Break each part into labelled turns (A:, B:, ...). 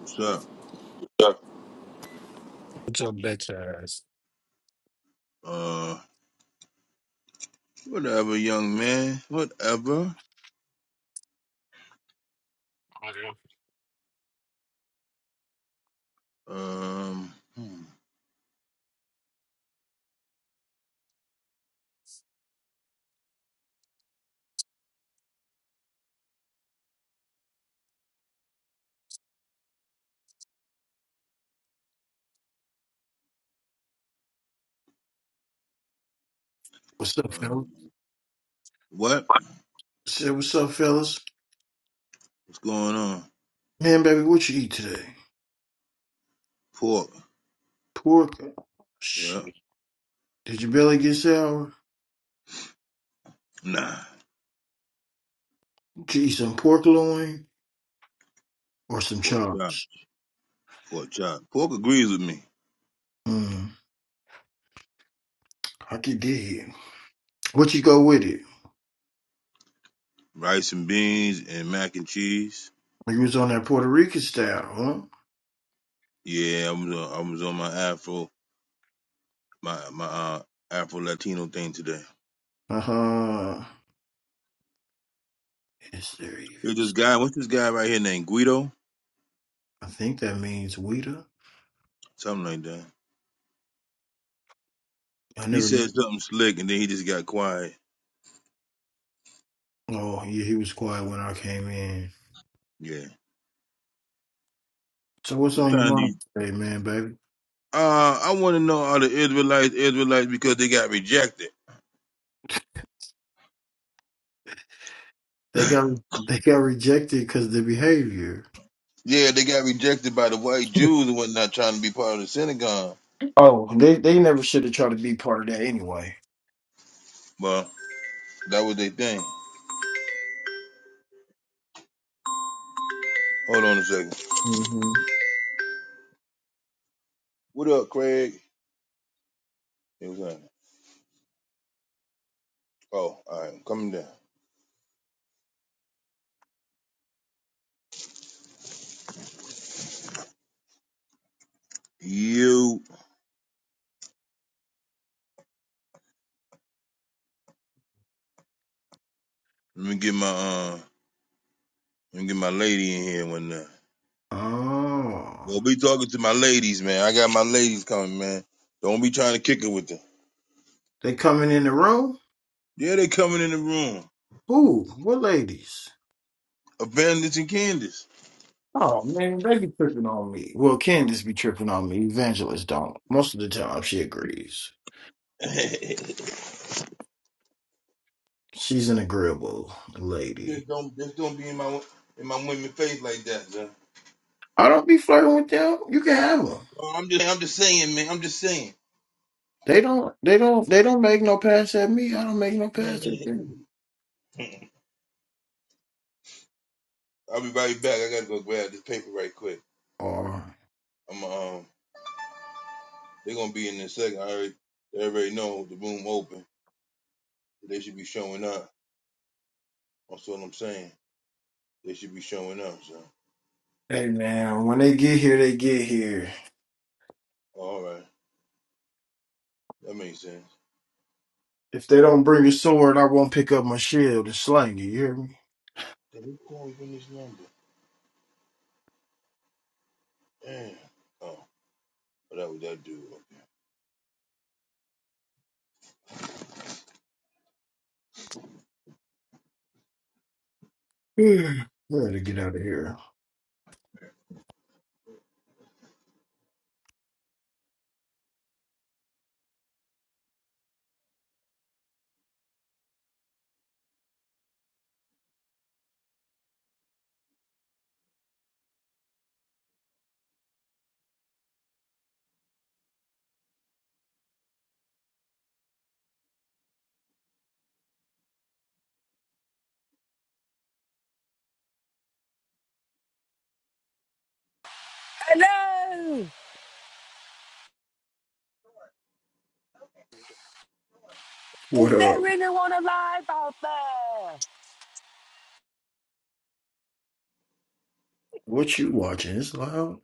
A: What's up?
B: What's your bitch ass?
A: Uh, whatever, young man. Whatever. Um, hmm,
C: What's up, fellas?
A: um, what?
C: Say what's up, fellas.
A: What's going on?
C: Man, baby, what you eat today?
A: Pork.
C: Pork?
A: Yeah.
C: Shit. Did your belly get sour?
A: Nah.
C: Did you eat some pork loin or some
A: Pork chop.
C: chops?
A: Pork chop. Pork agrees with me.
C: Hmm. I could dig. What you go with it?
A: Rice and beans and mac and cheese.
C: You was on that Puerto Rican style,
A: Yeah, I was on, I was on my Afro, my my uh, Afro Latino thing today.
C: huh? Uh huh. Is there even?
A: There's this guy. What's this guy right here named Guido?
C: I think that means Weta.
A: Something like that.
C: I
A: He
C: never
A: said
C: knew.
A: something slick and then he just got quiet.
C: Oh, yeah, he was quiet when I came in.
A: Yeah.
C: So what's on your
A: Sometimes these
C: mind today, man, baby?
A: Uh, I want to know are the Israelites Israelites because they got rejected.
C: They got they got rejected because of the behavior.
A: Yeah, they got rejected by the white Jews and whatnot, trying to be part of the synagogue.
C: Oh, they they never should have tried to be part of that anyway.
A: But that was their thing. Hold on a second.
C: hmm
A: What up, Craig? It was on. Oh, all right, I'm coming down. You. Let me get my uh, let me get my lady in here and whatnot.
C: Oh,
A: Don't be talking to my ladies, man. I got my ladies coming, man. Don't be trying to kick it with them.
C: they coming in the room?
A: Yeah, they coming in the room.
C: Who? What ladies?
A: Avengers and Candace.
C: Oh man, they be tripping on me. Well, Candace be tripping on me. Evangelist don't. Most of the time, she agrees. She's an agreeable lady.
A: Just don't just don't be in my in my women face like that, man.
C: I don't be flirting with them. You can have them.
A: Well, I'm just I'm just saying, man. I'm just saying.
C: They don't. They don't. They don't make no pass at me. I don't make no pass at them.
A: I'll be right back. I gotta go grab this paper right quick.
C: Or
A: I'm um they're gonna be in in a second. I already they already know the room open. They should be showing up. That's what I'm saying. They should be showing up, so
C: Hey man, when they get here, they get here.
A: all right. That makes sense.
C: If they don't bring a sword, I won't pick up my shield and slang you. You hear me?
A: Did we call you this number? Damn. Oh, well, that was that dude.
C: Yeah. I gotta get out of here.
D: Hello!
C: What
D: Is
C: up?
D: there anyone alive out there?
C: What you watching? It's loud.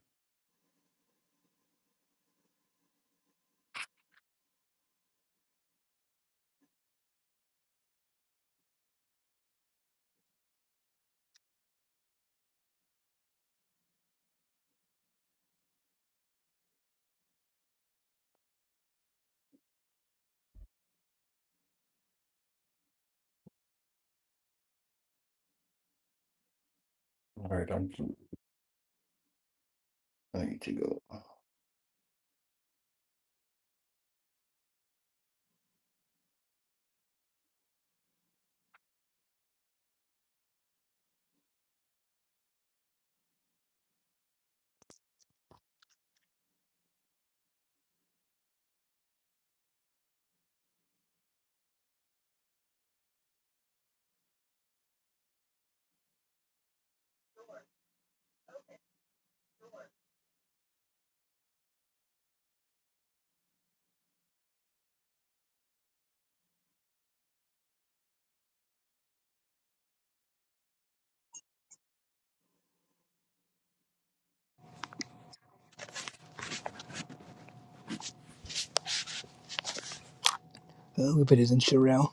C: All right, I'm. I need to go.
E: Oh, if it isn't Sherelle,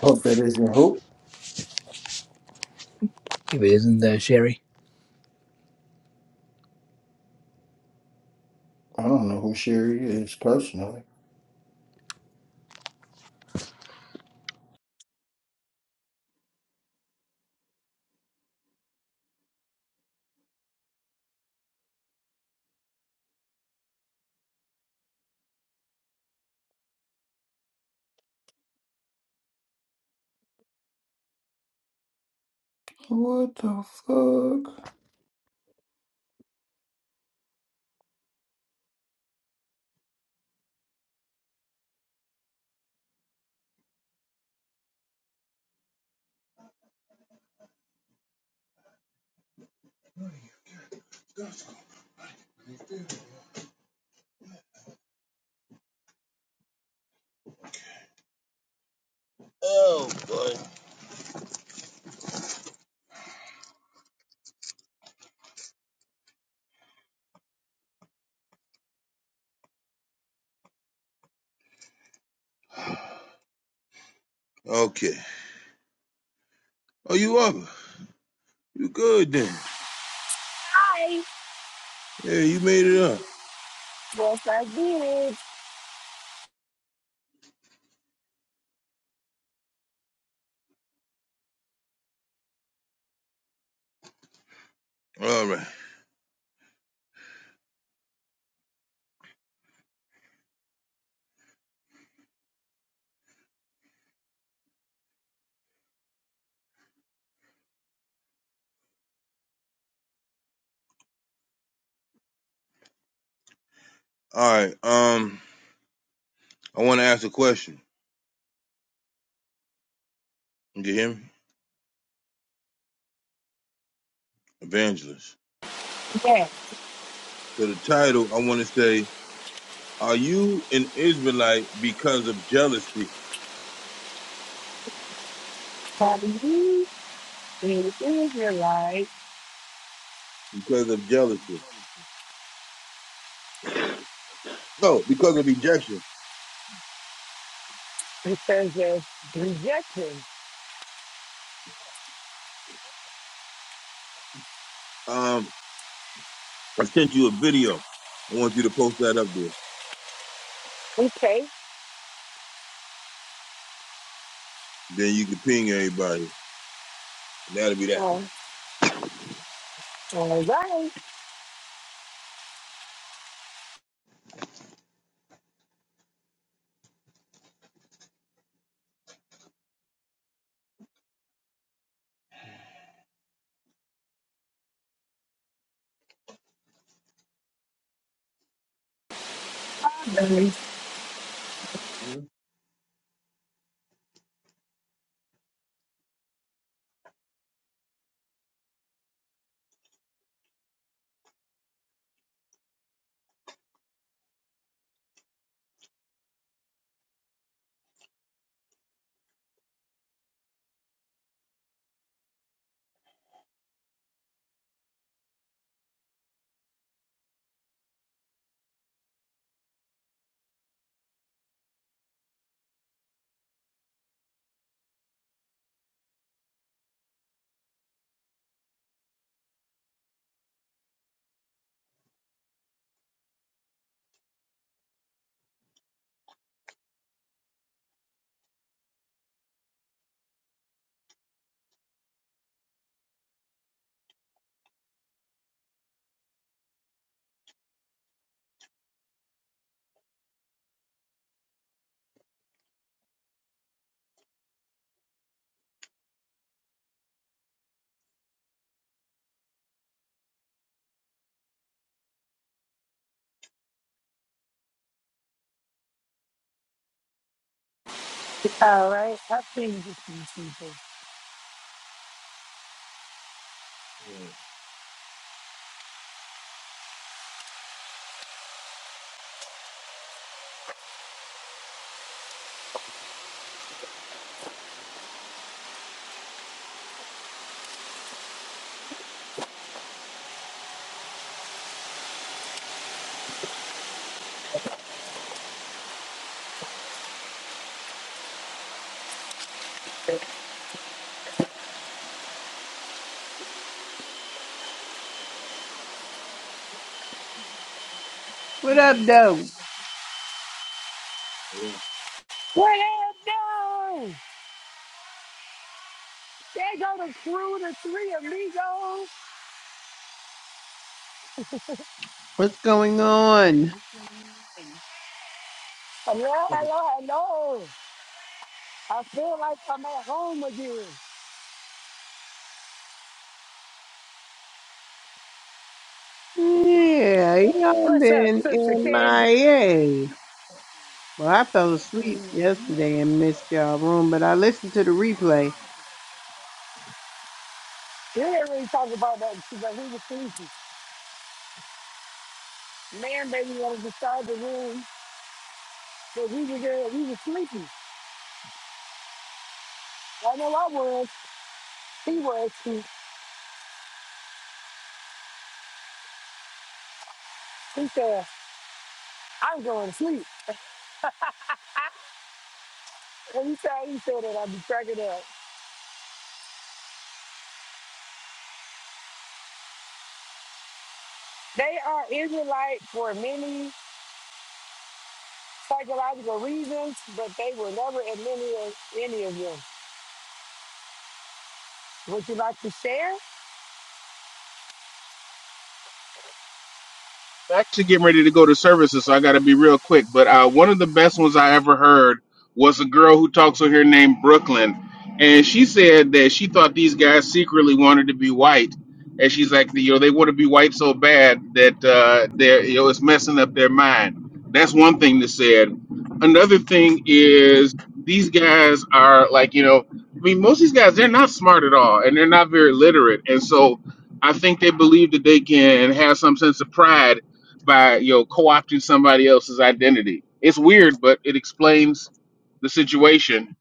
C: Hope that isn't hope.
E: if it isn't uh, Sherry.
C: I don't know who Sherry is personally. What the fuck?
A: Oh boy. Okay. Oh you up? You good then.
D: Hi!
A: Yeah, you made it up.
D: Yes, I did.
A: All right. All right. Um, I want to ask a question. You can hear me, evangelist.
D: Yes,
A: So the title, I want to say, are you an Israelite because of jealousy?
D: probably you in Israelite.
A: Because of jealousy? No, because of rejection.
D: It says there's rejected.
A: Um, I sent you a video. I want you to post that up there.
D: Okay.
A: Then you can ping everybody. That'll be that.
D: Oh, all right.
A: Mhm.
D: All right. I've seen these people.
A: All right.
F: What up, though?
A: Yeah.
D: What happened? There go the crew, the three amigos.
F: What's going on?
D: Hello, hello, hello. I feel like I'm at home again.
F: Yeah, y'all
D: What's up,
F: been
D: Sister Candy?
F: MIA. Well, I fell asleep yesterday and missed y'all room, but I listened to the replay.
D: We didn't really talk about that because we were sleepy. Man, baby wanted to start the room, but we were there, we were sleepy. I know I was, he was too. He said, I'm going to sleep. Every time he said that, I'd be cracking up. They are Israelite for many psychological reasons, but they were never admitted of any of them. Would you like to share?
G: I'm actually getting ready to go to services, so I got to be real quick. But uh, one of the best ones I ever heard was a girl who talks on here named Brooklyn, and she said that she thought these guys secretly wanted to be white, and she's like, you know, they want to be white so bad that uh, they're, you know, it's messing up their mind. That's one thing they said. Another thing is these guys are like, you know, I mean, most of these guys they're not smart at all, and they're not very literate, and so. I think they believe that they can have some sense of pride by you know co-opting somebody else's identity. It's weird, but it explains the situation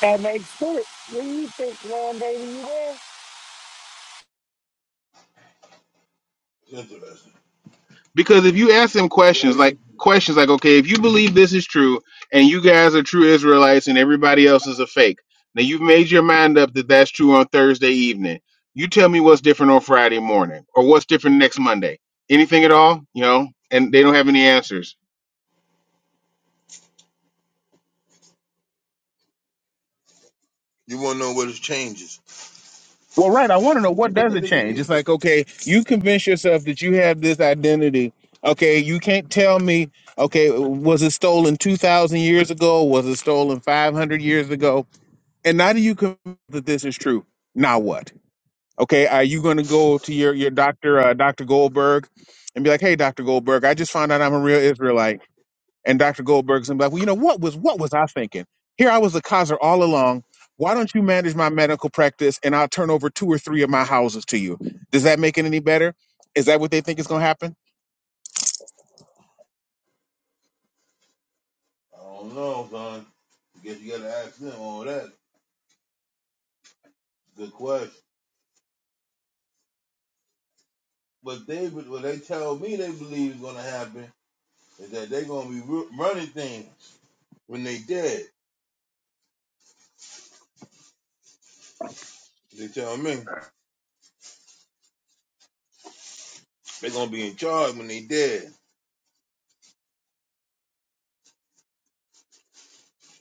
D: That makes sense. What do you think, man, baby, you there?
A: That's Interesting.
G: because if you ask them
A: That's very
G: questions like
A: interesting.
G: questions like okay if you believe this is true and you guys are true israelites and everybody else is a fake now you've made your mind up that that's true on thursday evening you tell me what's different on friday morning or what's different next monday anything at all you know and they don't have any answers
A: You want to know what what is changes?
G: Well, right. I want to know what
A: I
G: does
A: think
G: it
A: they can
G: change. It's
A: answer.
G: like, okay, you convince yourself that you have this identity. Okay, you can't tell me. Okay, was it stolen two thousand years ago? Was it stolen five hundred years ago? And now do you convince that this is true? Now what? Okay, are you going to go to your your doctor, uh, Doctor Goldberg, and be like, hey, Doctor Goldberg, I just found out I'm a real Israelite. And Dr. Goldberg's gonna be like, well, you know, what was what was I thinking? Here I was a Kaiser all along. Why don't you manage my medical practice and I'll turn over two or three of my houses to you? Does that make it any better? Is that what they think is gonna happen?
A: I don't know, son. Guess you got to ask them all that. Good question. But they, what they tell me they believe is going to happen is that they're going to be running things when they dead. They tell me they're going to be in charge when they dead.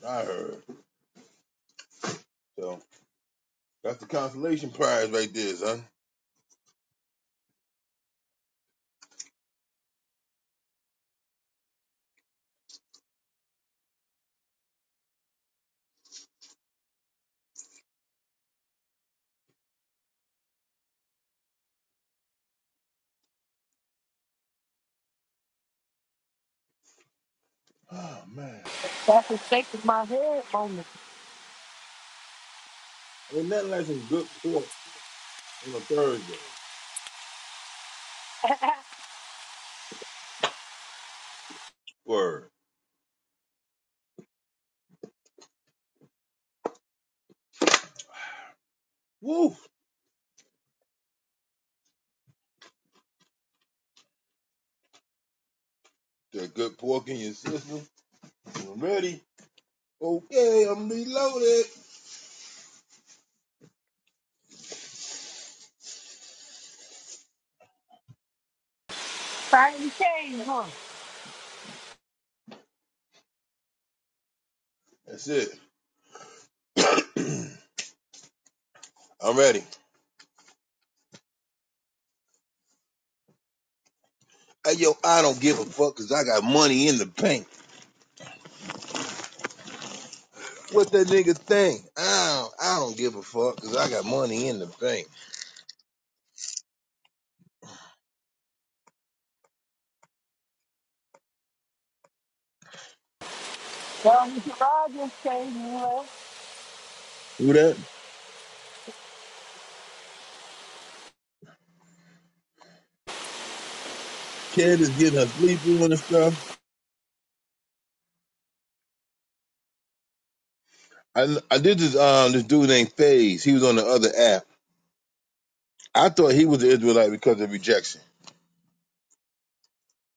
A: I heard. So that's the consolation prize right there, son. Oh, man.
D: That's a shake of my head moment.
A: Ain't nothing like some good pork on a Thursday. Word. Woo! The good pork in your system. I'm ready. Okay, I'm reloaded.
D: Finally came, huh?
A: That's it. I'm ready. Hey, yo, I don't give a fuck cause I got money in the bank. What that nigga think? I don't, I don't give a fuck because I got money in the bank.
D: Well, Mr. Rogers came here.
A: Who that? Kid is getting a sleep on and stuff. I I did this um this dude named Faze. He was on the other app. I thought he was an Israelite because of rejection.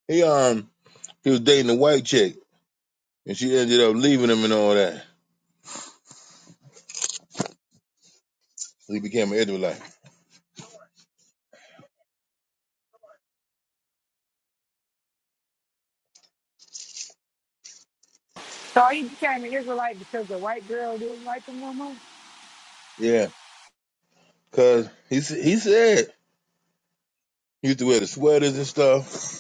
A: He um he was dating a white chick and she ended up leaving him and all that. So he became an Israelite.
D: So he became an Israelite because the white girl didn't like him no more.
A: Yeah, cause he s- he said he used to wear the sweaters and stuff.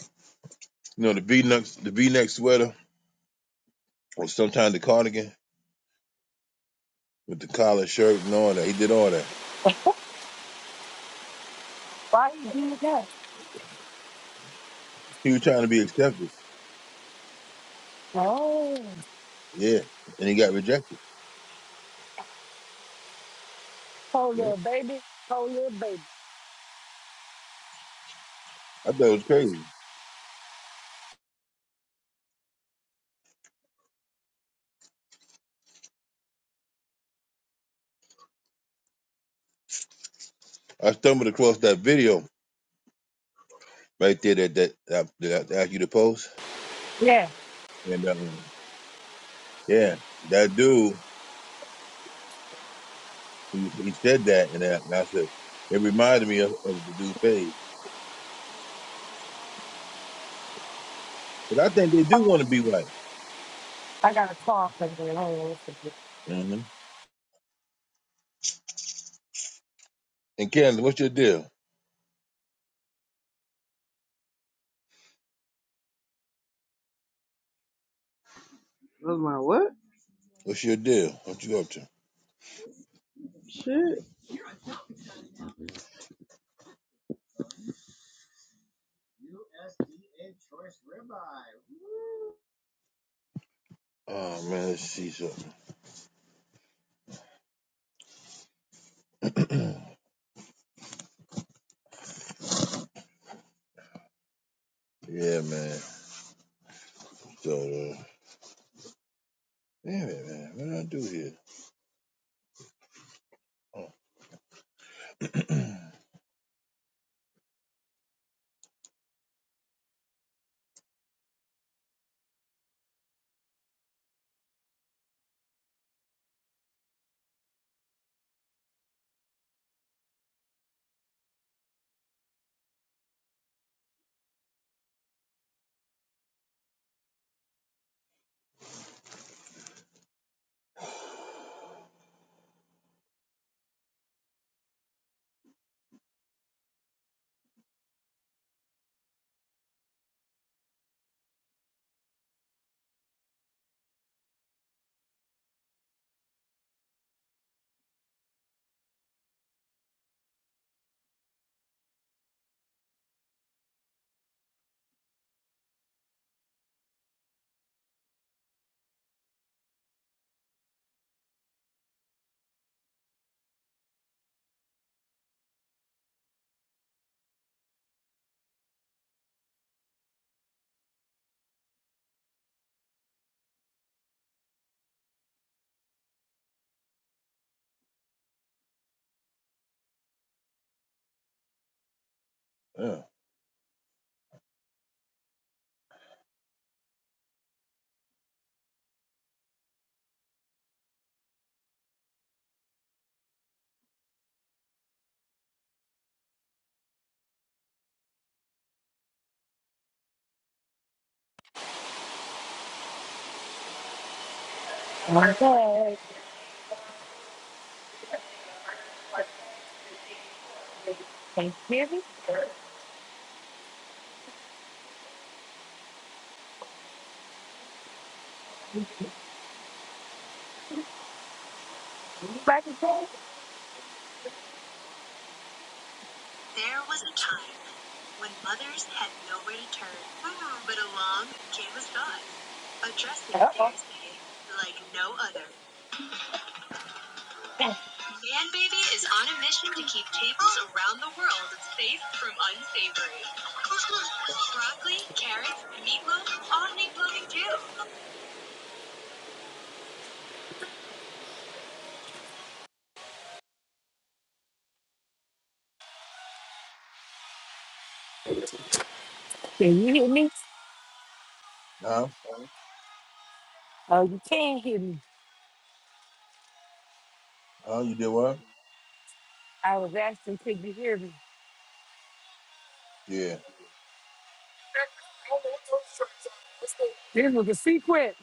A: You know the V neck the V neck sweater or sometimes the cardigan with the collar shirt and all that. He did all that.
D: Why he did that?
A: He was trying to be accepted.
D: Oh,
A: Yeah. And he got rejected.
D: poor
A: Yep.
D: little baby, poor little baby.
A: I thought it was crazy. I stumbled across that video right there that that, that, that I asked you to post.
D: Yeah.
A: And um, yeah, that dude, he was, he said that and, I, and I said, it reminded me of, of the dude page. But I think they do
D: Oh,
A: want to be white.
D: I got a call from the Lord.
A: hmm And Candace, what's your deal?
F: I was like, what?
A: What's your deal? What you up to?
F: Shit.
A: Oh man, let's see something. Yeah, man. So, uh, damn it, man. What did I do here? Oh. yeah.
D: Okay. Can you hear me? You back and forth? Uh-oh. Can you hear me?
A: Huh?
D: Oh, you can hear me.
A: How you did what?
D: I was asking, could you hear me?
A: Yeah.
D: This was a sequence.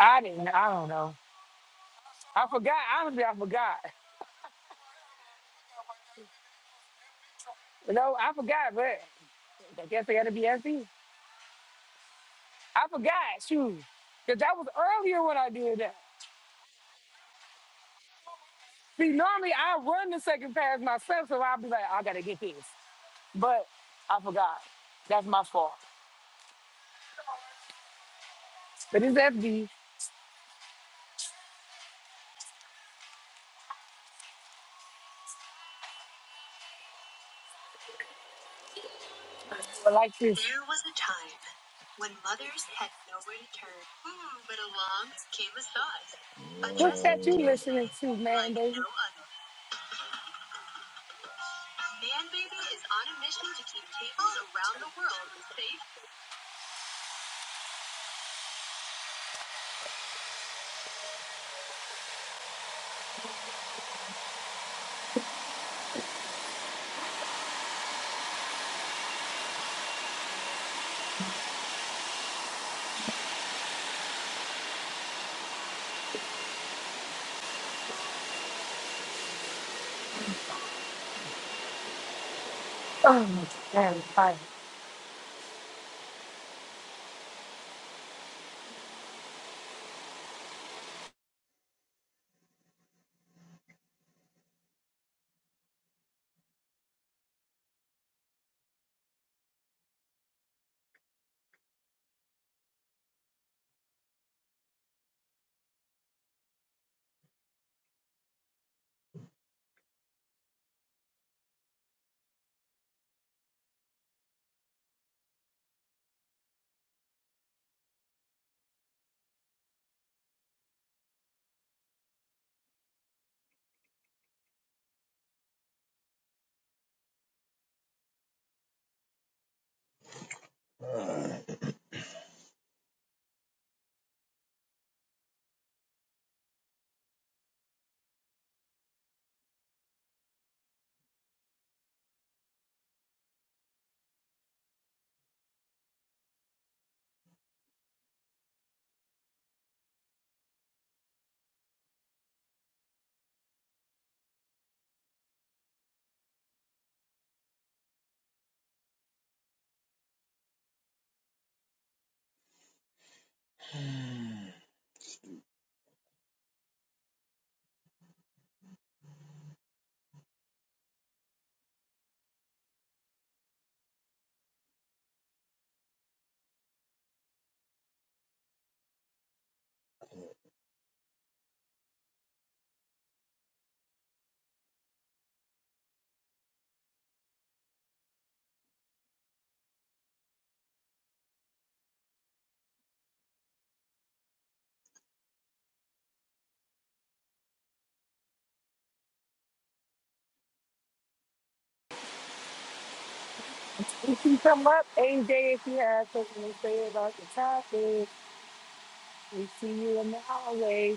D: I didn't, I don't know. I forgot. Honestly, I forgot. You know, I forgot, but I guess I got to be happy. I forgot, shoot. Because that was earlier when I did that. See, normally I run the second pass myself, so I'll be like, I gotta get this. But I forgot. That's my fault. But it's FD. But like this. What's that you listening to, man, baby? Oh my god, I'm
A: Uh,
D: We see come up, AJ, if you have something to say about the topic. We see you in the hallway.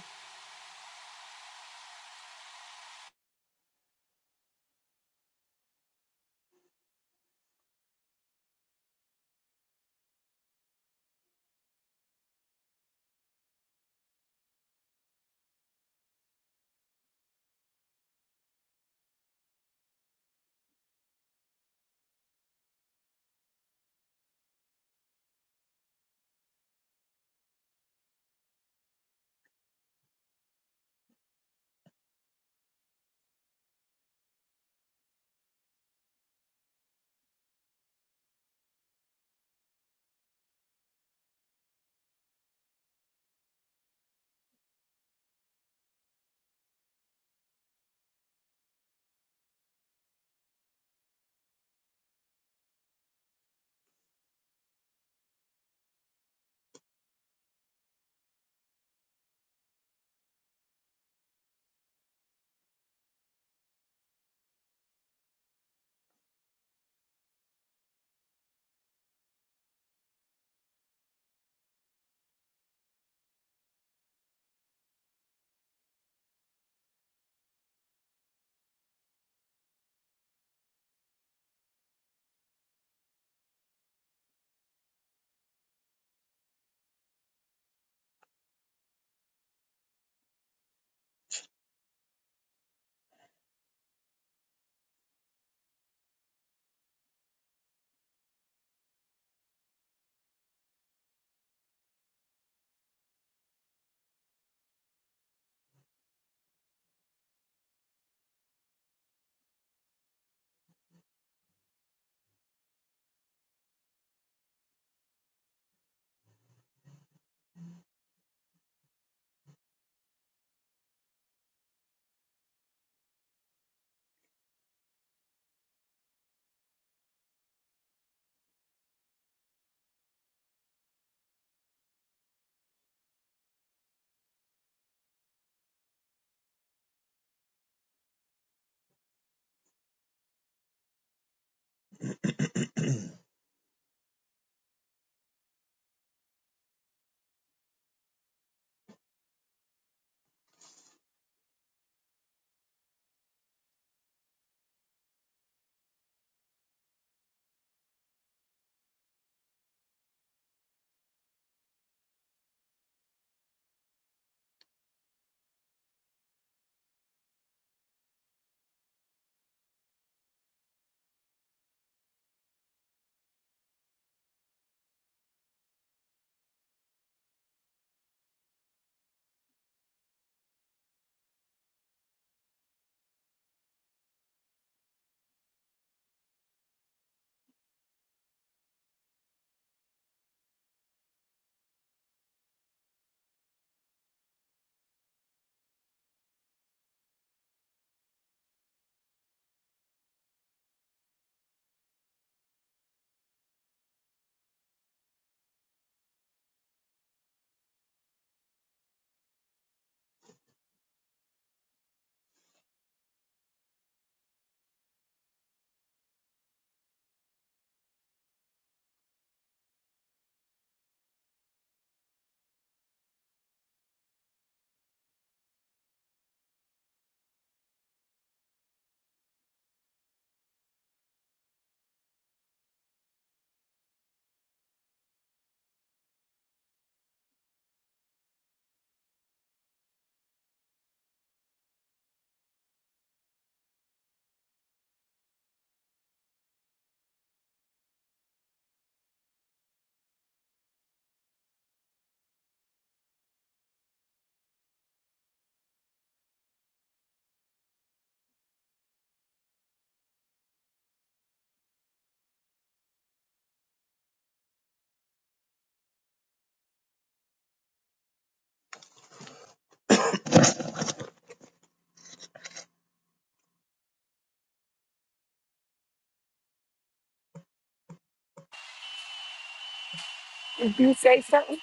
D: If you say something,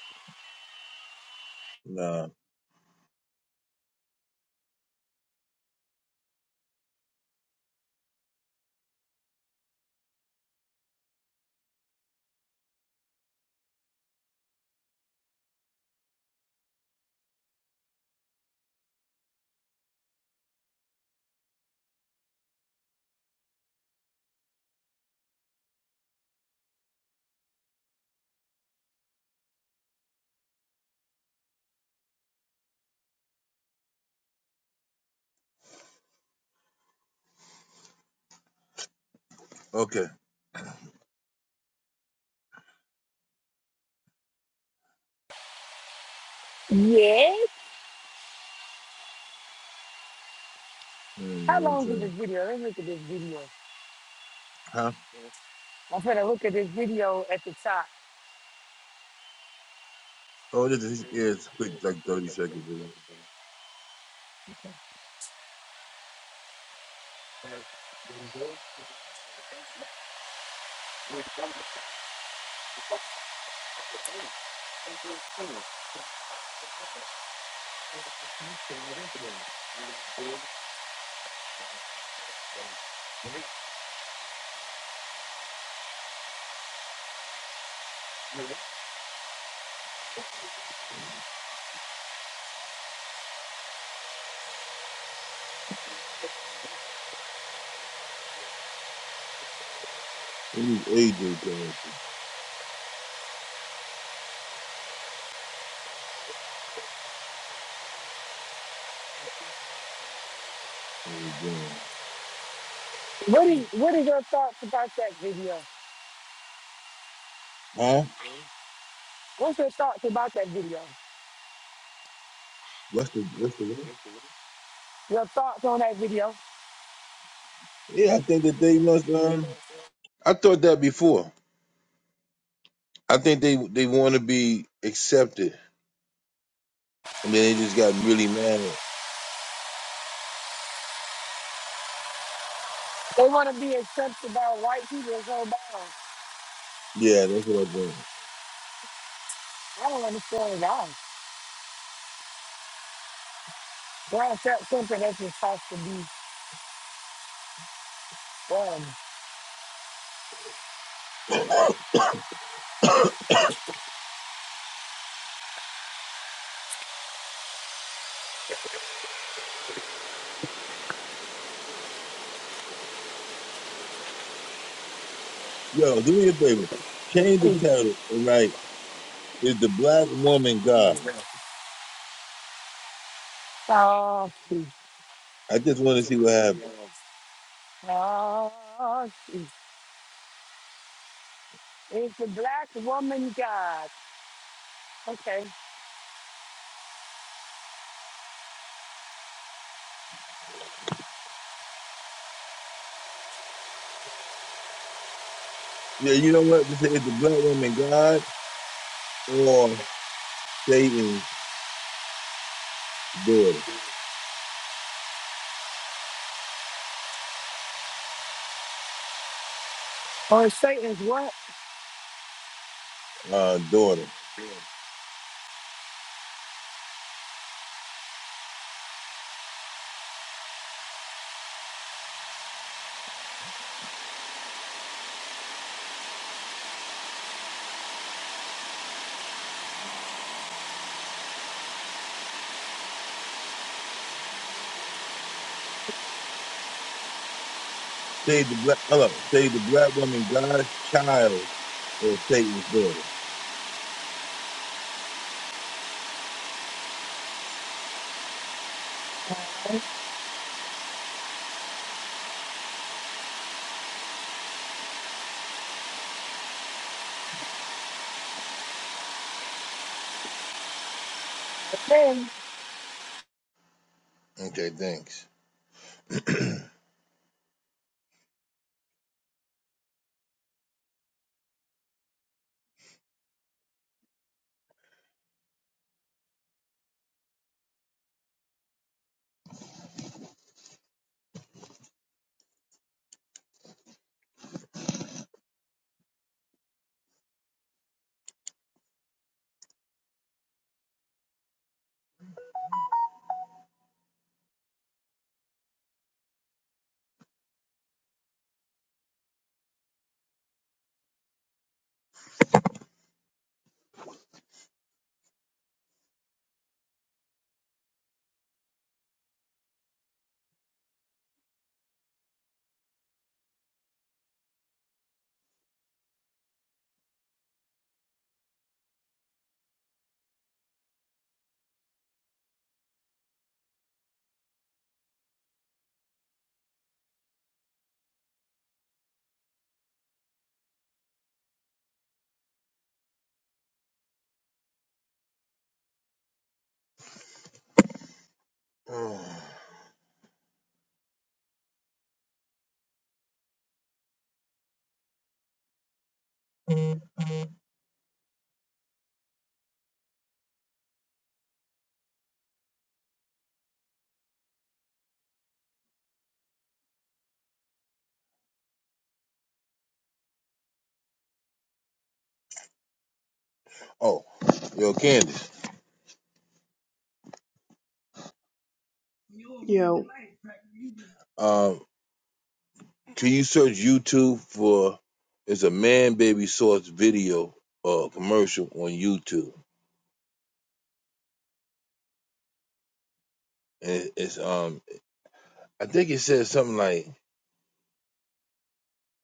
A: nah. Okay.
D: yes.
A: Mm, I
D: How
A: was
D: long is this
A: saying.
D: video? Let's look at this video.
A: Huh?
D: I'm gonna look at this video at the top.
A: Oh, this is yeah. It's quick, like thirty second video. What is AJ character doing?
D: What
A: Yeah.
D: is what is your thoughts about that video?
A: Huh?
D: What's your thoughts about that video?
A: What's the What's the what?
D: Your thoughts on that video?
A: Yeah, I think that they must. Um, I thought that before. I think they they want to be accepted, and then they just got really mad.
D: They want to be accepted by white people so bad.
A: yeah, that's what I think.
D: I don't understand it at all. Why is that something that's just supposed to be done?
A: Yo, do me a favor. Change the
D: free?
A: title and write "Is the Black Woman God?"
D: Oh, free.
A: I just want to see what happens.
D: Oh, free. It's the black woman god. Okay.
A: Yeah, you know what? Just Say is the black woman God or Satan's daughter.
D: Or Satan's what?
A: Uh, daughter. Say the black. Hold up. Say the black woman God's child or Satan's daughter.
D: Okay.
A: Okay, thanks. Oh, yo, Candace.
F: Yo,
A: Um, can you search YouTube for? It's a man baby source video uh, commercial on YouTube, and it- it's um. I think it says something like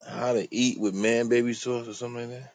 A: how to eat with man baby sauce or something like that.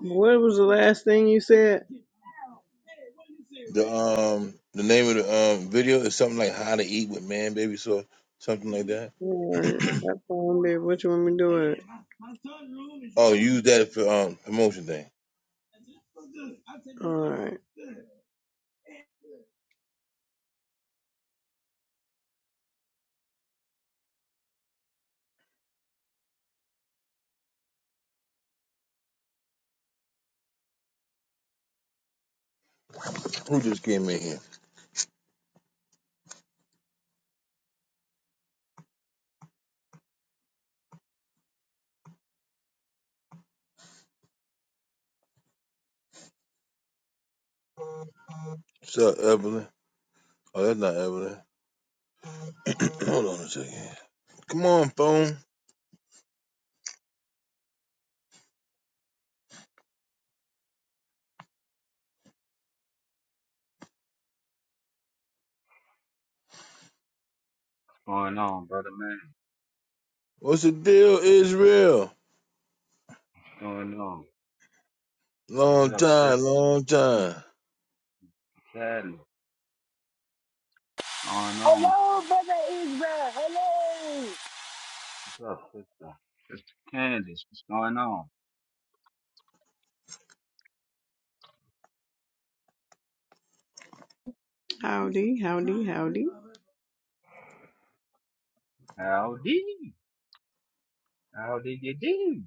F: what was the last thing you said?
A: The um the name of the um video is something like how to eat with man baby so something like that.
F: Alright, I found it. What you want me to do it?
A: Oh, use that for um promotion thing.
F: Alright.
A: Who just came in here? What's up, Evelyn? Oh, that's not Evelyn. Hold on a second. Come on, phone.
H: Going on, brother man.
A: What's the deal, Israel?
H: Going on.
A: Long
H: What's up, Steph?
A: time, long time.
H: Sadly. What's going on?
D: Hello, brother Israel. Hello.
H: What's up, sister? Sister Candace, what's going on?
F: Howdy, howdy, howdy.
H: Howdy. Howdy, you do?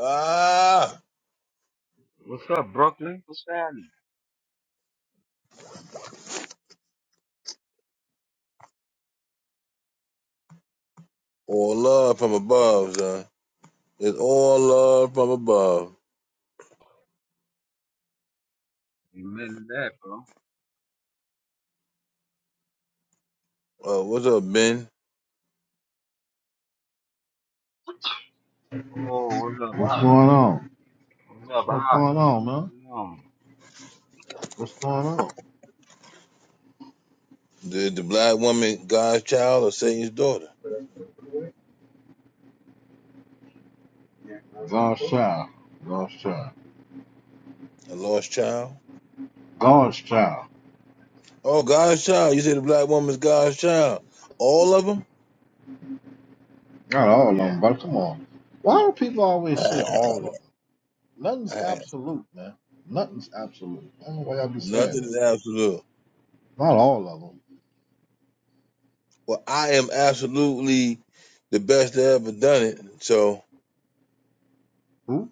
A: Ah,
H: What's up, Brooklyn? What's happening?
A: all love from above, son. It's all love from above.
H: You missed that, bro.
A: Uh, what's up, Ben?
H: Oh, what's up?
I: What's
H: Hot?
I: going on?
H: What's up,
I: What's
H: Hot?
I: going on, man?
H: Come on.
I: What's going on?
A: The the black woman, God's child or Satan's daughter?
I: God's child. God's child.
A: A lost child?
I: God's child.
A: Oh, God's child. You say the black woman's God's child. All of them?
I: Not all of them, but come on. Why do people always say all of them? Nothing's absolute, man. Nothing's absolute. I don't know why y'all be saying
A: Nothing
I: that.
A: is absolute.
I: Not all of them.
A: Well, I am absolutely the best that ever done it. So
I: Who?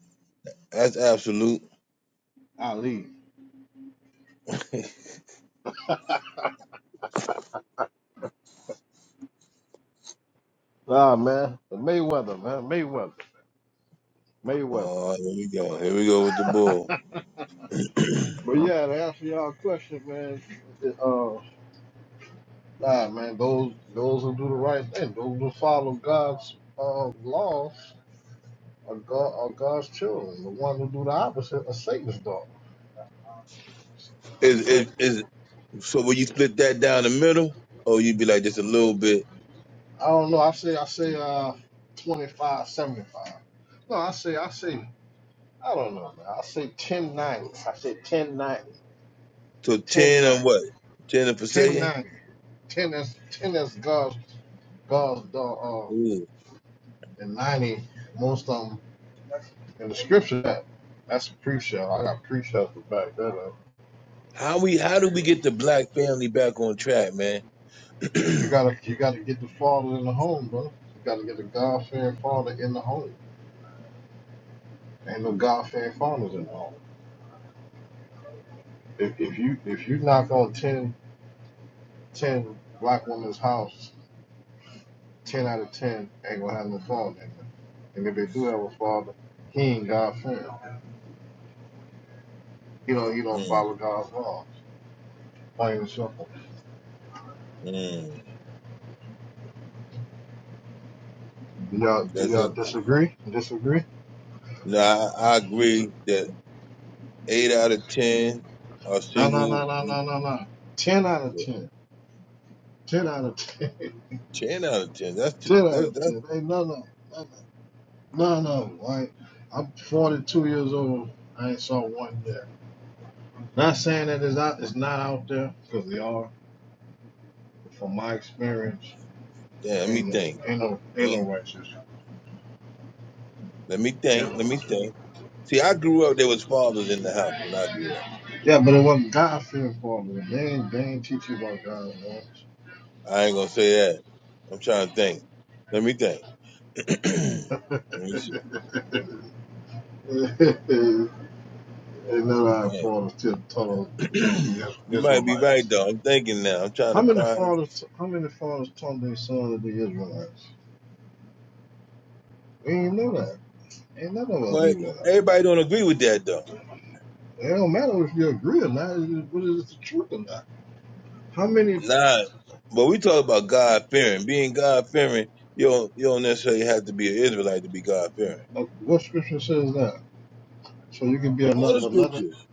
A: that's absolute.
I: Ali. Nah, man. The Mayweather, man. Mayweather. Mayweather.
A: Oh, here we go. Here we go with the bull.
I: But yeah, to answer y'all question, man. it- Uh, nah, man. Those those who do the right thing, those who follow God's uh, laws, are, God, are God's children. The one who do the opposite are Satan's daughters.
A: Is
I: So
A: is is so? Will you split that down the middle, or you'd be like just a little bit
I: I don't know. I say I say uh 25, 75. No, I say I say I don't know, man. I say 10 90. I say 10, 90,
A: to
I: 10, 90,
A: ten and what? Ten and for
I: 10
A: Satan?
I: ninety. ten is 10 is God's God's dog,
A: Ooh.
I: uh, and 90 most of them in the scripture. That, that's pre-show. I got pre-show to back that up.
A: How we? How do we get the black family back on track, man?
I: You
A: mm,
I: gotta you gotta get the father in the home, brother. You gotta get the God-fearing father in the home. Ain't no God fearing farmers involved. If if you if you knock on 10 10 black women's house, ten out of ten ain't gonna have no father in them. And if they do have a father, he ain't God fearing. He don't he don't follow God's laws. Plain and simple.
A: mm.
I: Do y'all do
A: That's
I: y'all
A: it.
I: disagree? Disagree?
A: No, I, I agree that eight out of ten are
I: No no
A: single.
I: no no no no no. Ten out of ten. Ten out of ten.
A: Ten out of ten. That's too,
I: ten out
A: that's
I: of
A: that's.
I: ten. Ain't no no no no no. no. Like, I'm 42 years old. I ain't saw one yet. Not saying that it's not it's not out there because they are. From my experience,
A: Damn, let me
I: ain't no
A: think.
I: ain't no ain't
A: Let
I: no righteous.
A: let me think.
I: Ain't
A: Let
I: no
A: me
I: righteous.
A: think. See, I grew up. There was fathers in the house when I grew
I: Yeah, but it wasn't God fearing part of it. They ain't they ain't teach you about God man.
A: up. I ain't gonna say that. I'm trying to think. Let me think. let me see.
I: they never had
A: Damn.
I: fathers till told that we is-
A: you might be right
I: Israelites.
A: though. I'm thinking now. I'm trying
I: How
A: to
I: many
A: find.
I: fathers how many fathers told their sons that they Israelites? We ain't know that. Ain't none of us
A: Well,
I: knew that.
A: everybody don't agree with that though.
I: It don't matter if you agree or not, it is- whether it's the truth or not. How many
A: Nah, but we talk about God fearing. Being God fearing, you don't you don't necessarily have to be an Israelite to be God fearing.
I: Uh, What scripture says that? So you can be
A: All the
I: of another.
A: scriptures.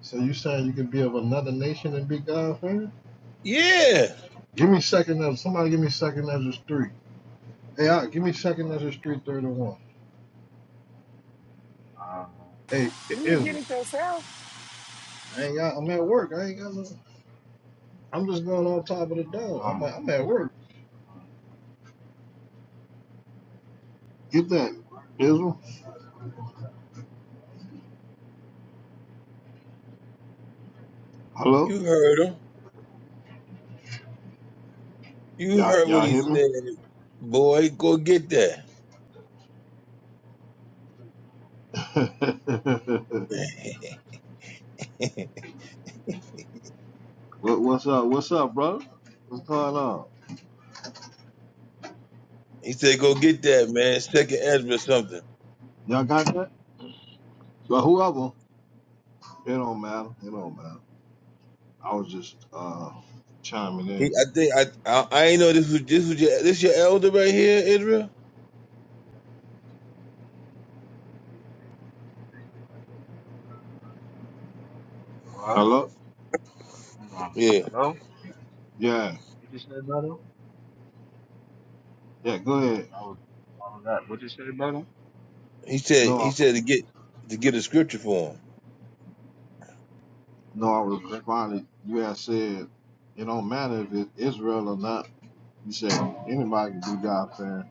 I: So you saying you can be of another nation and be God's friend?
A: Yeah,
I: Give me second Ezra. Somebody give me second Ezra three. Hey, I, give me second Ezra three thirty one.
H: Uh,
I: Hey, I-
D: You can get
I: Israel.
D: it yourself.
I: I ain't got. I'm at work. I ain't got. No, I'm just going on top of the
H: come
I: dome.
H: on.
I: I'm like, I'm at work.
H: Um,
I: Get that, Israel. Hello.
A: you heard him. You
I: Y'all,
A: heard what
I: y'all
A: he
I: hear me?
A: said. Boy, go get that.
I: what, what's up? What's up, brother? What's going on?
A: he said, go get that, man. Second Ezra something.
I: Y'all got that? Well, whoever. It don't matter. It don't matter. I was just uh chiming
A: He,
I: in.
A: I think I, I, I ain't know this was this was your this your elder right here, Israel.
H: what?
I: Hello?
H: Come on.
A: Yeah,
H: Hello? Yeah.
I: Yeah,
H: What'd you say, brother?
I: yeah, go ahead.
H: I was, I was that. What'd you say, brother?
A: he said
I: No,
A: he
I: I-
A: said to get to get a scripture for him.
I: no, I
H: Yeah, the
I: was
H: scripture.
I: responding. You had said it don't matter if it's Israel or not. You said anybody can be God fearing.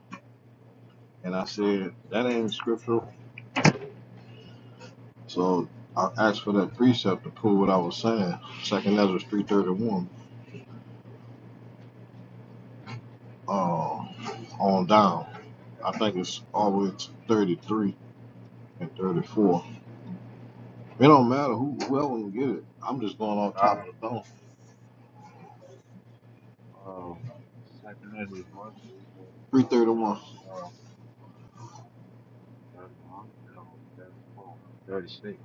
I: And I said that ain't scriptural. So I asked for that precept to prove what I was saying. Second Ezra three thirty one. Uh, on down. I think it's always thirty three and thirty four. It don't matter who whoever can get it. I'm just going off top of the dome.
H: Um, Secondary one three forty four, thou
I: 331
H: shalt thirty one, no, thirty four, thirty six.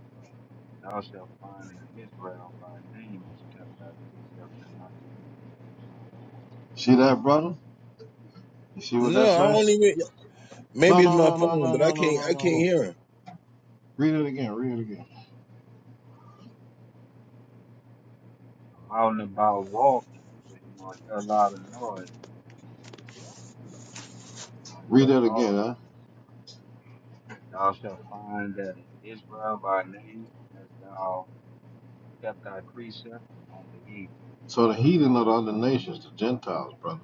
H: Thou shalt find in Israel by name is kept thy precepts and not the heathen.
I: See that, brother? You see what
A: No,
I: that
A: I
I: say?
A: don't even.
I: No,
A: Maybe it's
I: no,
A: my
I: no, no,
A: phone,
I: no,
A: but I
I: no, no,
A: can't
I: no, no,
A: I can't
I: no.
A: hear him.
I: Read it again. Read it again.
H: I'm out and about walking, so you're gonna hear a lot of noise. i are gonna
I: Read
H: hear
I: that again,
H: calls.
I: huh?
H: man. Thou shalt find that in Israel by name as thou kept thy precepts and not the heathen.
I: So the heathen of the other nations, the Gentiles, brother.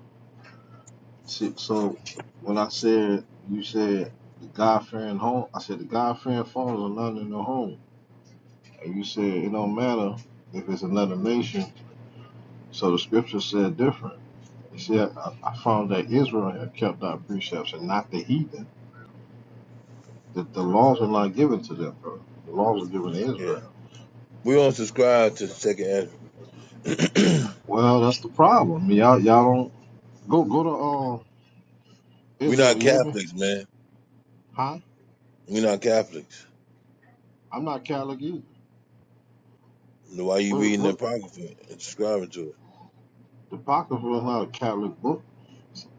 I: See, so when I said you said the God fearing home, I said the God fearing foreigners are not in their home, and you said it don't matter if it's another nation. So the scripture said different. You see, I, I found that Israel had kept thy precepts and not the heathen. That the laws were not given to them, brother. The laws were given to Israel.
A: Yeah. We don't subscribe to second Ezra.
I: Well, that's the problem. Y'all, y'all don't go go to uh,
A: we
I: Israel.
A: not
I: You hear me?
A: Catholics, man.
I: Huh?
A: We not Catholics.
I: I'm not Catholic either.
A: Why you
I: But
A: reading the
I: what
A: Apocrypha and subscribing to it?
I: the Apocrypha is not a Catholic book.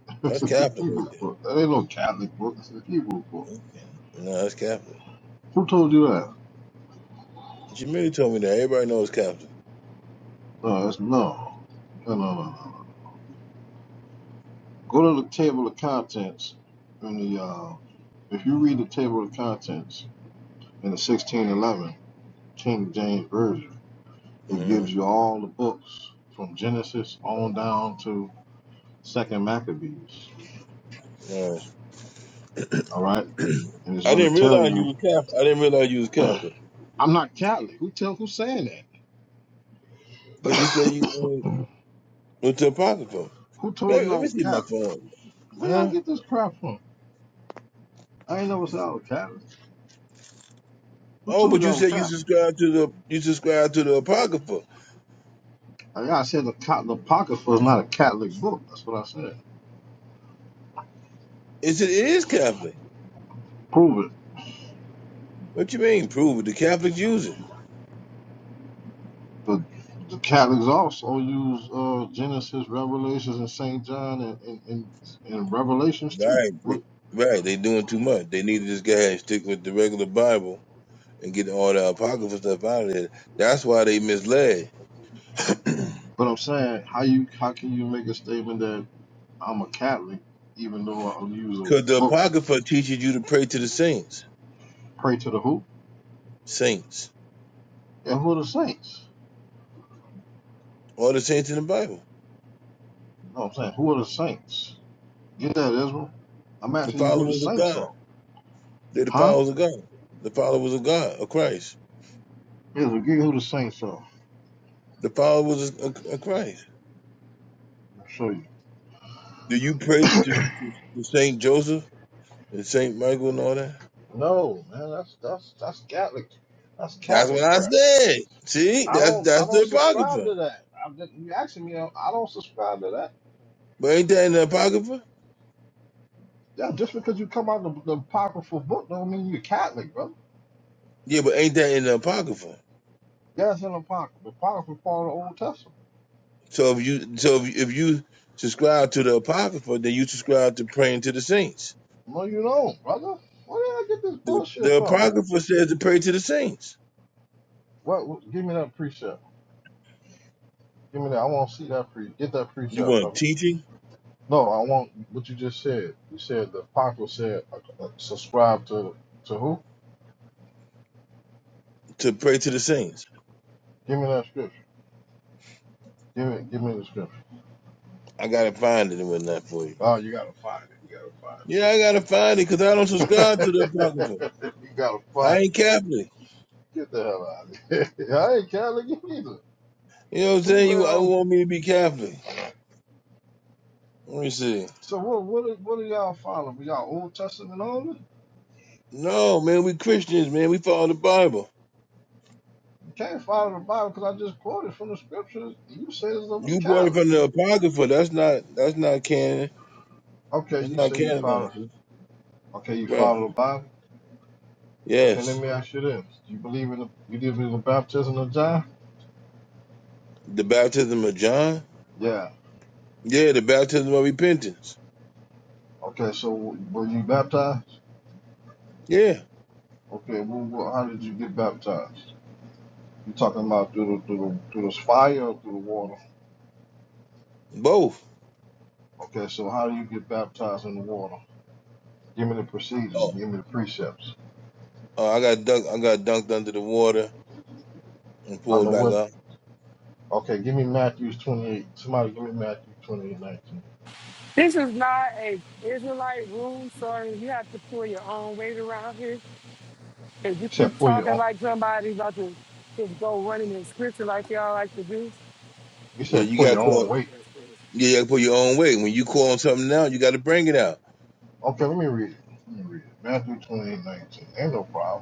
I: it's
A: That's
I: a
A: Catholic
I: Hebrew
A: right there.
I: book. That ain't no Catholic book. It's a Hebrew book.
A: Okay. No, that's Catholic.
I: Who told you that?
A: Jamila told me that. Everybody knows Catholic.
I: No, it's no, no, no, no. no. Go to the table of contents in the. Uh, if you read the table of contents in the 1611 King James Version, it
A: hmm
I: gives you all the books from Genesis on down to Second Maccabees. All right. And it's
A: I
I: going to
A: didn't
I: tell
A: realize you
I: you,
A: was Catholic. I didn't realize you was
I: I'm
A: Catholic.
I: not Catholic. Who tell who's saying
A: Because you said
I: that?
A: you uh, went to Apocrypha.
I: who told
A: Maybe
I: you
A: let
I: I
A: me
I: was
A: see my
I: Catholic?
A: phone.
I: Where y'all
A: Huh?
I: get this crap from? I ain't never said I was Catholic. Who
A: Oh,
I: told
A: but
I: you
A: you
I: I was
A: said you
I: Catholic?
A: subscribe to the you subscribe to the Apocrypha.
I: Like I said the, Ca- the Apocrypha is not a Catholic book. That's what I said.
A: It, said it is Catholic.
I: Prove it.
A: What you mean? Prove it. The Catholics use it.
I: But the Catholics also use uh, Genesis, Revelations, and Saint John, and and, and, and Revelations too.
A: Right. They,
I: What?
A: right. They doing too much. They need to just go ahead and stick with the regular Bible and get all the apocryphal stuff out of there. That's why they misled.
I: But I'm saying, how you how can you make a statement that I'm a Catholic, even though I use a
A: Because the
I: book,
A: apocrypha teaches you to pray to the saints,
I: pray to the who?
A: saints,
I: And who are the saints?
A: all the saints in the Bible,
I: You know what I'm saying? Who are the saints? Get that, Israel. I'm
A: the
I: asking you who the
A: followers of
I: saints
A: God.
I: are.
A: They're the
I: Huh?
A: followers of God, the followers of God, of Christ,
I: Israel, give you who the saints are.
A: the followers of, of, of Christ.
I: I'll show you.
A: Do you pray to, to, to Saint Joseph and Saint Michael and all that?
I: No, man, that's that's that's Catholic. That's
A: That's what
I: Catholic
A: I
I: crap.
A: said. See,
I: I
A: that's
I: don't I
A: that's the
I: don't subscribe
A: apocrypha.
I: to that. I'm just, you asking me, I don't subscribe to that.
A: But ain't that in the apocrypha?
I: Yeah, just because you come out of the, the apocryphal book don't mean you're Catholic, brother.
A: Yeah, but ain't that in the apocrypha?
I: Yeah, it's an apocryphal. apocryphal part of the Old Testament.
A: So if you so if you, if you subscribe to the apocrypha, then you subscribe to praying to the saints.
I: No, you don't, brother. Where did I get this
A: The
I: bullshit
A: the
I: from, man?
A: apocrypha says to pray to the saints.
I: What? what give me that precept. Give me that. I want to see that free. Get that free
A: You
I: shot,
A: want
I: brother.
A: teaching
I: No, I want what you just said. You said the apostle said uh, uh, subscribe to to who?
A: to pray to the saints.
I: Give me that scripture. Give me give me the scripture.
A: I gotta find it and whatnot for you.
I: Oh, you gotta find it. You
A: Yeah, I gotta find it because I don't
I: gotta
A: subscribe to
I: find
A: the apocrypha.
I: it. you gotta
A: I
I: find
A: ain't
I: it.
A: Catholic.
I: Get the hell out of here. I ain't care to get either.
A: You know what I'm
I: Who
A: saying? You
I: said
A: I
I: um,
A: want me to be Catholic. Let me see.
I: so what what are, what are y'all following? Y'all Old Testament only?
A: No, man, we Christians, man. We follow the Bible.
I: You can't follow the Bible because I just quoted from the scriptures. You say it's of the
A: You brought it
I: Catholic.
A: from the apocrypha. That's not that's not canon.
I: Okay,
A: That's
I: you
A: not
I: say you follow.
A: canonized.
I: Okay, you
A: Right.
I: follow the Bible. Okay, let
A: Yes.
I: me ask you this: Do you believe in the you believe in the baptism of John?
A: The baptism of John.
I: Yeah.
A: Yeah, the baptism of repentance.
I: Okay, so were you baptized?
A: Yeah.
I: Okay, well, well, how did you get baptized? You talking about through the through the through this fire or through the water?
A: Both.
I: Okay, so how do you get baptized in the water? Give me the procedures.
A: Oh.
I: Give me the precepts.
A: Oh, I got dunked I got dunked under the water and
I: I
A: pulled
I: know
A: back
I: what?
A: up.
I: Okay, give me Matthew twenty-eight. Somebody give me Matthew twenty-eight nineteen.
D: This is not a Israelite room, sorry. You have to pull your own weight around here. If
I: You
D: you keep
I: said pull your
D: talking
I: own.
D: like somebody about to just go running in scripture like y'all like to do.
I: You
A: Yeah,
I: said
A: you
I: pull
A: got
I: your own
A: caught.
I: weight.
A: Yeah, you gotta pull your own weight. When you call on something out, you gotta bring it out.
I: Okay, let me read it. Let me read it. Matthew twenty-eight nineteen. Ain't no problem.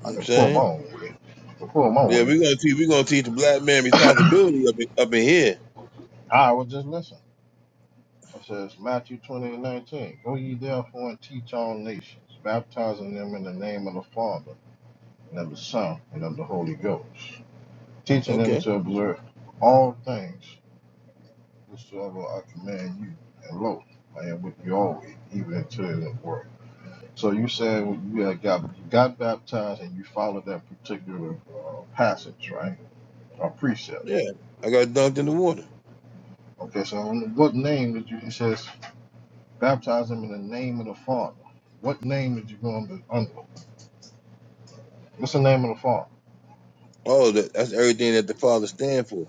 A: You know
I: I
A: what
I: can
A: I'm
I: pull my
A: saying?
I: own way. I can pull my
A: Yeah,
I: way.
A: we're gonna teach we're gonna teach the black man responsibility up in, up in here.
I: I was just listening. It says Matthew 20 and 19. Go ye therefore and teach all nations, baptizing them in the name of the Father, and of the Son, and of the Holy Ghost, teaching them
A: Okay.
I: to observe all things whatsoever I command you. And lo, I am with you always, even until the end of the world. So you said you had got you got baptized and you followed that particular uh, passage, right? Or precept.
A: Yeah. I got dunked in the water.
I: Okay, so in what name did you? It says Baptize them in the name of the Father. What name is you going to under? What's the name of the Father?
A: Oh, that, that's everything that the father stand for.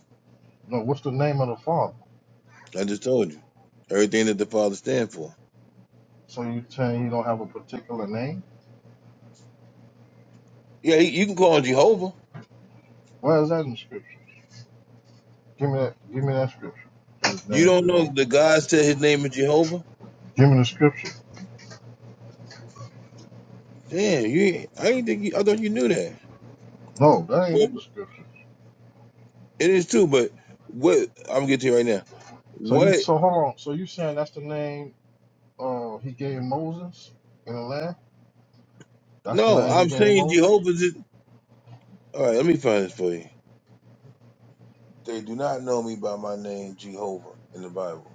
I: No, what's the name of the Father?
A: I just told you. Everything that the father stand for.
I: So you saying you don't have a particular name?
A: Yeah, you you can call on Jehovah.
I: Where is that in Scripture? Give me that. Give me that Scripture. His
A: You
I: name is
A: don't know
I: Jehovah.
A: the God said His name is Jehovah.
I: Give me the Scripture.
A: Damn, you! ain't- I ain't think you, I thought you knew that.
I: No, that ain't
A: Well,
I: in the Scripture.
A: it is too. But what I'm getting to you right now.
I: So you.
A: What?
I: So hold on. So you saying that's the name uh, he gave Moses in the land? That's the
A: No,
I: land he
A: I'm
I: gave
A: saying
I: Moses.
A: Jehovah's. Is, all right, let me find this for you. They do not know me by my name, Jehovah, in the Bible.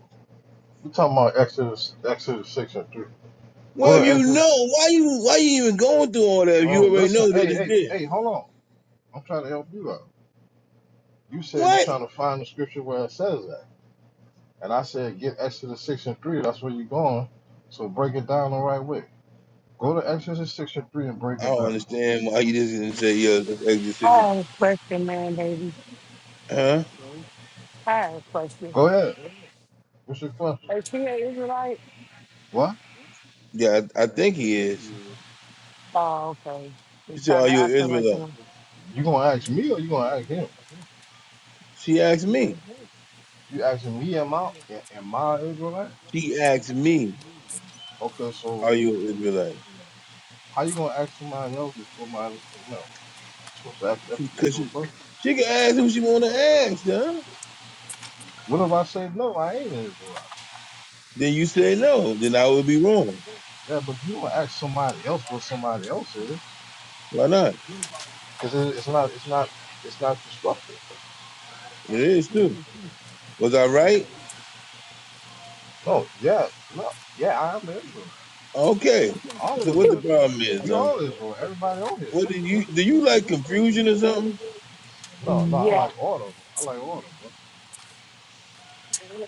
I: We talking about Exodus, Exodus six and three. Go
A: Well, if
I: to
A: you
I: Exodus.
A: know, why you why you even going through all that if
I: No,
A: you already
I: listen.
A: know that
I: Hey,
A: it's
I: hey,
A: there?
I: hey. Hold on. I'm trying to help you out. You said you're
A: What?
I: trying to find the scripture where it says that. And I said, get Exodus 6 and 3. That's where you're going. So break it down the right way. Go to Exodus 6 and 3 and break
A: I
I: it
A: don't
I: down.
A: understand why you just didn't say yeah, it's Exodus
D: I
A: 16.
D: have a question, man, baby.
A: Huh?
D: I have a question.
I: Go ahead. What's your question?
D: Is she an Israelite?
I: What?
A: Yeah, I, I think he is.
D: Oh, okay. He's
A: She said, "Are
D: kind of
A: you an
D: acting like
A: Israelite?"
D: one.
I: You going to ask me or you going to ask him?
A: She asked me.
I: You asking me, am I, am I Israelite?
A: She asked me,
I: Okay, so
A: "Are you an Israelite?"
I: how you going to ask somebody else if somebody else don't know? You're supposed to ask that
A: She, cause
I: particular
A: she,
I: person.
A: she can ask who she want to ask, huh?
I: What if I say, no, I ain't an Israelite?
A: Then you say no. Then I would be wrong.
I: Yeah, but you going to ask somebody else what somebody else is.
A: Why not?
I: Because it's not, it's not, it's not destructive.
A: It is too. Was I right?
I: No, yeah, no, yeah, I am Israelite.
A: Okay.
I: All of
A: So
I: us
A: what the
I: are
A: problem
I: Israelites.
A: is,
I: We
A: huh?
I: all Israel. Everybody on here is
A: What do you do?
I: Israelites.
A: You like confusion or something?
I: No, no, I
D: Yeah.
I: like order. I like order. Bro.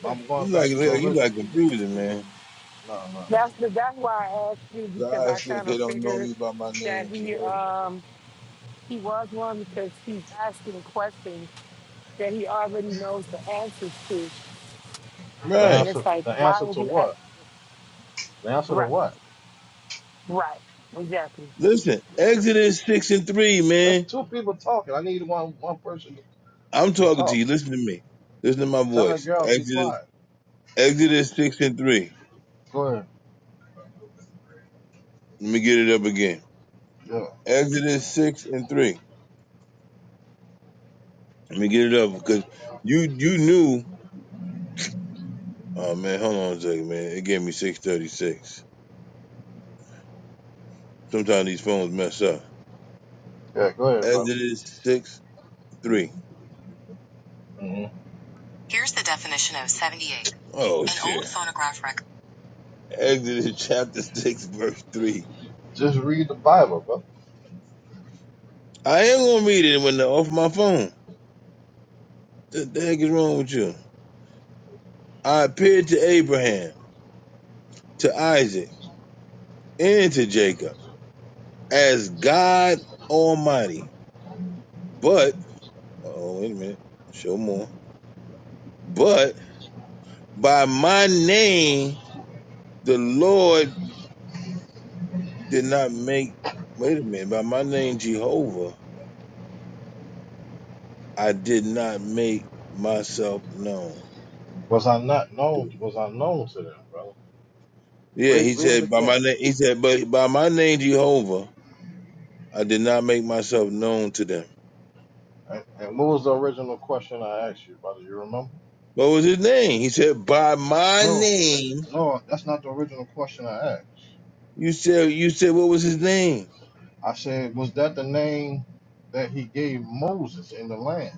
I: I'm going
A: You like
I: back to the
A: you
I: original.
A: like confusion, man.
I: No, no, no.
D: That's the, that's why I asked you because
A: God
D: I
A: said
D: kind
A: they
D: of
A: don't know
D: figured
A: me by my
D: that
A: name,
D: he
A: Jehovah.
D: um he was one because he's asking questions that he already knows the answers to.
I: The
A: Right.
D: And
I: answer,
D: it's like,
I: the
D: why
I: answer
D: would
I: to
D: you ask?
I: what? The answer to
D: Right,
I: what?
D: right, exactly.
A: Listen, Exodus six and three,
I: That's
A: man.
I: two people talking. I need one, one person to,
A: I'm talking to
I: talk.
A: you. Listen to me. Listen to my
I: Tell that
A: voice.
I: girl be
A: Exodus,
I: quiet.
A: Exodus six and three.
I: Go ahead.
A: Let me get it up again.
I: Yeah,
A: Exodus six and three. Let me get it up because you you knew. Oh man, hold on a second, man. It gave me six thirty six. Sometimes these phones mess up.
I: yeah, go ahead, brother.
A: Exodus six three.
I: hmm
A: Oh An shit. Old phonograph record. Exodus chapter six verse three.
I: Just read the Bible, brother.
A: I am gonna read it when they're off my phone. What the heck is wrong with you? I appeared to Abraham, to Isaac, and to Jacob as God Almighty. But oh, wait a minute. Show more. But by my name, the Lord did not make, wait a minute, by my name, Jehovah, I did not make myself known.
I: Was I not known? Was I known to them, brother?
A: Yeah,
I: Read,
A: he
I: read it
A: said, by
I: again.
A: my name, he said, but by my name, Jehovah, I did not make myself known to them.
I: And, and what was the original question I asked you, brother? You remember?
A: What was his name? He said, by my
I: No, that,
A: name,
I: no, that's not the original question I asked.
A: you said, you said, what was his name?
I: I said, was that the name that he gave Moses in the land?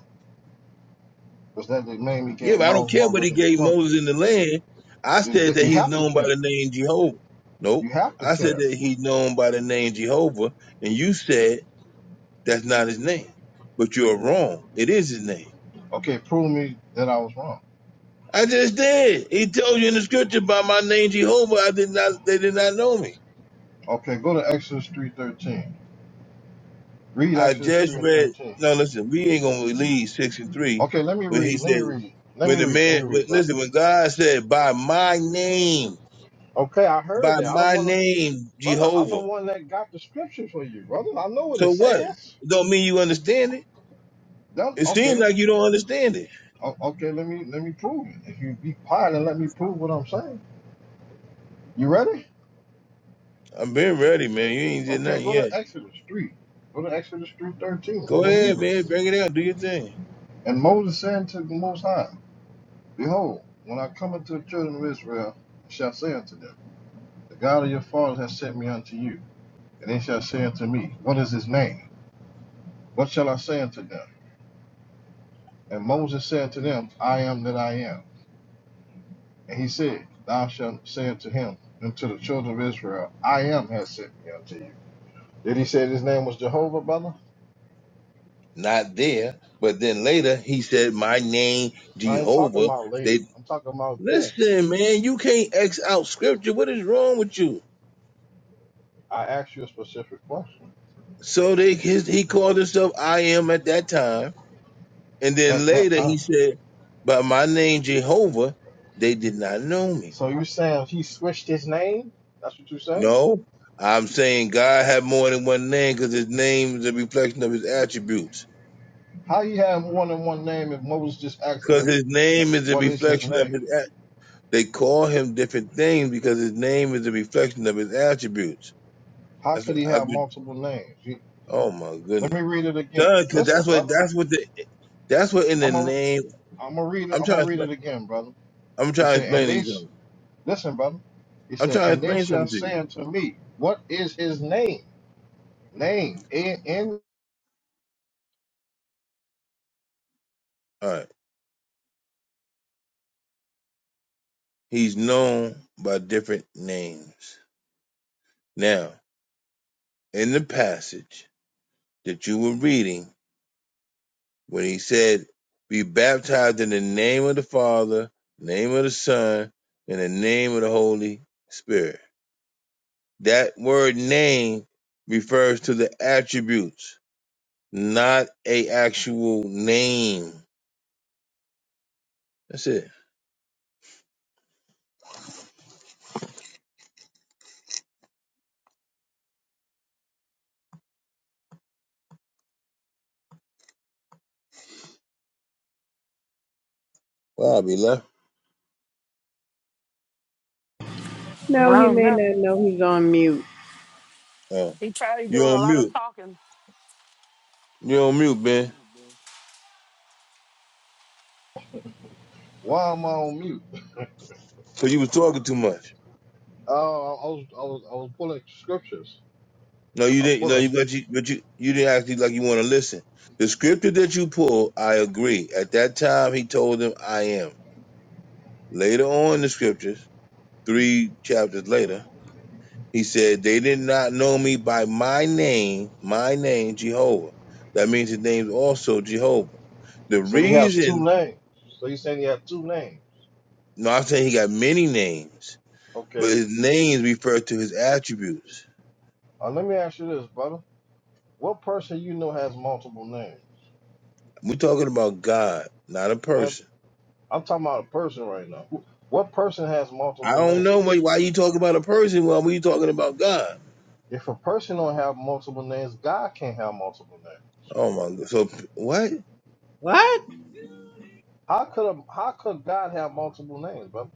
I: Was that the name he
A: Yeah,
I: gave
A: but I don't
I: Moses? My
A: care what he
I: original
A: gave
I: question.
A: Moses in the land. I
I: You
A: said that
I: you
A: he's
I: have to
A: known by
I: care.
A: the name Jehovah. Nope.
I: You have to
A: I said
I: care.
A: that he's known by the name Jehovah, and you said that's not his name. But you're wrong. It is his name.
I: Okay, prove me that I was wrong.
A: I just did. He told you in the scripture by my name Jehovah. I did not. They did not know me.
I: Okay, go to Exodus three thirteen. Read
A: I
I: Exodus
A: just
I: three and
A: read.
I: thirteen.
A: No, listen. We ain't gonna leave six and three
I: Okay, let me
A: when he
I: read. Let me
A: said
I: read. Let
A: when
I: me
A: the
I: read. Let
A: man.
I: me
A: When,
I: read, bro.
A: listen, when God said by my name,
I: Okay, I heard
A: by
I: that. I don't
A: my
I: want to,
A: name
I: brother. I'm
A: Jehovah.
I: the one that got the scripture for you, brother. I know what
A: So
I: it
A: what?
I: says.
A: It don't mean you understand it.
I: That,
A: It
I: okay,
A: seems like you don't understand it.
I: Okay, let me let me prove it. If you be quiet and let me prove what I'm saying. You ready?
A: I'm been ready, man. You ain't did
I: Okay,
A: nothing
I: go to
A: yet.
I: Exodus three. Go to Exodus three thirteen. I'm
A: Go
I: gonna read
A: ahead,
I: it.
A: man. Bring it out. Do your thing.
I: And Moses said unto the Most High, Behold, when I come unto the children of Israel, I shall say unto them, The God of your fathers has sent me unto you. And they shall say unto me, What is his name? What shall I say unto them? And Moses said unto them, I am that I am. And he said, Thou shalt say unto him, unto the children of Israel, I am has sent me unto you. Did he say his name was Jehovah, brother?
A: Not there. But then later he said, My name
I: I ain't talking
A: Jehovah.
I: about later.
A: They
I: I'm talking about then.
A: listen, man, you can't X out scripture. What is wrong with you?
I: I asked you a specific question
A: So they his, he called himself I am at that time. And then
I: at that
A: later he
I: time.
A: said, By my name Jehovah, they did not know me.
I: So you saying he switched his name? That's what you saying?
A: No, I'm saying God had more than one name because His name is a reflection of His attributes.
I: How he have more than one name if Moses just asked
A: Because
I: him
A: His name is a
I: what is his
A: reflection of
I: name?
A: His. At- they call Him different things because His name is a reflection of His attributes.
I: How
A: That's what
I: could he
A: I.
I: have
A: do-
I: multiple names? You-
A: Oh my
I: let
A: goodness,
I: me read it again.
A: because
I: Listen,
A: that's what
I: brother.
A: that's what the that's what in the
I: I'm a
A: name.
I: I'm gonna read it.
A: I'm
I: I'm gonna
A: trying. To,
I: read
A: expla-
I: it again, brother.
A: I'm
I: It
A: trying to
I: said, and
A: explain
I: they
A: these
I: sh-
A: things.
I: listen, brother. He
A: I'm
I: said,
A: trying to
I: and they
A: explain
I: shall
A: something to you.
I: say unto me, what is his name? Name. A N
A: All right. He's known by different names. Now, in the passage that you were reading. when he said, Be baptized in the name of the Father, name of the Son, and the name of the Holy Spirit. That word name refers to the attributes, not a actual name. That's it. Wow, be left.
D: I
F: No, he
D: don't
F: may
D: know.
F: not know he's on mute.
A: Uh,
D: He probably
A: you
D: doing
A: on
D: a lot of
A: mute.
D: talking.
A: You on mute, Ben.
I: Why am I on mute?
A: Cause you was talking too much.
I: Uh, I was I was I was pulling scriptures.
A: No, you
I: I was
A: didn't. No,
I: pulling.
A: you but you but you you didn't act like you want to listen. The scripture that you pulled, I agree. At that time, he told them, "I am." Later on in the scriptures, three chapters later, he said, They did not know me by my name, my name, Jehovah. That means his name's also Jehovah. The
I: So he has two
A: reason,
I: names. So you saying he has two names?
A: no, I'm saying he got many names, but
I: Okay.
A: his names refer to his attributes.
I: Uh, let me ask you this, brother. What person you know has multiple names?
A: We're talking about God, not a
I: Man,
A: person.
I: I'm talking about a person right now. Who- What person has
A: I
I: multiple
A: don't know why,
I: names?
A: why you talking about a person while we talking about God.
I: If a person don't have multiple names, God can't have multiple names.
A: Oh my God. So, what?
F: What?
I: How could a, how could God have multiple names, brother?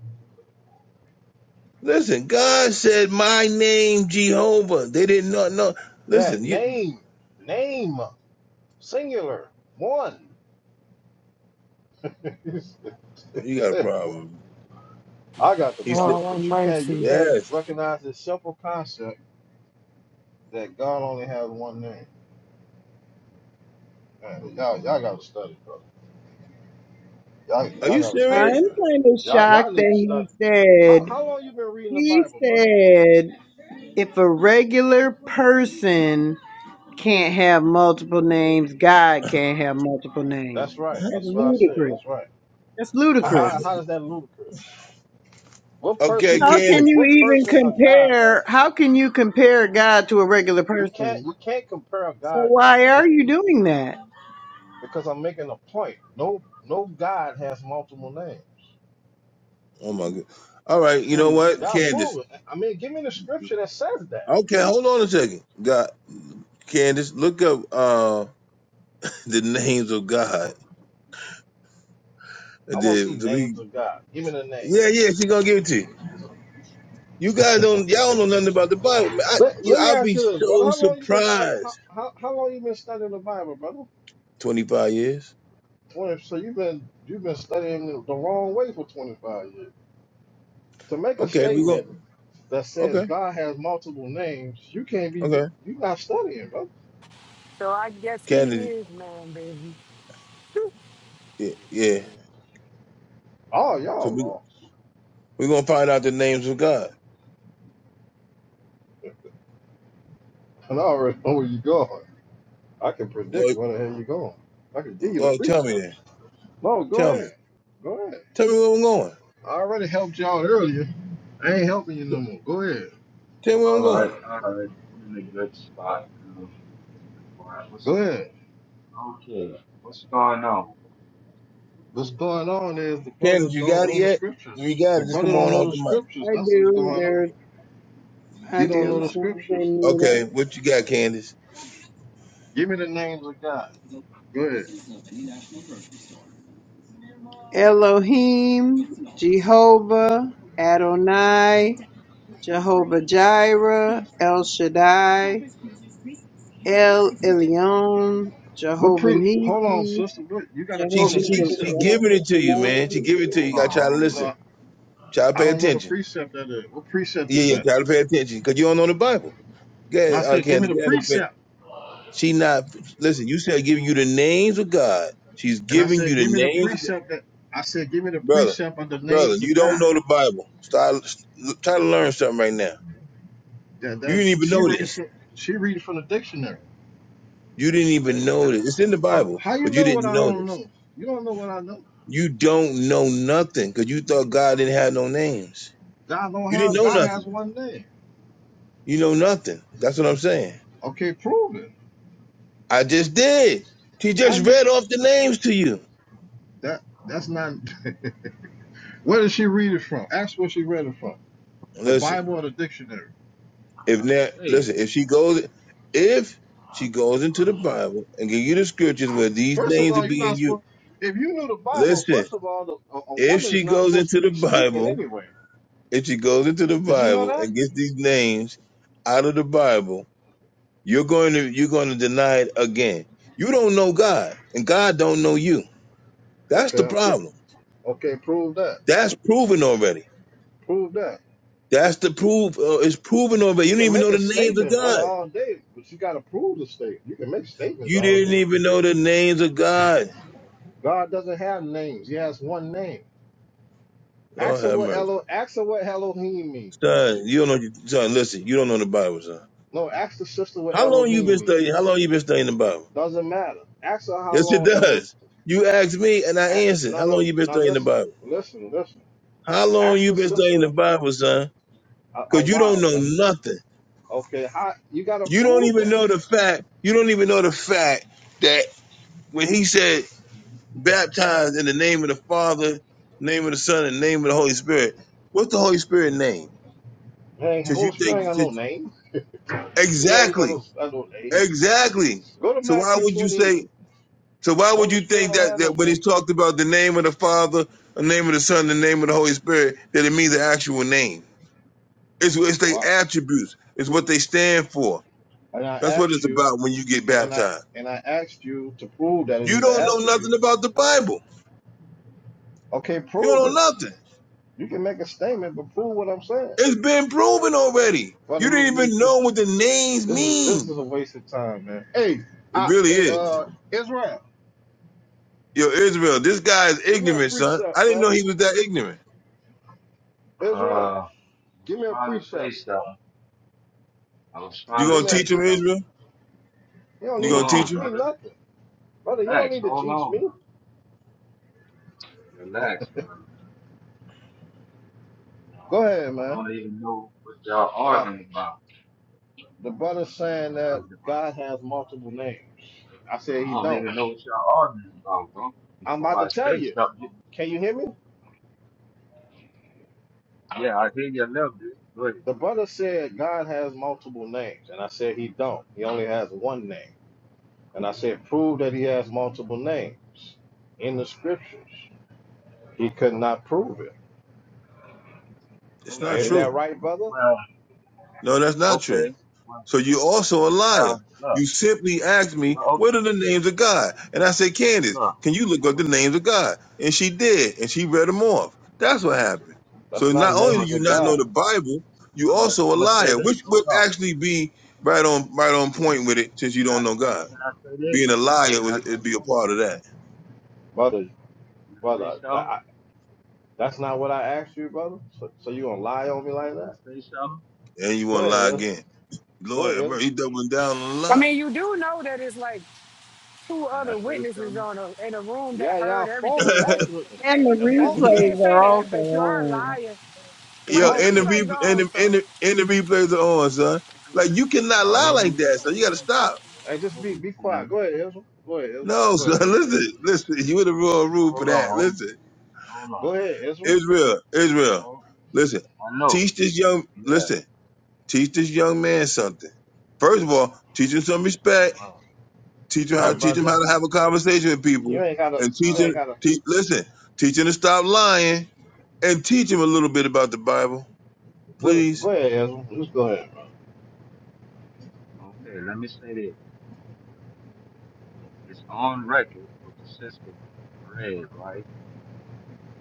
A: Listen, God said, My name, Jehovah. They did not know.
I: Yeah,
A: Listen, you,
I: name, name, singular, one.
A: you got a
I: Simple.
A: problem.
I: I got the
A: He said.
I: problem,
D: Oh, have
I: but you can't you
D: mercy.
I: can't
A: Yes.
I: recognize this simple concept that God only has one name. Man, y'all y'all gotta study, bro. Y'all
A: Are
I: y'all
A: you
I: gotta
F: I'm
I: study,
A: serious?
I: man.
F: kind of
I: Y'all y'all
F: shocked
I: need
F: that
I: to
F: he
I: study. How
F: said,
I: how long you been reading the
F: he
I: Bible, brother?
F: said, if a regular person can't have multiple names, God can't have multiple
I: That's
F: names.
I: right.
F: That's
I: That's what I said.
F: ludicrous.
I: That's right.
F: That's
I: And How
F: ludicrous.
I: how is that ludicrous? What person
A: okay,
I: you
F: How can
I: what
A: Candace.
F: you
I: what
F: even
I: person of God has
F: compare? How can you compare God to a regular
I: you can't
F: person?
I: you can't compare a
F: So
I: God to,
F: why
I: to
F: are you
I: people
F: doing that?
I: because I'm making a point. No no God has multiple names.
A: Oh my god. All right, you
F: Oh
A: know
F: my
A: what?
F: God.
I: Y'all
A: Candace.
I: prove it. I mean, give me the scripture that says that.
A: Okay, hold on a second. God Candace, look up uh the names of God. And
I: I want to see
A: then so we
I: names of God. Give me the
A: Yeah, yeah,
I: names.
A: she gonna give it to you. You guys don't y'all don't know nothing about the Bible. man. I
I: Let,
A: you
I: let me
A: I'll
I: ask
A: be
I: you this, brother.
A: so
I: How long you been stud- how,
A: surprised.
I: how, how long you been studying the Bible, brother?
A: Twenty five years?
I: Twenty. So you've been you've been studying it the wrong way for twenty five years. To make a
A: Okay, we go
I: statement that says
A: okay,
I: God has multiple names, you can't be you,
A: okay.
I: you not studying, brother.
D: So I guess he
A: Candace
D: is man, baby.
A: yeah, yeah.
I: Oh,
A: So
I: y'all
A: we
I: lost.
A: we're gonna find out the names of God.
I: And I already know where you going. I can predict
A: Well,
I: where the hell you going. I can give you the
A: well tell me then.
I: precepts. No, go
A: Tell me.
I: ahead. Go ahead.
A: Tell me where I'm going.
I: I already helped y'all earlier. I ain't helping you no more. Go ahead.
A: Tell me where I'm
H: All right,
A: going.
H: all right, I'm in a good spot. Um, What's
I: Go ahead.
H: Okay, what's going on?
I: What's going on is the brother
A: Candace, you
I: don't
A: got it
I: know the
A: yet? If
I: scriptures.
A: you got
I: The
A: it, just
I: brother
A: come
I: don't
A: on
I: know
A: off
I: the
A: the mic.
I: scriptures.
F: I
I: That's what's
F: do.
I: going on.
F: There's, I
I: He don't know the scriptures.
F: do.
A: Okay, what you got, Candace?
I: Give me the names of God. Go ahead.
F: Elohim, Jehovah, Adonai, Jehovah Jireh, El Shaddai, El Elyon,
I: What
F: Jehovah
I: pre? Hold on,
F: Nisi,
I: sister. What you gotta
A: She
F: Jehovah
I: call
A: she
I: a
A: she,
F: Shal-
A: she
I: precept?
A: giving
F: Jehovah
A: it to you,
F: Shalom.
A: man. She giving it to you.
H: Hold
A: You got to try to
H: on,
A: listen.
I: No,
A: Try to
I: I
A: pay
I: don't know the
A: attention.
I: precept that is. What precept
A: Yeah,
I: is
A: yeah,
I: that?
A: try to pay attention because you don't know the Bible.
I: And I
A: Okay, uh,
I: said, give me
A: Candace,
I: the
A: get fa-
I: precept.
A: She not listen. You said give you the names of God. She's
I: And I
A: giving you
I: said,
A: the
I: give me the
H: hold
A: names of God.
I: precept that. I said, give me the
A: brother,
I: precept of the
A: brother.
I: names of
A: You don't
I: God.
A: know the Bible. Start try to learn something right now.
I: That
A: You
I: that
A: didn't even
I: she
A: know
I: reading
A: this.
I: from she reading from the dictionary.
A: You didn't
H: on.
A: even
H: Hey,
A: know
H: can I
A: this. It's in
H: say
A: the
H: something?
A: Bible,
I: How you
A: but you
I: know what
A: didn't
I: I
A: know
I: don't
A: this.
I: know? You don't know what I know.
A: You don't know nothing because you thought God didn't
H: It's
A: have no names.
I: God don't
A: You didn't
I: have
A: know
I: God has
A: nothing.
I: one name.
A: You know nothing. That's what I'm saying.
I: Okay, prove it.
A: I just did. She
I: How
A: just
I: do you
A: read off the names to you.
I: that that's not where did she read it from? Ask where she read it from. The
A: Listen,
I: Bible or the dictionary.
A: if
H: hard to
A: now,
H: say.
A: listen, if she goes, if she goes into the Bible and give you the scriptures where these
I: First of
A: names are
I: all, you're
A: being
I: not
A: used,
I: supposed if you knew the Bible,
A: listen,
I: first of all, the, a, a
A: if
I: woman is
A: she
I: not
A: goes
I: supposed to
A: into the
I: be speaking
A: Bible,
I: anyway.
A: if she goes into the
I: Did you know
A: Bible
I: that?
A: and gets these names out of the Bible, You're going to you're going to deny it again. You don't know God, and God don't know you. That's
I: Okay,
A: the
I: I pro-
A: problem.
I: okay, prove that.
A: That's proven already.
I: Prove that.
A: That's the proof. Uh, it's proven already.
I: You
A: You
I: can
A: didn't even
I: make
A: know
I: a
A: the names of
I: statement, brother,
A: God.
I: all day, but you gotta prove the statement. You can make statements
A: You
I: all
A: didn't
I: day.
A: even know the names of God.
I: God doesn't have names. He has one name.
A: Oh
I: Ask her
A: have
I: what
A: mercy,
I: Elo ask her what Elohim means.
A: son. You don't know, son. Listen, you don't know the Bible, son.
I: No, ask the sister what
A: How long you
I: Elohim
A: been studying? How
I: means.
A: long you been studying the Bible?
I: Doesn't matter. Ask her how
A: Yes, it
I: long Elo.
A: does. You asked me, and I
I: ac-
A: answered. How
I: No, no,
A: long you been
I: no.
A: studying the
I: Listen,
A: Bible?
I: listen, listen.
A: How long
I: Ask
A: you
I: the
A: been studying the
I: sister
A: Bible, son?
I: a, a
A: Because you don't
I: while,
A: know
I: brother.
A: nothing.
I: Okay, how you gotta
A: You don't
I: prove
A: even
I: that?
A: know the fact. You don't even know the fact that when he said baptized in the name of the Father, name of the Son, and name of the Holy Spirit, what's the Holy Spirit name?
I: Hey,
A: Because you
I: Holy Spirit
A: think
I: ain't got no
A: since-
I: name. Yeah, we got no,
A: exactly,
I: got no name.
A: exactly.
I: Go to
A: So why
I: Matthew
A: would you
I: 28.
A: say? So why would
I: Holy
A: you
I: Spirit
A: think
I: don't
A: that,
I: have no
A: that when
I: name.
A: he's talked about the name of the Father, the name of the Son, the name of the Holy Spirit, that it means the actual name? It's it's
I: Why?
A: their attributes. It's what they stand for.
I: And I
A: That's what
I: asked
A: it's
I: you,
A: about when you get
I: and then I
A: baptized.
I: and I asked you to prove that it
A: You
I: is an
A: don't know nothing
I: attribute.
A: about the Bible.
I: Okay,
A: You
I: prove
A: don't know
I: it.
A: nothing.
I: You can make a statement, but prove what I'm saying,
A: It's been proven already.
I: brother.
A: You didn't
I: You,
A: even
I: you
A: know what the names
I: This is this
A: mean.
I: is a waste of time, man. Hey,
A: It
I: I,
A: really
I: hey,
A: is.
I: uh, Israel,
A: Yo, Israel, this guy is
I: give me a
A: ignorant,
I: free
A: son.
I: shot,
A: I didn't know
I: man.
A: he was that ignorant.
I: Israel,
H: Uh, I was
I: give me a
H: trying
I: free
H: to
I: shot.
H: say something. I was
A: You
H: trying to
I: Give
A: gonna
I: me a
H: say
A: teach him,
I: free.
H: something.
A: Israel?
I: You don't
A: You
I: need
H: Hold
I: to
A: gonna teach
H: on,
I: teach
A: him?
I: me
H: brother.
I: nothing, brother. You don't
H: Relax.
I: need to
H: Hold
I: teach
H: on.
I: me.
H: Relax, brother. No,
I: Go ahead,
H: I
I: man.
H: don't even know what y'all
I: I got
H: arguing about.
I: the brother
H: You
I: saying that
H: know,
I: God has multiple names. I said he
H: I don't
I: don't.
H: even know what y'all arguing about, bro.
I: I'm
H: Before
I: about
H: I
I: to tell
H: say
I: you.
H: something,
I: You- Can you hear me?
H: yeah, I hear you a little bit. Good.
I: The brother said God has multiple names, and I said he don't. He only has one name, and I said prove that he has multiple names in the scriptures. He could not prove it.
A: It's
I: And
A: not
I: is
H: Okay.
I: that
A: true.
I: right, brother?
H: Well,
A: No, that's not true.
H: okay. Well,
A: So you also a liar.
H: well, look.
A: You simply asked me,
H: Well,
A: what are the names of God? And I said, Candace,
H: Look,
A: can you look
H: I'm
A: up the names of God? And she did, and she read them off. That's what happened.
I: That's
A: So
H: gonna
I: not
H: say,
A: not
H: I'm
A: only do
H: gonna
I: names
A: you
I: of
H: say
A: not know
H: this.
A: the
I: gods,
A: Bible, you
H: I'm gonna,
A: also a
H: I'm gonna say
A: liar,
H: this.
A: which would
H: Hold on.
A: actually be right on right on point
H: Can
A: with it since you
H: I,
A: don't know God.
H: can I say this?
A: Being a liar
H: Can I
A: was
H: say
A: it'd be a
H: something?
A: part of that.
I: brother.
H: Can I say
I: Brother, that,
H: something?
I: I, that's not what I asked you, brother. So, so you gonna lie on me like
H: Can I
I: that?
H: say something?
A: And you
I: Go
A: wanna
I: ahead,
A: lie
I: Israel.
A: again.
I: Go ahead.
A: Lawyer, bro,
I: Israel.
A: he doubling down on the
D: I
A: lie.
D: mean, you do know that it's like two
H: Can I
D: other
H: say
D: witnesses
H: something?
D: on a, in a room that
I: Yeah, yeah.
D: heard
I: False,
D: everything,
I: false
D: right?
F: And
I: witnesses.
F: the
I: That's
D: Because
I: false
D: you did
I: witnesses.
F: replays
D: say
F: are
D: that,
F: also
D: but you are
F: on.
D: lying.
A: Yo,
D: Right, the
I: False
A: and the
I: witnesses.
D: replay's
A: replay and
D: on,
A: the, and
D: so.
A: the, and the replays are on, son. Like you cannot
H: Y'all
A: lie
H: hear
A: like
H: me?
A: that, so you gotta
H: Hey,
A: stop.
I: Hey, just be be
H: can I,
I: quiet. Go ahead, Israel. Go ahead, Israel.
A: No,
I: Go
H: can
A: son,
I: ahead, Israel.
H: I say
A: listen,
H: something?
A: listen. You in the wrong room for
H: Hold on,
A: that.
H: hold,
A: Listen,
H: hold on.
I: Go ahead, Israel.
A: Israel, Israel,
H: Hold,
A: listen.
H: I know.
A: Teach this young,
H: Yeah,
A: listen. Teach this young man something. First of all, teach him some respect.
H: right,
A: Teach him
I: Hey,
A: how,
H: right,
I: bro,
A: teach him how to
I: just
A: have a conversation with
I: you
A: people,
I: ain't gotta.
A: and
I: You
A: teach
H: right.
A: him,
I: ain't gotta.
A: teach, listen, teach him to stop lying, and teach him a little bit about the Bible,
I: What,
A: please.
I: go ahead, Israel. Just go ahead.
H: Okay, let me say this. It's on record with the sister, read, right?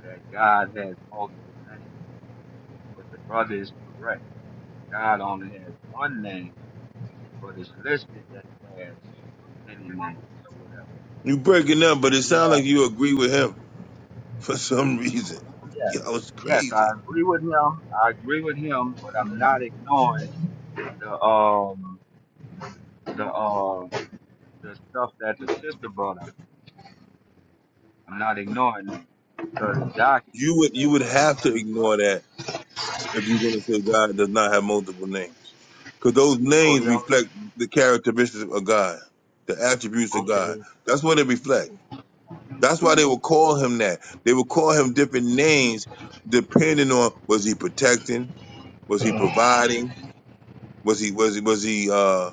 H: That God has multiple names, but the brother is correct. God only has one name but it's listed that he has many names or whatever.
A: You breaking up, but
H: Now
A: it
H: he
A: sounds
H: had,
A: like you agree with him for some reason.
H: yeah,
A: Yo, it's
H: yes, I
A: crazy.
H: agree with him. I agree with him, but I'm not ignoring the um the uh the stuff that the sister brought up. I'm not ignoring that because it's
A: You
H: documented
A: would,
H: that,
A: you would
H: but the
A: have to
H: brother
A: ignore
H: brought.
A: that if you're going to say God does not have multiple names. Because those
H: No,
A: names
H: he only
A: reflect
H: had
A: the characteristics of God, the attributes of God.
H: okay.
A: That's what they reflect.
H: uh,
A: That's why they will call him that. They will call him different names depending on was he protecting, was he providing, was he was he was he uh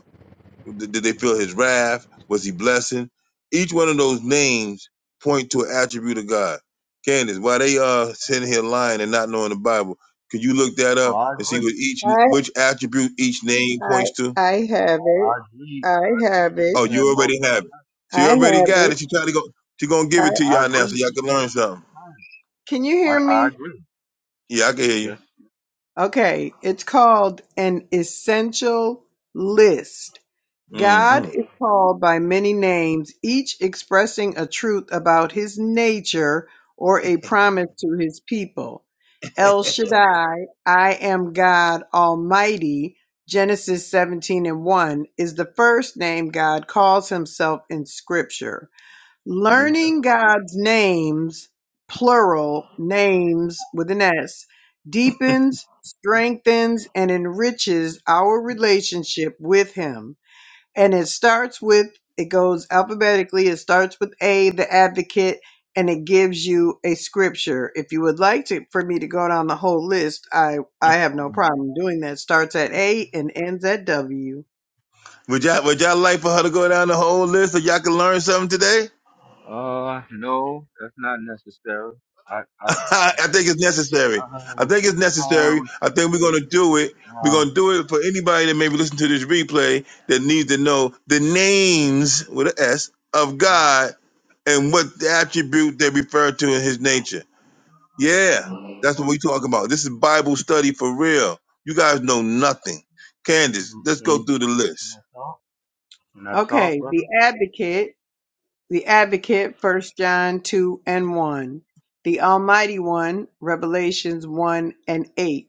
A: did did they feel his wrath? Was he blessing? Each one of those names point to an attribute of God. Candace, why they uh sitting here lying and not knowing the Bible? Could you look that
H: No,
A: up
H: I
A: and see
H: agree.
A: what each
F: I,
A: which attribute each name
F: I,
A: points to?
F: I have
H: No, I
F: it.
H: agree. I
F: I have
H: agree that
F: it.
A: Oh,
H: he had
A: you already
H: multiple.
A: have it. She
F: I
A: already
F: have
A: got
F: it.
A: it. She trying to go. She gonna give
F: I,
A: it to
H: I
A: y'all now so
H: agree.
A: y'all
H: she-
A: can
H: did
A: learn
H: all
A: something.
H: the
F: can you hear
H: time. I, I
F: me?
H: agree.
A: Yeah, I can hear
H: Yes.
F: Okay. It's called an essential list. God
A: you. hmm
F: is called by many names, each expressing a truth about his nature or a promise to his people. El Shaddai, I am God Almighty, Genesis 17 and 1, is the first name God calls himself in Scripture.
A: hmm
H: Right.
F: Learning God's names, plural names with an S, deepens, strengthens, and enriches our relationship with him and it starts with it goes alphabetically it starts with a the advocate and it gives you a scripture if you would like to for me to go down the whole list i i have no
H: Um,
F: problem doing that starts at a and ends at w
A: Would y'all would y'all like for her to go down the whole list so y'all can learn something today?
H: Uh, no, that's not necessary. I, I,
A: I
H: um,
A: think it's necessary.
H: I heard
A: I
H: what
A: think
H: you,
A: it's
H: I heard
A: necessary.
H: what you
A: I think we're going to
H: said.
A: do it. We're
H: Now,
A: going to do it for anybody that maybe listen to this replay that needs to know the names with an S of God and what the attribute they refer to in His nature.
H: no,
A: Yeah, that's what
H: no,
A: we talking about. This is Bible study for real. You guys know nothing. Candace,
H: can
A: let's go
H: can-
A: through the
H: can
A: list.
H: I talk? Can I talk,
F: okay the
H: brother?
F: advocate the advocate first john 2 and 1 the almighty one revelations 1 and 8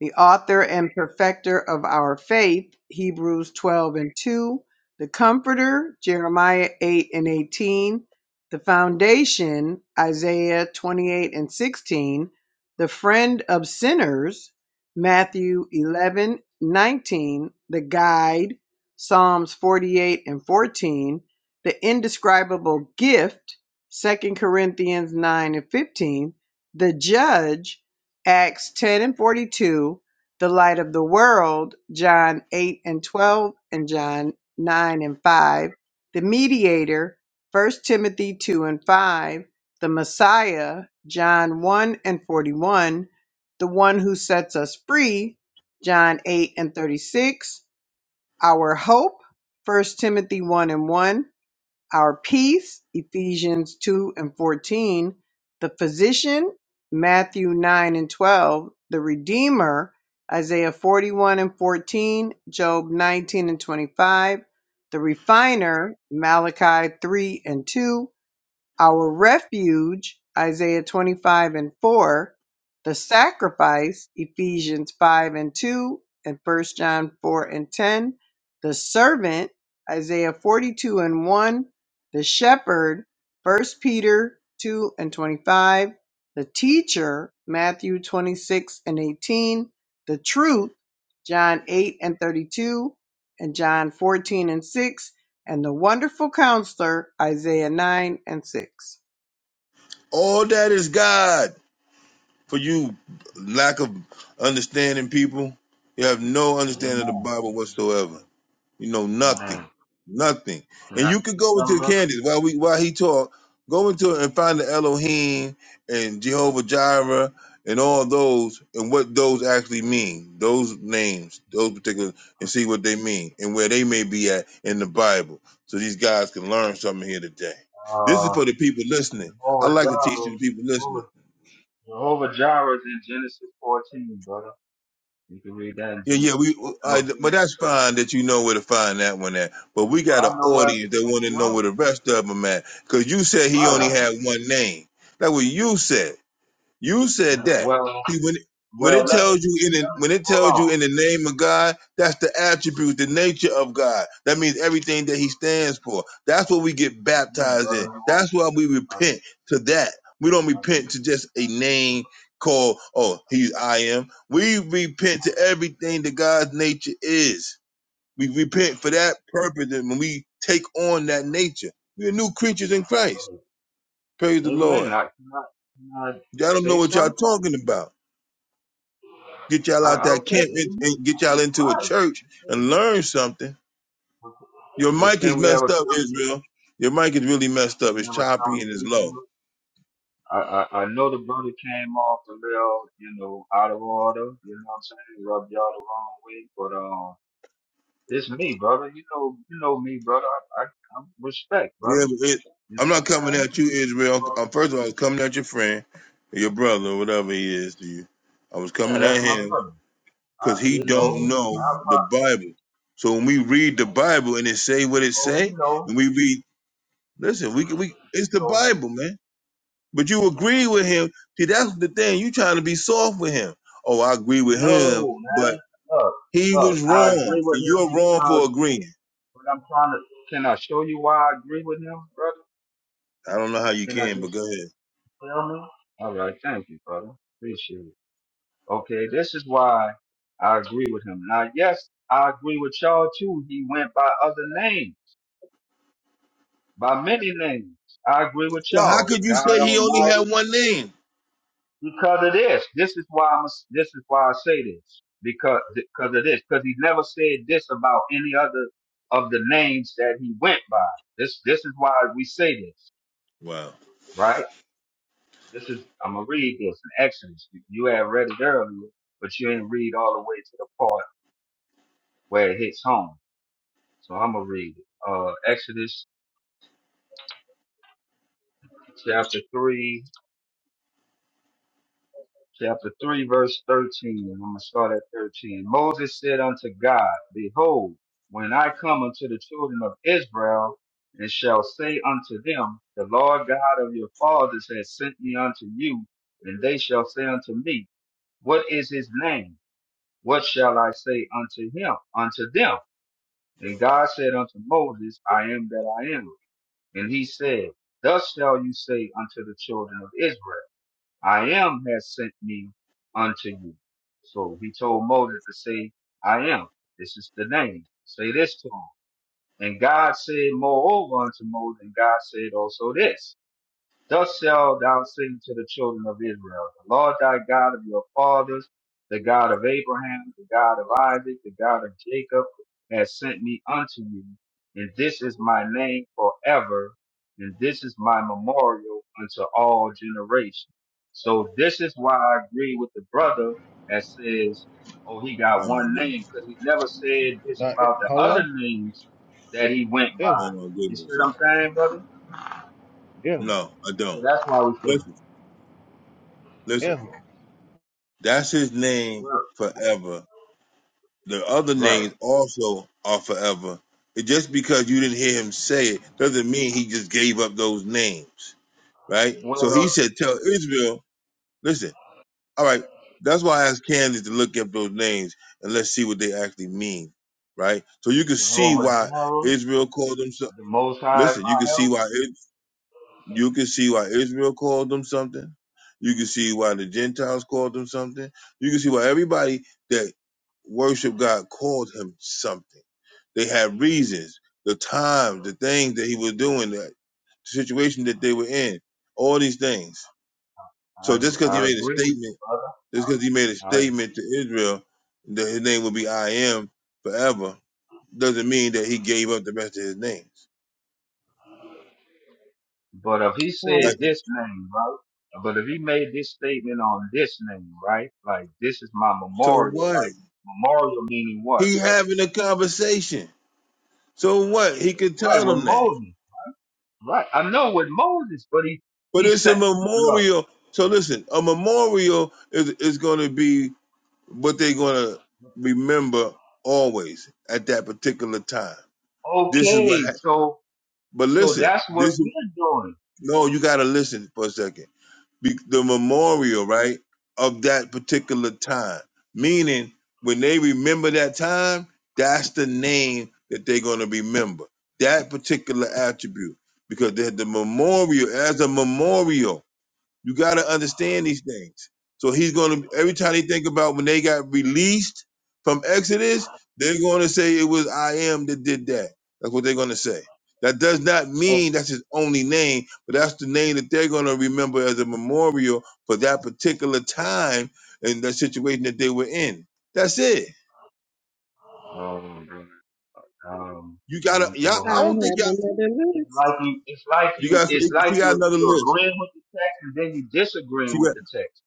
F: the author and perfecter of our faith, Hebrews 12 and 2, the comforter, Jeremiah 8 and 18, the foundation, Isaiah 28 and 16, the friend of sinners, Matthew 11 19; the guide, Psalms 48 and 14, the indescribable gift, Second Corinthians 9 and 15, the judge, Acts 10 and 42, the light of the world, John 8 and 12, and John 9 and 5, the mediator, First Timothy 2 and 5, the Messiah, John 1 and 41, the one who sets us free, John 8 and 36, our hope, First Timothy 1 and 1, our peace, Ephesians 2 and 14, the physician, Matthew 9 and 12, the Redeemer, Isaiah 41 and 14, Job 19 and 25, the refiner, Malachi 3 and 2, our refuge, Isaiah 25 and 4, the sacrifice, Ephesians 5 and 2, and First John 4 and 10, the servant, Isaiah 42 and 1, the shepherd, First Peter 2 and 25, the teacher, Matthew 26 and 18, the truth, John 8 and 32, and John 14 and 6, and the wonderful counselor, Isaiah 9 and 6.
A: All that is God for you, lack of understanding people. You have no
H: Amen.
A: understanding of the Bible whatsoever.
H: Amen.
A: You know
H: Amen.
A: nothing, nothing.
H: Can
A: And
H: I
A: you could
H: say
A: go
H: something,
A: into
H: brother?
A: Candace while we while he talk. Go into it and find the Elohim and Jehovah Jireh and all those and what those actually mean. Those names, those particular, and see what they mean and where they may be at in the Bible. So these guys can learn something here today. This is
H: Uh,
A: for the people listening. I
H: Jehovah
A: like to teach
H: Jireh,
A: the people listening.
H: Jehovah, Jehovah Jireh is in Genesis 14, brother. You can read that in
A: Yeah, yeah,
H: Genesis
A: we.
H: fourteen.
A: I,
H: No,
A: but
H: Genesis
A: that's
H: 13.
A: fine that you know where to find that one at. But we
H: no,
A: got
H: I
A: an
H: know where it's
A: audience that want to know
H: from,
A: where the rest of them at. Cause you said he only
H: brother. Right,
A: had one name. That's what you said. You said
H: huh?
A: that.
H: Well,
A: See, when when
H: Well,
A: it
H: let
A: tells
H: me,
A: you in the,
H: let me
A: when it
H: hold
A: tells you in
H: on.
A: the name of God, that's the attribute, the nature of God. That means everything that He stands for. That's what we get
H: Again,
A: baptized
H: brother,
A: in. That's why we
H: I,
A: repent to that. We don't
H: I,
A: repent to just a
H: I knew it
A: name called oh He's I am. We repent to everything that God's nature is. We repent for that purpose, and when we take on that nature, we're new creatures in Christ.
H: was
A: Praise
H: early.
A: the Lord.
H: Amen. I can I, can I
A: Y'all don't know
H: say
A: what y'all
H: something?
A: talking about. Get y'all
H: I,
A: out
H: I
A: that camp
H: okay.
A: and and get y'all into a
H: Right.
A: church
H: okay.
A: and learn something. Your
H: But
A: mic is
H: can we have
A: messed
H: a
A: up,
H: conversation?
A: Israel. Your mic is really messed up.
H: Can we
A: It's
H: have a
A: choppy and it's
H: conversation?
A: low.
H: with- I, I, I know the brother came off a little, you know, out of order. You know what I'm saying? Rubbed y'all the wrong way, but um, it's me, brother. You know, you know me, brother. I, I, I respect,
A: Yeah,
H: brother.
A: but it,
H: You know
A: I'm
H: what
A: not coming
H: I'm saying?
A: at you, Israel. Um, first of all, I was coming at your friend, or your brother, or whatever he is to you. I was
H: But yeah,
A: coming
H: that's
A: at
H: my
A: him
H: brother.
A: because
H: Uh,
A: he
H: you know,
A: don't know
H: I
A: the Bible. So when we read the Bible and it say what
H: pro-
A: it
H: no,
A: say,
H: you know,
A: and we read, listen, we can we
H: you
A: it's the
H: know,
A: Bible, man. But you agree with him. See, that's the thing. You trying to be soft with him. Oh, I agree with him,
H: no,
A: but
H: man. Look,
A: he
H: look,
A: was
H: I
A: wrong,
H: agree with
A: and
H: him
A: you're wrong for
H: because
A: agreeing.
H: what I'm trying to, can I show you why I agree with him, brother?
A: I don't know how you
H: Can I
A: can, but
H: just
A: go ahead.
H: tell me? All right, thank you, brother. Appreciate it. Okay, this is why I agree with him. Now, yes, I agree with y'all too. He went by other names, by many names. I agree with
A: So how
H: y'all.
A: could you
H: God
A: say he only
H: Almighty.
A: had one name?
H: Because of this. This is why I'm. This is why I say this. Because because of this. Because he never said this about any other of the names that he went by. This this is why we say this,
A: Wow.
H: right? This is I'm gonna read this in Exodus. You you had read it earlier, but you didn't read all the way to the part where it hits home. So I'm gonna read it. Uh, Exodus chapter three. chapter 3, verse 13. I'm going to start at 13. Moses said unto God, Behold, when I come unto the children of Israel, and shall say unto them, The Lord God of your fathers has sent me unto you, and they shall say unto me, What is his name? What shall I say unto him, unto them? And God said unto Moses, I am that I am. And he said, Thus shall you say unto the children of Israel. I am has sent me unto you. So he told Moses to say, I am. This is the name. Say this to him. And God said, moreover unto Moses, and God said also this. Thus shalt thou sing to the children of Israel, the Lord thy God of your fathers, the God of Abraham, the God of Isaac, the God of Jacob, has sent me unto you. And this is my name forever, and this is my memorial unto all generations. So this is why I agree with the brother that says, oh, he got
A: Oh my
H: one name,
A: goodness.
H: because he never said this
I: Now, I-
H: about the other
I: hello,
H: names that he went by.
A: Oh
I: Israel.
A: my
H: You see
A: goodness.
H: what
A: son.
H: I'm saying, brother?
I: Israel.
A: No, I
H: So
A: don't.
H: that's why we say
A: Listen,
H: that.
A: listen.
I: Israel.
A: That's his name
H: Well,
A: forever. The other
H: Right.
A: names also are forever. It just because you didn't hear him say it doesn't mean he just gave up those names right? So he
H: Well,
A: said, "Tell Israel." Listen, all right. That's why I asked Candace to look up those names and let's see what they actually mean, right? So you can see
H: Jehovah
A: why
H: Jireh,
A: Israel called them. So-
H: the Most High, is
A: Listen, you
H: my
A: can see
H: help.
A: why it, you can see why Israel called them something. You can see why the Gentiles called them something. You can see why everybody that worshiped God called him something. They had reasons, the times, the things that he was doing, that the situation that they were in, all these things. So just
H: I
A: because he
H: I
A: made a
H: agree with
A: statement
H: you, brother.
A: just because he made a
H: I, I,
A: statement to Israel that his name will be I am forever doesn't mean that he gave up the rest of his names.
H: but if he said
A: Like,
H: this name, right? But if he made this statement on this name, right? Like this is my
A: so
H: memorial.
A: what?
H: Like memorial meaning what,
A: He
H: brother?
A: having a conversation. So what? He could tell
H: Right with
A: them that.
H: Moses, right? I know with Moses, but he
A: But
H: he
A: it's
H: said,
A: a
H: look,
A: memorial. So listen, a memorial is is going to be what they're going to remember always at that particular time. This is
H: okay,
A: what. hap-
H: so
A: but
H: so
A: listen,
H: that's what
A: this is
H: we're doing.
A: no. You got to listen for a second be, the memorial, right, of that particular time. Meaning, when they remember that time, that's the name that they're going to remember. That particular attribute, because they're the memorial as a memorial you got to understand these things. So he's going to every time they think about when they got released from Exodus, they're going to say it was I am that did that. That's what they're going to say. That does not
H: Oh,
A: mean that's his only name, but that's the name that they're going to remember as a memorial for that particular time and the situation that they were in. That's it.
H: oh brother. Um,
A: You
H: I
A: gotta,
H: don't
A: y'all.
H: know
F: I have
A: I
H: how
A: don't think
H: you.
A: y'all.
F: another
H: It's
F: list.
H: like you, it's like
A: You
H: you,
A: guys.
H: it's like
A: She got
H: you,
A: another
H: you're
A: list.
H: agreeing with the text and then you
A: She
H: disagreeing with
A: got.
H: the text.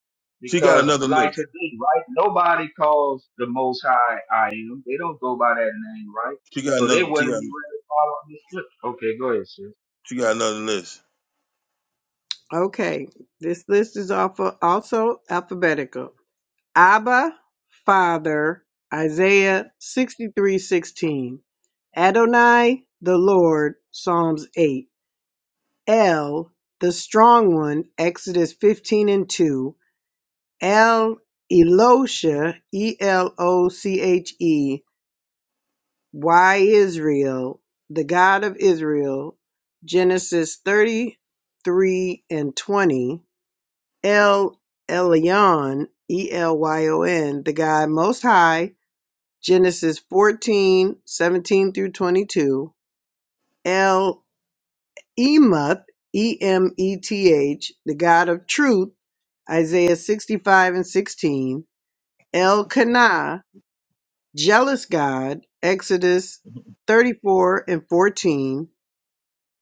A: She got
H: Because
A: another
H: like
A: list.
H: today, right? Nobody calls the Most High I am. They don't go by that name, right?
A: She got
H: So they
A: another. She
H: wouldn't
A: got.
H: be really following this scripture. Okay, go ahead, sis.
A: She got another list.
F: Okay, this list is also alphabetical. Abba, Father, Isaiah 63 16. Adonai, the Lord, Psalms 8. El, the strong one, Exodus 15 and 2. El, Elosha, E L O C H E, Why Israel, the God of Israel, Genesis 33 and 20, El Elyon, E L Y O N, the God Most High, Genesis 14, 17 through 22, El Emeth, E M E T H, the God of Truth, Isaiah 65 and 16, El Kanah, Jealous God, Exodus 34 and 14,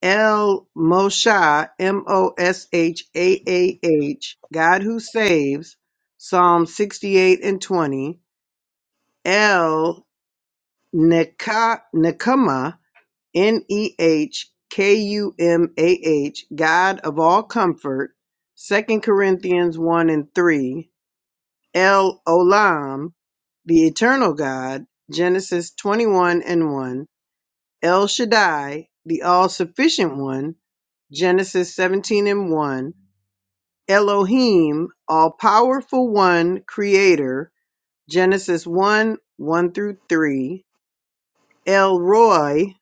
F: El Moshe, M O S H A A H, God who saves, Psalm 68 and 20. El Neka- Nekama, N E H K U M A H, God of all comfort, Second Corinthians 1 and 3. El Olam, the eternal God, Genesis 21 and 1. El Shaddai, the all sufficient one, Genesis 17 and 1. Elohim, all powerful one, creator. Genesis 1 1 through 3. El Roy,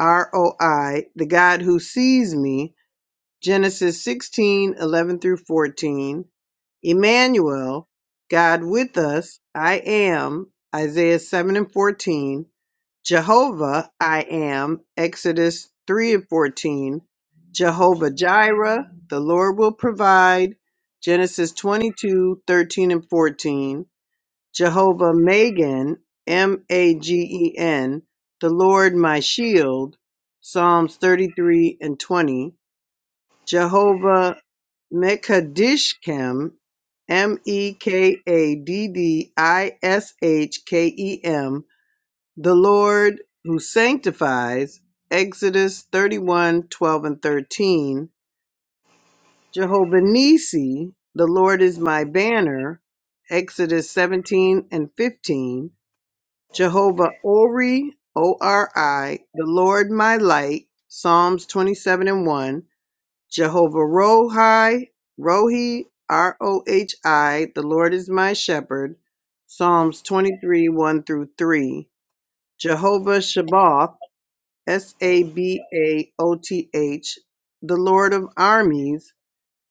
F: R O I, the God who sees me. Genesis 16:11 through 14. Emmanuel, God with us, I am. Isaiah 7 and 14. Jehovah I am, Exodus 3 and 14. Jehovah Jireh, the Lord will provide, Genesis 22 13 and 14. Jehovah Magen, M A G E N, the Lord my shield, Psalms 33 and 20. Jehovah Mekadishkem, M E K A D D I S H K E M, the Lord who sanctifies, Exodus 31 12 and 13. Jehovah Nissi, the Lord is my banner, Exodus 17 and 15. Jehovah Ori, O R I, the Lord my light, Psalms 27 and 1. Jehovah Rohi, Rohi, R O H I, the Lord is my shepherd, Psalms 23 1 through 3. Jehovah Shabbath, S A B A O T H, the Lord of armies,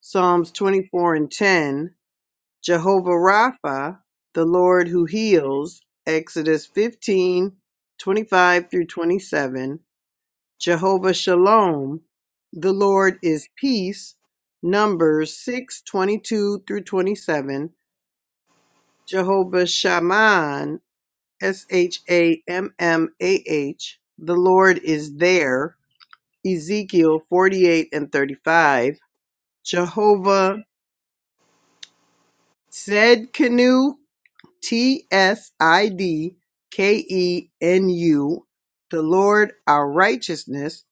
F: Psalms 24 and 10, Jehovah Rapha, the Lord who heals, Exodus 15, 25 through 27, Jehovah Shalom, the Lord is peace, Numbers 6, 22 through 27, Jehovah Shammah, S H A M M A H, the Lord is there, Ezekiel 48 and 35, Jehovah Tsidkenu, T S I D K E N U, the Lord our righteousness,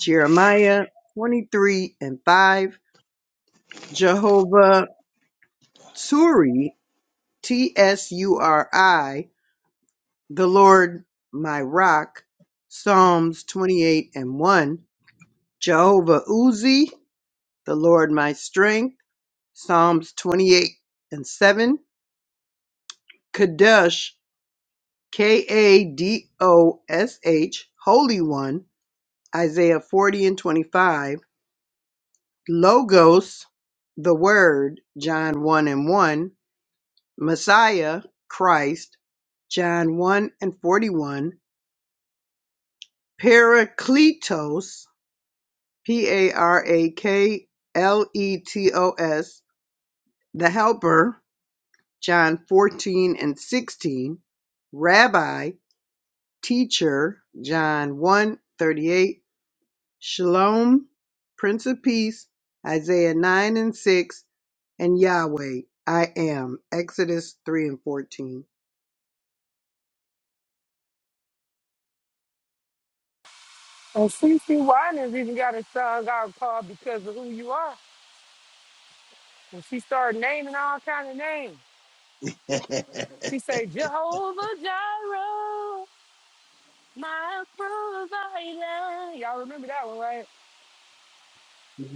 F: Jeremiah 23 and 5, Jehovah Tsuri, T S U R I, the Lord my rock, Psalms 28 and 1, Jehovah Uzi, the Lord my strength. Psalms 28 and 7, Kadosh, K A D O S H, Holy One, Isaiah 40 and 25, Logos, the Word, John 1 and 1, Messiah, Christ, John 1 and 41, Parakletos, P A R A K L E T O S, the Helper, John 14 and 16, Rabbi, Teacher, John one 38 Shalom, Prince of Peace, Isaiah 9 and 6, and Yahweh, I am, Exodus 3 and 14.
D: And CC Winans even got a son out called because of who you are. And she started naming all kind of names. She said, Jehovah Jireh. My provider. Y'all remember that one, right?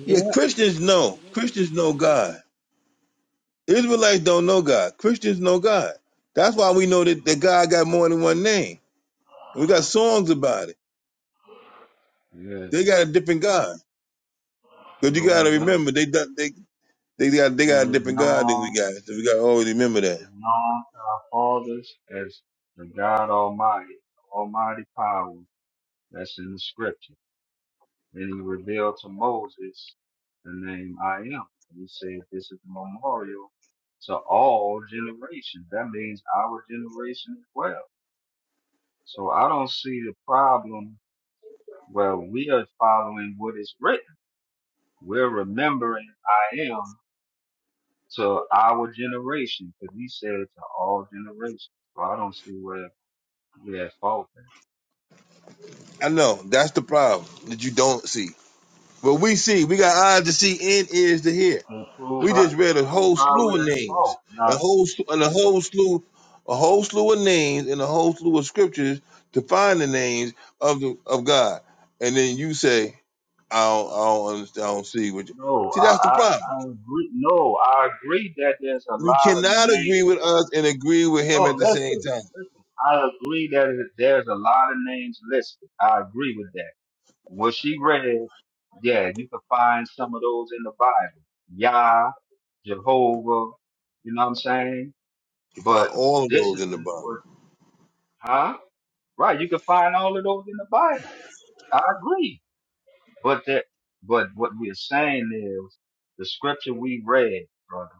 A: Yeah, Christians know. Christians know God. Israelites don't know God. Christians know God. That's why we know that, that God got more than one name. And we got songs about it.
H: Yes,
A: They got a different God. Because
H: no
A: you gotta
H: wisdom.
A: remember they done- they they got they
H: He
A: got a
H: was
A: different God than we
H: known,
A: got. So we gotta always remember
H: he
A: that.
H: was known to our fathers as the God Almighty, Almighty power that's in the scripture. And he revealed to Moses the name I am. And he said, This is the memorial to all generations. That means our generation as well. So I don't see the problem where we are following what is written. We're remembering I am to our generation because he said to all generations. So I don't see where we're at fault. there.
A: I know, that's the problem that you don't see. But we see, we got eyes to see and ears to hear.
H: And prove
A: We
H: how,
A: just read a
H: prove
A: whole
H: how
A: slew of
H: we're at
A: names,
H: fault.
A: a
H: Now,
A: whole sl- and a whole slew, a whole slew of names, and a whole slew of scriptures to find the names of the of God. And then you say, I don't, I don't understand. I don't see what. You.
H: No,
A: See,
H: I,
A: that's the
H: I,
A: problem.
H: I agree. No, I agree that there's a
A: You
H: lot of
A: cannot
H: names.
A: agree with us and agree with him
H: No,
A: at the same
H: listen,
A: time.
H: listen. I agree that it- there's a lot of names listed. I agree with that. What she read, yeah, you can find some of those in the Bible. Yah, Jehovah, you know what I'm saying?
A: You find
H: But
A: all of
H: this is
A: those in the
H: the,
A: Bible.
H: but- huh? Right, you can find all of those in the Bible. I agree. But that, but what we're saying is the scripture we read, brother.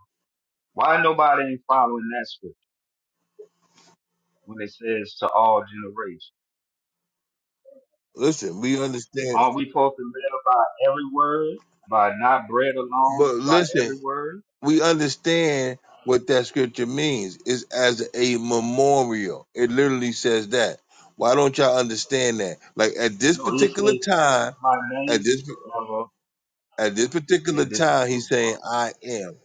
H: Why nobody ain't following that scripture when it says to all generations?
A: Listen, we understand,
H: Aren't we supposed to live by every word, by not bread alone,
A: but
H: by
A: listen.
H: every word?
A: we understand what that scripture means. It's as a memorial. It literally says that. Why don't y'all understand that? Like at this
H: No, he said,
A: particular
H: This is
A: time,
H: my
A: at
H: name
A: this
H: forever,
A: at this particular
H: and this is
A: time,
H: my
A: he's saying,
H: memorial.
A: "I am,"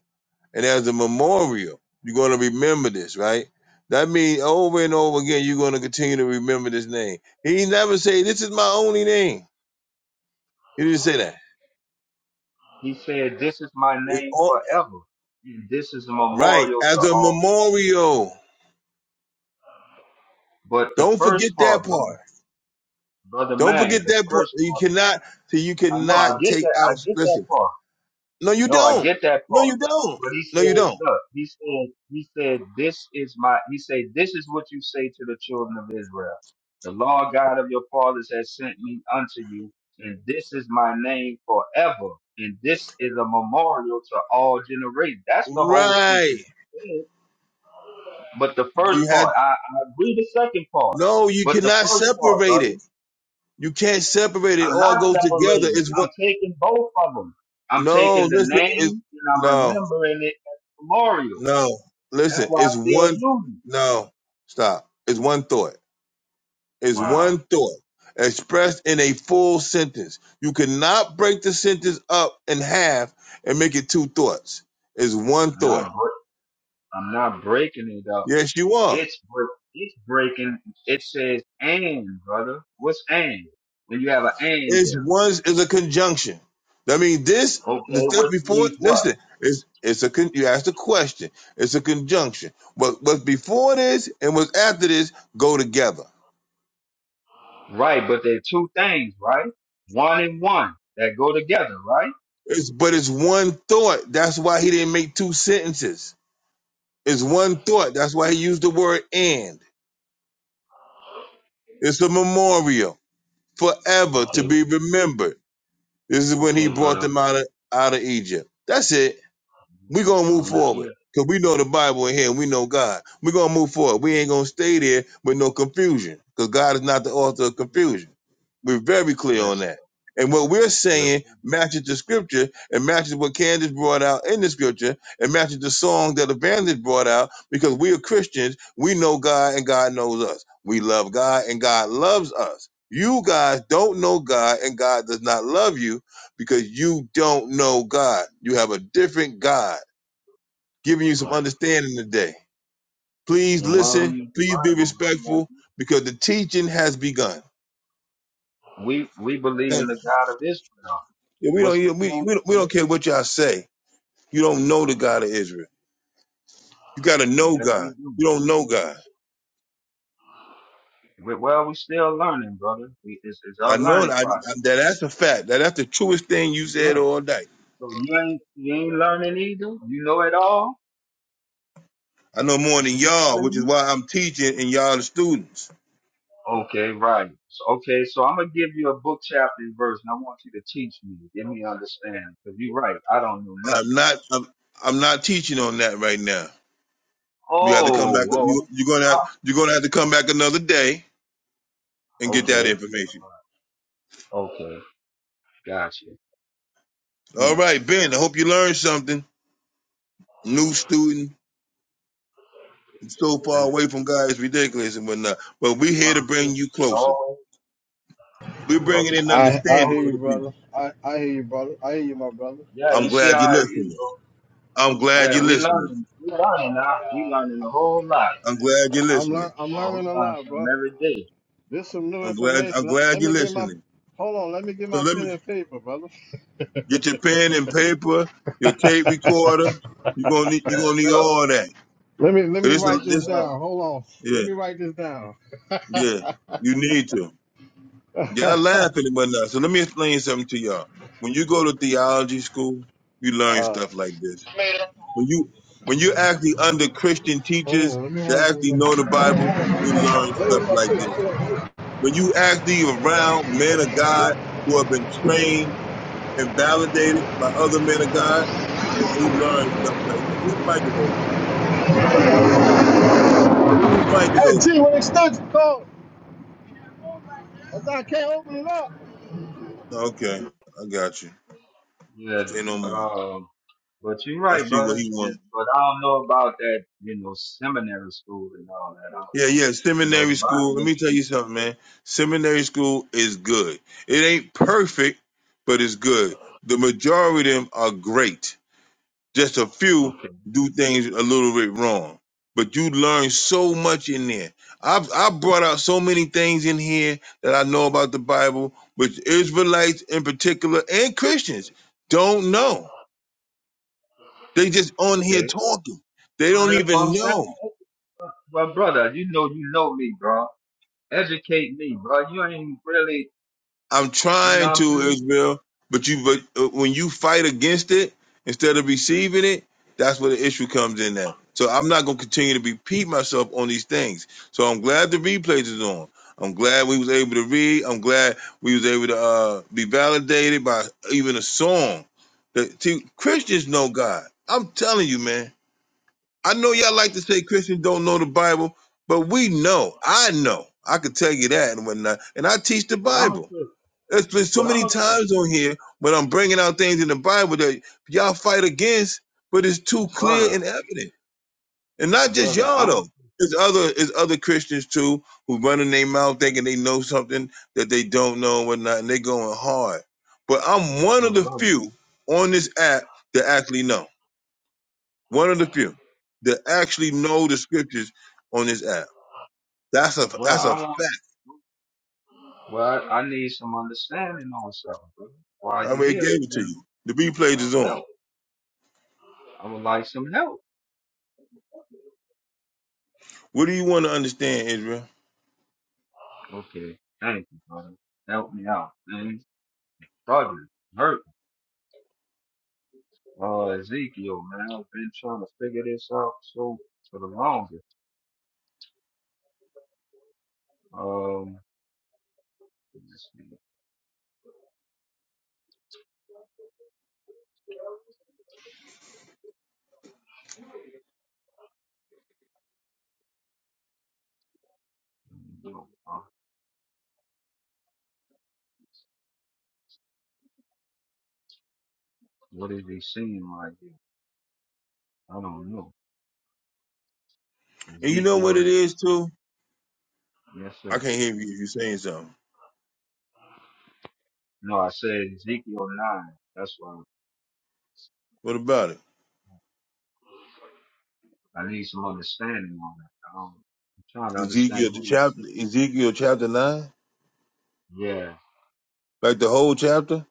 A: and as a memorial, you're going to remember this, right? That means over and over again, you're going to continue to remember this name. He never say, "This is my only name." He didn't say that.
H: He said, This is my
A: It's
H: name
A: all,
H: forever, and this is a
A: right,
H: memorial to
A: as a
H: all.
A: memorial.
H: But the
A: Don't forget
H: first
A: that
H: part, brother,
A: part.
H: brother
A: Don't
H: man,
A: forget
H: the
A: that part.
H: first
A: You
H: part,
A: cannot. So you
H: I know, I
A: cannot
H: get
A: take
H: that,
A: out.
H: I get that
A: Listen.
H: part.
A: No, you
H: No, I
A: don't.
H: get that
A: No,
H: part.
A: you don't.
H: But he
A: No, you
H: said,
A: don't.
H: look, he said, he said, this is my, he said, this is what you say to the children of Israel. The Lord God of your fathers has sent me unto you, and this is my name forever. And this is a memorial to all generations. That's the whole
A: Right.
H: sentence. But the
A: Do
H: first
A: You
H: part,
A: had.
H: I, I agree the second part.
A: No, you
H: But the
A: cannot
H: first part,
A: separate
H: brother.
A: it. You can't separate it. It
H: I'm
A: All
H: not
A: goes together.
H: separating.
A: It's one.
H: I'm taking both of them. I'm
A: No,
H: taking the
A: listen. It's,
H: name and I'm
A: no,
H: remembering it as memorial.
A: no.
H: That's
A: Listen.
H: why I
A: It's
H: still
A: one.
H: use it.
A: No. Stop. It's one thought. is
H: Wow.
A: one thought expressed in a full sentence. You cannot break the sentence up in half and make it two thoughts. It's one
H: I'm
A: thought.
H: not bre- I'm not breaking it up.
A: Yes, you are.
H: It's bre- it's breaking. It says and brother. What's and? When you have an and
A: It's
H: there.
A: one is a conjunction. I mean, this the
H: Okay,
A: step
H: which
A: before.
H: means what?
A: Listen, it's it's a con, you asked a question. It's a conjunction. But what's before this and what's after this go together.
H: Right, but they're two things, right? One and one that go together, right?
A: It's but it's one thought. That's why he didn't make two sentences. It's one thought. That's why he used the word "and." It's a memorial forever to
H: Okay, baby.
A: be remembered. This is when he
H: okay,
A: brought
H: brother.
A: them out of, out of Egypt. That's it. We're gonna
H: I'm
A: move
H: gonna let
A: forward.
H: you.
A: Cause we know the Bible in here and we know God. We're gonna move forward. We ain't gonna
H: Listen,
A: stay there with no confusion. Because God is not the author of confusion. We're very clear on
H: listen.
A: that. And what we're
H: Yes,
A: saying
H: sir.
A: matches the scripture and matches what Candace brought out in the scripture and matches the song that Evangelist brought out because we are Christians. We know God and God knows us. We love God and God loves us. You guys don't know God and God does not love you because you don't know God. You have a different God giving you some
H: Right.
A: understanding today. Please
H: And why we
A: listen.
H: use the
A: Please be
H: Bible, brother, like
A: respectful
H: you?
A: because the teaching has begun.
H: we we believe in
A: Thank
H: the
A: you.
H: God of Israel.
A: Yeah, We don't,
H: What's the,
A: yeah, we,
H: who,
A: we, don't, we don't
H: who?
A: care what y'all say. You don't know the God of Israel. You got to
H: oh,
A: know
H: Yes,
A: God.
H: we do.
A: You don't know God.
H: We, well, we still learning, brother. We, it's, it's
A: I
H: our
A: know that,
H: learning
A: I-
H: process.
A: that that's a fact. That that's the truest thing you said
H: Amen.
A: all night.
H: So you ain't you ain't learning either. You know it all.
A: I know more
H: That's
A: than
H: what you
A: y'all,
H: telling
A: which is
H: me.
A: why I'm teaching and y'all the students.
H: Okay, right. So, okay, so I'm gonna give you a book, chapter, and verse, and I want you to teach me, give me understand. Cause you're right, I don't know nothing.
A: I'm not I'm, I'm not teaching on that right now. You have to come back. You,
H: Oh,
A: you're gonna have, you're gonna have to come back another day and get that
H: oh, okay,
A: information.
H: okay. Gotcha.
A: All
H: Mm.
A: right, Ben. I hope you learned something. New student, so far
H: Dang.
A: away from God, it's
H: Yeah,
A: ridiculous and whatnot. But we're here
H: all
A: to bring
H: scriptures
A: you
H: should
A: closer.
H: always,
A: We're
H: Thought
A: bringing in
H: scriptures.
I: I
H: should
I: I
A: understanding
I: hear
A: for
H: always.
I: you,
A: the people.
I: brother. I I hear you, brother. I hear you, my brother.
H: Yeah,
A: I'm
H: you see
A: glad you're
H: how it is,
A: listening.
H: bro.
A: I'm
I: I,
A: glad you're
H: Yeah, we
A: listening.
H: learning, we learning now. We learning a whole lot.
A: I'm glad you're
I: I'm
A: listening.
I: learn I'm
H: Boy, we
I: learning a
H: learning
I: lot,
H: something
I: bro.
H: every day.
I: This some new
A: I'm glad. I'm
I: information. Let,
A: glad
I: let
A: you're
I: me get my
A: listening.
I: hold on. Let me get
A: So
I: my
A: let me
I: pen and paper, brother.
A: get your pen and paper, your tape recorder. You're gonna need. You're
H: Yes,
A: gonna need
H: sir.
A: all that.
I: Let me let
A: Cause
I: me
A: this.
H: Yes,
I: write this
A: This.
H: sir.
I: down. Hold on. Let
A: Yeah.
I: me write this down.
A: Yeah. You need to.
I: uh,
A: Y'all laughing but now. So let me explain something to y'all. When you go to theology school, you learn
I: hold
A: stuff like this. When you when you actually under Christian teachers
I: on. Let me write
A: that
I: this
A: actually
I: down.
A: know the Bible, you learn stuff like this. When you actually around men of God who have been trained and validated by other men of God, you learn stuff like this. Whose mic is open? Whose mic is
I: Hey,
A: open?
I: T, when it starts, go. I can't open it up.
A: Okay, I got you.
H: Yeah.
A: Say no more.
H: Um. But you're
A: I
H: right,
A: see what
H: brother.
A: he wants.
H: Yes, But I don't know about that, you know, seminary school and all that. I,
A: Yeah, yeah,
H: you know, the
A: seminary
H: Bible
A: school. Let me tell
H: doesn't.
A: you
H: say-
A: something, man. Seminary school is good. It ain't perfect, but it's good. The majority of them are great. Just a few
H: Okay.
A: do things a little bit wrong. But you learn so much in there. I've I brought out so many things in here that I know about the Bible, which Israelites in particular and Christians don't know. They just on here
H: Okay.
A: talking. They
H: Well,
A: don't
H: that's what I'm
A: even
H: saying.
A: know.
H: Well, brother, you know, you know me, bro. Educate me, bro. You ain't really,
A: I'm
H: you know
A: trying
H: what I'm
A: to
H: saying?
A: Israel, but you but uh, when you fight against it instead of receiving it, that's where the issue comes in at. So I'm not gonna continue to repeat myself on these things. So I'm glad the replays is on. I'm glad we was able to read. I'm glad we was able to uh, be validated by even a song. That, see, Christians know God. I'm telling you, man. I know y'all like to say Christians don't know the Bible, but we know. I know. I could tell you that and whatnot. And I teach the
H: But I'm a
A: Bible.
H: Christian.
A: It's been
H: But
A: so
H: I'm
A: many
H: a
A: times
H: Christian,
A: on here when I'm bringing out things in the Bible that y'all fight against, but it's too clear
H: brother.
A: and evident. And not just
H: Brother,
A: y'all
H: I'm a
A: though. It's other it's other Christians too who running their mouth thinking they know something that they don't know and whatnot, and they going hard. But I'm one of
H: but
A: the
H: brother.
A: few on this app that actually know. One of the few that actually know the scriptures on this app. That's a
H: Well,
A: that's a
H: I want.
A: fact.
H: Well, I need some understanding on something, brother.
A: I
H: While you
A: already
H: here,
A: gave
H: you
A: it to you. The replays is
H: know,
A: on.
H: help. I would like some help.
A: What do you want to understand, Israel?
H: Okay, thank you, brother. Help me out, man. Struggling, hurt. Uh, Ezekiel, man, I've been trying to figure this out so for the longest. Um, let's see, uh, what is he seeing right here? I don't know.
A: And you know what
H: Ezekiel,
A: it is too?
H: yes,
A: I
H: sir.
A: can't hear you if you're saying something.
H: No, I said Ezekiel 9. That's why
A: What about it?
H: I need some understanding on that. Um, I'm trying to understand
A: Ezekiel the
H: who these
A: chapter
H: six.
A: Ezekiel chapter nine?
H: Yeah,
A: Like the whole chapter?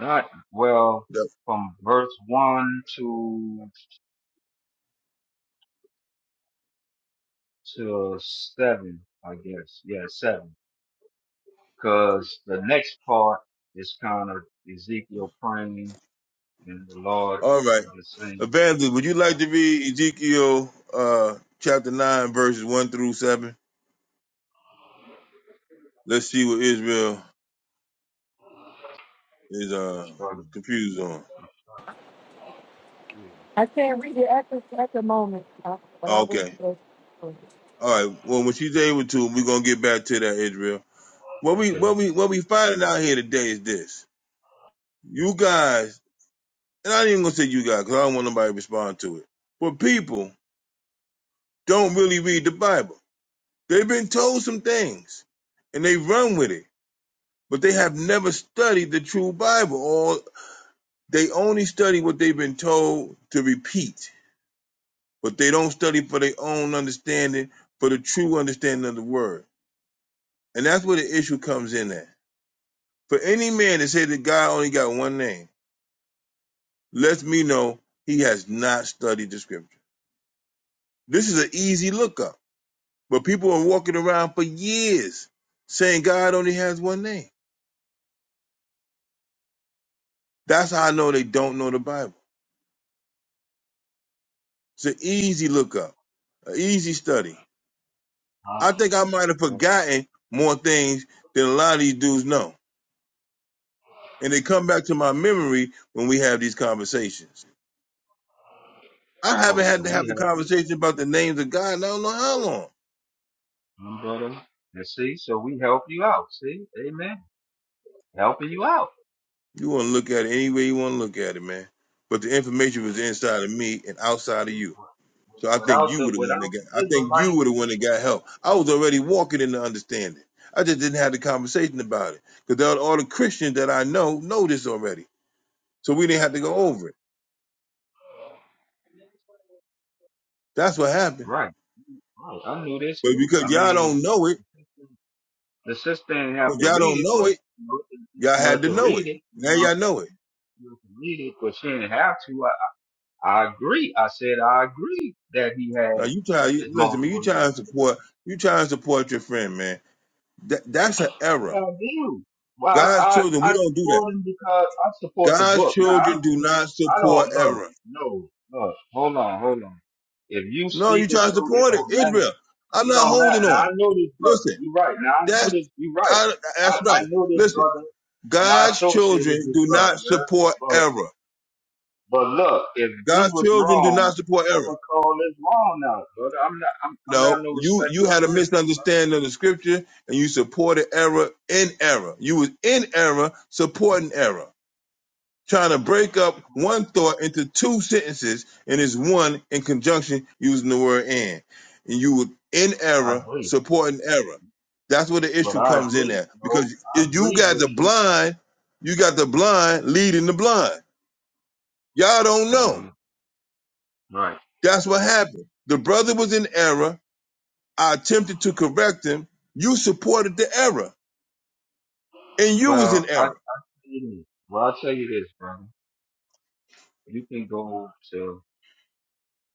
H: not well
A: Yep.
H: from verse one to to seven, I guess. Yeah, seven. Cause the next part is kind of Ezekiel praying and the Lord
A: All right.
H: kind of saying,
A: Evangelist, would you like
H: about
A: to read Ezekiel uh chapter nine verses one through seven? Let's see what Israel is
H: I'm
A: uh
H: struggling.
A: confused on.
H: I'm struggling.
D: I can't read it at the, at the moment, uh, but I will
A: Okay.
D: be listening
A: All right. Well when she's able to, we're gonna get back to that, Israel. What we
H: Okay.
A: what we what we finding out here today is this. You guys and I ain't even gonna say you guys because I don't want nobody to respond to it. But people don't really read the Bible. They've been told some things and they run with it, but they have never studied the true Bible, or they only study what they've been told to repeat, but they don't study for their own understanding, for the true understanding of the word. And that's where the issue comes in at. For any man to say that God only got one name, lets me know he has not studied the scripture. This is an easy lookup But people are walking around for years saying God only has one name. That's how I know they don't know the Bible. It's an easy lookup, an easy study. I think
H: How?
A: I might have forgotten more things than a lot of these dudes know. And they come back to my memory when we have these conversations. I
H: Oh,
A: haven't had
H: so
A: to
H: we
A: have a
H: help you out,
A: conversation about the names of God in I don't know how long.
H: huh, brother. And see, so we help you out. See, Amen. Helping you out.
A: You want to look at it any way you want to look at it, man. But the information was inside of me and outside of
H: Mhm.
A: you. So I think
H: Without
A: you were
H: the
A: the one that
H: without the
A: got. I think you
H: Israelites,
A: were the
H: you know
A: one that
H: what I'm
A: got
H: saying?
A: help. I was already walking in the understanding. I just didn't have the conversation about it because all the Christians that I know know this already. So we didn't have to go over it. That's what happened.
H: Right. Right. I knew this
A: But
H: too.
A: because
H: I
A: y'all
H: mean,
A: don't know it,
H: the sister didn't have
A: because
H: to
A: y'all
H: read
A: don't
H: it,
A: know
H: but
A: it,
H: you
A: y'all
H: know,
A: had
H: it's
A: to
H: good to
A: know
H: read
A: it.
H: it. You
A: Now
H: know,
A: y'all know it.
H: it's good to read it, but she didn't have to. I, I agree. I said I agree that he
A: Now
H: had
A: you try. You,
H: his
A: listen, man. You
H: multiple.
A: try and support. You try and support your friend, man. That, that's an
H: Yeah,
A: error.
H: I do. Well,
A: God's
H: I,
A: children,
H: I,
A: we
H: I
A: don't do that.
H: support him because I support the
A: God's
H: book. Now, I,
A: children do not
H: I
A: support
H: don't
A: error.
H: know. No, no. Hold on, hold on. If you
A: No, you
H: speaking
A: tried to
H: true, it
A: support it,
H: don't matter.
A: Israel. I'm
H: It
A: not
H: don't matter.
A: holding
H: Now,
A: on.
H: I know this brother.
A: Listen,
H: You're right. Now, I know
A: that's
H: this. You're right.
A: I, that's
H: I, I
A: right.
H: know this
A: Listen,
H: brother, and I
A: God's
H: associate with
A: children
H: this
A: do
H: brother,
A: not
H: yeah?
A: support
H: But,
A: error.
H: but look, if he
A: God's
H: was
A: children do
H: wrong,
A: not support
H: I'm
A: error.
H: going to call this wrong now, brother. I'm not, I'm, I'm not
A: No,
H: no
A: you you
H: respected
A: had a
H: person.
A: misunderstanding of the scripture and you supported error in error. You was in error supporting error. trying to break up one thought into two sentences and is one in conjunction using the word and. And you would in
H: I
A: error
H: agree.
A: supporting error. That's where the
H: But
A: issue
H: I
A: comes in
H: agree.
A: at.
H: No,
A: Because
H: I
A: if you
H: agree
A: got
H: with
A: the
H: you
A: blind, you got the blind leading the blind. Y'all don't know.
H: hmm Right.
A: That's what happened. The brother was in error. I attempted to correct him. You supported the error. And you was in
H: Well, I
A: error.
H: well, I'll tell you this, brother. You can go to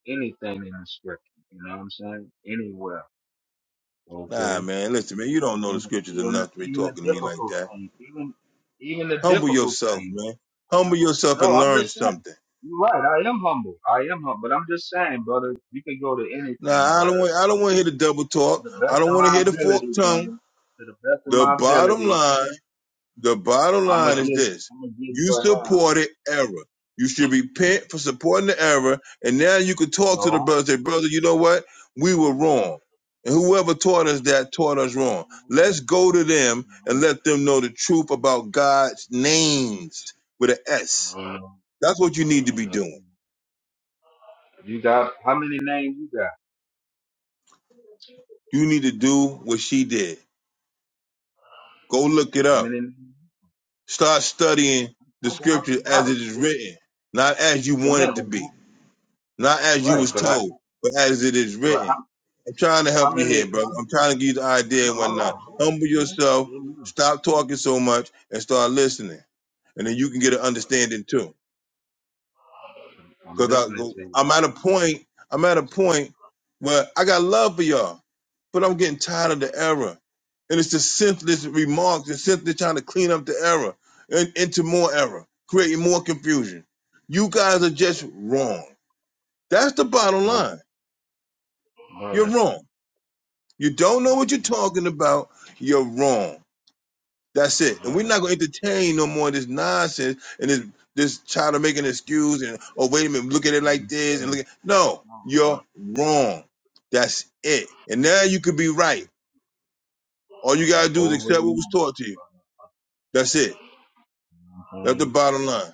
H: anything in the scripture. You know what I'm saying? Anywhere.
A: Nah,
H: Okay.
A: man, listen, man, you don't know the
H: Even the,
A: scriptures
H: even the,
A: enough to be
H: even the
A: talking to me like
H: difficult
A: that.
H: things, even even the
A: Humble
H: difficult
A: yourself,
H: things.
A: man. Humble
H: No,
A: yourself
H: no.
A: and
H: I'm
A: learn
H: just saying.
A: something.
H: You're right. I am humble. I am humble. But I'm just saying, brother. You can go to anything,
A: Now, I don't
H: brother.
A: want I don't want to hear the double
H: To
A: talk.
H: the
A: I
H: best
A: don't
H: of
A: want to
H: my
A: hear the forked
H: ability,
A: tongue.
H: brother. To the best of
A: The
H: my
A: bottom
H: ability,
A: line, the bottom
H: I'm gonna
A: line is
H: give.
A: this.
H: I'm gonna give you
A: You
H: an
A: supported error. You should repent for supporting the error. And now you can
H: answer.
A: talk to the
H: No.
A: brother and say, brother, you know what? We
H: No.
A: were wrong. And whoever taught us that taught us
H: no,
A: wrong.
H: no,
A: Let's go to them and let them know the truth about God's names with an S. That's what you need to be doing.
H: You got how many names you got?
A: You need to do what she did. Go look it
H: How
A: up.
H: many? I
A: Start studying the
H: got
A: scripture as
H: right.
A: it is written, not as you want it
H: Remember,
A: to be, not as you
H: right?
A: was
H: But I,
A: told, but as it is
H: but
A: written.
H: how,
A: I'm trying to
H: how
A: help you here,
H: many?
A: brother. I'm
H: I
A: trying to give you the idea and
H: know a
A: whatnot.
H: lot.
A: Humble yourself,
H: Amen.
A: stop talking so much, and start listening. And then you can get an understanding too.
H: I'm
A: Cause I
H: listening
A: go,
H: to you,
A: I'm at a point, I'm at a point where I got love for y'all, but I'm getting tired of the error. And it's just senseless remarks and simply trying to clean up the error and into more error, creating more confusion. You guys are just wrong. That's the bottom
H: brother,
A: line. You're
H: brother,
A: wrong. You don't know what you're talking about. You're wrong. That's it. And we're
H: brother. I'm
A: not gonna entertain no more of this nonsense and this this child to make an excuse and oh wait a minute, look at it like
H: feeling
A: this and look at no,
H: strong, brother.
A: you're wrong. That's it. And now you could be right. All you
H: You
A: gotta do is
H: always
A: accept what was
H: move.
A: taught to you. That's it. That's the
H: man.
A: bottom line.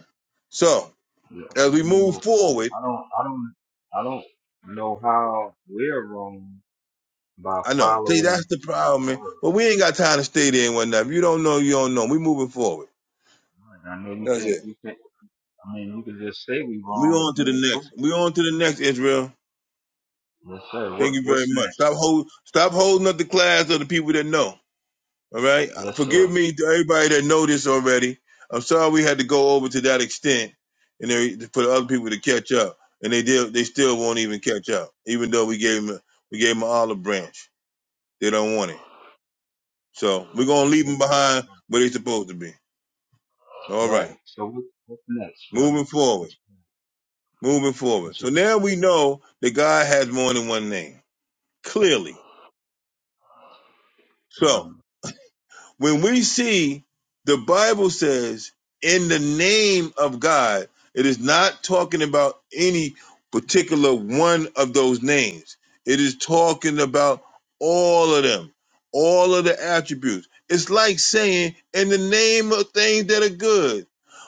A: So
H: You
A: as we
H: always
A: move
H: move.
A: forward,
H: I don't, I don't, I don't know how we're wrong by
A: I know see, that's
H: following
A: the problem,
H: the
A: man.
H: word.
A: But we ain't got time to stay there and whatnot. If you don't know, you don't know. We moving forward.
H: I know you
A: That's
H: can't,
A: it.
H: you can't. I mean, you can just say we
A: We
H: wrong, but
A: on to the
H: you ain't proof.
A: next. We on to the next Israel.
H: Yes, sir. What
A: Thank you very
H: What's
A: much.
H: next?
A: Stop hold, stop holding up the class of the people that know. All right. Uh,
H: Yes,
A: Forgive
H: sir.
A: me to everybody that know this already. I'm sorry we had to go over to that extent, and they, for the other people to catch up, and they did. They still won't even catch up, even though we gave them we gave them an olive branch. They don't want it, so we're gonna leave them
H: Right.
A: behind where they supposed to be. All right.
H: Right. So what, what's next, brother?
A: Moving forward.
H: What you
A: Moving
H: got?
A: forward.
H: What you
A: So now we know that God has more than one name. Clearly.
H: got?
A: So
H: Um,
A: When we see the Bible says in the name of God, it is not talking about any particular one of those names. It is talking about all of them, all of the attributes. It's like saying in the name of things that are good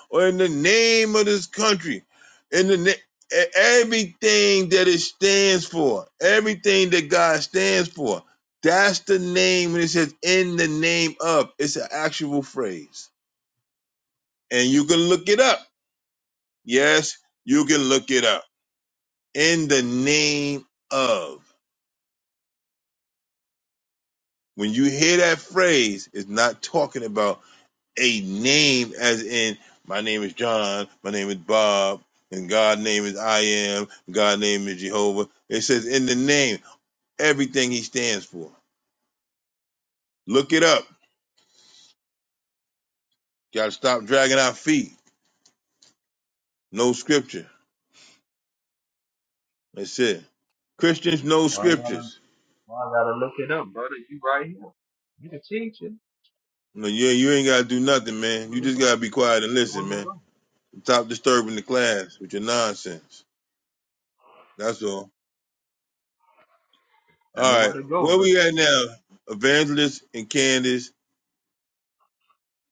A: or in the name of this country, in the na- e- everything that it stands for, everything that God stands for. That's the name when it says in the name of. It's an actual phrase. And you can look it up. Yes, you can look it up. In the name of. When you hear that phrase, it's not talking about a name as in my name is John, my name is Bob, and God's name is I am, God's name is Jehovah. It says in the name, everything he stands for. Look it up. Gotta stop dragging our feet. No scripture. That's it. Christians know
H: why I gotta
A: scriptures.
H: Why I gotta look it up, brother? You right here. You the teacher.
A: No, you ain't, you ain't gotta do nothing,
H: Tell me
A: man.
H: where
A: You
H: to
A: just
H: go.
A: gotta be quiet and
H: Tell me where
A: listen,
H: to
A: man.
H: go.
A: Stop disturbing the class with your nonsense. That's all.
H: Tell me
A: All
H: where
A: right,
H: to go,
A: where
H: brother.
A: we at now? Evangelist and Candace,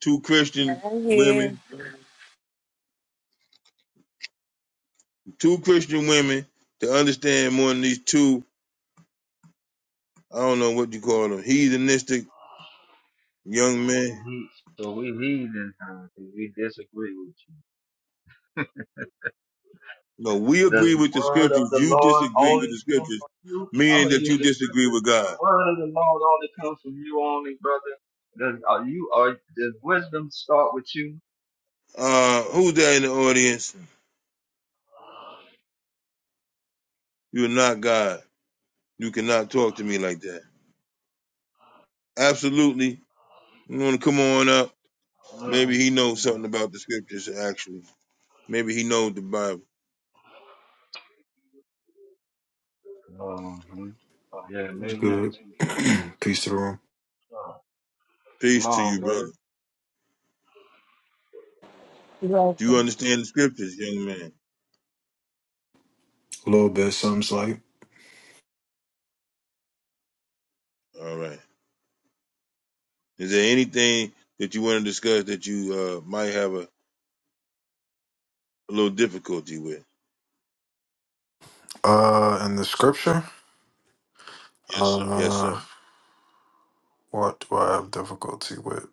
A: two Christian
D: I'm here.
A: women, two Christian women to understand more than these two. I don't know what you call them, heathenistic
H: So
A: young men.
H: we heat. So we heathens, huh? 'cause we disagree with you.
A: No, we
H: Does
A: agree
H: the
A: with the
H: word of
A: scriptures.
H: the
A: You
H: Lord
A: disagree with the
H: only come
A: scriptures,
H: from you? I'm
A: meaning
H: gonna
A: that you
H: use the
A: disagree
H: scriptures.
A: with God.
H: The word of the Lord only comes from you, only brother. Does are you are does wisdom start with you?
A: Uh, who's there in the audience? You're not God. You cannot talk to me like that. Absolutely. You want to come on up? Maybe
H: No.
A: he knows something about the scriptures, actually. Maybe he knows the Bible.
H: no. hmm Yeah,
J: It was
H: maybe we could
J: good.
H: teach this one.
J: Peace to the room.
H: No, Come
A: Peace to
H: on,
A: you, brother.
H: brother.
D: You know,
A: Do you
D: from the
A: understand the scriptures, young man?
J: A little bit, something's like.
A: All right. Is there anything that you want to discuss that you uh, might have a, a little difficulty with?
J: Uh, in the scripture? Yes, sir.
A: Yes, sir.
J: Uh, what do I have difficulty with?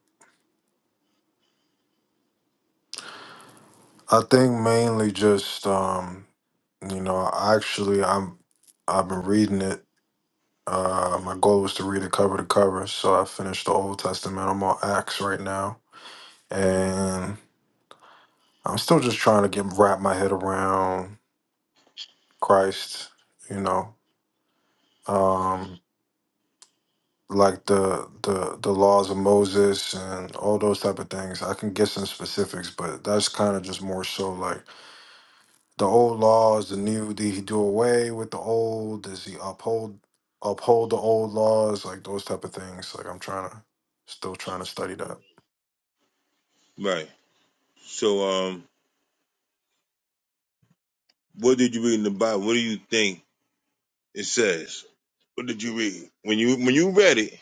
J: I think mainly just, um, you know, actually, I'm, I've been reading it. Uh, my goal was to read it cover to cover, so I finished the Old Testament. I'm on Acts right now, and I'm still just trying to get wrap my head around Christ. You know, um, like the the the laws of Moses and all those type of things. I can get some specifics, but that's kind of just more so like the old laws, the new. Did he do away with the old? Does he uphold uphold the old laws? Like those type of things. Like I'm trying to still trying to study that.
A: Right. So, um, what did you read in the Bible? What do you think it says? What did you read when you when you read it?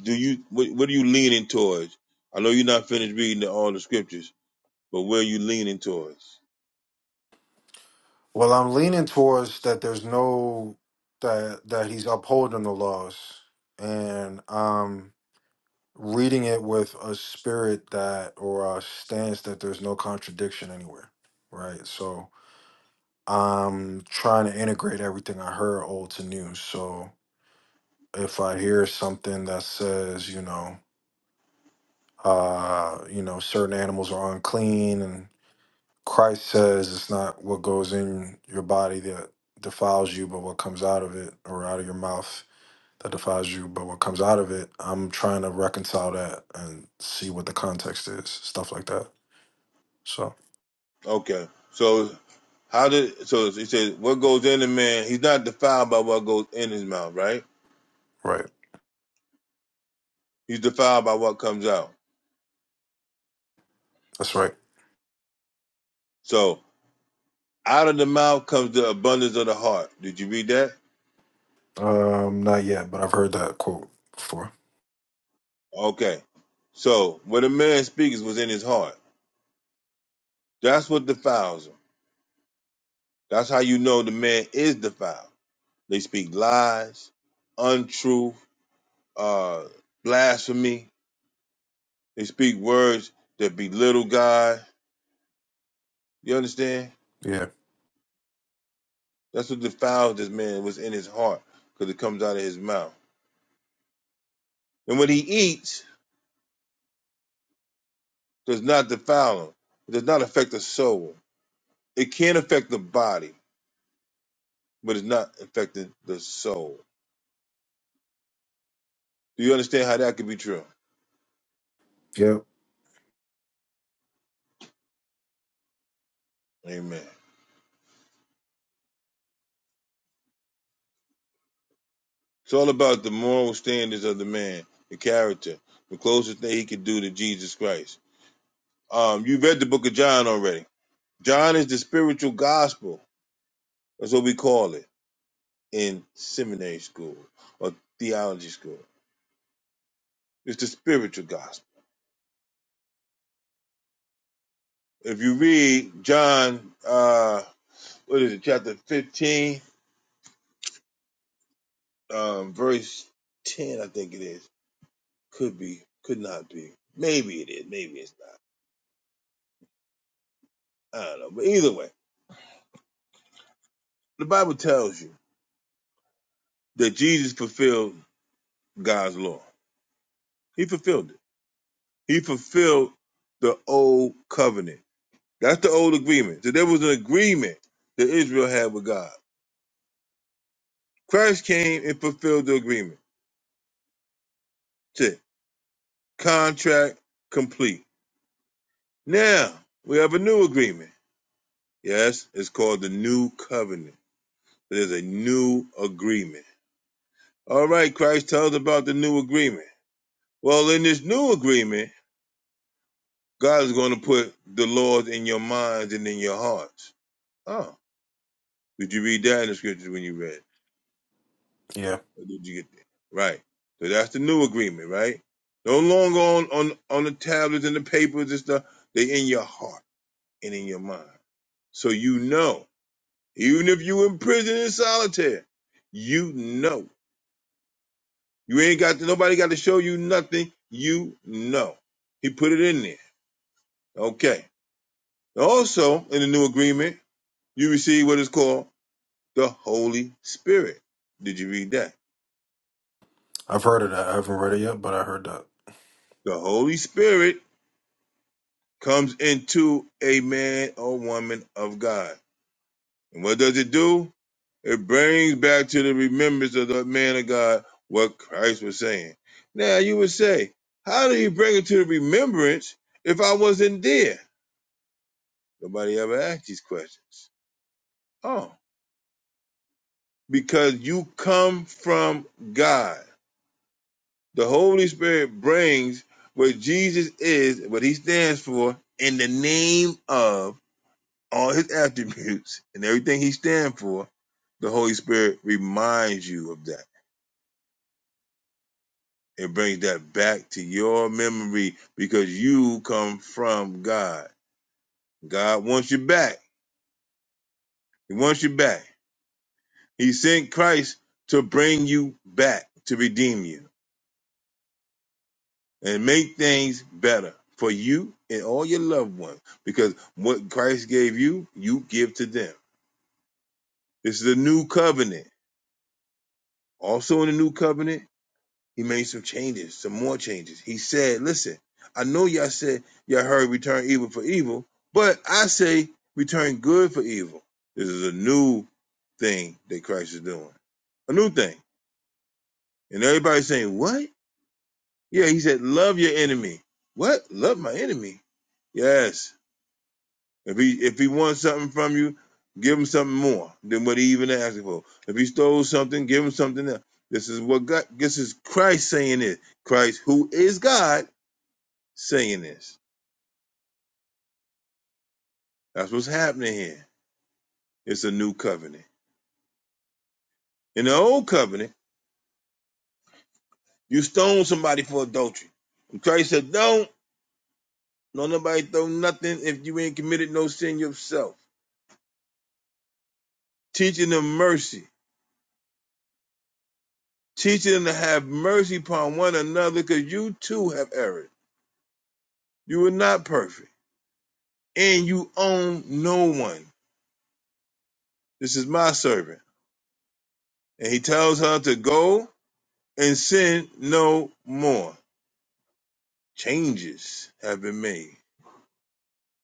A: do you what, what are you leaning towards? I know you're not finished reading the, all the scriptures, but where are you leaning towards?
J: Well, I'm leaning towards that. There's no that that he's upholding the laws, and um reading it with a spirit that or a stance that there's no contradiction anywhere, right? So I'm trying to integrate everything I heard old to new. So if I hear something that says, you know, uh, you know, certain animals are unclean and Christ says it's not what goes in your body that defiles you, but what comes out of it or out of your mouth that defiles you, but what comes out of it, I'm trying to reconcile that and see what the context is, stuff like that. So,
A: Okay, so how did so it says what goes in a man? He's not defiled by what goes in his mouth, right?
J: right.
A: He's defiled by what comes out.
J: That's right.
A: So out of the mouth comes the abundance of the heart. Did you read that?
J: Um, not yet, but I've heard that quote before.
A: Okay, so what a man speaks was in his heart. That's what defiles him. That's how you know the man is defiled. They speak lies, untruth uh, blasphemy. They speak words that belittle God. You understand?
J: Yeah.
A: That's what defiles this man was in his heart, because it comes out of his mouth. And what he eats does not defile him. It does not affect the soul. It can affect the body, but it's not affecting the soul. Do you understand how that could be true?
J: Yep.
A: Amen. It's all about the moral standards of the man, the character, the closest thing he could do to Jesus Christ. Um, you read the book of John already. John is the spiritual gospel That's what we call it in seminary school or theology school. It's the spiritual gospel. If you read John, uh, what is it, chapter 15, um, verse 10, I think it is. Could be, could not be. Maybe it is, maybe it's not. I don't know. But either way, the Bible tells you that Jesus fulfilled God's law. He fulfilled it. He fulfilled the old covenant. That's the old agreement. So there was an agreement that Israel had with God Christ came and fulfilled the agreement. Tick. Contract complete. Now, we have a new agreement. Yes, it's called the new covenant. It is a new agreement. All right, Christ tells about the new agreement. Well, in this new agreement, God is going to put the laws in your minds and in your hearts. Oh, did you read that in the scriptures when you read?
J: Yeah.
A: Or did you get that? Right. So that's the new agreement, right? No longer on, on, on the tablets and the papers and stuff. They in your heart. and in your mind. So you know, even if you in prison in solitary, you know. You ain't got to, nobody got to show you nothing. You know. He put it in there. Okay. Also, in the new agreement, you receive what is called the Holy Spirit. Did you read that?
J: I've heard of that. I haven't read it yet, but I heard that.
A: The Holy Spirit comes into a man or woman of God. And what does it do? It brings back to the remembrance of the man of God what Christ was saying. Now you would say, how do you bring it to the remembrance if I wasn't there? Nobody ever asked these questions. Oh, because you come from God. The Holy Spirit brings what Jesus is, what he stands for, in the name of all his attributes and everything he stands for. The Holy Spirit reminds you of that. It brings that back to your memory because you come from God. God wants you back. He wants you back. He sent Christ to bring you back, to redeem you, and make things better for you and all your loved ones. Because what Christ gave you, you give to them. This is a new covenant. Also in the new covenant He made some changes, some more changes. He said, listen, I know y'all said y'all heard return evil for evil, but I say return good for evil. This is a new thing that Christ is doing. A new thing. And everybody's saying, what? Yeah, he said, love your enemy. What? Love my enemy? Yes. If he if he wants something from you, give him something more than what he even asked for. If he stole something, give him something else. This is what God this is Christ saying it. Christ, who is God Saying this. That's what's happening here. It's a new covenant. In the old covenant, you stone somebody for adultery. And Christ said, Don't, don't nobody throw nothing if you ain't committed no sin yourself. Teaching them mercy. Teaching them to have mercy upon one another because you too have erred. You are not perfect. And you own no one. This is my servant. And he tells her to go and sin no more. Changes have been made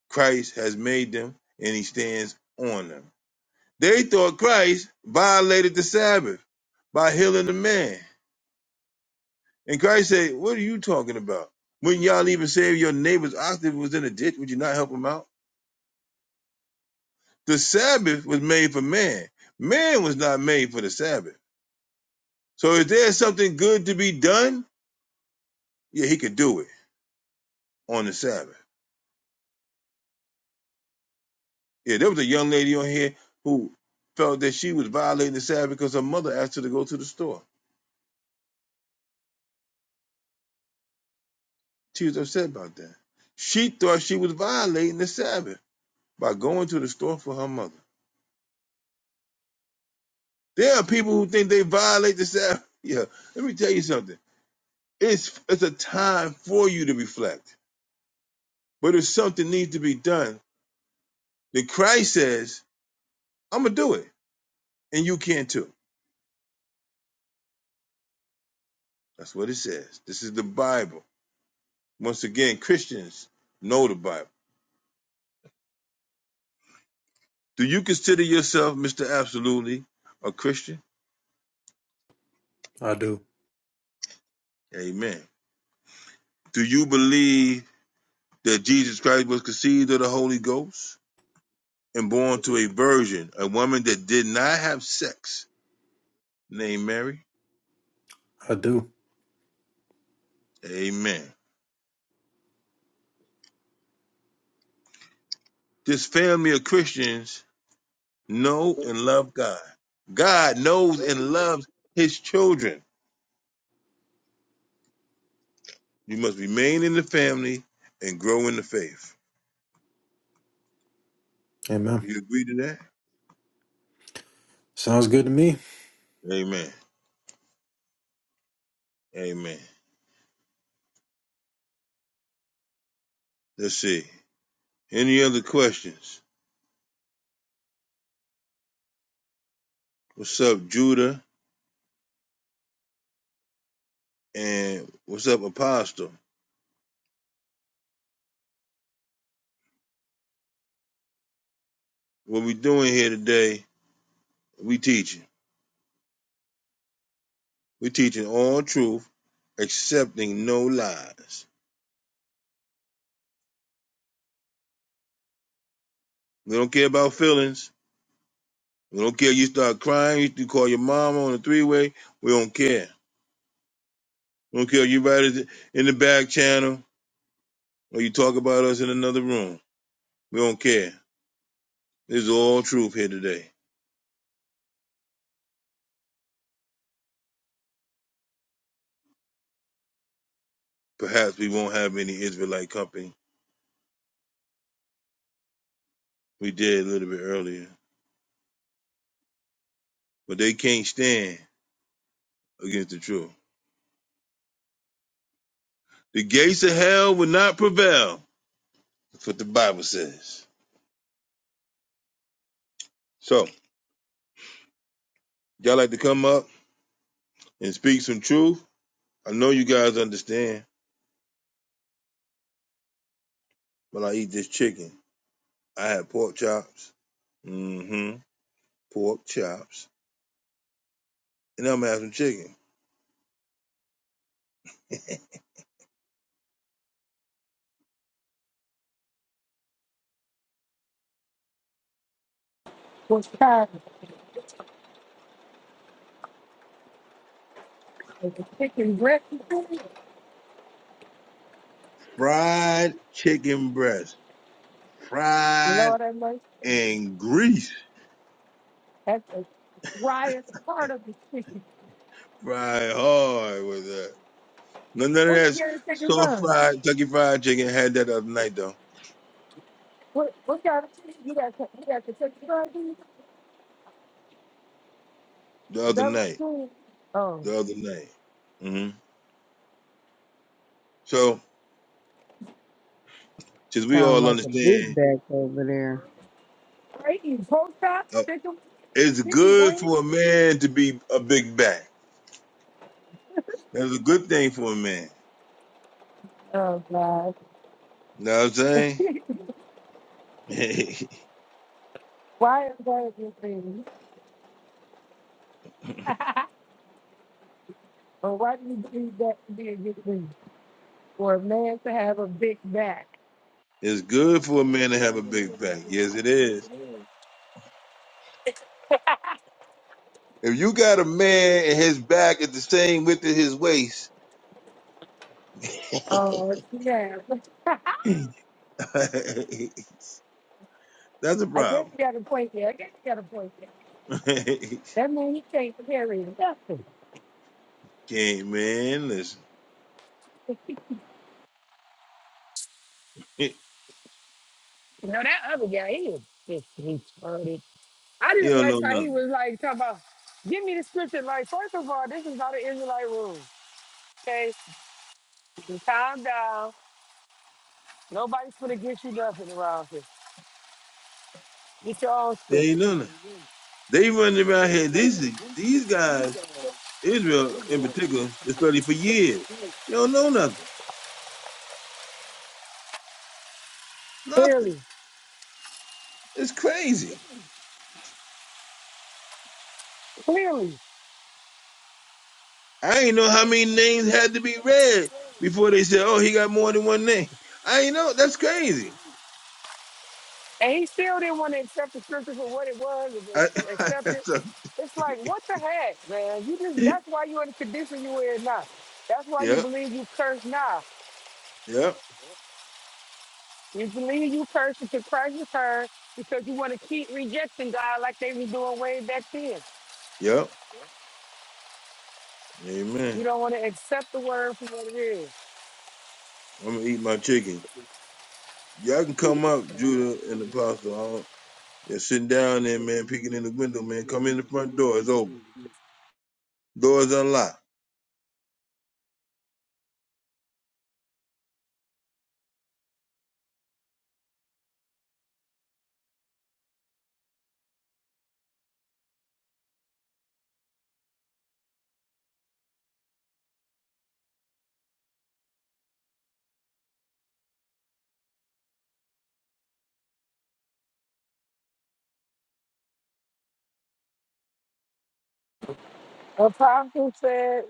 A: Christ has made them, and he stands on them. They thought Christ violated the Sabbath by healing the man. And Christ said, What are you talking about? When y'all even say your neighbor's ox that was in a ditch, would you not help him out? The Sabbath was made for man. Man was not made for the Sabbath. So if there's something good to be done, yeah, he could do it on the Sabbath. Yeah, there was a young lady on here who felt that she was violating the Sabbath because her mother asked her to go to the store. She was upset about that. She thought she was violating the Sabbath by going to the store for her mother. There are people who think they violate the Sabbath. Yeah, let me tell you something. It's it's a time for you to reflect. But if something needs to be done, the Christ says, I'm gonna do it. And you can too. That's what it says. This is the Bible. Once again, Christians know the Bible. Do you consider yourself, Mr. Absolutely, a Christian?
J: I do.
A: Amen. Do you believe that Jesus Christ was conceived of the Holy Ghost and born to a virgin, a woman that did not have sex, named Mary.
J: I do.
A: Amen. This family of Christians know and love God. God knows and loves his children. You must remain in the family and grow in the faith.
J: Amen.
A: You agree to that?
J: Sounds good to me.
A: Amen. Amen. Let's see. Any other questions? What's up, Judah? And what's up, Apostle? What we doing here today? We teaching. We're teaching all truth, accepting no lies. We don't care about feelings. We don't care you start crying, you call your mom on a three way. We don't care. We don't care you write it in the back channel or you talk about us in another room. We don't care. This is all truth here today. Perhaps we won't have any Israelite company. We did a little bit earlier. But they can't stand against the truth. The gates of hell will not prevail. That's what the Bible says. So, y'all like to come up? And speak some truth. I know you guys understand, but I eat this chicken. I had pork chops. Mm-hmm. Pork chops. And I'm gonna have some chicken.
D: first time, and the chicken breast,
A: Fried chicken breast. Fried
D: Lord have mercy, and the-
A: and grease.
D: that's the driest part of the chicken.
A: Fried hard with that. No, none of
D: What you
A: that
D: got to take and
A: soft
D: run?
A: fried Kentucky fried chicken. Had that the other night though.
D: What, what kind of chicken you got to you got to take and run? dude?
A: The
D: Is
A: other
D: that what
A: night.
D: you're doing? Oh,
A: The other night. Mm-hmm. So, since we
F: Sound
A: all
F: like a big
A: understand,
F: back over there.
D: right? You post out
A: uh,
D: chicken,
A: it's
D: chicken
A: good
D: breast?
A: for a man to be a big back. That's a good thing for a man.
D: Oh, God.
A: You know what I'm saying?
D: Why is that a good thing? But why do you think that to be a good thing? For a man to have a big back.
A: it's good for a man to have a big back. Yes, it is. If you got a man and his back is the same width as his waist,
D: Oh, yeah.
A: that's a
D: I guess
A: problem.
D: you got a point there. I guess you got a point there. That man, he can't carry nothing.
A: Can't man, listen.
D: You know, that other guy, he was just retarded. I
A: He
D: didn't
A: don't
D: like
A: know
D: how he
A: nothing.
D: was like, talking about, give me the scripture. Like, first of all, this is how the Israelite rules. Okay? You calm down. Nobody's going to get you nothing around here. Get your own
A: They ain't
D: scripture.
A: know nothing. They running around here. These these guys, Israel in particular, is study for years. They don't know nothing. Nothing.
D: Clearly,
A: It's crazy.
D: clearly.
A: I ain't know how many names had to be read before they said, "Oh, he got more than one name." I ain't know. That's crazy.
D: And he still didn't want to accept the scripture for what it was, and just
A: I,
D: accept it.
A: so,
D: It's like, what the heck, man? You just
A: yep,
D: that's why you're in the condition you in now. That's why you believe you curse now.
A: yep,
D: You believe you curse until Christ returns because you want to keep rejecting God like they were doing way back then.
A: yep.
D: You
A: Amen.
D: don't want to accept the word for what it is.
A: I'm gonna eat my chicken. Y'all can come up, Judah and Apostle. I don't- You're sitting down there, man. Peeking in the window, man. Come in the front door. It's open. Door's unlocked.
D: Apostle said,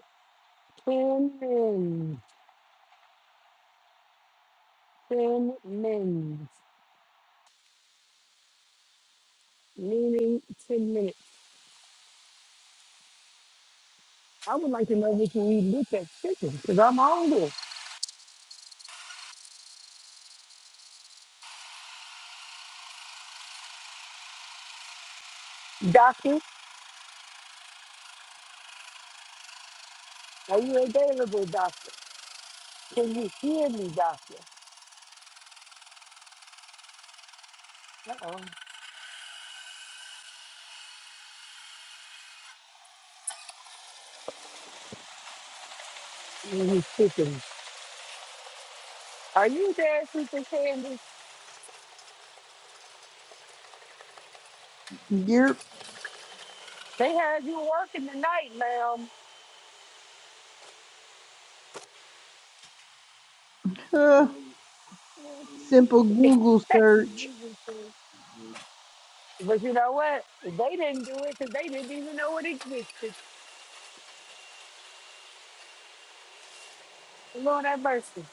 D: ten minutes, ten minutes, meaning ten minutes. I would like to know what you eat with that chicken because I'm hungry. Doctor. Are you available, doctor? Can you hear me, doctor? Uh-oh. You speaking. Are you there, Sister Candy?
F: Your
D: They had you working tonight, ma'am.
F: uh, simple Google
D: That's what
F: search.
D: Jesus said. but you know what? They didn't do it because they didn't even know it existed. Lord have mercy.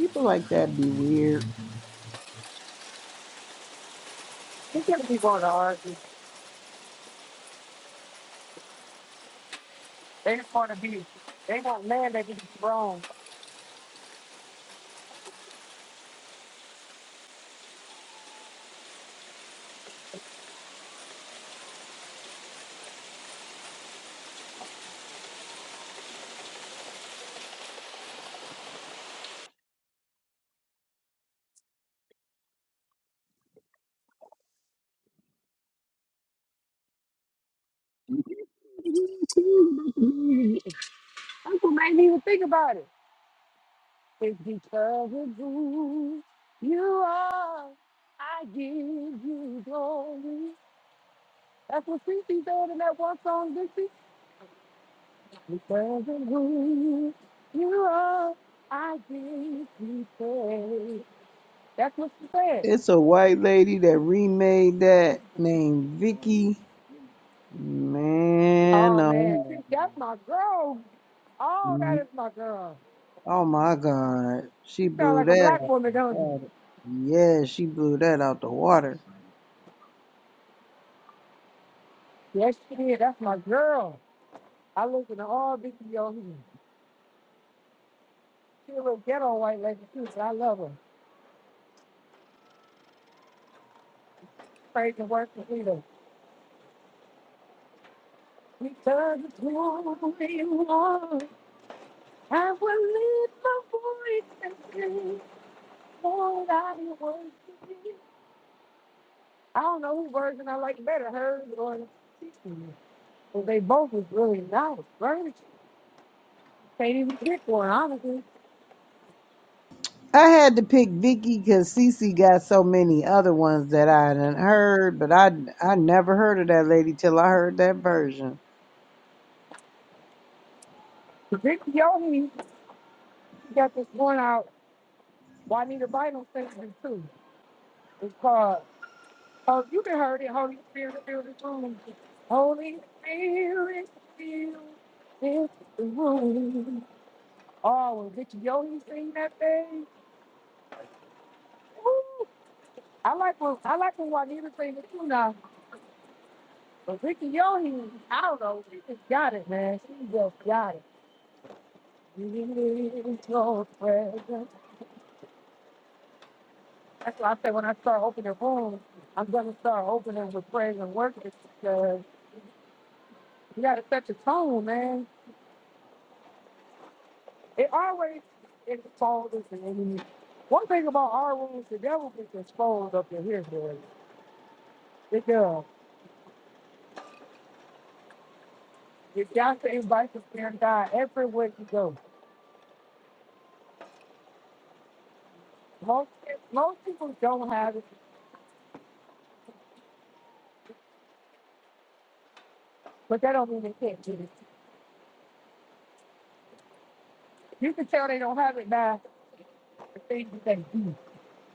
F: People like that be weird.
D: These going people want to argue. They just want to be. They want land that is wrong. Uncle made me even think about it. It's because of who you are. I give you glory. That's what Cece said in that one song, Dixie. Because of who you are, I give you praise. That's what she said.
F: It's a white lady that remade that named Vicky. Man,
D: Oh man,
F: oh
D: she,
F: man.
D: that's my girl. Oh,
F: Mm-hmm.
D: that is my girl.
F: Oh my God. She
D: She sound
F: blew
D: like a
F: that
D: black
F: out
D: woman,
F: the
D: don't
F: water.
D: she?
F: Yeah, she blew that out the water.
D: Yes, she did. That's my girl. I listen to all Dixie on here. She a little ghetto white lady too, but I love her. Praise and worship leader. Because it's who we are, I will lift my voice and sing what I want to be. I don't know whose version I like better, hers or Tiffany's. But they both was really nice versions. Can't even pick one, honestly.
F: I had to pick Vicky because Cece got so many other ones that I hadn't heard, but I I never heard of that lady till I heard that version.
D: Vic Yogi got this one out, Juanita Bynum sent me too. It's called, oh, you can heard it, Holy Spirit, fill this room. Holy Spirit, fill this room. Oh, when Vicky Yoli sing that thing. Woo! I like when I like when Juanita sing it too now. But Vicky Yohe, I don't know, she just got it, man. She just got it. Release your presence. That's why I say when I start opening rooms, I'm gonna start opening with praise and worship because you gotta set the tone, man. It always exposes the enemy. One thing about our rooms, the devil gets exposed up in here, boy. It does. You got to invite the spirit of God everywhere you go. Most most people don't have it, but that don't mean they can't get it. You can tell they don't have it by the things that they do.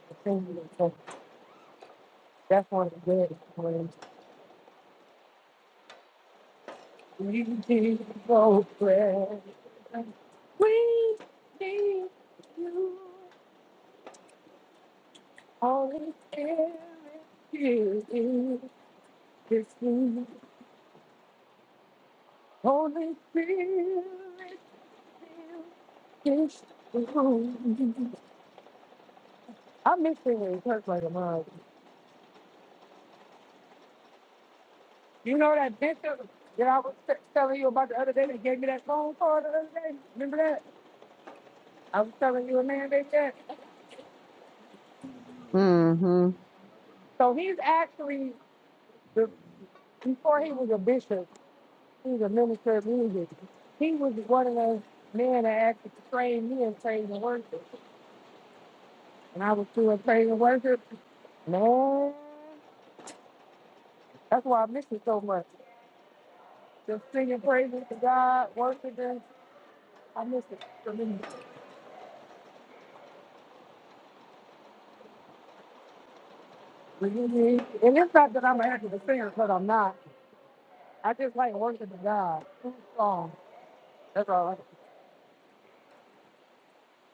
D: The things that they do. So, so, That's one of the greatest ones. We need your prayer. We need you. Holy Spirit, here is this room. Holy Spirit, here is this room. I miss being in church like a mom. You know that bishop that I was t- telling you about the other day that gave me that phone call the other day? Remember that? I was telling you a man they said.
F: hmm
D: So he's actually, the, before he was a bishop, he was a minister of music. He was one of those men that actually trained me in praise and worship. And I was doing praise and worship. Man, that's why I miss it so much. Just singing praises to God, worshiping. I miss it tremendously. And it's not that I'm an active singer, but I'm not. I just like worshiping God through song. That's all. I like.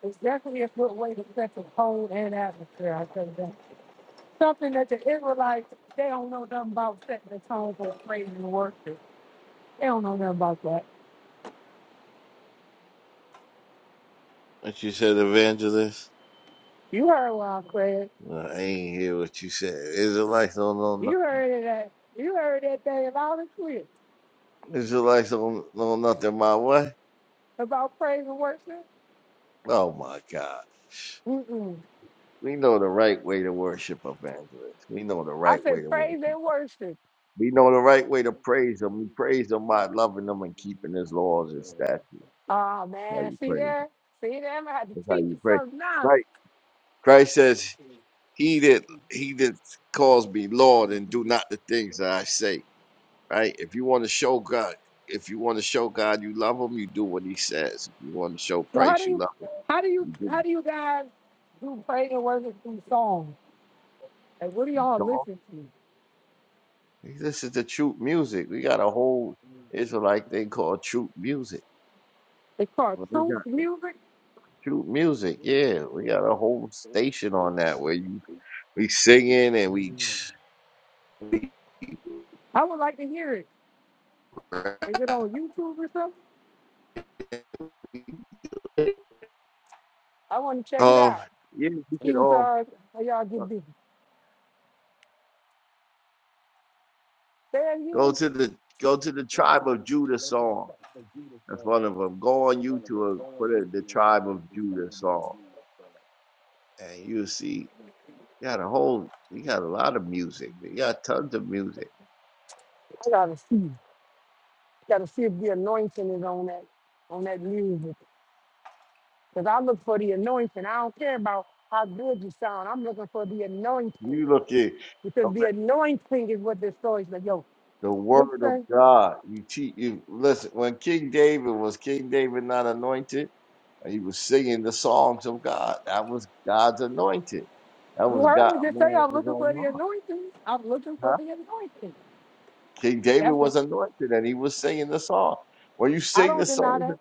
D: It's definitely a good way to set the tone and atmosphere. I tell you that. Something that the Israelites they don't know nothing about setting the tone for praise and worship. They don't know nothing about that.
K: What you said, evangelist?
D: You heard what I said.
K: Well, I ain't hear what you said. Israelites don't know
D: You
K: nothing.
D: heard it. At, you heard that thing loud and clear
K: Israelites don't know nothing my way.
D: about praise and worship.
K: Oh my God.
D: Mm-mm.
K: We know the right way to worship evangelists. We know the
D: I
K: right way
D: said
K: to worship.
D: praise and worship.
K: We know the right way to praise him. We praise him by loving him and keeping his laws and statutes.
D: Oh
K: That's how
D: man,
K: you
D: see
K: praise him.
D: there, see them. I had to
K: That's how
D: teach
K: you
D: you
K: praise.
D: something now.
K: Right. Christ says, He that he that calls me Lord and do not the things that I say. right? If you want to show God, if you want to show God you love him, you do what he says. If you want to show
D: So how do
K: Christ you
D: you
K: love him,
D: how do you
K: you do.
D: how do you guys do praise and worship through songs? And what do y'all
K: Come on.
D: listen to?
K: This is the truth music. We got a whole Israelite thing called truth music.
D: It's called
K: Well, we
D: Truth
K: got
D: Music.
K: truth music. Yeah, we got a whole station on that where you we singing and we.
D: I would like to hear it. Is it on YouTube or something? I want to check it
K: Um,
D: out.
K: yeah, you
D: See
K: could
D: what
K: um
D: y'all how y'all
K: uh,
D: get busy. Say it
K: go
D: again.
K: to the go to the tribe of Judah song That's one of them. Go on YouTube, put it the Tribe of Judah song, and you see you got a whole, you got a lot of music. You got tons of music.
D: I gotta see. Gotta see if the anointing is on that on that music. Cause I look for the anointing. I don't care about how good you sound. I'm looking for the
K: You
D: anointing
K: look at
D: because the anointing is what destroys the yoke.
K: the
D: What's
K: Word of
D: that?
K: God. You cheat. You listen. When King David was King David not anointed, he was singing the songs of God. That was God's anointed. That
D: You
K: was
D: heard
K: God,
D: me just say
K: man of
D: I'm
K: his
D: looking for
K: own
D: the
K: heart.
D: anointing. I'm looking for
K: Huh?
D: the anointing.
K: King David
D: That's what
K: was anointed, and he was singing the song. When you
D: I
K: sing
D: don't
K: the
D: deny
K: songs,
D: that.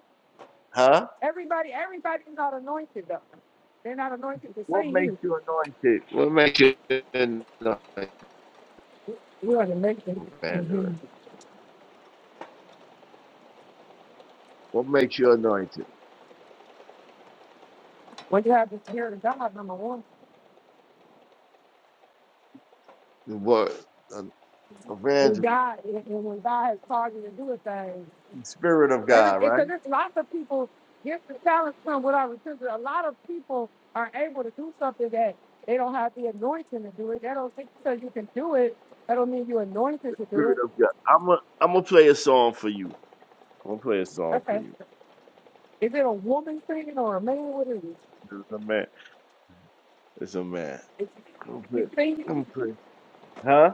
K: huh?
D: Everybody, everybody's not anointed though. They're not anointed to
K: What
D: sing
K: makes
D: you.
K: you anointed? What makes you anointed,
D: You are the making.
K: evangelist? What makes you anointed?
D: What you have to hear to God, number one,
K: What um,
D: is
K: evangelist?
D: God. And and when God has called you to do a thing,
K: The Spirit of
D: every
K: God, right?
D: because there's lots of people gifts and talents from what I repeated. A lot of people are able to do something that they don't have the anointing to do it. That don't think because you can do it. That don't mean you're anointed to do
K: Spirit
D: it.
K: of God. I'm a, I'm gonna play a song for you. I'm gonna play a song for
D: Okay.
K: you.
D: Is it a woman singing or a man? What is it?
K: It's a man. It's a man.
D: Is
K: I'm gonna
D: he
K: play.
D: singing?
K: I'm gonna play. Huh?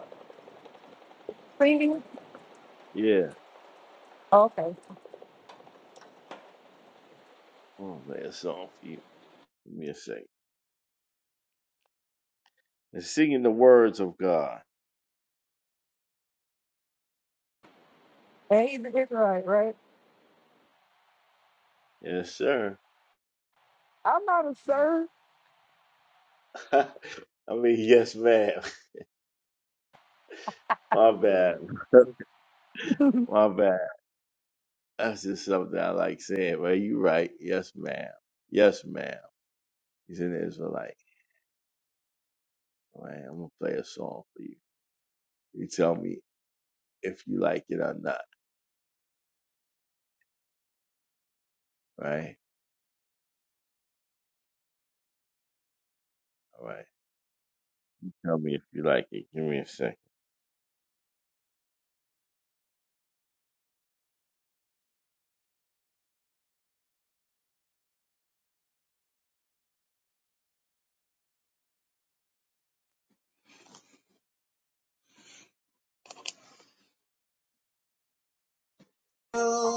D: Singing?
K: Yeah.
D: Okay.
K: I'm gonna play a song for you. Give me a second. And singing the words of God.
D: And he's an Israelite, right?
K: Yes, sir.
D: I'm not a sir.
K: I mean, yes, ma'am. My bad. My bad. That's just something I like saying. Well, you right. Yes, ma'am. Yes, ma'am. He's an Israelite. Right. I'm gonna play a song for you. You tell me if you like it or not. Right. All right. Tell me if you like it. Give me a second.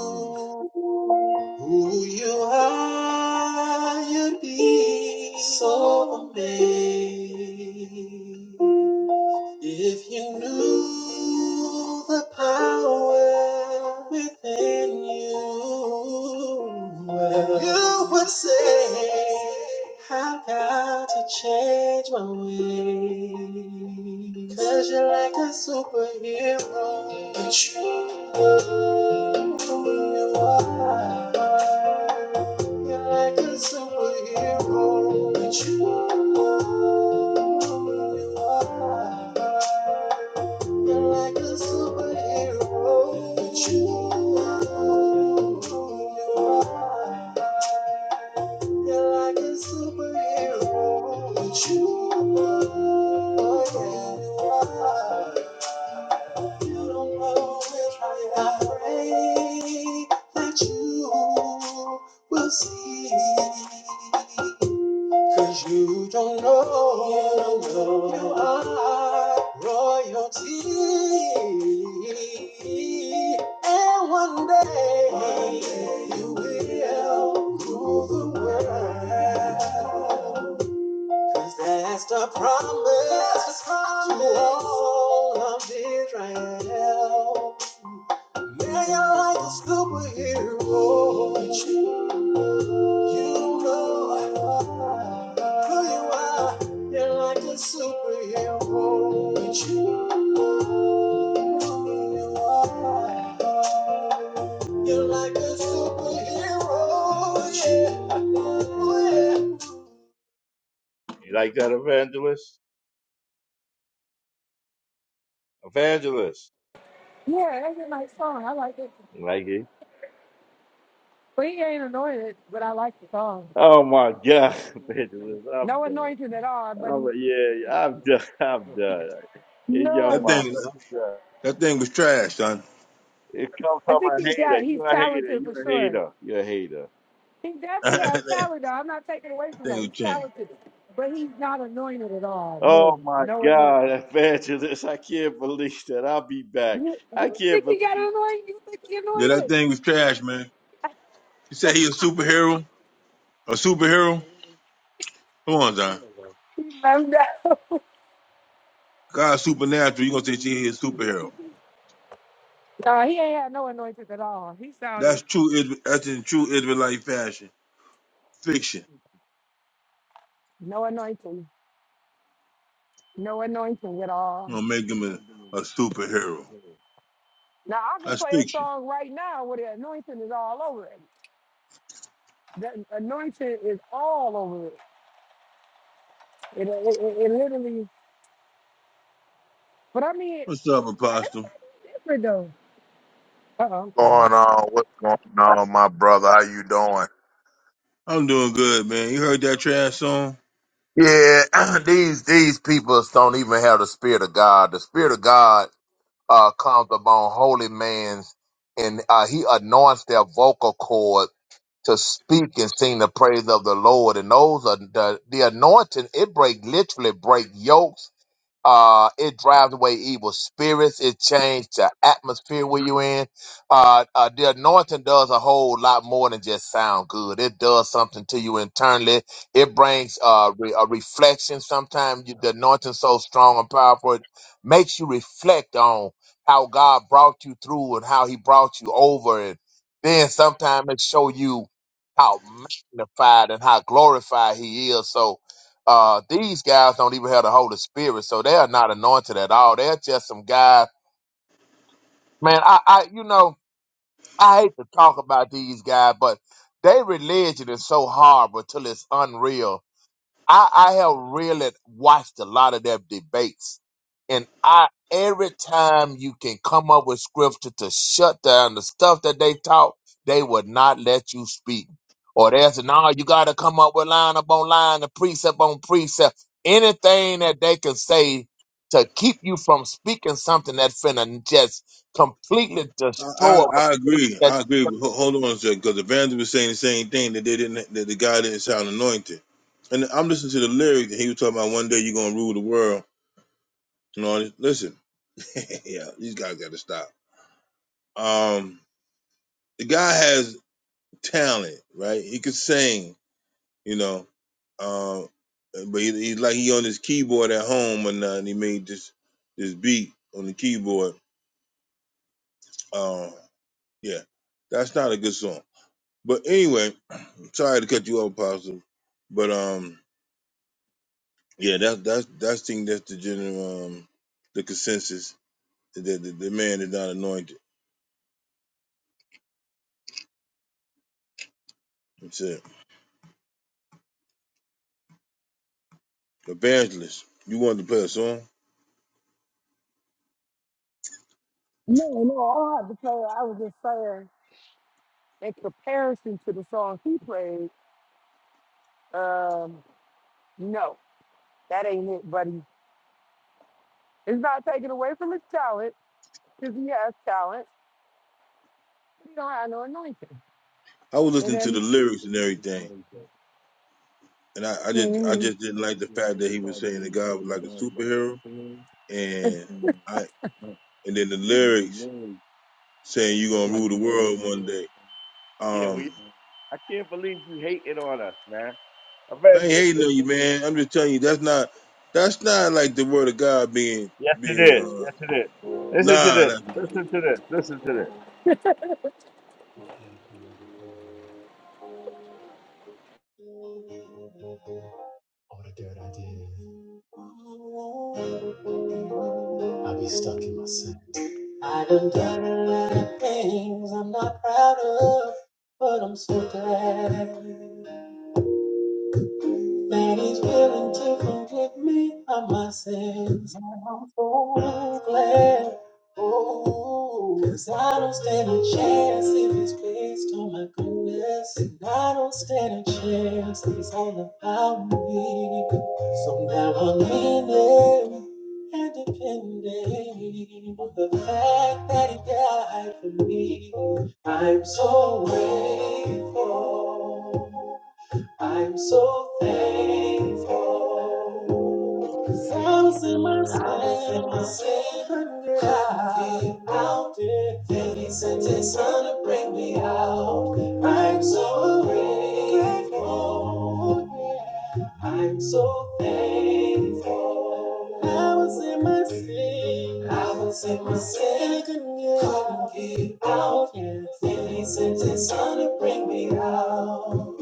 A: Mm.
K: Who you are, you'd be so amazed. If you knew the power within you, well, you would say, I've got to change my way. Because you're like a superhero. But you, you are. You're like a superhero, but you, you you're like you, are like a superhero. But you, oh yeah, you are. You don't know which way I pray that you will see. Cause you don't know, you don't know. you are royalty. And one day, one day you will rule the world. 'Cause that's the promise, promise to all of Israel. Man, you're like a superhero. You know who you are. You're like a superhero. But you, who you are. You're like a superhero. Yeah. Oh, yeah. You like that, evangelist? Evangelist.
D: yeah, that's a nice song. I like it.
K: You like it?
D: But he ain't anointed, but I like the song.
K: Oh my God, evangelist! I'm
D: No
K: done.
D: anointing at all, but
K: I'm
D: he's
K: yeah, I'm done. I'm done. In your
A: That
D: none.
A: thing,
K: mind, I've done.
A: that thing was trash, son.
K: It comes
D: I
K: from
D: think
K: a
D: he's got,
K: hater.
D: he's
K: You a hater.
D: talented
K: You
D: for
K: a
D: sure.
K: hater. You a hater.
D: He definitely
A: that
D: has talent, though. I'm not taking away from
A: thing
D: that.
A: was
D: He's
A: trash.
D: talented, but he's not anointed at all.
K: Oh
D: No,
K: my
D: no
K: God,
D: anointing.
K: Evangelist! I can't believe that I'll be back.
D: You,
K: I
D: you
K: can't
D: think he got
K: believe
D: anointed? You think he
A: Yeah, that
D: anointed?
A: thing was trash, man. You said he a superhero? A superhero? Come on, John.
D: He left out.
A: God's supernatural. You're gonna say she is a superhero.
D: No, he ain't had no anointing at all. He sounded
A: That's true. Is- That's in true Israelite fashion. Fiction.
D: no anointing, no anointing at
A: You
D: all.
A: gonna make him a, a superhero.
D: Now I can
A: That's
D: play a
A: fiction.
D: song right now where the anointing is all over it. The anointing is all over it. It, it, it, it literally. But I mean,
A: What's up, Apostle?
D: everybody's different though. Uh oh, I'm sorry.
L: going on? What's going on, my brother? How you doing?
A: I'm doing good, man. You heard that trash song?
L: Yeah, these these people don't even have the spirit of God. The spirit of God uh, comes upon holy man's, and uh, He anoints their vocal cord to speak and sing the praise of the Lord. And those are the, the anointing. It break literally break yokes Uh, it drives away evil spirits. It changes the atmosphere where you're in. Uh, uh, the anointing does a whole lot more than just sound good. It does something to you internally. It brings uh, re- a reflection. Sometimes you, the anointing so strong and powerful, it makes you reflect on how God brought you through and how He brought you over. And then sometimes it show you how magnified and how glorified He is. So uh, these guys don't even have the Holy Spirit, so they are not anointed at all. They're just some guys. Man, I, I, you know, I hate to talk about these guys, but their religion is so horrible till it's unreal I, I have really watched a lot of their debates, and I every time you can come up with scripture to shut down the stuff that they talk, they would not let you speak. Or they say, "No, you got to come up with line upon line, and precept on precept, anything that they can say to keep you from speaking something that finna just completely
A: I, I,
L: destroy." what
A: I
L: it
A: agree. I
L: is
A: agree.
L: that-
A: Ho- Hold on a second, because Evangelist was saying the same thing that they didn't. That the guy didn't sound anointed. And I'm listening to the lyrics, and he was talking about one day you're gonna rule the world. You know, listen, yeah, these guys got to stop. Um, the guy has. talent, right? He could sing, you know, um, but he, he like he on his keyboard at home or nothing. He made this this beat on the keyboard. Um, yeah, that's not a good song. But anyway, sorry to cut you off, Apostle. But um, yeah, that's that's that's thing that's the general um the consensus that the, the man is not anointed. That's it. Evangelist, you wanted to play a song?
D: No, no, I don't have to play. I was just saying in comparison to the song he played. Um, no, that ain't it, buddy. It's not taken away from his talent because he has talent. He don't have no anointing.
A: I was
D: And
A: listening to
D: then,
A: the lyrics and everything. and I, I just I
D: mm,
A: just didn't like the fact that he was saying that God was like a superhero, and I and then the lyrics saying you gonna
K: Evangelist. I,
A: rule the world one day.
K: yeah, we.
A: Um,
K: I can't believe you hating on us, man.
A: I ain't
K: Evangelist.
A: hating
K: This,
A: on you, man. I'm just telling you that's not that's not like the word of God being
K: yes,
A: being
K: it is.
A: uh
K: Yes, it is. Listen to
A: nah
K: this.
A: that's not. it.
K: Listen to this. Listen to this. I be stuck in my sin. I done done a lot of things I'm not proud of, but I'm so glad. that he's willing to forgive me of my sins. And I'm so glad. Cause I don't stand a chance if it's based on my goodness. And I don't stand a chance if it's all about me. So now I'm leaning and depending on the fact that he died for me. I'm so grateful. I'm so thankful. Cause I was in my sin, I was in my sin, Then he sent his son to bring me out. I'm so grateful. Yeah. I'm so thankful. I was in my sin, I was in my sin, couldn't get out. could Then he sent his son to bring me out.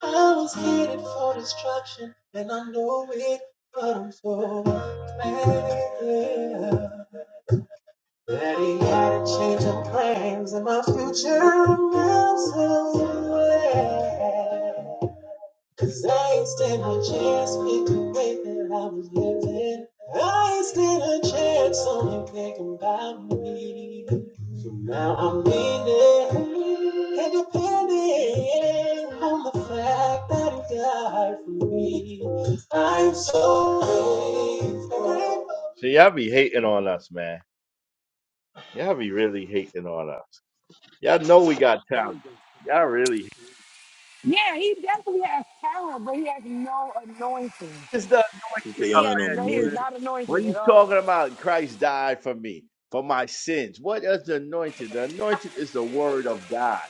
K: I was headed for destruction, and I know it, but I'm so glad that he had a change of plans, and my future now so glad. Cause I ain't stand a chance with the way that I was living. I ain't stand a chance on you thinking about me. So now I'm leaning and depending on the fact that you died for me. I'm so grateful. See, y'all be hating on us, man. Y'all be really hating on us. Y'all know we got talent. Y'all really.
D: yeah, he definitely has talent, but he has no anointing.
K: This does
A: She say you
D: He
A: don't have
D: has
A: no
D: no, he is
A: anointing.
D: not
K: What
D: anointed
K: are
D: at
K: you
D: all.
K: talking about? Christ died for me, for my sins. What is the anointed? The anointed is the word of God.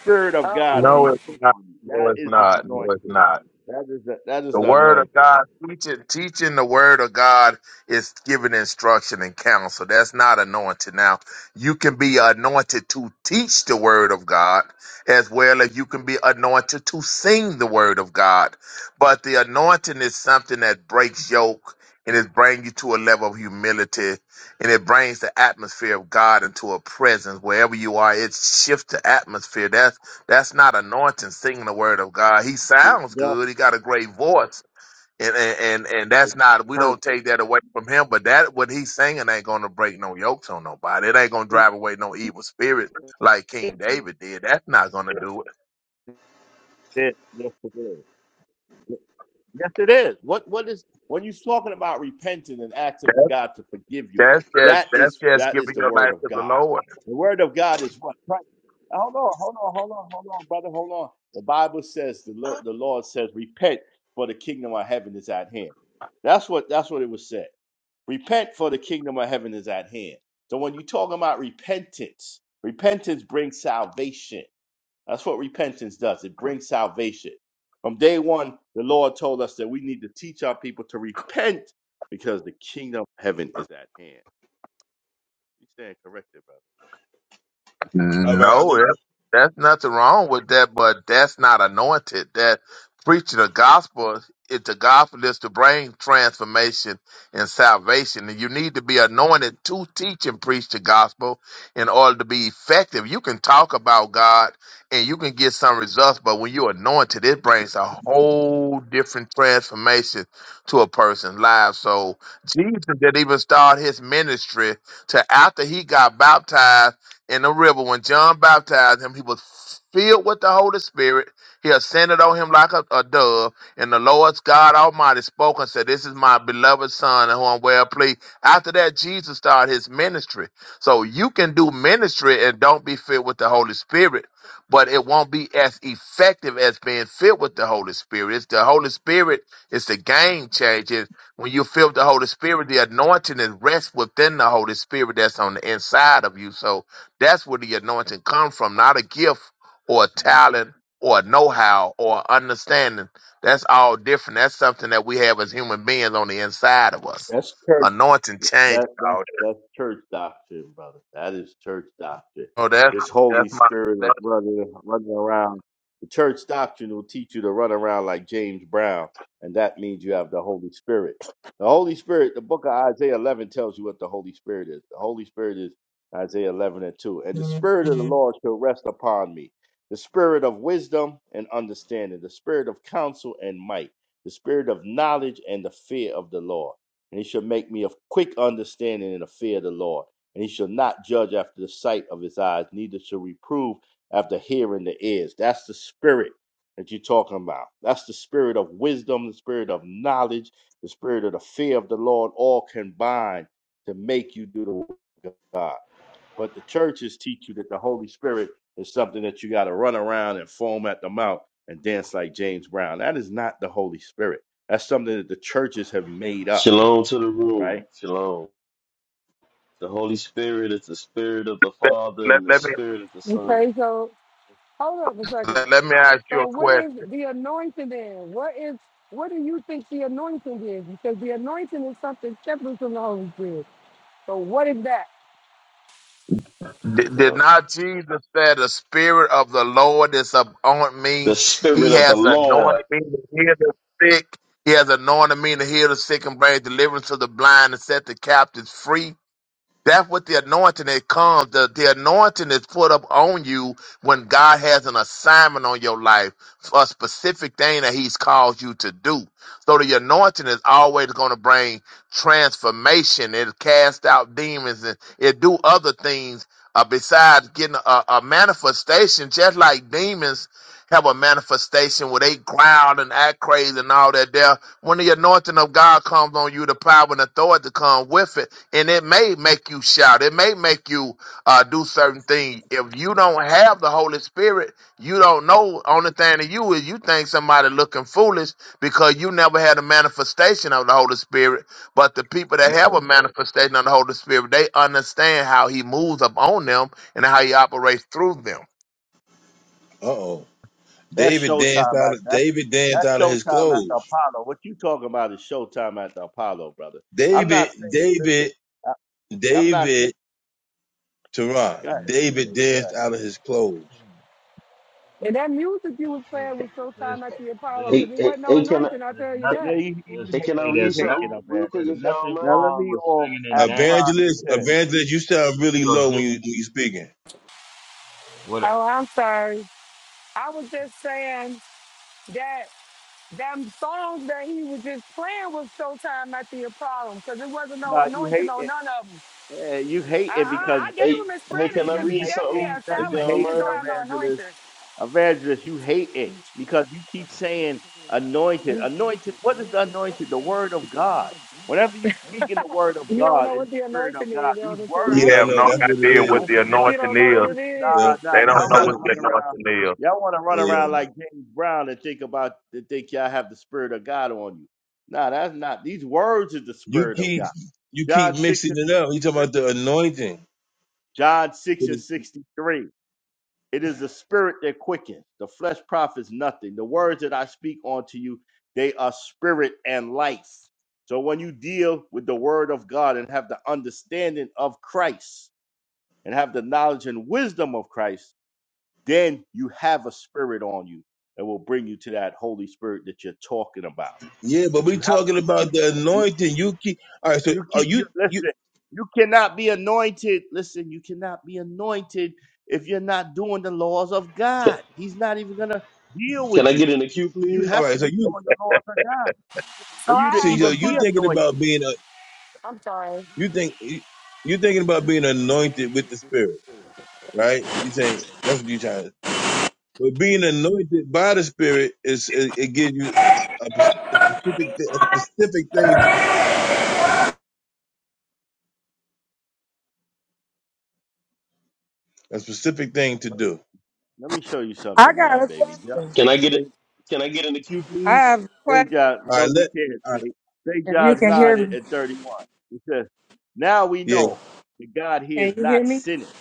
K: Spirit of
D: Uh
K: God
D: oh.
L: No,
K: be
L: it's not.
K: upon you.
L: No,
K: That
L: it's
K: is the
L: not. No, it's
K: anointed.
L: not.
K: That is the that is
L: The
K: the
L: word
K: anointed.
L: of God, teaching, teaching the word of God is giving instruction and counsel. That's not anointed. Now, you can be anointed to teach the word of God as well as you can be anointed to sing the word of God. But the anointing is something that breaks yoke and it brings you to a level of humility and it brings the atmosphere of God into a presence wherever you are. It shifts the atmosphere. That's not anointing singing the word of God. He sounds
K: That
L: good. He got a great voice. And, and and and that's
K: is the
L: not we
K: curse.
L: don't take that away from him, but that what he's singing ain't gonna break no yokes on nobody. It ain't gonna drive away no evil spirit like
K: That's
L: King David did. That's not gonna do it.
K: it. is. Yes, it is. What what is when you're talking about repenting and asking God to forgive you?
L: That's just
K: That
L: that's
K: is
L: just
K: that
L: giving
K: is the
L: your
K: word
L: life
K: of
L: to the
K: God.
L: Lord.
K: The word of God is what? Christ. Hold on, hold on, hold on, hold on, brother, hold on. The Bible says the Lord, the Lord says, repent, for the kingdom of heaven is at hand. That's what that's what it was said. Repent, for the kingdom of heaven is at hand. So when you're talking about repentance, repentance brings salvation. That's what repentance does. It brings salvation. From day one, the Lord told us that we need to teach our people to repent because the kingdom of heaven is at hand. You stand corrected,
A: All right, I
L: No, it,
A: think.
L: that's nothing wrong with that, but that's not anointed. That preaching the gospel, it, the gospel is to bring transformation and salvation, and you need to be anointed to teach and preach the gospel in order to be effective. You can talk about God and you can get some results, but when you're anointed, it brings a whole different transformation to a person's life. So Jesus didn't even start his ministry till after he got baptized in the river when John baptized him. He was filled with the Holy Spirit. He ascended on him like a, a dove. And the Lord's God Almighty spoke and said, This is my beloved Son, in whom I'm well pleased. After that, Jesus started his ministry. So you can do ministry and don't be filled with the Holy Spirit, but it won't be as effective as being filled with the Holy Spirit. It's the Holy Spirit is the game changer. When you filled with the Holy Spirit, the anointing is rest within the Holy Spirit that's on the inside of you. So that's where the anointing comes from, not a gift or a
K: brother.
L: talent or a know-how or a understanding. That's all different. That's something that we have as human beings on the inside of us.
K: That's
L: Anointing changes
K: That that's
L: all that.
K: that's church doctrine, brother. That is church doctrine.
L: Oh, that's
K: This Holy
L: that's my
K: Spirit of
L: that's,
K: running running around. The church doctrine will teach you to run around like James Brown, and that means you have the Holy Spirit. The Holy Spirit, the book of Isaiah 11 tells you what the Holy Spirit is. The Holy Spirit is Isaiah 11 and 2. And the Spirit of the Lord shall rest upon me the Spirit of wisdom and understanding, the Spirit of counsel and might, the Spirit of knowledge and the fear of the Lord and he shall make me of quick understanding in the fear of the Lord. And he shall not judge after the sight of his eyes, neither shall reprove after hearing the ears. That's the spirit that you're talking about. That's the spirit of wisdom, the spirit of knowledge, the spirit of the fear of the Lord, all combined to make you do the work of God. But the churches teach you that the Holy Spirit is something that you got to run around and foam at the mouth and dance like James Brown. That is not the Holy Spirit. That's something that the churches have made up
M: Shalom to the
K: right?
M: room. Shalom. The Holy Spirit is the Spirit of the
L: that,
M: Father
L: let,
M: and the
L: let me
M: Spirit of the Son.
D: Okay, so hold up a second.
L: let, let me ask you
D: So,
L: a
D: what
L: question.
D: is the anointing then? What is, what do you think the anointing is? Because the anointing is something separate from the Holy Spirit. So, what is that?
M: You
L: Did, did
M: know,
L: not Jesus say the spirit of the Lord is upon
M: the
L: me?
M: Spirit
L: He
M: of the
L: has
M: Lord.
L: anointed me to heal the sick. He has anointed me to heal the sick and bring deliverance to the blind and set the captives free. That's what the anointing it comes. The, the anointing is put up on you when God has an assignment on your life for a specific thing that He's called you to do. So the anointing is always going to bring transformation. It cast out demons and it do other things uh, besides getting a, a manifestation. Just like demons have a manifestation where they growl and act crazy and all that. There, when the anointing of God comes on you, the power and authority come with it and it may make you shout. It may make you uh, do certain things. If you don't have the Holy Spirit, you don't know. Only thing to you is you think somebody looking foolish because you never had a manifestation of the Holy Spirit. But the people
A: Uh
L: that have a
A: oh.
L: manifestation of the Holy Spirit, they understand how He moves up on them and how He operates through them.
A: Uh oh.
K: That's
A: David danced
K: showtime
A: out
K: at
A: of
K: that's
A: David danced
K: that's
A: out of his
K: showtime at the
A: clothes.
K: Apollo. What you talking about is showtime at the Apollo, brother. I'm
A: David
K: not saying listen.
A: David
K: I, I'm not saying.
A: David Tehran.
K: Go ahead, man,
A: David
K: baby. Go ahead.
A: danced out of his clothes.
D: And that music you was
H: There's
D: playing was so
H: there's
D: time at the Apollo
H: there's
M: Hey,
D: because it
M: hey,
D: wasn't no
M: hey, can I,
D: anointing, I'll tell you
M: hey,
K: No,
D: that.
H: nothing.
K: you you
H: There's
M: hey, can I
H: hey,
K: hating
H: there's
M: read
K: you hating
M: something
K: up,
H: nothing.
K: man.
M: real quick
H: There's
M: if y'all don't
H: nothing
K: Now
M: mind?
K: let
H: wrong
K: me
H: with
K: off
H: singing and
K: Act five
H: dancing
K: and
A: Evangelist,
H: if
K: ten.
H: you
A: evangelist, you sound
H: if
A: really
H: you are
A: low when you when
H: given
A: you speaking.
H: what
D: Oh, I'm sorry. I was just saying that. That song that he was just playing was Showtime at the problem, because it wasn't no
K: Now you
D: anointing on
K: hating.
D: none of them.
K: Uh, you
D: I,
K: hating
D: I,
K: because
D: I gave
M: Hey,
D: him his
M: hey, can
D: credit
M: I
K: you
D: because he
M: read
D: definitely
K: hating.
M: something
D: has
K: Now
M: if
K: you
D: talent.
M: y'all
D: He
M: don't
D: just
K: hating
D: don't
M: mind?
D: have no
K: evangelist.
D: anointing.
K: Evangelist, you hate it because you keep saying anointed. Anointed, what is anointed? The word of God. Whenever you speak in the word of
D: You don't
K: God,
D: know
K: in the
D: what the
K: spirit of
D: anointing
K: God,
D: is,
K: these
D: Elder
L: We
K: words
A: You
D: Terrell.
K: is
A: don't
L: have
A: know
L: no
A: that's what it
K: spiritual.
L: idea what
A: is.
L: the
K: That's anointed.
D: you
L: anointing
D: don't know what
L: is.
D: it
K: This- Nah,
D: is.
K: nah,
L: They don't
K: y'all
L: know
K: want
A: Yep.
L: what
K: to
L: the
K: run around.
L: anointing is.
K: Y'all want to run
A: Hey, yo,
K: around
A: man.
K: like James Brown and think about, to think y'all have the spirit of God on you. Nah, that's not. These words is the
A: you
K: spirit of
A: keep
K: God.
A: you
K: John
A: keep
K: 6
A: mixing
K: and
A: it up. You talking
K: 63.
A: about the anointing?
K: John
A: But
K: 6 and
A: it-
K: 63. It is the spirit that quickens. The flesh profits nothing. The words that I speak unto you, they are spirit and life. So when you deal with the word of God and have the understanding of Christ and have the knowledge and wisdom of Christ, then you have a spirit on you that will bring you to that Holy Spirit that you're talking about.
A: Yeah, but
K: But
A: we
K: you have
A: talking
K: to
A: about
K: be.
A: the anointing. You keep all right. So
K: You
A: are
K: keep
A: you
K: you
A: you
K: listen. You cannot be anointed. Listen, you cannot be anointed if you're not doing the laws of
M: Can,
K: God. He's not even gonna deal
M: can
K: with
M: I
K: you.
M: get in the queue,
K: You
M: please?
A: all
K: have
A: right?
K: to
A: So
K: be
A: you
K: doing the laws of God for
D: So
K: you
D: I
K: to
A: see,
D: have a
A: so
K: even
A: you
K: be
A: thinking
D: question.
K: anointed.
A: about being a
D: I'm sorry.
A: you think you you thinking about being anointed with the Spirit, right? You saying that's what you trying. But being anointed by the Spirit is it, it gives you a, pers- a specific thi- a specific thing to a specific thing to
K: Look,
A: do.
K: Let me show you
D: I
K: something,
D: got
K: man,
D: a
K: baby. John,
M: Can I get it?
K: St.
M: Can I get in the queue, please?
K: St. John,
A: All right,
K: no, you
A: let
K: can't.
A: all right,
K: St. St. John's nodded
D: question.
K: at at 31. He says, "Now we
A: yeah,
K: know that God here
D: Can
K: is
D: you hear
K: not
D: me?
K: sinning."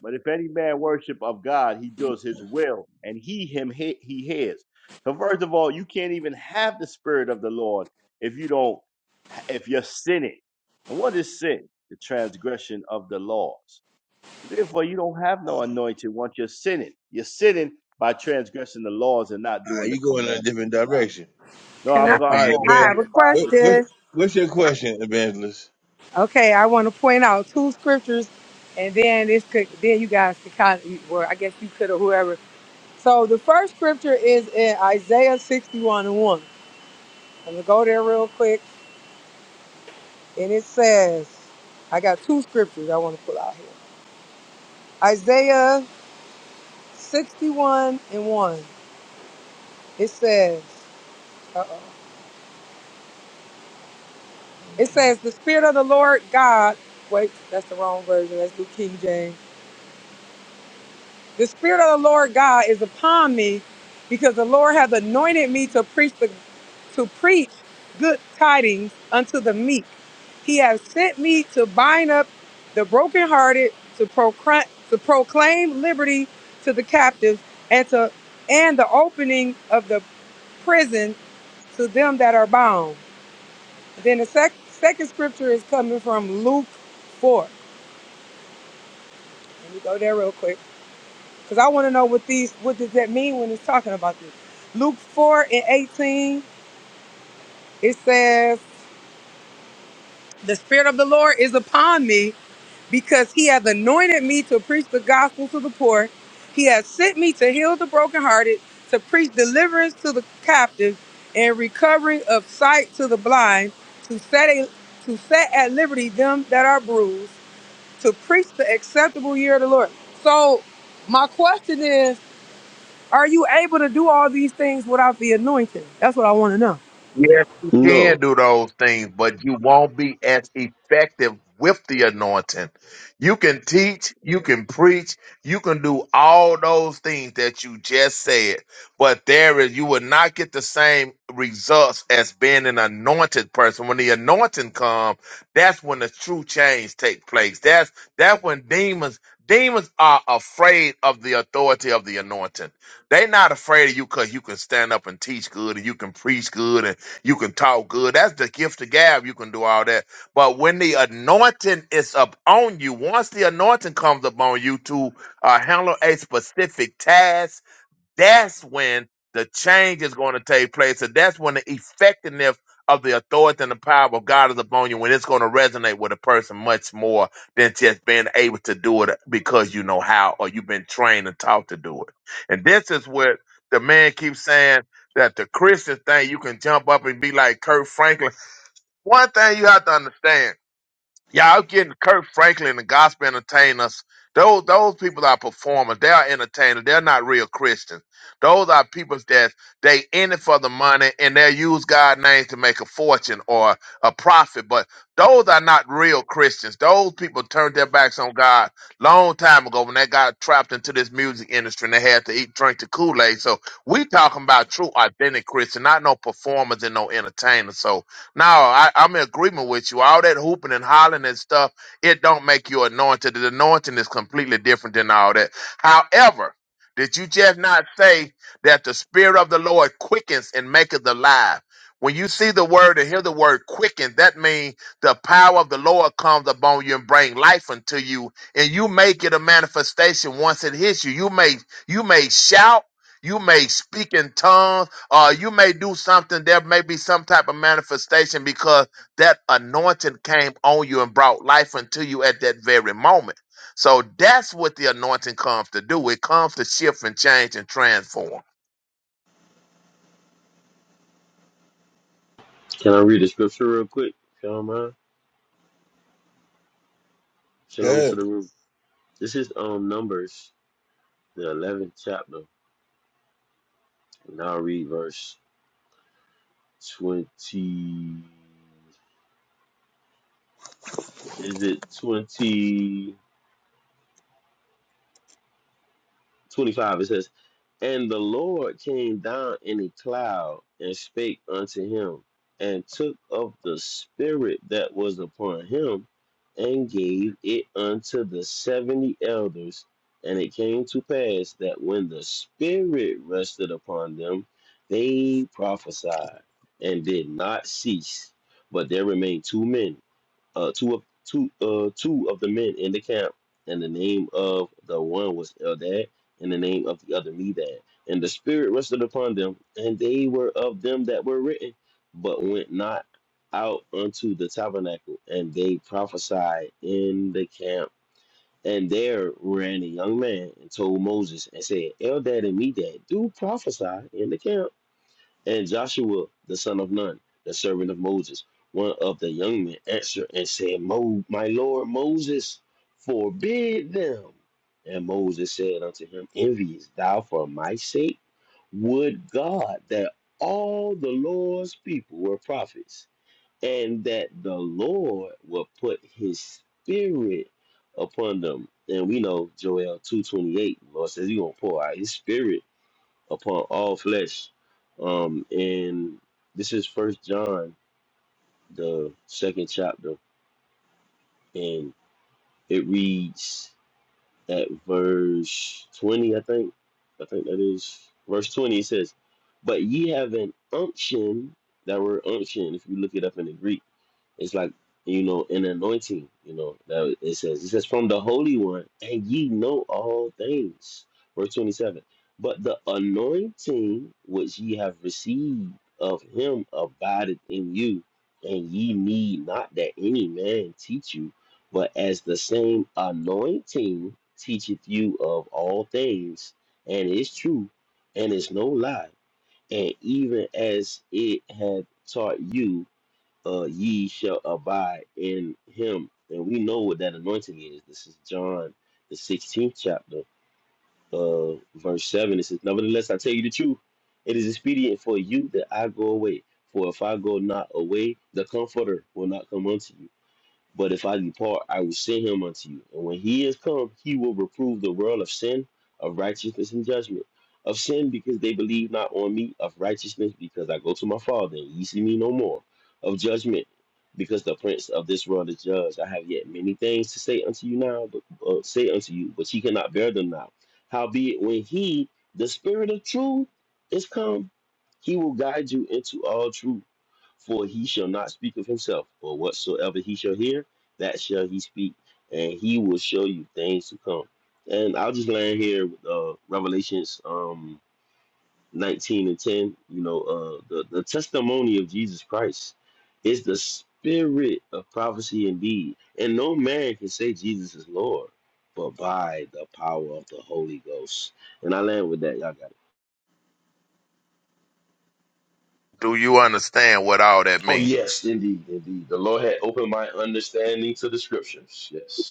K: But if any man worship of God, he does his will, and he him he, he his. So first of all, you can't even have the spirit of the Lord if you don't if you're sinning. And what is sin? The transgression of the laws. So Therefore, you don't have no anointing once you're sinning. You're sinning by transgressing the laws and not
A: all right,
K: doing the
A: you going in a
K: commandments
A: different
K: of God.
A: direction.
K: No, I'm
L: Yes,
K: going,
A: All
L: he
K: I'm
A: right,
L: is.
K: going with
D: I
K: what
D: have a
A: evangelist,
K: the
A: what,
K: Bible
A: what
D: question.
K: says.
A: what's your question, evangelist?
D: Okay, I want to point out two scriptures, and then this could, then you guys could kind of, well, I guess you could or whoever So the first scripture is in Isaiah 61 and 1. I'm going to go there real quick. And it says, I got two scriptures I want to pull out here. Isaiah 61 and 1. It says, uh-oh. It says, the Spirit of the Lord God, wait, that's the wrong version. Let's do King James. The Spirit of the Lord God is upon me because the Lord has anointed me to preach the, to preach good tidings unto the meek. He has sent me to bind up the brokenhearted, to proclaim, to proclaim liberty to the captives, and to and the opening of the prison to them that are bound. Then the sec- second scripture is coming from Luke 4. Let me go there real quick. Because I want to know what these, what does that mean when it's talking about this? Luke 4 and 18, it says, The Spirit of the Lord is upon me because he hath anointed me to preach the gospel to the poor. He has sent me to heal the brokenhearted, to preach deliverance to the captives, and recovering of sight to the blind, to set, a, to set at liberty them that are bruised, to preach the acceptable year of the Lord. So, my question is, Are you able to do all these things without the anointing? That's what I want to know.
L: Yes, you can
M: No.
L: do those things, but you won't be as effective with the anointing. You can teach, you can preach, you can do all those things that you just said, but there is you will not get the same results as being an anointed person. When the anointing comes, that's when the true change take place. That's that's when demons demons are afraid of the authority of the anointing. They're not afraid of you because you can stand up and teach good and you can preach good you can talk good. That's the gift of gab. You can do all that. But when the anointing is upon you, once the anointing comes upon you to uh, handle a specific task, that's when the change is going to take place. And that's when the effectiveness of the authority and the power of God is upon you, when it's going to resonate with a person much more than just being able to do it because you know how or you've been trained and taught to do it. And this is what the man keeps saying that the Christian thing, you can jump up and be like Kurt Franklin. One thing you have to understand yeah, I'm getting Kirk Franklin and gospel entertainers. Those those people are performers. They are entertainers. They're not real Christians. Those are people that they in it for the money and they use God's name to make a fortune or a profit. But those are not real Christians. Those people turned their backs on God long time ago when they got trapped into this music industry and they had to eat drink the Kool Aid. So we talking about true authentic Christian, not no performers and no entertainers. So no, I, I'm in agreement with you. All that hooping and hollering and stuff, it don't make you anointed. The anointing is completely different than all that. However, did you just not say that the spirit of the Lord quickens and maketh alive? When you see the word and hear the word quicken, that means the power of the Lord comes upon you and bring life unto you, and you make it a manifestation once it hits you. You may you may shout, you may speak in tongues uh, you may do something. There may be some type of manifestation because that anointing came on you and brought life into you at that very moment. So that's what the anointing comes to do. It comes to shift and change and transform.
M: Can I read the scripture real quick? If y'all don't mind.
A: Go
M: Shalom to
A: ahead.
M: the room. This is um Numbers, the eleventh chapter, and I'll read verse. 20 is it 20 25 it says and the lord came down in a cloud and spake unto him and took of the spirit that was upon him and gave it unto the 70 elders and it came to pass that when the spirit rested upon them they prophesied and did not cease but there remained two men uh, two of two uh, two of the men in the camp, and the name of the one was Eldad, and the name of the other Medad. And the spirit rested upon them, and they were of them that were written, but went not out unto the tabernacle, and they prophesied in the camp. And there ran a young man and told Moses and said, Eldad and Medad do prophesy in the camp. And Joshua, the son of Nun, the servant of Moses, one of the young men answered and said, Mo, My Lord Moses, forbid them. And Moses said unto him, Enviest thou for my sake? Would God that all the Lord's people were prophets, and that the Lord will put his spirit upon them. And we know Joel 2.28, the Lord says he's gonna pour out his spirit upon all flesh. Um, and this is First John, the second chapter, and it reads at verse twenty, I think. I think that is verse twenty. It says, "But ye have an unction." That word unction, if you look it up in the Greek, It's like you know, an anointing. You know, that it says it says from the Holy One, and ye know all things. Verse twenty seven. But the anointing which ye have received of him abideth in you, and ye need not that any man teach you, but as the same anointing teacheth you of all things, and is true, and is no lie, and even as it hath taught you uh, ye shall abide in him. And we know what that anointing is. This is John, the 16th chapter, uh, verse 7. It says, Nevertheless, I tell you the truth. It is expedient for you that I go away. For if I go not away, the Comforter will not come unto you. But if I depart, I will send him unto you. And when he is come, he will reprove the world of sin, of righteousness, and judgment. Of sin, because they believe not on me. Of righteousness, because I go to my Father, and ye see me no more. Of judgment, because the prince of this world is judged. I have yet many things to say unto you now, but uh, say unto you, but ye cannot bear them now. Howbeit, when he, the Spirit of truth, is come, he will guide you into all truth. For he shall not speak of himself, but whatsoever he shall hear, that shall he speak, and he will show you things to come. And I'll just land here with uh, Revelations um, 19 and 10. You know, uh, the, the testimony of Jesus Christ is the spirit of prophecy indeed. And no man can say Jesus is Lord, but by the power of the Holy Ghost. And I land with that. Y'all got it.
L: Do you understand what all that
M: Oh,
L: means?
M: yes, indeed, indeed. The Lord had opened my understanding to the scriptures. Yes.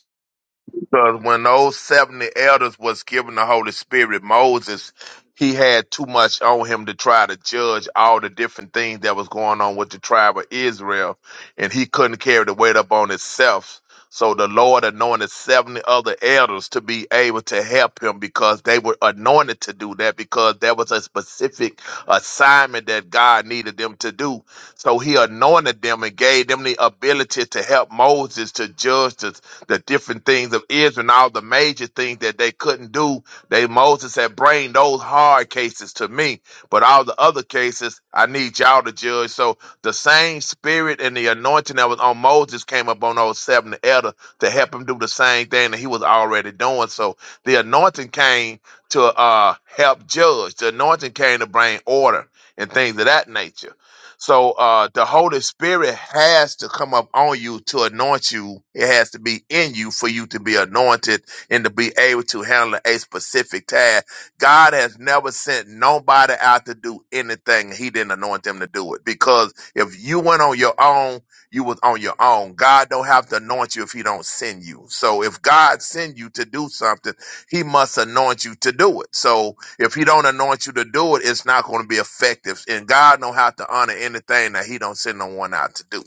L: Because when those 70 elders was given the Holy Spirit, Moses, he had too much on him to try to judge all the different things that was going on with the tribe of Israel, and he couldn't carry the weight up on himself. So the Lord anointed 70 other elders to be able to help him because they were anointed to do that because there was a specific assignment that God needed them to do. So he anointed them and gave them the ability to help Moses to judge the the different things of Israel and all the major things that they couldn't do. They Moses had bring those hard cases to me. But all the other cases, I need y'all to judge. So the same spirit and the anointing that was on Moses came up on those seven elder to help him do the same thing that he was already doing. So the anointing came to uh help judge. The anointing came to bring order and things of that nature. So uh the Holy Spirit has to come up on you to anoint you. It has to be in you for you to be anointed and to be able to handle a specific task. God has never sent nobody out to do anything. He didn't anoint them to do it. Because if you went on your own, you was on your own. God don't have to anoint you if he don't send you. So if God send you to do something, he must anoint you to do it. So if he don't anoint you to do it, it's not going to be effective. And God know how to honor anything that he don't send no one out to do.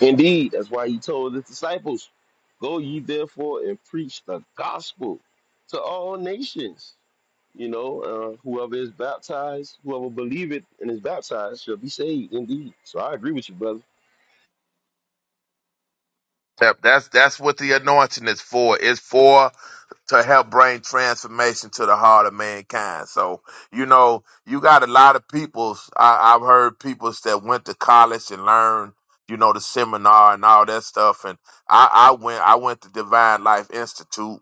M: Indeed, that's why he told his disciples, Go ye therefore and preach the gospel to all nations. You know, uh, whoever is baptized, whoever believeth and is baptized shall be saved indeed. So I agree with you, brother.
L: That- That's that's what the anointing is for. It's for to help bring transformation to the heart of mankind. So, you know, you got a lot of peoples. I, I've heard peoples that went to college and learned, you know, the seminar and all that stuff. And I, I went, I went to Divine Life Institute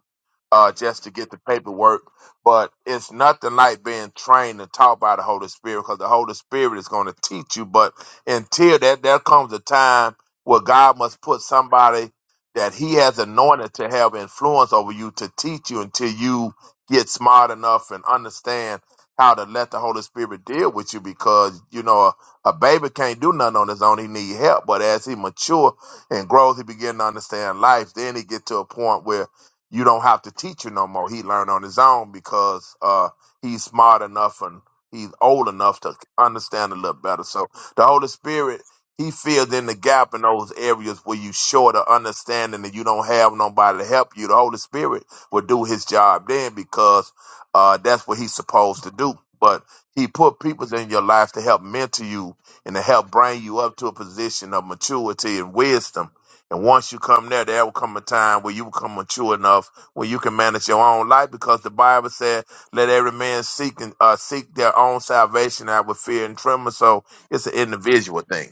L: uh, just to get the paperwork. But it's nothing like being trained and taught by the Holy Spirit because the Holy Spirit is going to teach you. But until that, there comes a time where God must put somebody that he has anointed to have influence over you to teach you until you get smart enough and understand how to let the Holy Spirit deal with you because you know a, a baby can't do nothing on his own he need help but as he mature and grows he begin to understand life then he get to a point where you don't have to teach you no more he learn on his own because uh he's smart enough and he's old enough to understand a little better so the Holy Spirit he filled in the gap in those areas where you short of understanding that you don't have nobody to help you. The Holy Spirit will do his job then because uh, that's what he's supposed to do. But he put people in your life to help mentor you and to help bring you up to a position of maturity and wisdom. And once you come there, there will come a time where you become mature enough where you can manage your own life because the Bible said, let every man seek and uh, seek their own salvation out with fear and tremor. So it's an individual thing.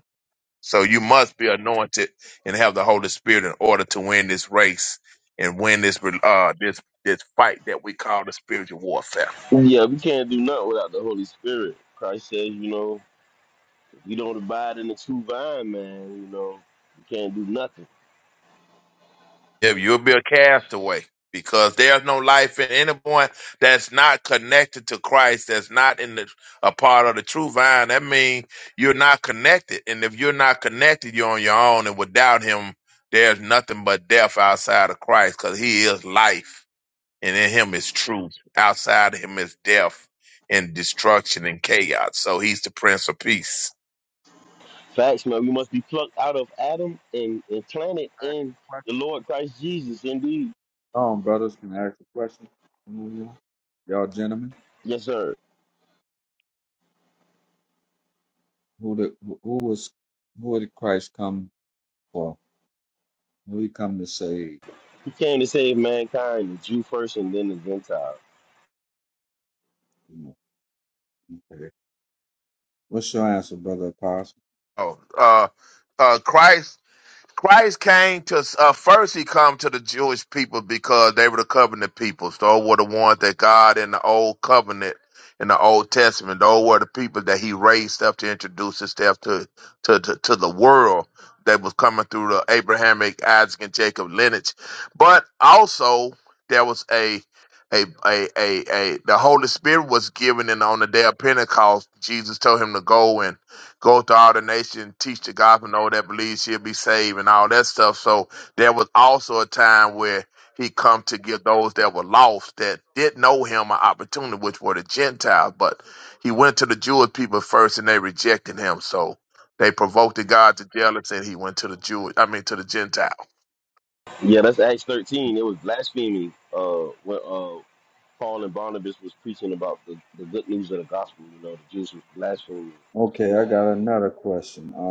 L: So you must be anointed and have the Holy Spirit in order to win this race and win this uh this this fight that we call the spiritual warfare.
M: Yeah, we can't do nothing without the Holy Spirit. Christ says, you know, if we don't abide in the true vine, man, you know, we can't do nothing.
L: If you'll be a castaway because there's no life in anyone that's not connected to Christ, that's not in the a part of the true vine. That means you're not connected, and if you're not connected, you're on your own. And without Him, there's nothing but death outside of Christ, because He is life. and in him is truth. Outside of him is death and destruction and chaos. So he's the Prince of Peace.
M: Facts, man, we must be plucked out of Adam and, and planted in the Lord Christ Jesus indeed.
H: Oh, just going ask a question. Y'all, remember
M: Yes, sir.
H: who, the, who who was who did Christ come for? Who he come to save?
M: He came to save mankind, the Jew first and then the Gentile.
H: You know, what's your answer?
L: Oh, uh, uh, Christ Christ came to uh, first. He come to the Jewish people because they were the covenant people. So Those were the ones that God in the old covenant, in the Old Testament, those were the people that He raised up to introduce Himself to to to, to the world that was coming through the Abrahamic, Isaac, and Jacob lineage. But also there was a a, a, a, a, the Holy Spirit was given, and on the day of Pentecost, Jesus told him to go and go to all the nation, teach the gospel, know that believes she'll be saved and all that stuff. So there was also a time where he come to give those that were lost that did know him an opportunity, which were the Gentiles. But he went to the Jewish people first and they rejected him. So they provoked the God to jealousy and he went to the Jewish I mean to the Gentile.
M: Yeah, that's Acts 13. It was blasphemy uh, when uh, Paul and Barnabas was preaching about the, the good news of the gospel. You know, the Jews was blaspheming.
H: okay? I got another question. Um,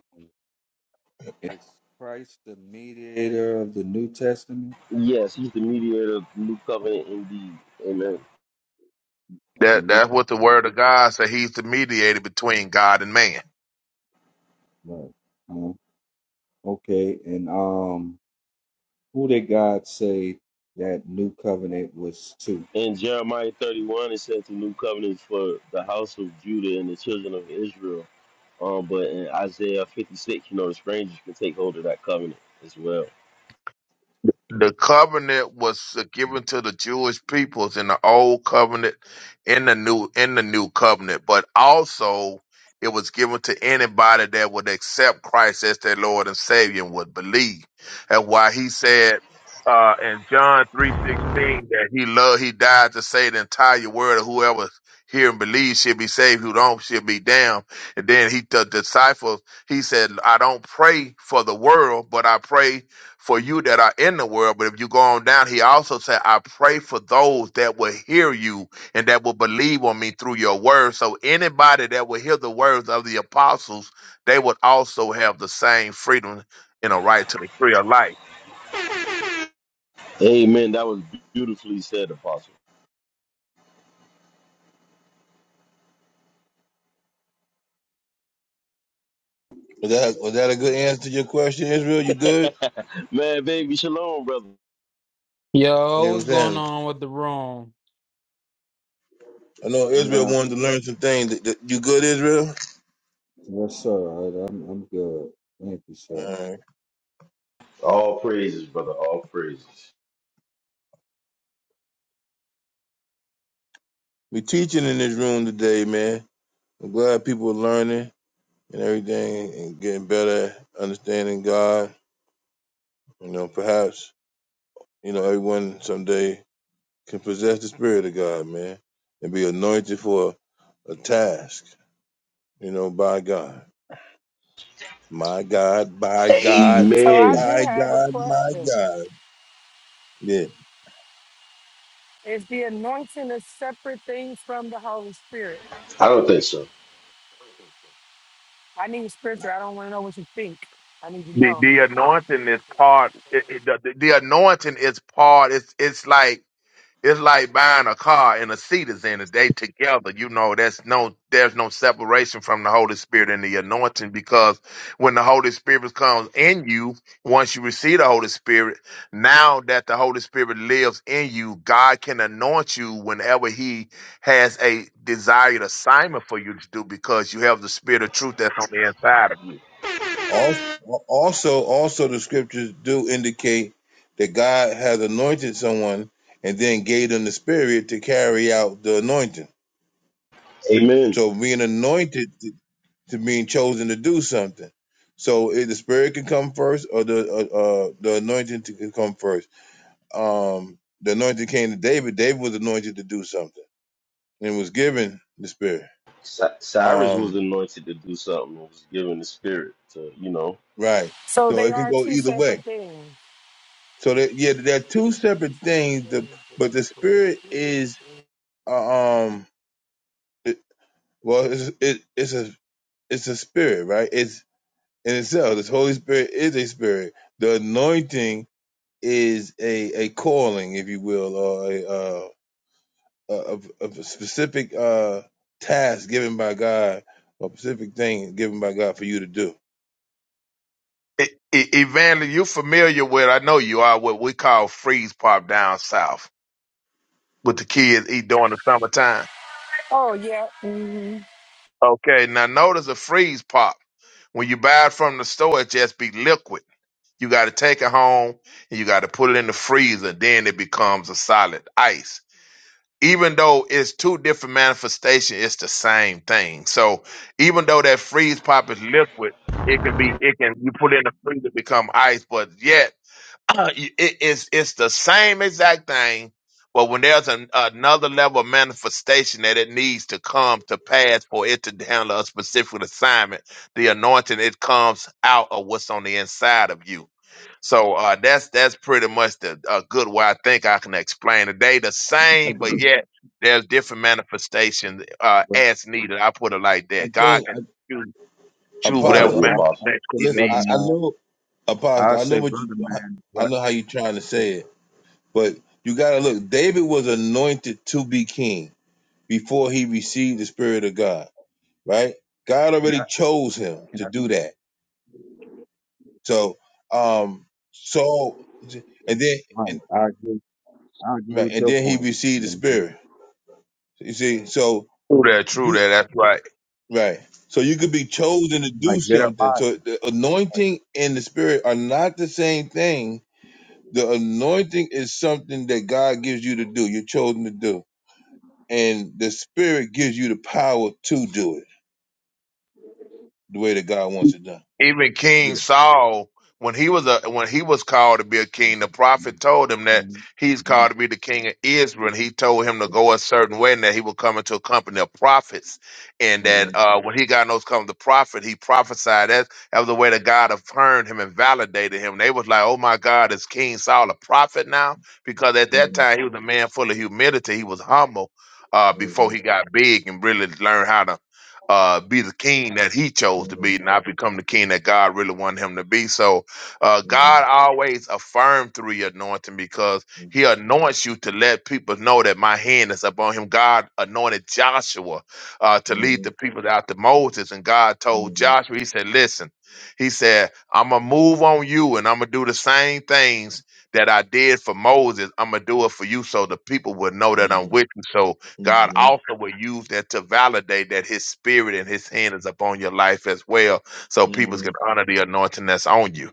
H: is Christ the mediator of the New Testament
M: Yes, he's the mediator of the new covenant indeed. Amen.
H: of the
L: That
H: New
L: that's
H: Covenant?
L: what the word of God said. He's the mediator between God and man.
H: No. Uh, okay, and um, who did God say that New Covenant was to?
M: In Jeremiah 31, it says the new covenant is for the house of Judah and the children of Israel. Um, but in Isaiah 56, you know, the strangers can take hold of that covenant as well.
L: The
H: Okay.
L: covenant was given to the Jewish peoples in the old covenant, in the new in the new covenant, but also it was given to anybody that would accept Christ as their Lord and Savior and would believe. And why he said uh, in John three sixteen that he loved, he died to save the entire world. and Whoever hear and believes should be saved. Who don't should be damned. And then he the disciples he said, I don't pray for the world, but I pray for you that are in the world. But if you go on down, he also said, I pray for those that will hear you and that will believe on me through your words. So anybody that will hear the words of the apostles, they would also have the same freedom and a right to the free of life.
M: Amen. That was beautifully said, Apostle.
A: Was that was that a good answer to your question, Israel? You good?
M: Man, baby, shalom, brother.
A: You
N: Yo,
A: know what
N: what's
A: I'm
N: going
A: saying?
N: on with the room?
A: I know Israel
H: Yeah.
A: wanted to learn some things. That, that- you good, Israel?
H: Yes, sir. I, I'm I'm good. Thank you, sir.
A: All right.
M: All praises, brother. All praises.
A: We teaching in this room today, man. I'm glad people are learning. and everything and getting better at understanding God. You know, perhaps, you know, everyone someday can possess the spirit of God, man, and be anointed for a a task, you know, by God. My God, by God,
D: So I
M: Amen.
D: do
A: by
D: have a
A: God, my
D: question.
A: God. Yeah.
D: Is the anointing a separate thing from the Holy Spirit?
M: I don't think so.
D: I need scripture. I don't want to know what you think. I need to
L: The,
D: know.
L: the anointing is part. It, it- the, the the anointing is part. It's it's like It's like buying a car and a seat is in it. They together. You know, that's no there's no separation from the Holy Spirit and the anointing because when the Holy Spirit comes in you, once you receive the Holy Spirit, now that the Holy Spirit lives in you, God can anoint you whenever He has a desired assignment for you to do because you have the spirit of truth that's on the inside of you.
A: Al- Also, also the scriptures do indicate that God has anointed someone and then gave them the spirit to carry out the anointing.
M: Amen.
A: So being anointed to being chosen to do something. So if the spirit can come first, or the uh, uh, the anointing to- can come first. Um, the anointing came to David. David was anointed to do something and was given the spirit.
M: Cy- Cyrus was
A: Um,
M: anointed to do something and was given the spirit to, you know,
A: right.
D: So
A: So
D: they
A: it can
D: are
A: go
D: two
A: either
D: separate
A: way.
D: things.
A: So that yeah, there are two separate things. The but the spirit is uh, um, it, well, it's it, it's a it's a spirit, right? It's in itself. The Holy Spirit is a spirit. The anointing is a a calling, if you will, or a uh, a, a, a specific uh, task given by God, or a specific thing given by God for you to do.
L: E- E- Evangeline, you familiar with I know you are what we call freeze pop down south what the kids eat during the summertime.
D: Oh yeah.
L: Okay, now notice a freeze pop. When you buy it from the store, it just be liquid. You got to take it home and you got to put it in the freezer. Then it becomes a solid ice. Even though it's two different manifestations, it's the same thing. So even though that freeze pop is liquid, it can be, it can, you put it in the freezer, become ice, but yet You- it- it's it's the same exact thing, but when there's an, another level of manifestation that it needs to come to pass for it to handle a specific assignment, the anointing it comes out of what's on the inside of you. So uh, that's that's pretty much the a good way I think I can explain it. They the
A: I,
L: same, but yet there's different manifestations uh,
H: Bro-
L: as needed. I put it like
A: I
L: that. God
A: think
L: can
A: I,
L: choose choose whatever
M: as
H: Brother,
A: Apostle,
M: the
A: I'm
H: I, I
M: apostle.
L: manifestation
H: say,
L: He
A: listen.
H: brother
A: I,
L: needs.
A: I
H: man.
A: know
H: I
A: Apostle. I know
H: say,
A: what you.
H: brother man.
A: I
H: Right.
A: know how you are trying to say it, but you got to look. David was anointed to be king before he received the Spirit of God. Right? God already chose him to do that. So, um, Saul, and then and.
H: Right. I agree. I agree
A: Right.
H: with
A: And
H: your
A: then he
H: point.
A: received
H: You
A: the
H: know what I mean?
A: spirit. You see, so
L: True that. True
A: you
L: that. That's right.
A: right. So you could be chosen to do
H: Like
A: something.
H: Jeremiah.
A: So the anointing and the spirit are not the same thing. The anointing is something that God gives you to do. You're chosen to do. And the spirit gives you the power to do it the way that God wants it done.
L: even King
A: Yeah.
L: Saul, when he was a when he was called to be a
H: You
L: king, the prophet told him
H: know
L: that
H: what
L: he's
H: I mean?
L: called to be the king of Israel, and he told him to go a certain way, and that he would come into a company of prophets, and that
A: Mhm,
L: uh, when he got in those company of prophet, he prophesied that that was the way that God affirmed him and validated him. They was like, "Oh my God, is King Saul a prophet now?" Because at that
A: mhm,
L: time he was a man full of humility, he was humble. Uh, before
A: mhm,
L: he got big and really learned how to uh, be the king that he chose to be,
A: mhm,
L: not become the king that God really wanted him to be. So uh,
A: mhm,
L: God always affirmed through your anointing because he anoints you to let people know that my hand is upon him. God anointed Joshua uh, to lead
A: mhm,
L: the people out to Moses, and God told
A: mhm, mhm,
L: Joshua, he said, listen, he said, I'm going to move on you and I'm going to do the same things that I did for Moses. I'm going to do it for you so the people will know that I'm
A: mhm, mhm,
L: with you. So God
A: mhm,
L: also will use that to validate that His Spirit and His hand is upon your life as well, so people
A: mhm,
L: can honor the anointing that's on you.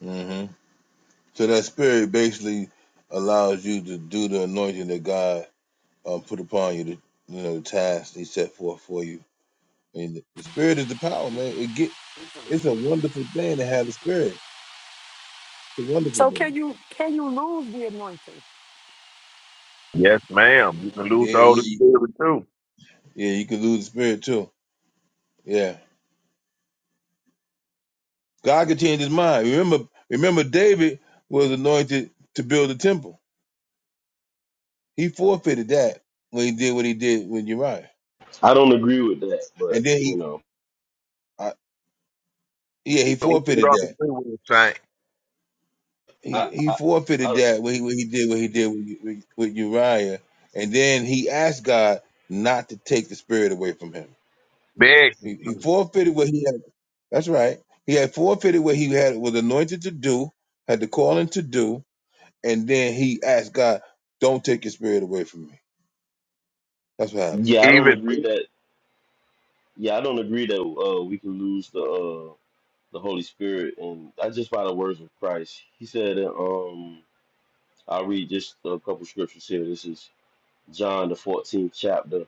A: mhm, mhm, So that spirit basically allows you to do the anointing that God um, put upon you, to, you know, the task He set forth for you. And the spirit is the power, man. It get it's a wonderful thing to have the spirit. It's a wonderful
D: So can
A: thing.
D: you can you lose the anointing?
L: Yes, ma'am. You can lose
A: Yeah,
L: the
A: yeah,
L: Holy Spirit too.
A: yeah. You can lose the spirit too. Yeah, God can change His mind. Remember, remember, David was anointed to build the temple. He forfeited that when he did what he did with Uriah,
M: I don't agree with that, but
A: and then
M: you
A: he,
M: know,
A: uh, yeah, he
L: So we should
A: forfeited
L: all agree
A: that.
L: with the saying.
M: I,
A: he, he
M: I,
A: forfeited
M: I
A: that when he, when he did what he did with, with, Uriah, and then he asked God not to take the spirit away from him.
L: Beg him
A: He, he
L: to.
A: forfeited what he had. That's right. He had forfeited what he had was anointed to do, had the calling to do, and then he asked God, "Don't take your spirit away from me." That's what happened.
M: yeah, I don't
L: Even
M: agree that. Yeah, I don't agree that uh, we can lose the uh, the Holy Spirit, and I just by the words of Christ, He said. uh, Um, I'll read just a couple scriptures here. This is John, the 14th chapter,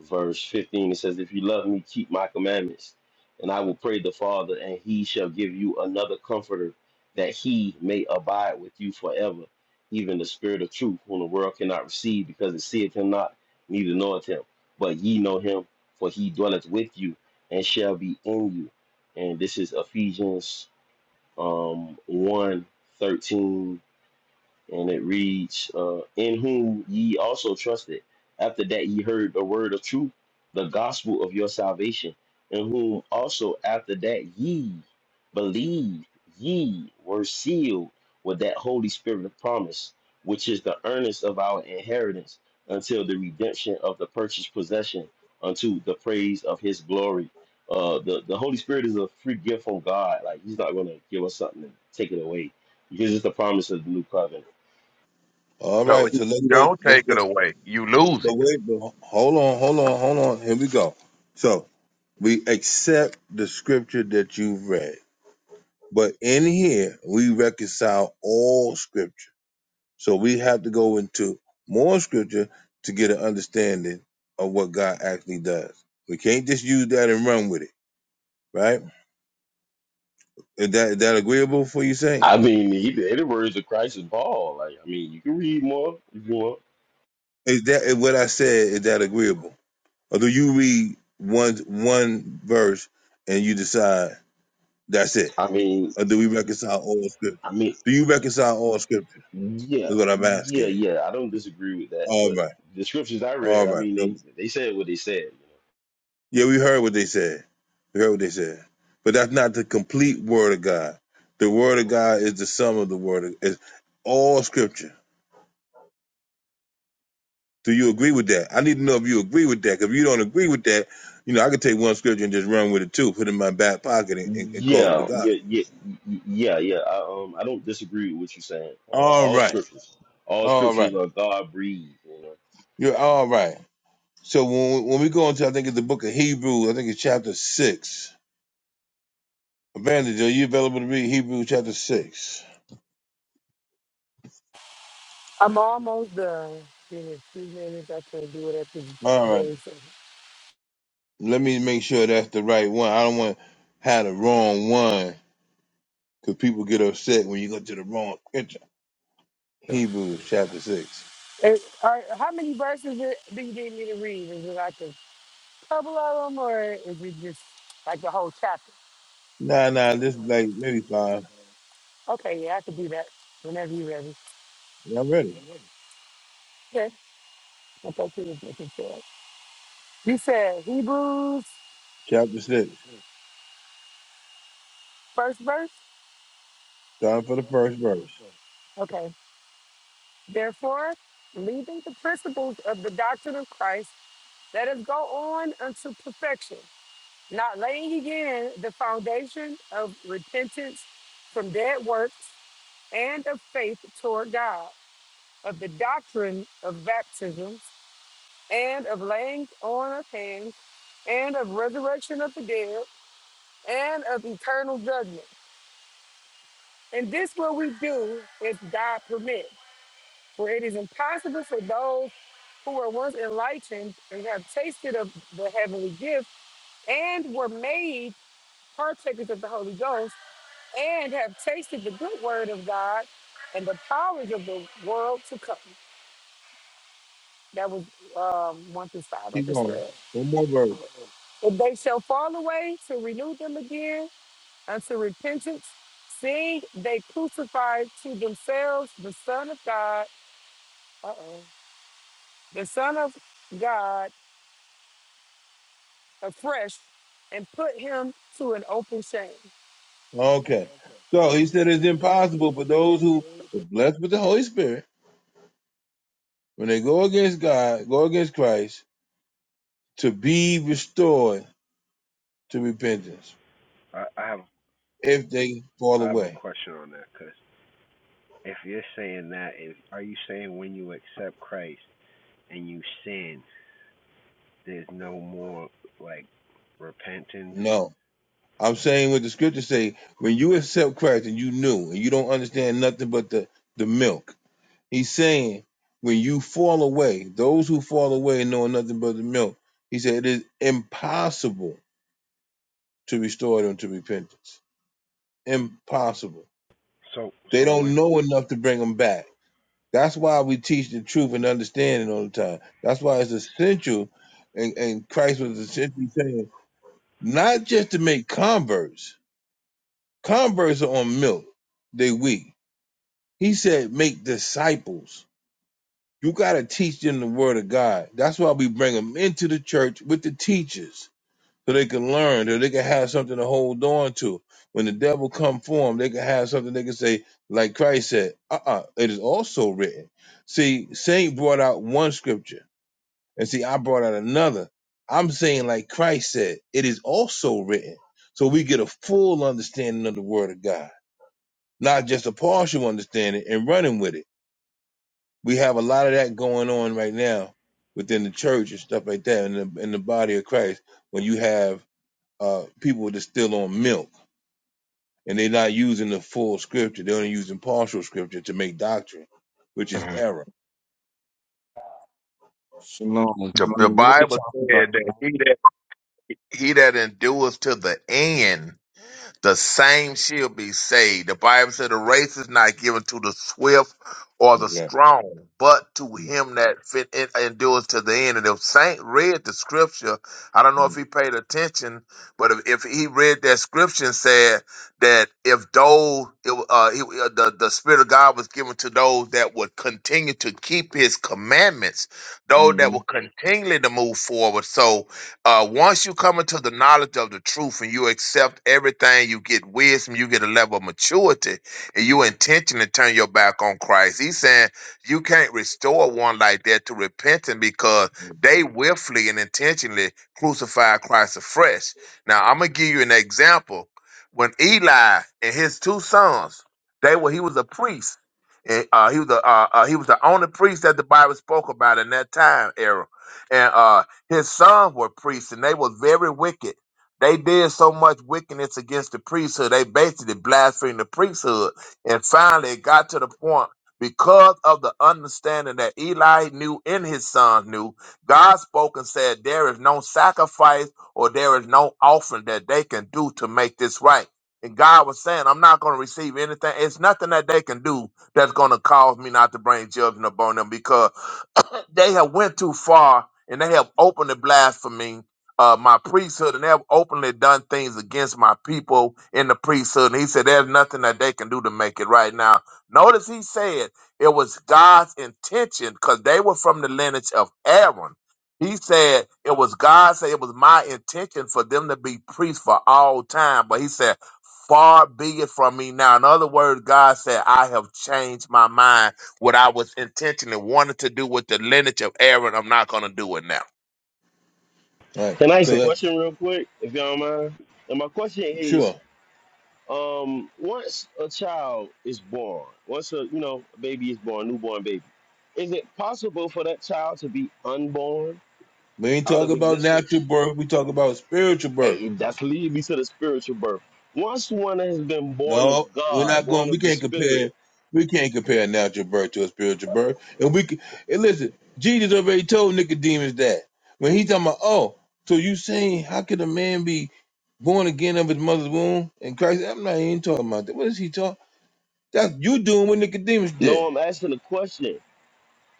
M: verse 15, it says, If you love me, keep my commandments, and I will pray the Father, and he shall give you another comforter, that he may abide with you forever, even the Spirit of truth, whom the world cannot receive, because it seeth him not, neither knoweth him. But ye know him, for he dwelleth with you, and shall be in you. And this is Ephesians um, 1 and it reads, uh, "In whom ye also trusted, after that ye heard the word of truth, the gospel of your salvation, in whom also after that ye believed, ye were sealed with that Holy Spirit of promise, which is the earnest of our inheritance until the redemption of the purchased possession, unto the praise of His glory." Uh, the the Holy Spirit is a free gift from God. Like He's not going to give us something and take it away because it's the promise of the new covenant.
A: All
L: no,
A: right,
L: if
A: so let's
L: you
A: go.
L: don't
A: Let's
L: take
A: go.
L: it away. You lose
A: But
L: it.
A: wait, but ho- hold on, hold on, hold on. Here we go. So we accept the scripture that you've read. But in here, we reconcile all scripture. So we have to go into more scripture to get an understanding of what God actually does. We can't just use that and run with it, right? Is that, is that agreeable for you, Saint?
M: I mean, he, the the words of Christ is Paul. Like, I mean, you can read more if you want.
A: Is that is what I said? Is that agreeable? Or do you read one one verse and you decide that's it?
M: I mean,
A: Or do we reconcile all scripture?
M: I mean,
A: Do you reconcile all scripture?
M: yeah,
A: Is what I'm
M: yeah,
A: asking you.
M: yeah. I don't disagree with that,
A: All
M: but
A: right,
M: the scriptures I read,
A: all
M: I mean,
A: right.
M: they they said what they said.
A: Yeah, we heard what they said. We heard what they said. But that's not the complete word of God. The word of God is the sum of the word of is all scripture. Do you agree with that? I need to know if you agree with that. 'cause If you don't agree with that, you know, I could take one scripture and just run with it too, put it in my back pocket and, and, and call it the
M: Yeah,
A: God.
M: yeah, yeah, yeah, yeah. I, um, I don't disagree with what you're saying. Um,
A: All
M: all
A: right.
M: scriptures, all
A: All
M: scriptures
A: right.
M: are God breathed. You know?
A: You're all right. So when we, when we go into I think it's the book of Hebrews, I think it's chapter six. Evangelist, are you available to read Hebrews chapter six?
D: I'm all,
A: All right. Let me make sure that's the right one. I don't want to have the wrong one because people get upset when you go to the wrong scripture. Hebrews chapter 6.
D: eh, are, how many verses do do you need me to read? Is it like a couple of them, or is it just like the whole chapter?
A: Nah, nah, this is like maybe five.
D: Okay, yeah, I could do that whenever you're ready.
A: Y'all ready?
D: Okay, I'm okay with it. You said Hebrews
A: Chapter 6,
D: first verse?
A: starting for the first verse.
D: Okay. Therefore, leaving the principles of the doctrine of Christ, let us go on unto perfection, not laying again the foundation of repentance from dead works and of faith toward God, of the doctrine of baptisms, and of laying on of hands, and of resurrection of the dead, and of eternal judgment. And this will we do if God permits For it is impossible for those who were once enlightened and have tasted of the heavenly gift and were made partakers of the Holy Ghost and have tasted the good word of God and the powers of the world to come. That was um, 1 through 5, like I
A: Keep
D: just
A: going.
D: read.
A: One more verse.
D: But they shall fall away to renew them again unto repentance, seeing they crucify to themselves the Son of God, uh-oh, the Son of God afresh and put him to an open shame.
A: Okay. So he said it's impossible for those who are blessed with the Holy Spirit, when they go against God, go against Christ, to be restored to repentance
O: I, I have
A: if they fall
O: I have a
A: away.
O: question on that because if you're saying that, if, are you saying when you accept Christ and you sin, there's no more like repentance?
A: No. I'm saying what the scriptures say. When you accept Christ and you new and you don't understand nothing but the, the milk, he's saying when you fall away, those who fall away knowing nothing but the milk. He said it is impossible to restore them to repentance. Impossible.
O: So
A: They
O: so
A: don't
O: what's
A: know enough to bring them back. That's why we teach the truth and understanding all the time. That's why it's essential. And, and Christ was essentially saying, not just to make converts, converts are on milk, they weak He said, make disciples. You got to teach them the word of God. That's why we bring them into the church with the teachers so they can learn, so they can have something to hold on to. When the devil come for them, they can have something they can say, like Christ said, uh-uh, it is also written. See, Saint brought out one scripture, and see, I brought out another. I'm saying, like Christ said, it is also written. So we get a full understanding of the word of God, not just a partial understanding and running with it. we have a lot of that going on right now within the church and stuff like that in the, in the body of Christ when you have uh, people that's still on milk and they're not using the full scripture. They're only using partial scripture to make doctrine, which is
L: Mhm.
A: error.
H: Shalom.
L: The, the
H: Shalom. What we
L: Bible
H: talking about,
L: said that
H: man?
L: he that he that endures to the end. the same shall be saved. The Bible said the race is not given to the swift or the
A: Yeah.
L: strong, but to him that fit and endures to the end. And if Saint read the scripture, I don't know if he paid attention, but if, if he read that scripture and said that if those it, uh, he, uh, the the spirit of God was given to those that would continue to keep His commandments, those that
A: Mm-hmm.
L: would continually to move forward. So uh, once you come into the knowledge of the truth and you accept everything, you get wisdom, you get a level of maturity, and you intentionally turn your back on Christ. He's saying you can't restore one like that to repenting because they willfully and intentionally crucified Christ afresh. Now, I'm gonna give you an example. When Eli and his two sons, they were he was a priest, and uh, he was the uh, uh, he was the only priest that the Bible spoke about in that time era, and uh, his sons were priests, and they were very wicked. They did so much wickedness against the priesthood. They basically blasphemed the priesthood. And finally, it got to the point because of the understanding that Eli knew and his sons knew, God spoke and said, There is no sacrifice or there is no offering that they can do to make this right. And God was saying, I'm not going to receive anything. It's nothing that they can do that's going to cause me not to bring judgment upon them because they have went too far and they have openly blasphemed uh, my priesthood and they have openly done things against my people in the priesthood. And he said, There's nothing that they can do to make it right now. Notice he said it was God's intention because they were from the lineage of Aaron. He said it was God said it was my intention for them to be priests for all time. But he said, Far be it from me now. In other words, God said, I have changed my mind what I was intentionally wanted to do with the lineage of Aaron, I'm not going to do it now.
A: Right.
M: Can I ask
A: So
M: a
O: I
A: that
M: question real quick, if y'all don't mind? And my question is.
A: sure.
M: Um, once a child is born, once a you know a baby is born, newborn baby, is it possible for that child to be unborn
A: We ain't
M: out
A: talk
M: of
A: about
M: existence?
A: natural birth. We talk about spiritual birth.
M: Hey, that's lead me to the spiritual birth. Once one has been born of
A: No, we're
M: God,
A: not
M: born
A: going. We
M: of the
A: can't
M: Spirit.
A: compare. We can't compare a natural birth to a spiritual birth. And we can, and listen. Jesus already told Nicodemus that when he talking about, oh, so you saying how could a man be born again of his mother's womb? And Christ, I'm not even talking about that. What is he talking? That's you doing what Nicodemus did.
M: No, I'm asking a question.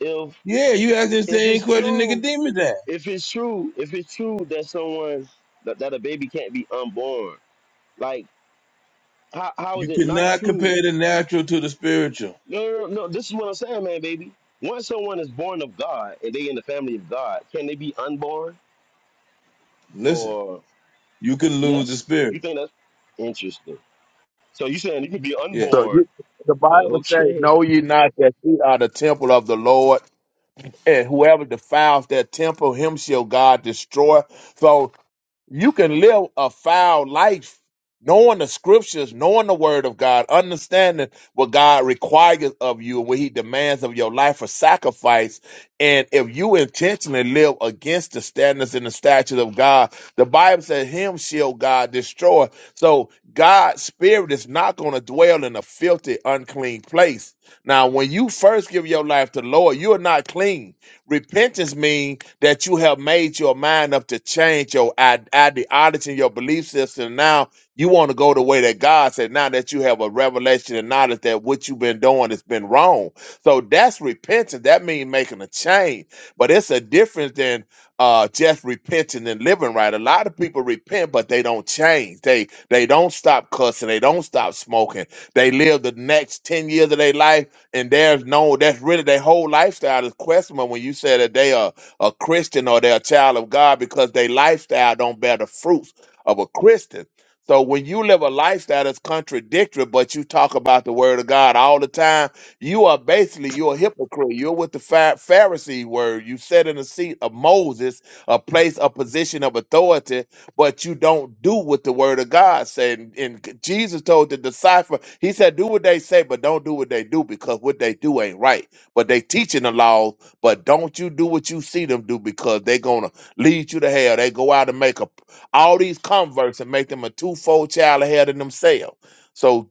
M: If
A: Yeah, you asking the
M: if
A: same
M: it's
A: question
M: true,
A: Nicodemus asked.
M: if it's true, if it's true that someone that, that a baby can't be unborn, like how, how is
A: You
M: it not
A: cannot
M: true
A: compare the natural to the spiritual.
M: No, no, no. no, This is what I'm saying, man, baby. Once someone is born of God and they in the family of God, can they be unborn?
A: Listen,
M: Or
A: you can lose the
M: yes,
A: spirit.
M: you think that's interesting? So you saying you could be
A: Yeah,
L: So
M: unborn?
L: you, the
M: Uh,
L: Bible says,
M: Okay.
L: "Know ye not that ye are the temple of the Lord, and whoever defiles that temple, him shall God destroy." So You can live a foul life knowing the scriptures, knowing the word of God, understanding what God requires of you and what he demands of your life for sacrifice. And if you intentionally live against the standards and the statutes of God, the Bible says him shall God destroy. So God's spirit is not going to dwell in a filthy, unclean place. Now, when you first give your life to the Lord, you are not clean. Repentance means that you have made your mind up to change your ide- ideology and your belief system. Now you want to go the way that God said, now that you have a revelation and knowledge that what you've been doing has been wrong. So that's repentance. That means making a change. But it's a difference than uh, just repenting and living right. A lot of people repent, but they don't change. They they don't stop cussing. They don't stop smoking. They live the next 10 years of their life and there's no that's really their whole lifestyle is questionable when you say that they are a Christian or they're a child of God because their lifestyle don't bear the fruits of a Christian. So when you live a lifestyle that's contradictory, but you talk about the word of God all the time, you are basically you're a hypocrite. You're with the Pha- Pharisee word. You sit in the seat of Moses, a place, a position of authority, but you don't do what the word of God said. And, and Jesus told the disciple, he said, do what they say, but don't do what they do because what they do ain't right. But they teaching the law but don't you do what you see them do because they're gonna lead you to hell. They go out and make a all these converts and make them a twofold child of hell than themselves. So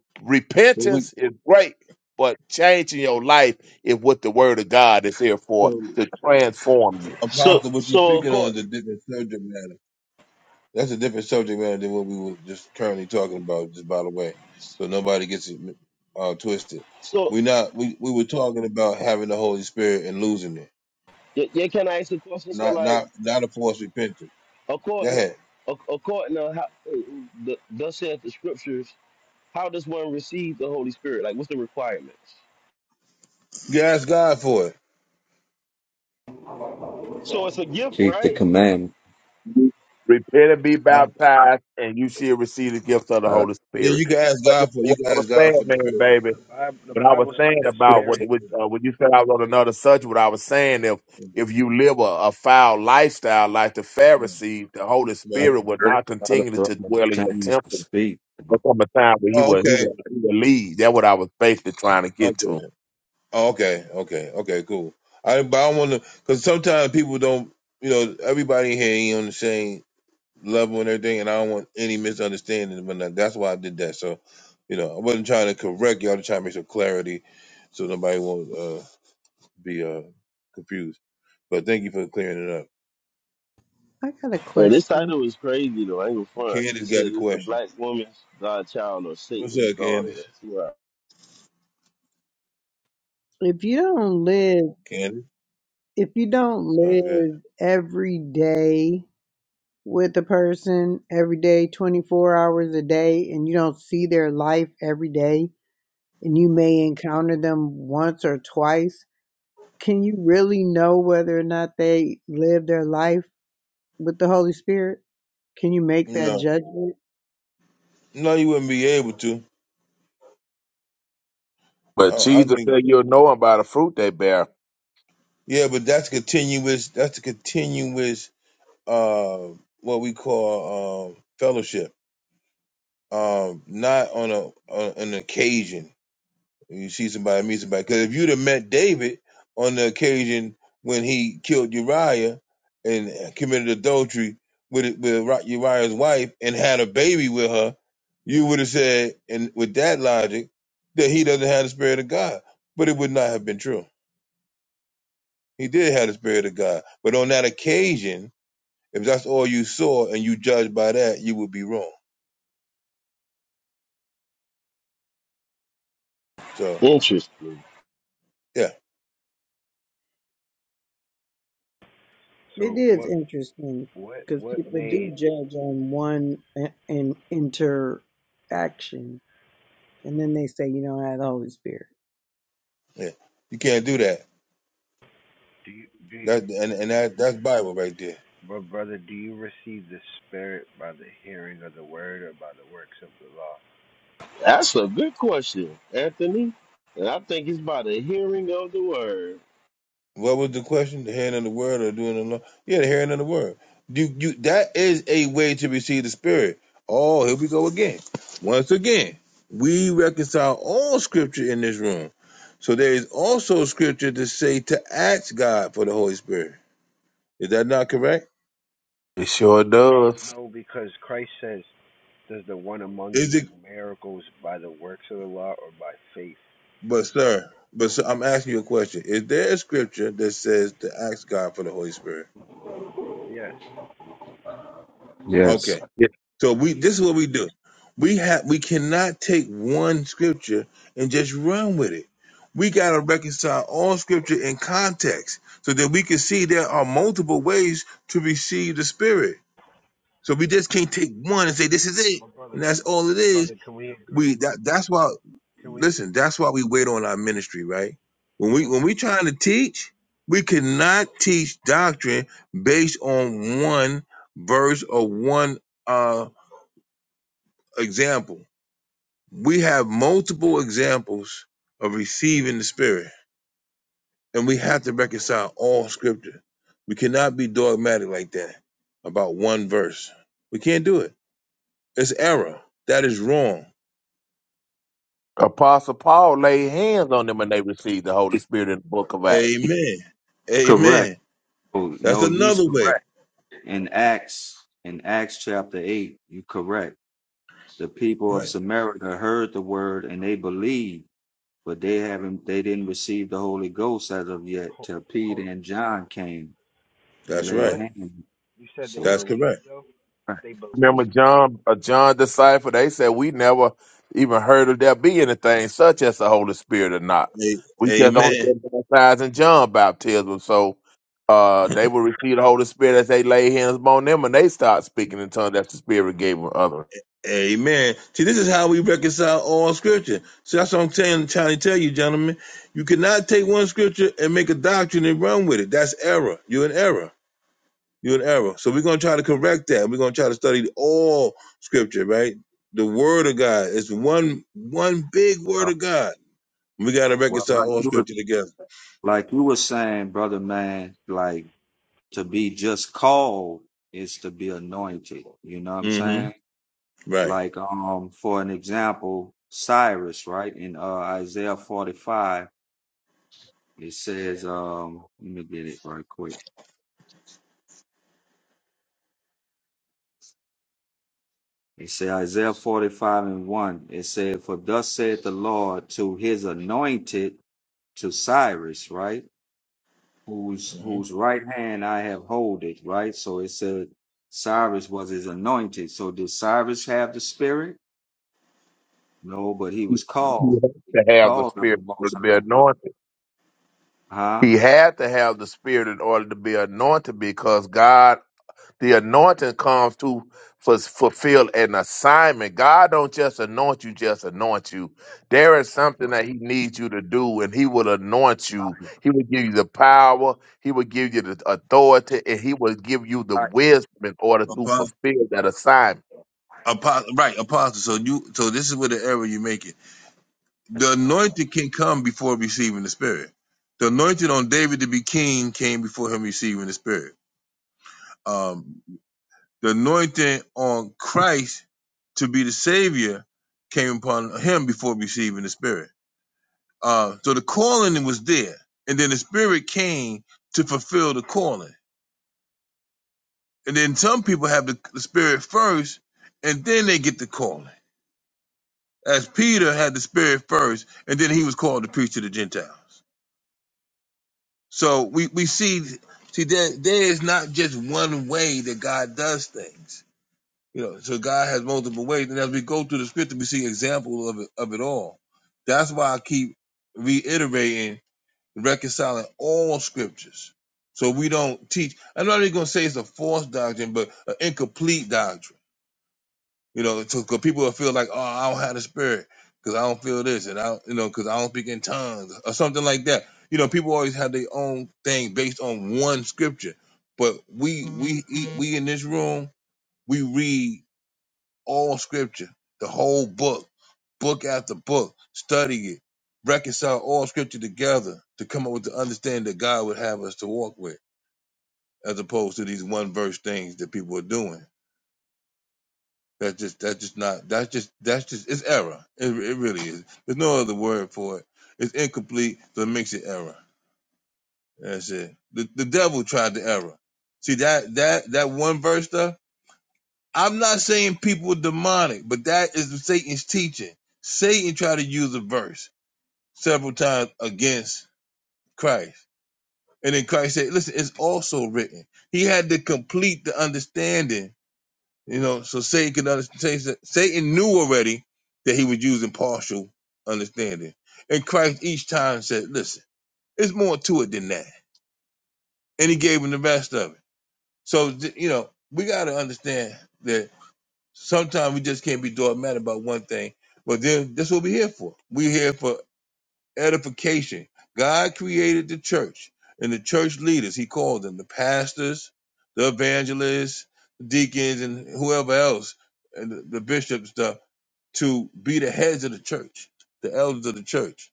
A: but we
L: repentance is great, but changing your life is what the word of God is here for
A: so
L: to transform
M: So,
A: Apostle, what you're
M: so of
A: speaking on
M: course,
A: is a different subject matter. That's a different subject matter than what we were just currently talking about, just by the way. So nobody gets it uh, twisted.
M: so
A: We not we, we were talking about having the Holy Spirit and losing it.
M: yeah, yeah, can I ask a question? So
A: Not
M: like,
A: not not a forced repentance. Go
M: according,
A: ahead.
M: ac- according to how uh, the thus saith the scriptures, how does one receive the Holy Spirit? Like, what's the requirements?
A: You can ask God for it.
M: So it's a gift,
H: Keep the
M: right?
H: command.
L: you. Repent and be
A: Huh?
L: baptized, and you shall receive the gift of the
H: Uh,
L: Holy
A: Yeah, you
L: Spirit.
A: can ask
L: But
A: God
L: that's
A: for it. You
L: what
A: can
L: I was
A: ask God
L: saying,
A: for the
L: man,
A: spirit.
O: no,
L: baby.
O: the Bible the
L: What I was
O: Bible says
L: saying
O: the
H: it's
L: about
H: like
L: what
O: Spirit.
H: to-
L: what, uh, when you said I wrote another subject, what I was saying if if you live a, a foul lifestyle like the
A: Yeah.
L: Pharisees, the Holy
H: I
A: Right.
L: Spirit
H: can
L: would
H: really
L: not
H: start to
L: continue
H: throw
L: to
H: my
L: dwell in your
H: chance to
L: temple.
H: speak. you
L: There
H: know?
L: come a time where he
A: Oh,
L: will he
A: okay.
L: will he will leave. That's what I was basically trying to get
A: Okay.
L: to.
A: Oh, okay. Okay. Okay, cool. I but I wanna cause sometimes people don't you know, everybody here ain't on the same level and everything, and I don't want any misunderstanding. But now, that's why I did that. So, you know, I wasn't trying to correct you. I was trying to make some clarity so nobody won't uh, be uh, confused. But thank you for clearing it up.
F: I got a
M: Yeah, this
F: question.
M: title is crazy though. I ain't gonna front.
A: Candace
M: It
A: got
M: says
A: a
M: it's the
A: question.
M: black woman's godchild or
A: What's
M: Satan's
A: up,
M: daughter.
A: Candace?
M: That's right.
F: If you don't live,
A: Candace?
F: if you don't
A: Oh, yeah.
F: live every day with a person every day, 24 hours a day, and you don't see their life every day, and you may encounter them once or twice. Can you really know whether or not they live their life with the Holy Spirit? Can you make that
A: No,
F: judgment?
A: no, you wouldn't be able to. I,
L: But
A: I don't
L: Jesus
A: think.
L: said you'll know them by the fruit they bear.
A: Yeah, but that's continuous. That's a continuous. Uh, what we call um, fellowship. Um, not on a on an occasion. You see somebody, meet somebody. Because if you'd have met David on the occasion when he killed Uriah and committed adultery with with Uriah's wife and had a baby with her, you would have said, and with that logic, that he doesn't have the spirit of God. But it would not have been true. He did have the spirit of God. But on that occasion, if that's all you saw and you judged by that, you would be wrong. So
M: Interesting.
A: yeah,
F: It
O: So
F: is
O: what
F: interesting
O: what
F: because
O: what
F: people do
O: made
F: judge on one in, in interaction, and then they say, "You don't have the Holy Spirit."
A: yeah, you can't do that.
O: do you do? You,
A: That and and that that's Bible right there.
O: but brother, do you receive the Spirit by the hearing of the Word or by the works of the law?
M: That's a good question, Anthony. And I think it's by the hearing of the word.
A: What was the question? The hearing of the word or doing the law? Yeah, the hearing of the word. You, you, that is a way to receive the spirit. Oh, here we go again. Once again, we reconcile all scripture in this room. So there is also scripture to say to ask God for the Holy Spirit. Is that not correct?
L: It sure
O: No,
L: does.
O: no, because Christ says, "Does the one among
A: Is
O: you
A: it?
O: do miracles by the works of the law or by faith?"
A: But sir, but sir, I'm asking you a question. Is there a scripture that says to ask God for the Holy Spirit?
O: Yes,
A: Okay.
H: Yes.
A: So we this is what we do. We have we cannot take one scripture and just run with it. We gotta reconcile all scripture in context so that we can see there are multiple ways to receive the spirit. So we just can't take one and say this is it
O: my brother,
A: and that's
O: my,
A: all it
O: my
A: is.
O: brother, can we agree?
A: We that that's why
O: Can we?
A: listen, that's why we wait on our ministry, right? When we
O: Oh,
A: when we trying to teach, we cannot teach doctrine based on one verse or one uh, example. We have multiple examples of receiving the Spirit, and we have to reconcile all Scripture. We cannot be dogmatic like that about one verse. We can't do it. It's error. That is wrong.
L: Apostle Paul laid hands on them and they received the Holy Spirit in the book of Acts.
A: Amen.
H: Correct.
A: Amen.
H: Oh,
A: That's
H: no, he's
A: another way.
H: correct. In Acts, in Acts chapter 8, you correct. The people of
A: Right.
H: Samaria heard the word and they believed. but they haven't they didn't receive the Holy Ghost as of yet
O: hold,
H: till Peter
O: hold.
H: and John came and
A: That's
O: They
H: laid
A: right.
O: what?
H: hands.
O: You said they
H: So
A: That's
O: believe
A: correct.
O: though.
H: right.
O: They
L: Remember
O: believe though.
L: John, a John disciple, they said we never even heard of there be anything such as the Holy Spirit or not.
A: A-
L: We just only
A: Amen.
L: been baptized in John baptism. So uh, they will receive the Holy Spirit as they lay hands upon them and they start speaking in tongues that the Spirit gave them others.
A: Amen. See, this is how we reconcile all scripture. See, that's what I'm telling, trying to tell you, gentlemen. You cannot take one scripture and make a doctrine and run with it. That's error. You're in error. You're in error. So we're going to try to correct that. We're going to try to study all scripture, right? The word of God. It's one one big word
H: Uh,
A: of God. We got to
H: well,
A: reconcile
H: like
A: all
H: you were
A: scripture together.
H: like you were saying, brother man, like to be just called is to be anointed. You know what I'm saying?
A: Mm-hmm. Right.
H: Like um for an example, Cyrus, right? In uh Isaiah forty five it says um let me get it right quick. It said Isaiah 45 and 1. It said, For thus saith the Lord to his anointed, to Cyrus, right? Whose
A: mm hmm
H: whose right hand I have holded, right? So it said Cyrus was his anointed. So did Cyrus have the spirit? No, but he
L: He
H: was
L: he
H: called,
L: had to have the
H: called of the
L: Spirit to
H: most
L: be anointed.
H: high.
L: He had to have the Spirit in order to be anointed because God The anointing comes to f- fulfill an assignment. God don't just anoint you, just anoint you. There is
H: Huh?
L: something that He needs you to do, and He will anoint you. He will give you the power, He will give you the authority, and He will give you the
H: Right.
L: wisdom in order to fulfill that assignment.
A: Apostle, right, apostle. So you, so this is where the error you make it. The anointing can come before receiving the spirit. The anointing on David to be king came before him receiving the spirit. Um, the anointing on Christ to be the savior came upon him before receiving the spirit. Uh, so the calling was there, and then the spirit came to fulfill the calling. And then some people have the, the spirit first, and then they get the calling. As Peter had the spirit first, and then he was called to preach to the Gentiles. So we, we see see there there is not just one way that God does things. You know, so God has multiple ways, and as we go through the scripture, we see examples of it of it all. That's why I keep reiterating reconciling all scriptures, so we don't teach. I'm not even going to say it's a false doctrine, but an incomplete doctrine you know, because people will feel like, oh, I don't have the spirit because I don't feel this, and I, don't, you know, because I don't speak in tongues or something like that. You know, people always have their own thing based on one scripture, but we we we in this room we read all scripture, the whole book, book after book, study it, reconcile all scripture together to come up with the understanding that God would have us to walk with, as opposed to these one verse things that people are doing. That's just that's just not that's just that's just it's error. It, it really is. There's no other word for it. It's incomplete, so it makes it error. That's it. The the devil tried the error. See that that that one verse stuff. I'm not saying people are demonic, but that is Satan's teaching. Satan tried to use a verse several times against Christ, and then Christ said, "Listen, it's also written." He had to complete the understanding You know, so Satan could understand. Satan knew already that he was using partial understanding, and Christ each time said, "Listen, it's more to it than that," and he gave him the rest of it. So th- you know, we got to understand that sometimes we just can't be dogmatic about one thing. But then that's what we're here for. We're here for edification. God created the church and the church leaders. He called them the pastors, the evangelists, deacons, and whoever else, and the, the bishops and stuff to be the heads of the church, the elders of the church,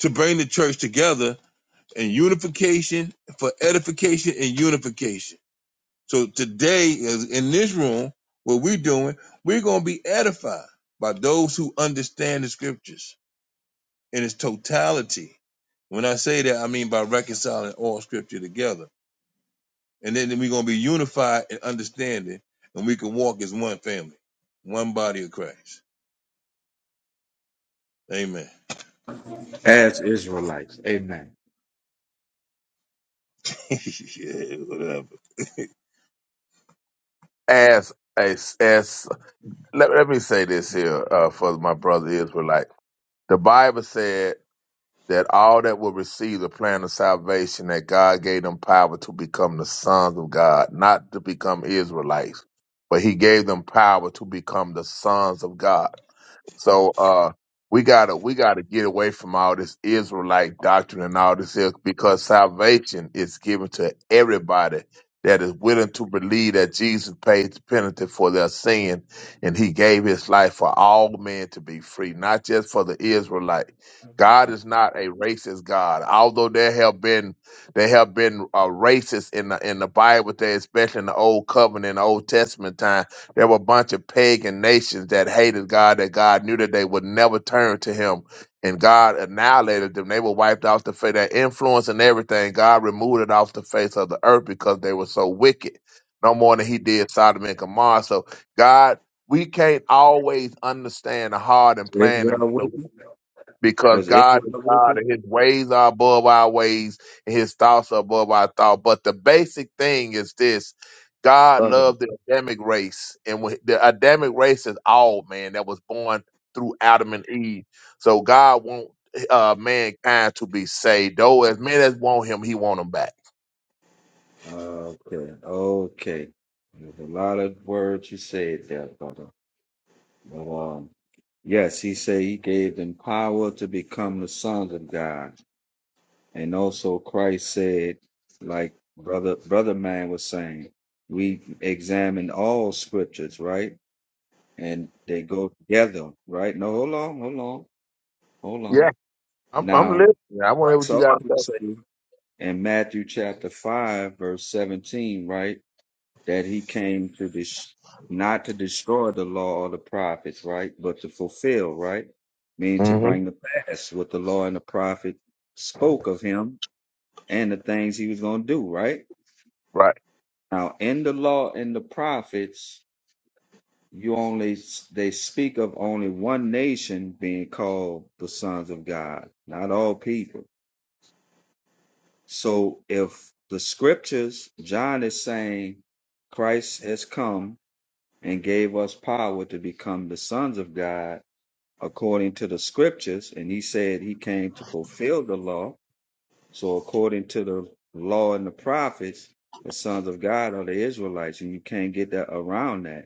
A: to bring the church together in unification for edification and unification. So today is in this room, what we're doing, we're going to be edified by those who understand the scriptures in its totality. When I say that, I mean by reconciling all scripture together. And then we're going to be unified in understanding and we can walk as one family, one body of Christ. Amen.
H: As Israelites. Amen.
A: yeah, whatever.
L: As as, as let, let me say this here uh, for my brother Israelite. The Bible said that all that will receive the plan of salvation that God gave them power to become the sons of God, not to become Israelites, but he gave them power to become the sons of God. So uh, we gotta we gotta get away from all this Israelite doctrine and all this else because salvation is given to everybody that is willing to believe that Jesus paid the penalty for their sin and he gave his life for all men to be free, not just for the Israelite. God
H: Uh,
L: is not a racist God. Although there have been there have been uh, racists in the in the Bible, there, especially in the Old Covenant, Old Testament time there were a bunch of pagan nations that hated God, that God knew that they would never turn to Him. And God annihilated them. They were wiped off the face, their influence and everything. God removed it off the face of the earth because they were so wicked. No more than He did Sodom and Gomorrah. So, God, we can't always understand the hard and plan
H: Israel with it?
L: because
H: Was
L: God
H: Israel
L: is
H: with
L: God and his ways are above our ways and his thoughts are above our thoughts. But the basic thing is this God
H: it?
L: loved the Adamic race, and when- the Adamic race is all man that was born through Adam and Eve. So God want uh, mankind to be saved. Though as many as want him, he want them back.
H: Okay, okay. There's a lot of words you said there, brother. But um, yes, he said he gave them power to become the sons of God, and also Christ said, like brother brother man was saying, we examine all scriptures, right? And they go together, right? No, hold on, hold on, hold on.
L: Yeah, I'm, I'm
H: Now,
L: listening. I want to hear
H: Christ
L: what you
H: also
L: got to say.
H: said in Matthew chapter five, verse seventeen, right? that he came to this not to destroy the law or the prophets, right? But to fulfill, right? Meaning to
L: hmm
H: bring to pass what the law and the prophet spoke of him and the things he was going to do, right?
L: Right.
H: Now, in the law and the prophets, you only they speak of only one nation being called the sons of God, not all people. So if the scriptures, John is saying Christ has come and gave us power to become the sons of God according to the scriptures. And he said he came to fulfill the law. So, according to the law and the prophets, the sons of God are the Israelites, and you can't get that around that.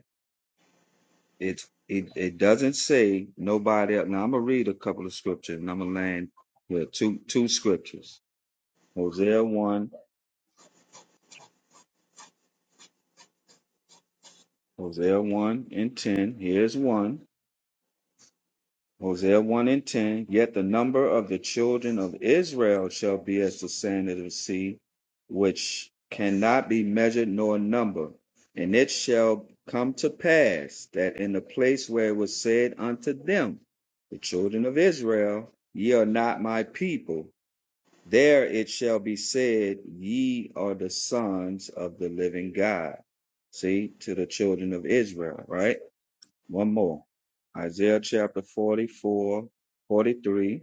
H: It's it, it doesn't say nobody else. Now I'm gonna read a couple of scriptures and I'm gonna land with two two scriptures. Hosea one, Hosea one and ten. Here's one. Hosea 1 and 10 Yet the number of the children of Israel shall be as the sand of the sea, which cannot be measured nor numbered. And it shall come to pass that in the place where it was said unto them, The children of Israel, ye are not my people, there it shall be said, Ye are the sons of the living God. See, to the children of Israel, right? One more. Isaiah chapter 44, 43,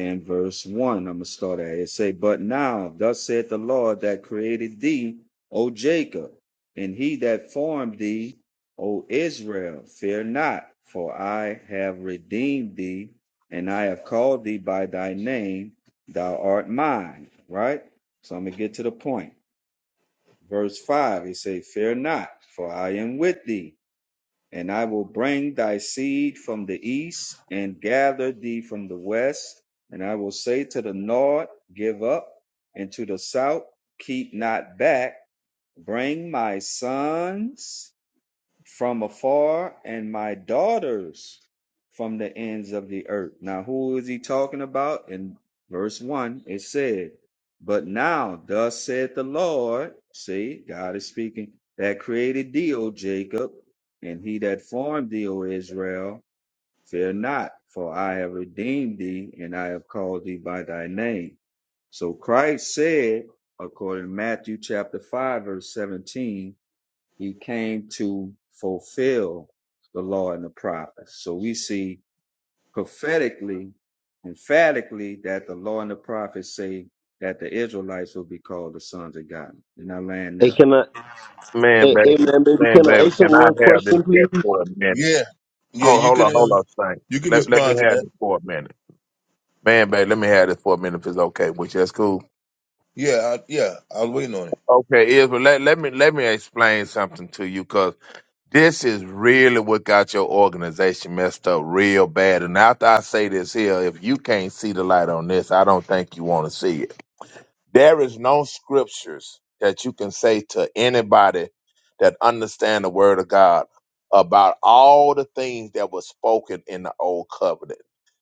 H: and verse 1. I'm going to start at it. It Say, But now, thus saith the Lord that created thee, O Jacob, and he that formed thee, O Israel, fear not, for I have redeemed thee, and I have called thee by thy name. Thou art mine. Right? So I'm going to get to the point. Verse 5, he say, Fear not, for I am with thee And I will bring thy seed from the east and gather thee from the west. And I will say to the north, Give up, and to the south, Keep not back. Bring my sons from afar and my daughters from the ends of the earth. Now, who is he talking about? In verse 1, it said, But now, thus saith the Lord, see, God is speaking, that created thee, O Jacob, and he that formed thee, O Israel, fear not, for I have redeemed thee, and I have called thee by thy name. So Christ said, according to Matthew chapter 5, verse 17, he came to fulfill the law and the prophets. So we see prophetically, emphatically, that the law and the prophets say that the Israelites will be called the sons of God. And I land
M: Hey,
H: now.
M: can I?
L: Man,
M: Hey, hey
L: baby.
M: man, baby,
L: Man,
M: can I
L: baby,
M: ask
L: can
M: him
L: I
M: one
L: have this
M: question, please?
L: guest for a minute?
A: Yeah, yeah,
L: Hold
A: you
L: hold
A: could
L: on, hold
A: uh,
L: on, thing.
A: you could
L: Let let me
A: respond to
L: have
A: that.
L: this for a minute, man, babe. Let me have this for a minute if it's okay with you. That's cool.
A: Yeah, I, yeah, I was waiting on it.
L: Okay, is but let let me let me explain something to you because this is really what got your organization messed up real bad. And after I say this here, if you can't see the light on this, I don't think you want to see it. There is no scriptures that you can say to anybody that understand the word of God about all the things that were spoken in the old covenant.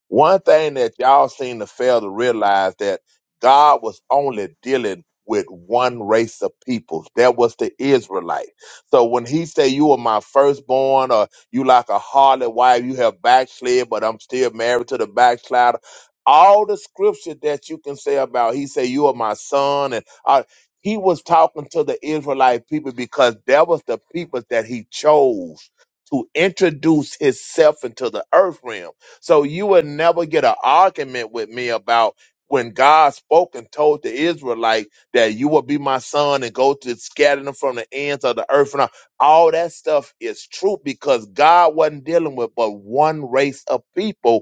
L: One thing that y'all seem to fail to realize that God was only dealing with one race of peoples. That was the Israelite. So when he say you are my firstborn or you like a harlot wife, you have backslid, but I'm still married to the backslider all the scripture that you can say about he said you are my son and uh, he was talking to the israelite people because that was the people that he chose to introduce himself into the earth realm so you would never get an argument with me about when God spoke and told the Israelite that you will be my son and go to scatter them from the ends of the earth and all, all that stuff is true because God wasn't dealing with but one race of people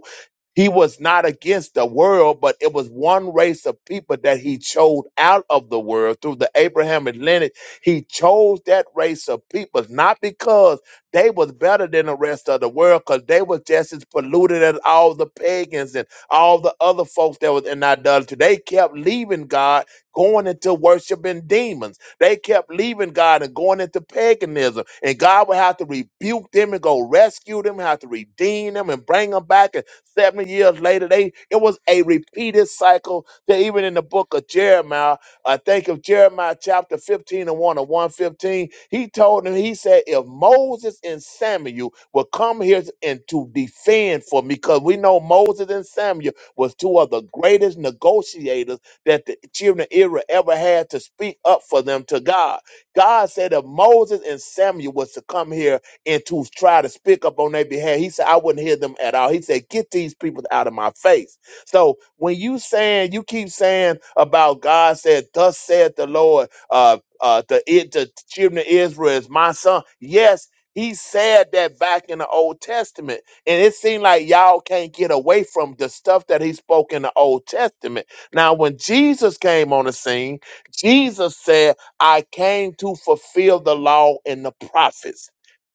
L: he was not against the world, but it was one race of people that he chose out of the world through the Abrahamic lineage. He chose that race of people not because they was better than the rest of the world, because they was just as polluted as all the pagans and all the other folks that was in idolatry. They kept leaving God, going into worshiping demons. They kept leaving God and going into paganism. And God would have to rebuke them and go rescue them, have to redeem them and bring them back. And seven years later, they it was a repeated cycle that even in the book of Jeremiah, I think of Jeremiah chapter 15 and 1 or 115, he told them. he said, if Moses and Samuel will come here and to defend for me, because we know Moses and Samuel was two of the greatest negotiators that the children of Israel ever had to speak up for them to God. God said if Moses and Samuel was to come here and to try to speak up on their behalf, he said, I wouldn't hear them at all. He said, get these people out of my face. So when you saying, you keep saying about God said, thus said the Lord, uh, uh, the, it, the children of Israel is my son. Yes, he said that back in the Old Testament. And it seemed like y'all can't get away from the stuff that he spoke in the Old Testament now, when Jesus came on the scene, Jesus said, I came to fulfill the law and the prophets.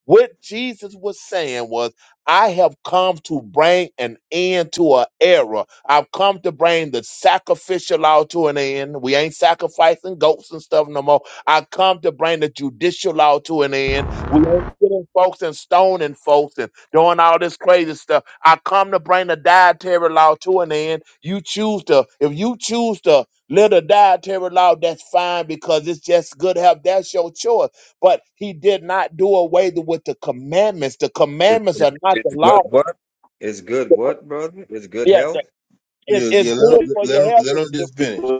L: What Jesus was saying was, I have come to bring an end to an era. I've come to bring the sacrificial law to an end. We ain't sacrificing goats and stuff no more. I come to bring the judicial law to an end. We ain't killing folks and stoning folks. and doing all this crazy stuff. I come to bring the dietary law to an end. You choose to, if you choose to live the dietary law, that's fine because it's just good health. That's your choice. But he did not do away the- with the commandments. The
H: It's,
L: commandments
H: it's,
L: are not the
H: it's
L: law.
H: good what? It's good
L: The co-
H: what, brother? It's good
L: Yeah, the-
H: health?
L: it-
A: Yeah,
L: it's
A: yeah, let
L: good
A: him,
L: for
A: let
L: your
A: him,
L: health.
A: let him just finish.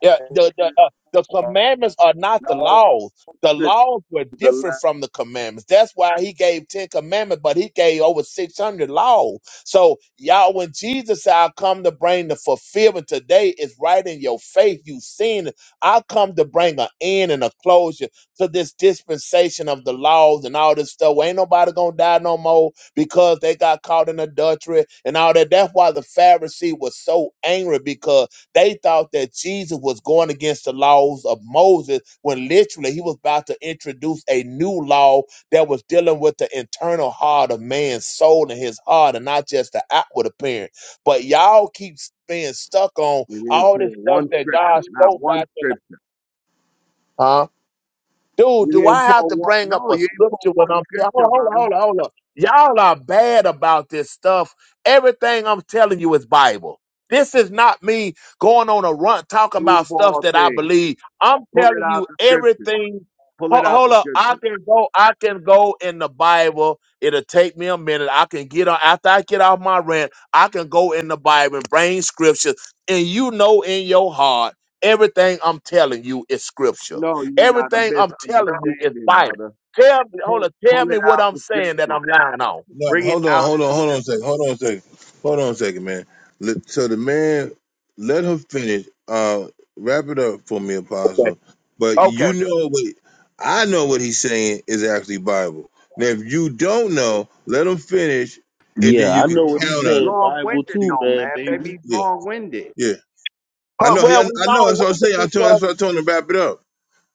L: Yeah, the the, uh, the commandments are not the
K: no
L: laws. The laws were
K: scriptures
L: different from the commandments. That's why he gave ten commandments, but he gave over six hundred laws. So y'all, when Jesus said, "I come to bring the fulfillment today," is right in your faith. You seen it. I come to bring an end and a closure to this dispensation of the laws and all this stuff. Ain't nobody gonna die no more because they got caught in adultery and all that. That's why the Pharisee was so angry because. They thought that Jesus was going against the laws of Moses when literally he was about to introduce a new law that was dealing with the internal heart of man's soul and his heart and not just the outward appearance. But y'all keep being stuck on
K: You didn't
L: all this
K: pull
L: stuff
K: one
L: that God
K: scripture, not
L: spoke
K: one
L: back in the
K: scripture.
L: huh? Dude,
K: You
L: do I
K: didn't
L: have
K: pull
L: to
K: one.
L: bring up
K: No,
L: a
K: you ain't pull
L: scripture when
K: one
L: I'm telling?
K: scripture,
L: Hold on,
K: brother.
L: hold on, hold on. Y'all are bad about this stuff. Everything I'm telling you is Bible. This is not me going on a run talking
K: Through
L: about stuff
K: ball
L: that I
K: thing.
L: believe. I'm
K: Pull it
L: telling
K: out
L: you
K: the scripture.
L: everything.
K: Pull
L: Ho-
K: it out
L: Hold
K: the
L: up, I
K: scripture.
L: can go. I can go in the Bible. It'll take me a minute. I can get on after I get off my rant. I can go in the Bible and bring scripture, and you know in your heart everything I'm telling you is scripture.
K: No, you got a
L: Everything I'm telling you is
K: misunderstanding,
L: Bible.
K: brother.
L: Tell me,
K: Pull,
L: hold on, tell
K: pull it
L: me what
K: out
L: I'm
K: the
L: saying that
K: scripture.
L: I'm lying on.
A: No,
K: Bring it
A: hold on,
K: out
A: hold on, hold on a second, hold on a second, hold on a second, man. Let, so the man, let her finish. Uh, wrap it up for me,
L: Okay.
A: Apostle. But
L: Okay.
A: you know what? I know what he's saying is actually Bible. Now, if you don't know, let him finish, and
M: Yeah,
A: then
K: the
A: you
M: I
A: can
M: know what
K: scripture.
M: he's
K: He's
A: counter.
M: saying.
K: long winded,
M: Bible
A: You,
M: too,
K: though,
M: man,
K: man. Baby,
M: baby.
K: he's
A: yeah,
K: long winded.
A: yeah. I
L: Uh,
A: know. he- I,
L: well, we
A: I know. That's what I'm
L: long-winded
A: saying. I told.
L: because
A: That's what I told him to wrap it up.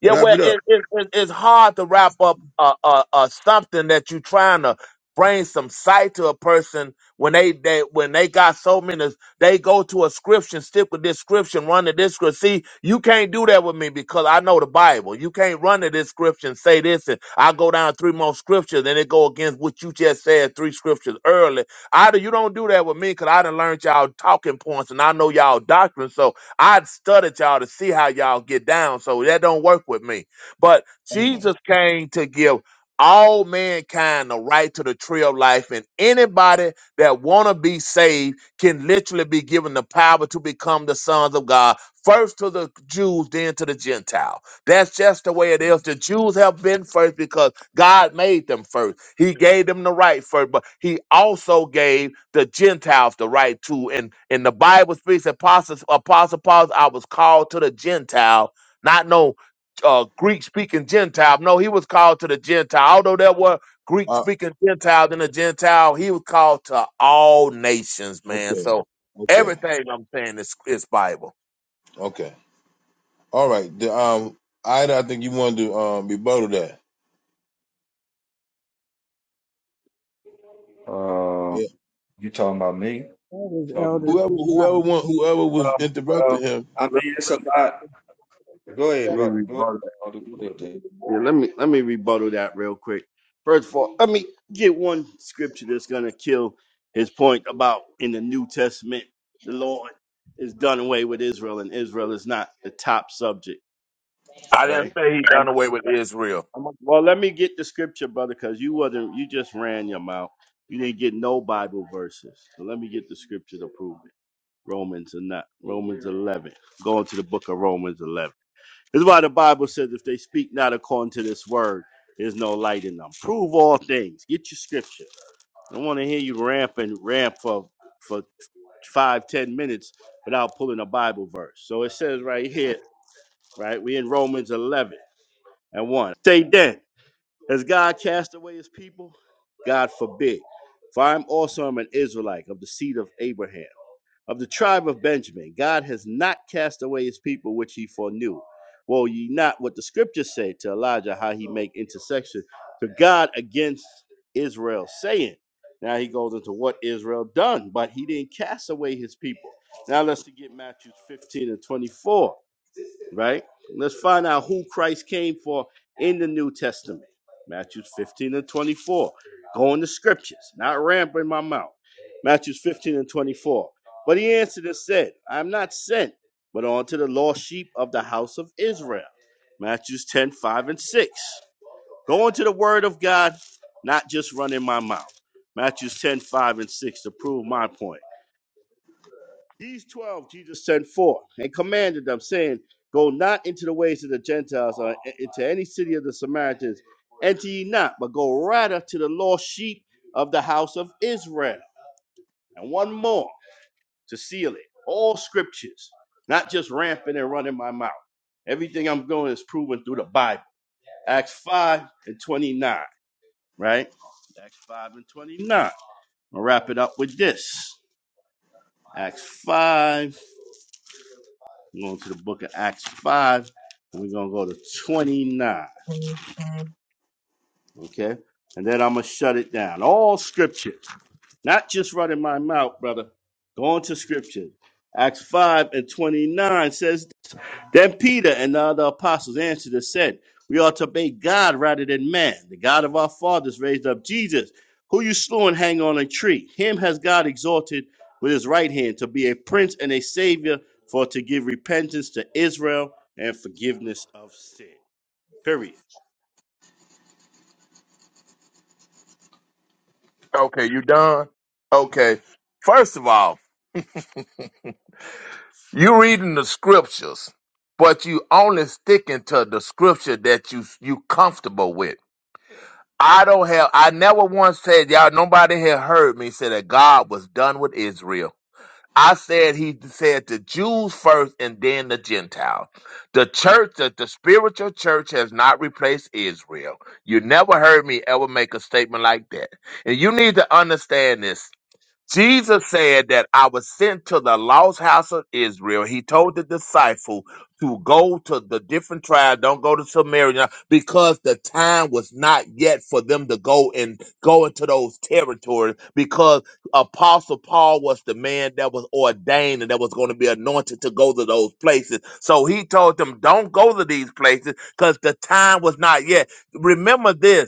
L: Yeah,
A: Wrap
L: well,
A: it up.
L: it, it, it, it's hard to wrap up uh, uh, uh, something that you're trying to bring some sight to a person when they, they when they got so many. They go to a scripture, stick with this scripture, run to this scripture. See, you can't do that with me because I know the Bible. You can't run to this scripture and say this, and I go down three more scriptures, and it go against what you just said three scriptures early. I do- you don't do that with me because I done learned y'all talking points and I know y'all doctrine. So I'd studied y'all to see how y'all get down, so that don't work with me. But
A: Oh,
L: Jesus came to give all mankind the right to the tree of life, and anybody that wanna be saved can literally be given the power to become the sons of God, first to the Jews, then to the Gentile. That's just the way it is. The Jews have been first because God made them first. He gave them the right first, but he also gave the Gentiles the right too. And and the Bible speaks, apostles, apostle Paul, I was called to the Gentile, not no uh, Greek speaking Gentile. No, he was called to the Gentile. Although there were Greek
A: uh,
L: speaking Gentiles and the Gentile, he was called to all nations, man.
A: okay,
L: So
A: okay,
L: everything I'm saying is is Bible.
A: okay. All right. The, um, Ida, I think you wanted to um rebuttal that.
H: Uh,
A: Yeah.
H: you talking about me?
F: That was
H: Talking,
F: Elder
A: Whoever, whoever,
F: Torah.
A: want, whoever was
H: um,
A: interrupting
H: well,
A: him.
H: I mean, it's a lot. Go ahead,
K: Let me
H: brother. Go ahead.
K: rebut
H: Elder. Go ahead.
K: Yeah, let me let me rebuttal that real quick. First of all, let me get one scripture that's gonna kill his point about in the New Testament, the Lord is done away with Israel, and Israel is not the top subject,
L: I didn't
K: right?
L: say he
K: Um
L: done away with Israel.
K: I'm, well, let me get the scripture, brother, because you wasn't you just ran your mouth. You didn't get no Bible verses. So let me get the scripture to prove it. Romans or not. Romans eleven. Going to the book of Romans eleven. This is why the Bible says, if they speak not according to this word, there's no light in them. Prove all things. Get your scripture. I don't want to hear you ramp and ramp for, for five, ten minutes without pulling a Bible verse. So it says right here, right? we in Romans 11 and 1. Say then, has God cast away his people? God forbid. For I am also am an Israelite of the seed of Abraham of the tribe of Benjamin. God has not cast away his people which he foreknew. Woe ye not what the scriptures say to Elijah, how he make intercession to God against Israel, saying. Now he goes into what Israel done, but he didn't cast away his people. Now let's get Matthew 15 and 24 right? Let's find out who Christ came for in the New Testament. Matthew 15 and 24. Going to scriptures, not rambling my mouth. Matthew 15 and 24. But he answered and said, I am not sent, but unto the lost sheep of the house of Israel. Matthew 10, 5 and 6. Going to the word of God, not just running my mouth. Matthew 10, 5 and 6 to prove my point. These twelve Jesus sent forth and commanded them, saying, Go not into the ways of the Gentiles or into any city of the Samaritans. Enter ye not, but go rather to the lost sheep of the house of Israel. And one more to seal it. All scriptures, not just rampant and running my mouth. Everything I'm going is proven through the Bible. Acts 5 and 29, right? Acts 5 and 29. I'll wrap it up with this. Acts 5 We're going to the book of Acts 5, and we're going to go to 29. Okay? And then I'm going to shut it down. All scripture, not just running my mouth, brother. Going to scripture. Acts 5 and 29 says then Peter and the other apostles answered and said, We ought to obey God rather than man. The God of our fathers raised up Jesus, who you slew and hang on a tree. Him has God exalted with his right hand to be a prince and a savior, for to give repentance to Israel and forgiveness of sin. Period.
L: Okay, you done? Okay. First of all. You reading the scriptures, but you only sticking to the scripture that you you comfortable with. I don't have. I never once said y'all. Nobody had heard me say that God was done with Israel. I said He said the Jews first and then the Gentiles. The church, the, the spiritual church, has not replaced Israel. You never heard me ever make a statement like that, and you need to understand this. Jesus said that I was sent to the lost house of Israel. He told the disciple to go to the different tribes, don't go to Samaria, because the time was not yet for them to go and go into those territories. Because Apostle Paul was the man that was ordained and that was going to be anointed to go to those places. So he told them, don't go to these places because the time was not yet. Remember this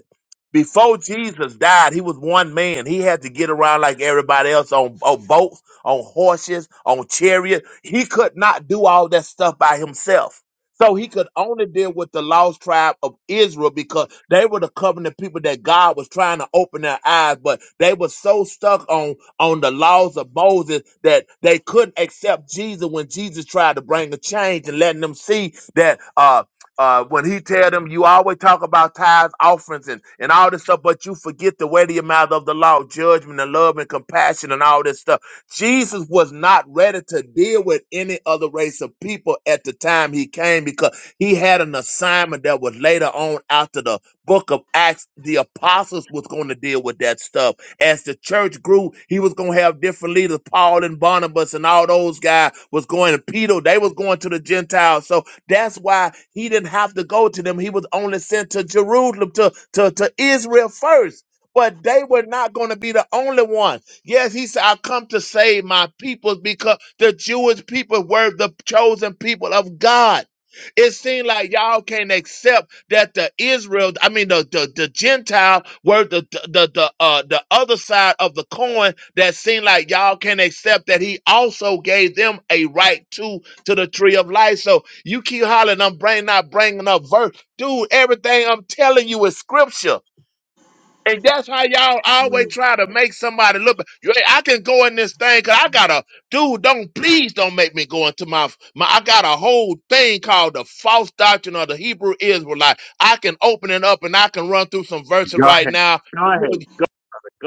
L: before Jesus died, he was one man. He had to get around like everybody else on, on boats, on horses, on chariots. He could not do all that stuff by himself. So he could only deal with the lost tribe of Israel because they were the covenant people that God was trying to open their eyes, but they were so stuck on on the laws of Moses that they couldn't accept Jesus when Jesus tried to bring a change and letting them see that uh uh, when he tell them you always talk about tithes, offerings, and, and all this stuff, but you forget the weightier matter of the law, judgment and love and compassion and all this stuff. Jesus was not ready to deal with any other race of people at the time he came because he had an assignment that was later on after the book of Acts, the apostles was going to deal with that stuff. As the church grew, he was going to have different leaders, Paul and Barnabas and all those guys was going to Peter. They was going to the Gentiles. So that's why he didn't have to go to them. He was only sent to Jerusalem, to, to, to Israel first. But they were not going to be the only one. Yes, he said, I come to save my people because the Jewish people were the chosen people of God. It seemed like y'all can't accept that the Israel, I mean the the, the Gentile were the the the the, uh the other side of the coin that seemed like y'all can't accept that he also gave them a right to to the tree of life. So you keep hollering, I'm bringing not bringing up verse. Dude, everything I'm telling you is scripture. And that's how y'all
A: yeah.
L: always try to make somebody look. bad. You, ain't- I can go in this thing because I got a dude. Don't please don't make me go into my my. I got a whole thing called the false doctrine of the Hebrew Israelite. I can open it up and I can run through some verses
K: Go
L: right
K: ahead.
L: now.
K: Go
L: You-
K: ahead. Go,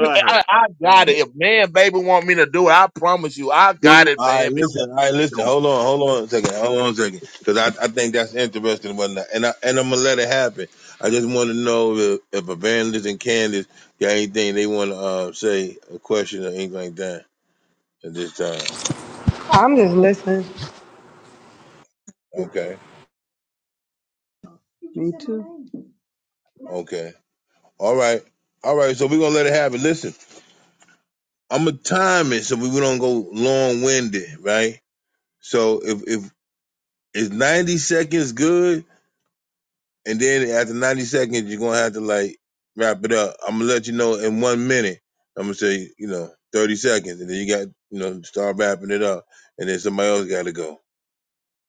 L: you- I,
K: ahead.
L: I
K: Go
L: got
K: ahead.
L: it. If man, baby, want me to do it, I promise you, I
K: Go,
L: got it,
A: All right,
L: man.
K: go,
A: listen. All right, listen.
K: go.
A: Hold on, hold on a second. Hold on a second, because I, I think that's interesting and whatnot. And I and I'm gonna let it happen. I just want to know if, if Evangelist and Candace got anything they want to uh, say, a question or anything like that at this time.
D: I'm just listening.
A: Okay,
F: Me too.
A: okay. All right, all right. So we're gonna let it happen. Listen. I'm gonna time it so we don't go long winded, right? So if if it's 90 seconds good, and then after 90 seconds you're gonna have to like wrap it up. I'm gonna let you know in one minute. I'm gonna say you know 30 seconds, and then you got you know start wrapping it up, and then somebody else got to go.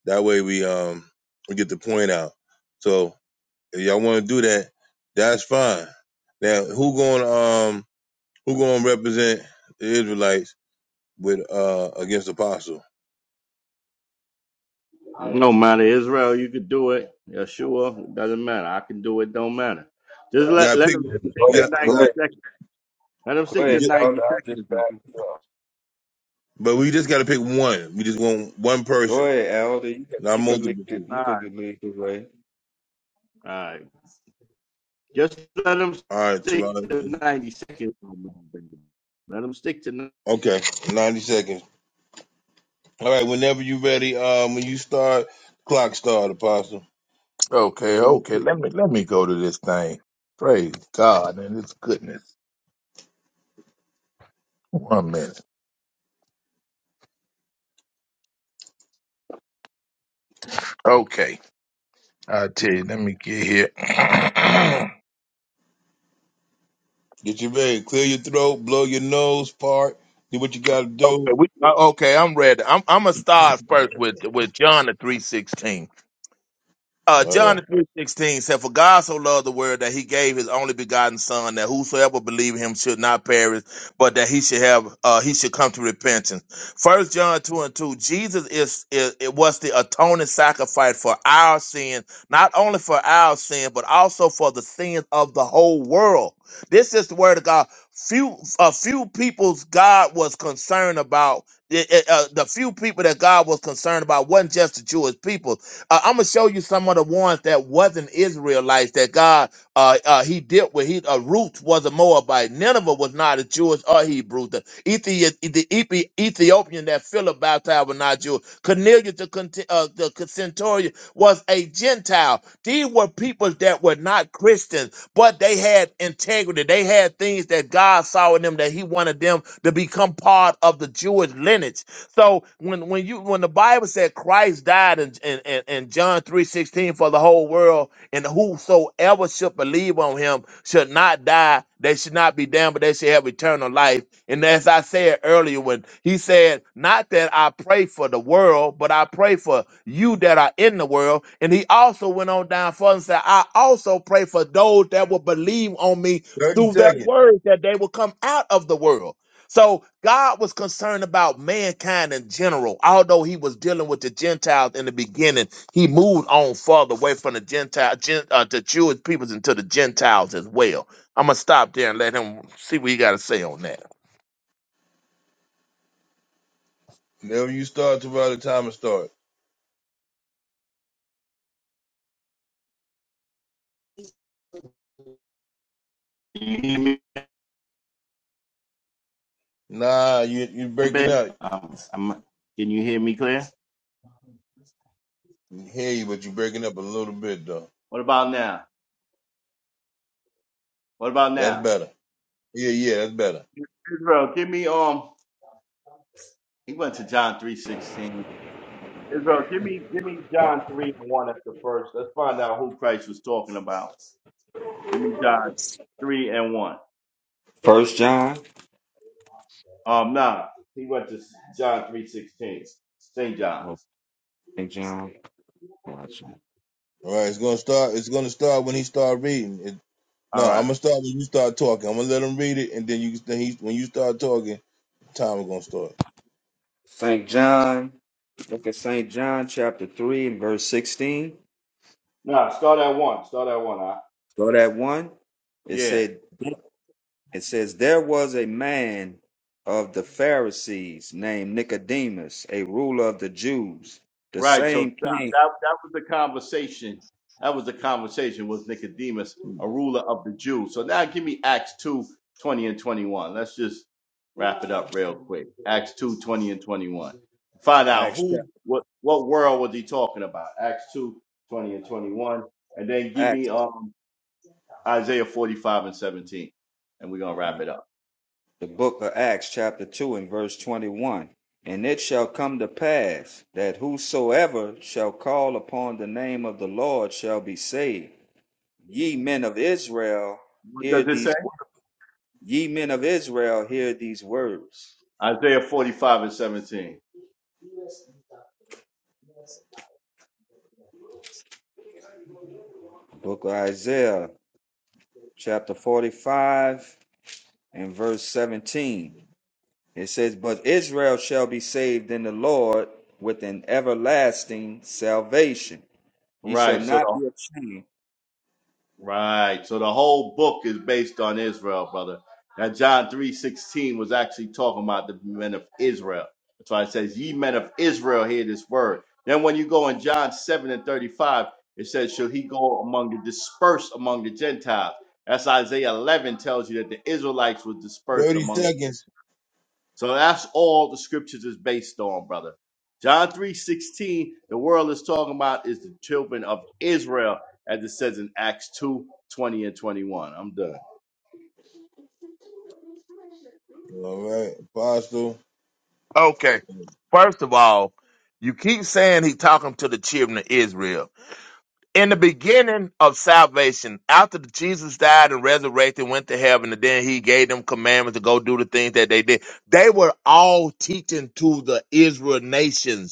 A: That way we um we get the point out. So if y'all want to do that, that's fine. Now who gonna um who gonna represent the Israelites with uh against Apostle?
K: No matter Israel, you could do it. Yeshua, it doesn't matter. I can do it. Don't matter. Just
A: You
K: let
A: gotta
K: let
A: pick.
K: them just take
A: You
K: the
A: got. You
H: Go
K: ninety
A: got.
H: ahead.
K: seconds. Let them
H: Go
K: stick
A: We
K: to
H: ahead.
A: just.
H: Elder.
K: 90
H: I just
K: seconds, though.
H: back.
A: But we just gotta pick one. We just want one
H: Go
A: person,
H: ahead, Elder. You could
A: not
H: you could lead
A: multiple.
H: it.
A: people.
H: you
K: All right.
H: could lead the way.
K: All right. Just let them
A: All right,
K: stick
A: Tavon.
K: to 90 seconds, baby. Let them stick to 90.
A: Okay, ninety seconds. All right, whenever you ready, um, when you start, clock start, Apostle.
L: Okay, okay.
A: Get
L: Let me let me go to this thing. Praise God and His goodness. One minute. Okay, I tell you. Let me get here. okay,
A: your ready. Clear your throat. Blow your nose. Part. Do what you gotta do.
L: we. uh, Okay, I'm ready. I'm I'm a stars first with with John the three sixteen. Uh,
A: All
L: John
A: right.
L: three sixteen said, "For God so loved the world that He gave His only begotten Son, that whosoever believe in Him should not perish, but that he should have uh, he should come to repentance." First John two and two, Jesus is, is it was the atoning sacrifice for our sin, not only for our sin, but also for the sins of the whole world. This is the word of God. Few a few people's God was concerned about. it- it, uh, the few people that God was concerned about wasn't just the Jewish people uh, I'm gonna show you some of the ones that wasn't Israelites that God uh, uh he dealt with. He uh, Ruth was a Moabite. Nineveh was not a Jewish or Hebrew. The, Ethi- the Ethi- Ethiopian that Philip baptized was not Jewish. Cornelius the, cont- uh, the centurion was a Gentile. These were people that were not Christians, but they had integrity. They had things that God saw in them that He wanted them to become part of the Jewish lineage. So when when you when the Bible said Christ died in in, in, in John three sixteen for the whole world, and whosoever should believe on him should not die, they should not be damned, but they should have eternal life. And as I said earlier, when he said, Not that I pray for the world, but I pray for you that are in the world. And he also went on down further and said, I also pray for those that will believe on me
A: Thirty
L: through their
A: seconds.
L: words that they will come out of the world. So God was concerned about mankind in general. Although he was dealing with the Gentiles in the beginning, he moved on further away from the Gentile, Gen, uh, the Jewish peoples into the Gentiles as well. I'm gonna stop there and let him see what he got to say on that.
A: Whenever you start, Tavon, the timer start.
K: Can you hear me,
A: Nah, you you breaking
K: baby?
A: up. I
K: Um, I'm- can you hear me, Claire?
A: Hear you, but you breaking up a little bit though.
K: What about now? What about
A: That's
K: now?
A: better. Yeah, yeah, that's better.
K: Israel, give me, um, he went to John 3.16. Israel, give me, give me John 3 and 1 at the first. Let's find out who Christ was talking about. Give me John 3 and 1.
H: First John
K: Um, nah, he went to John 3.16. St. John.
H: or Saint John. Watch it.
A: All right, it's gonna start. It's gonna start when he start reading. It, no,
K: All
A: I'm
K: right.
A: gonna start when you start talking. I'm gonna let him read it, and then you then he, when you start talking, time is gonna start.
H: Saint John. Look at Saint John chapter three and verse sixteen.
K: Nah, start at one. Start at one. Huh?
H: Go that one. It
K: Yeah.
H: said it says there was a man of the Pharisees named Nicodemus, a ruler of the Jews. The
K: Right. So
H: same
K: that
H: came
K: that that was the conversation. That was the conversation was Nicodemus, a ruler of the Jews. So now give me Acts 2 20 and 21. Let's just wrap it up real quick. Acts 2 20 and 21. Find out
H: Acts
K: who
H: chapter
K: what what world was he talking about? Acts 2 20 and 21. And then give me
H: Acts.
K: um Isaiah 45 and 17. And we're going to
H: yeah.
K: wrap it up.
H: the book of Acts, chapter 2, and verse 21. And it shall come to pass that whosoever shall call upon the name of the Lord shall be saved. Ye men of Israel,
K: What
H: hear
K: does it say?
H: these words. Ye men of Israel, hear these words.
K: Isaiah 45 and 17.
H: Book of Isaiah, chapter 45, and verse 17. It says, But Israel shall be saved in the Lord with an everlasting salvation. Ye shall
K: Right. So
H: not
K: the
H: be ashamed.
K: Right. So the whole book is based on Israel, brother. Now John three sixteen was actually talking about the men of Israel. That's why it says, Ye men of Israel, hear this word. Then when you go in John 7 and 35, it says, Shall he go among the dispersed among the Gentiles? That's Isaiah 11 tells you that the Israelites were dispersed
A: Thirty
K: among
A: seconds.
K: so that's all the scriptures is based on, brother. John 3:16, the world is talking about is the children of Israel, as it says in Acts 2 20 and 21. I'm done.
A: All right, apostle.
L: Okay, first of all, you keep saying he talking to the children of Israel. in the beginning of salvation, after Jesus died and resurrected, went to heaven, and then he gave them commandments to go do the things that they did, they were all teaching to the Israel nations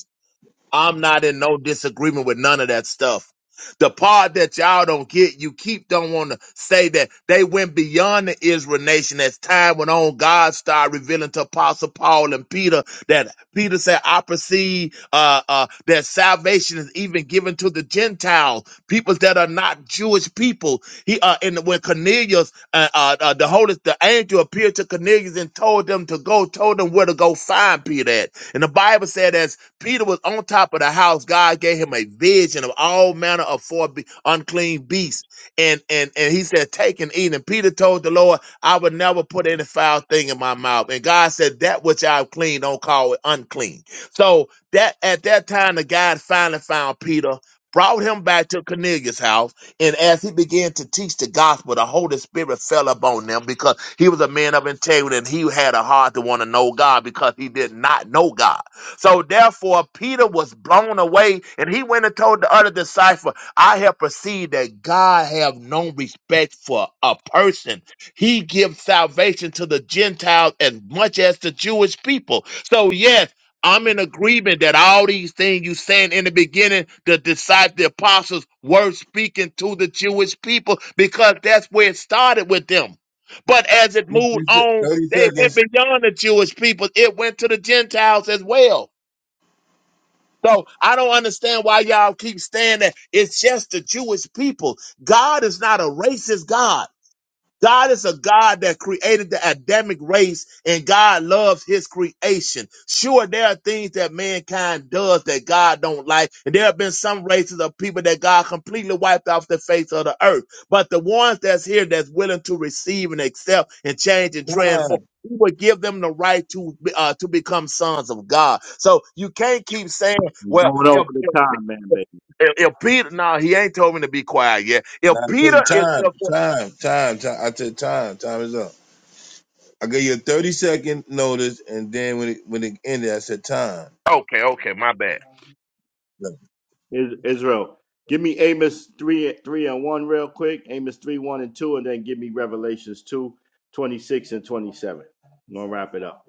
L: I'm not in no disagreement with none of that stuff. The part that y'all don't get, you keep don't want to say that they went beyond the Israel nation as time went on. God started revealing to Apostle Paul and Peter that Peter said, I perceive uh, uh, that salvation is even given to the Gentiles, peoples that are not Jewish people. He uh, and when Cornelius, uh, uh, uh, the Holy, the angel appeared to Cornelius and told them to go, told them where to go find Peter at. And the Bible said that. Peter was on top of the house. God gave him a vision of all manner of four be- unclean beasts. And, and, and he said, Take and eat. And Peter told the Lord, I would never put any foul thing in my mouth. And God said, That which I've clean, don't call it unclean. So that at that time, the guy finally found Peter, brought him back to Cornelius' house. And as he began to teach the gospel, the Holy Spirit fell upon them because he was a man of integrity and he had a heart to want to know God because he did not know God. So therefore, Peter was blown away, and he went and told the other disciple, "I have perceived that God have no respect for a person. He gives salvation to the Gentiles as much as the Jewish people." So yes. I'm in agreement that all these things you saying in the beginning, the disciples, the apostles were speaking to the Jewish people because that's where it started with them. But as it moved on,
A: Thirty
L: they went
A: seconds.
L: beyond the Jewish people. It went to the Gentiles as well. So I don't understand why y'all keep saying that. It's just the Jewish people. God is not a racist God. God is a God that created the Adamic race and God loves his creation. Sure, there are things that mankind does that God don't like. And there have been some races of people that God completely wiped off the face of the earth. But the ones that's here that's willing to receive and accept and change and
A: Time.
L: transform. He will give them the right to uh, to become sons of God. So you can't keep saying,
K: I'm
L: "Well,
K: going over
L: if
K: the
L: if,
K: time, man, baby.
L: if Peter, no, he ain't told me to be quiet yet." If
A: Now I tell you
L: Peter is, if-
A: time, time, time, time. I said time. Time is up. I gave you a thirty second notice, and then when it when it ended, I said time.
L: okay, okay, my bad
K: Is- Israel. Give me Amos 3, 3 and 1 real quick. Amos 3, 1 and 2, and then give me Revelations 2 26 and 27. I'm gonna wrap it up.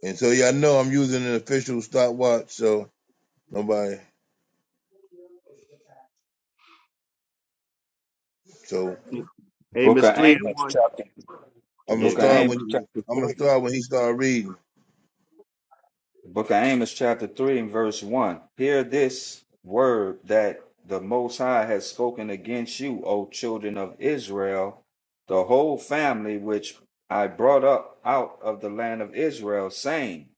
A: And so y'all know I'm using an official stopwatch, so nobody. So
H: Book
K: Amos
H: of
K: 3 and
H: Amos,
K: 1.
H: chapter The
A: I'm gonna
K: Yeah,
H: book of
K: go
A: start
K: ahead.
A: when
H: Amos,
A: he,
H: chapter
A: I'm gonna
H: 3.
A: start when he start reading.
H: The book of Amos, chapter 3, and verse 1. Hear this word that the Most High has spoken against you, O children of Israel, the whole family which I brought up out of the land of Israel, saying,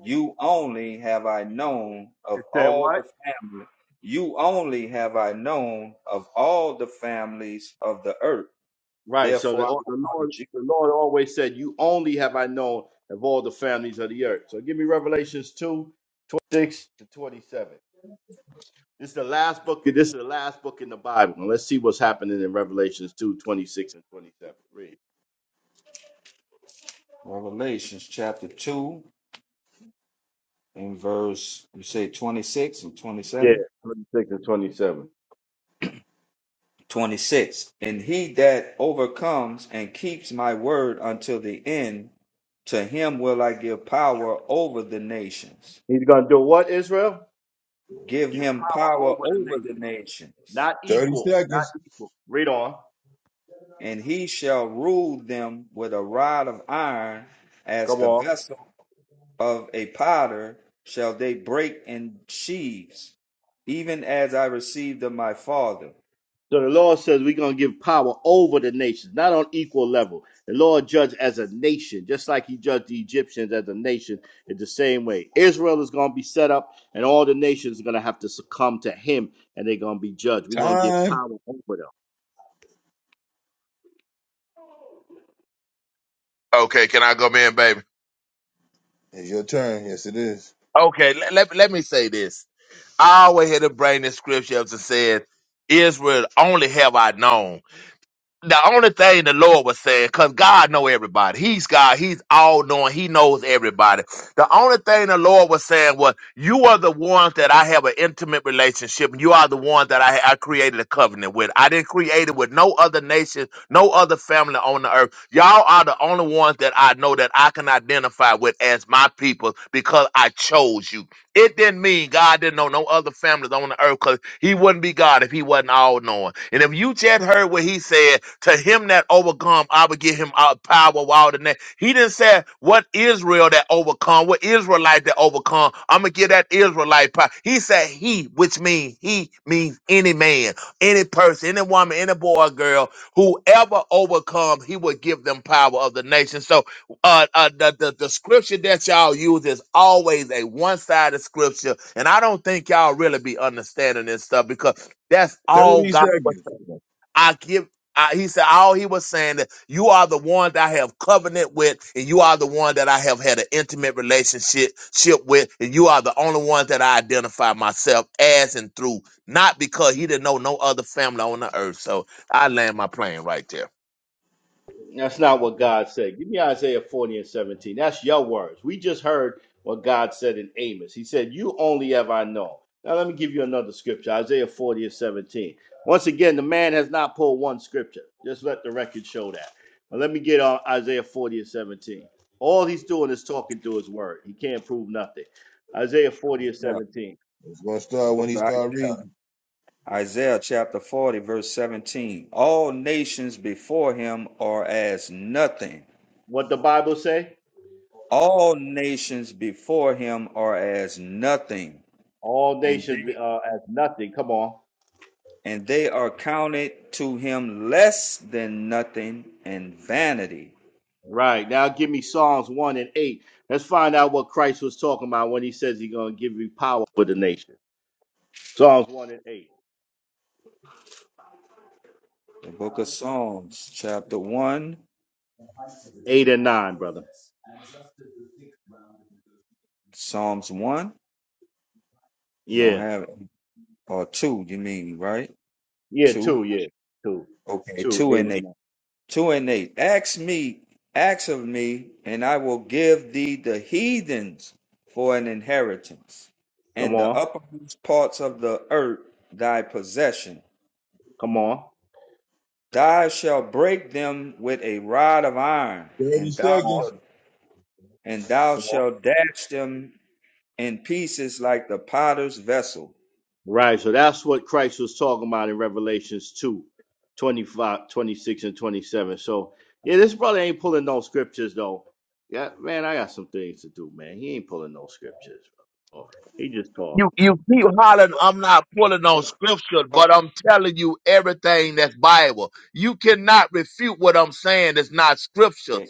H: You only have I known of
K: It said
H: all
K: what?
H: the family. You only have I known of all the families of the earth.
K: Right. So the,
H: Therefore, I will
K: the Lord,
H: punish you.
K: the Lord always said, "You only have I known of all the families of the earth." So give me Revelations two, twenty-six 26 to twenty-seven. This is the last book. This is the last book in the Bible. And let's see what's happening in Revelations two, twenty-six and twenty-seven. Read.
H: Revelations chapter 2 in verse you say 26 and
K: Yeah,
H: 27
K: twenty-six and twenty-seven.
H: 26 and he that overcomes and keeps my word until the end to him will i give power over the nations
K: He's going to do what? Israel
H: give
K: give
H: him
K: power
H: power
K: over the
H: over the
K: nation,
H: nations
K: not
A: Thirty
K: equal,
A: seconds.
K: not equal. Read on.
H: and he shall rule them with a rod of iron as
K: Come
H: the
K: on.
H: vessel of a potter shall they break in sheaves even as i received of my father
K: So the Lord says we're going to give power over the nations, not on equal level. The Lord judged as a nation, just like he judged the Egyptians as a nation in the same way. Israel is going to be set up, and all the nations are going to have to succumb to him, and they're going to be judged. We're going to give
A: Time.
K: power over them.
L: Okay, can I come in, baby?
A: is your turn. Yes, it is.
L: Okay, let, let, let me say this. I always had to bring the scripture up and said, Israel only have I known. the only thing the Lord was saying, because God know everybody. He's God. He's all knowing. He knows everybody. The only thing the Lord was saying was, "You are the ones that I have an intimate relationship. And you are the ones that I, I created a covenant with. I didn't create it with no other nation, no other family on the earth. Y'all are the only ones that I know that I can identify with as my people because I chose you. It didn't mean God didn't know no other families on the earth because He wouldn't be God if He wasn't all knowing. And if you just heard what He said." To him that overcome, I will give him our power while the name. He didn't say what Israel that overcome, what Israelite that overcome. I'm gonna give that Israelite power. He said he, which means he means any man, any person, any woman, any boy or girl, whoever overcome, he will give them power of the nation. So uh, uh the, the the scripture that y'all use is always a one-sided scripture, and I don't think y'all really be understanding this stuff because that's all
A: Thirty
L: God was
A: seconds.
L: saying. I give I, he said, all he was saying that you are the one that I have covenant with, and you are the one that I have had an intimate relationship ship with, and you are the only one that I identify myself as and through, not because he didn't know no other family on the earth. So I land my plane right there.
K: That's not what God said. Give me Isaiah 40 and 17. That's your words. We just heard what God said in Amos. He said, You only have I known. Now, let me give you another scripture Isaiah 40 and 17. Once again, the man has not pulled one scripture. Just let the record show that. But let me get on Isaiah 40 and 17. All he's doing is talking through his word. He can't prove nothing. Isaiah 40 and
H: yeah,
K: 17.
A: It's gonna
H: the
A: start when
H: book
A: he
H: of
A: start reading.
H: Isaiah chapter 40, verse 17. All nations before him are as nothing.
K: What the Bible say?
H: All nations before him are as nothing,
K: All
H: and
K: nations
H: they
K: uh, as nothing. Come on.
H: and they are counted to him less than nothing and vanity.
K: Right. Now give me Psalms 1 and 8. Let's find out what Christ was talking about when he says he's going to give you power for the nation. Psalms 1 and 8.
H: The book of Psalms, chapter one,
K: 8 and 9, brother.
H: Psalms one. Don't
K: Yeah.
H: have it. Or two, you mean, right?
K: Yeah,
H: Two.
K: 2. Yeah. 2.
H: Okay,
K: 2,
H: two
K: 8
H: and eight.
K: and 9.
H: two and eight. Ask me, ask of me, and I will give thee the heathens for an inheritance,
K: Come
H: and the
K: on.
H: uppermost parts of the earth thy possession.
K: Come on.
H: Thou shalt break them with a rod of iron,
A: Thirty
H: and thou
K: Come on.
A: seconds.
H: shalt and thou
K: Come on.
H: shalt dash them in pieces like the potter's vessel.
K: Right. So that's what Christ was talking about in Revelations 2, 25, 26, and 27. So, yeah, this brother ain't pulling no scriptures, though. Yeah, man, I got some things to do, man. He ain't pulling no scriptures. bro. He just talking.
L: You you keep hollering, I'm not pulling on scripture, but I'm telling you everything that's Bible. You cannot refute what I'm saying. It's not scripture.
H: Okay,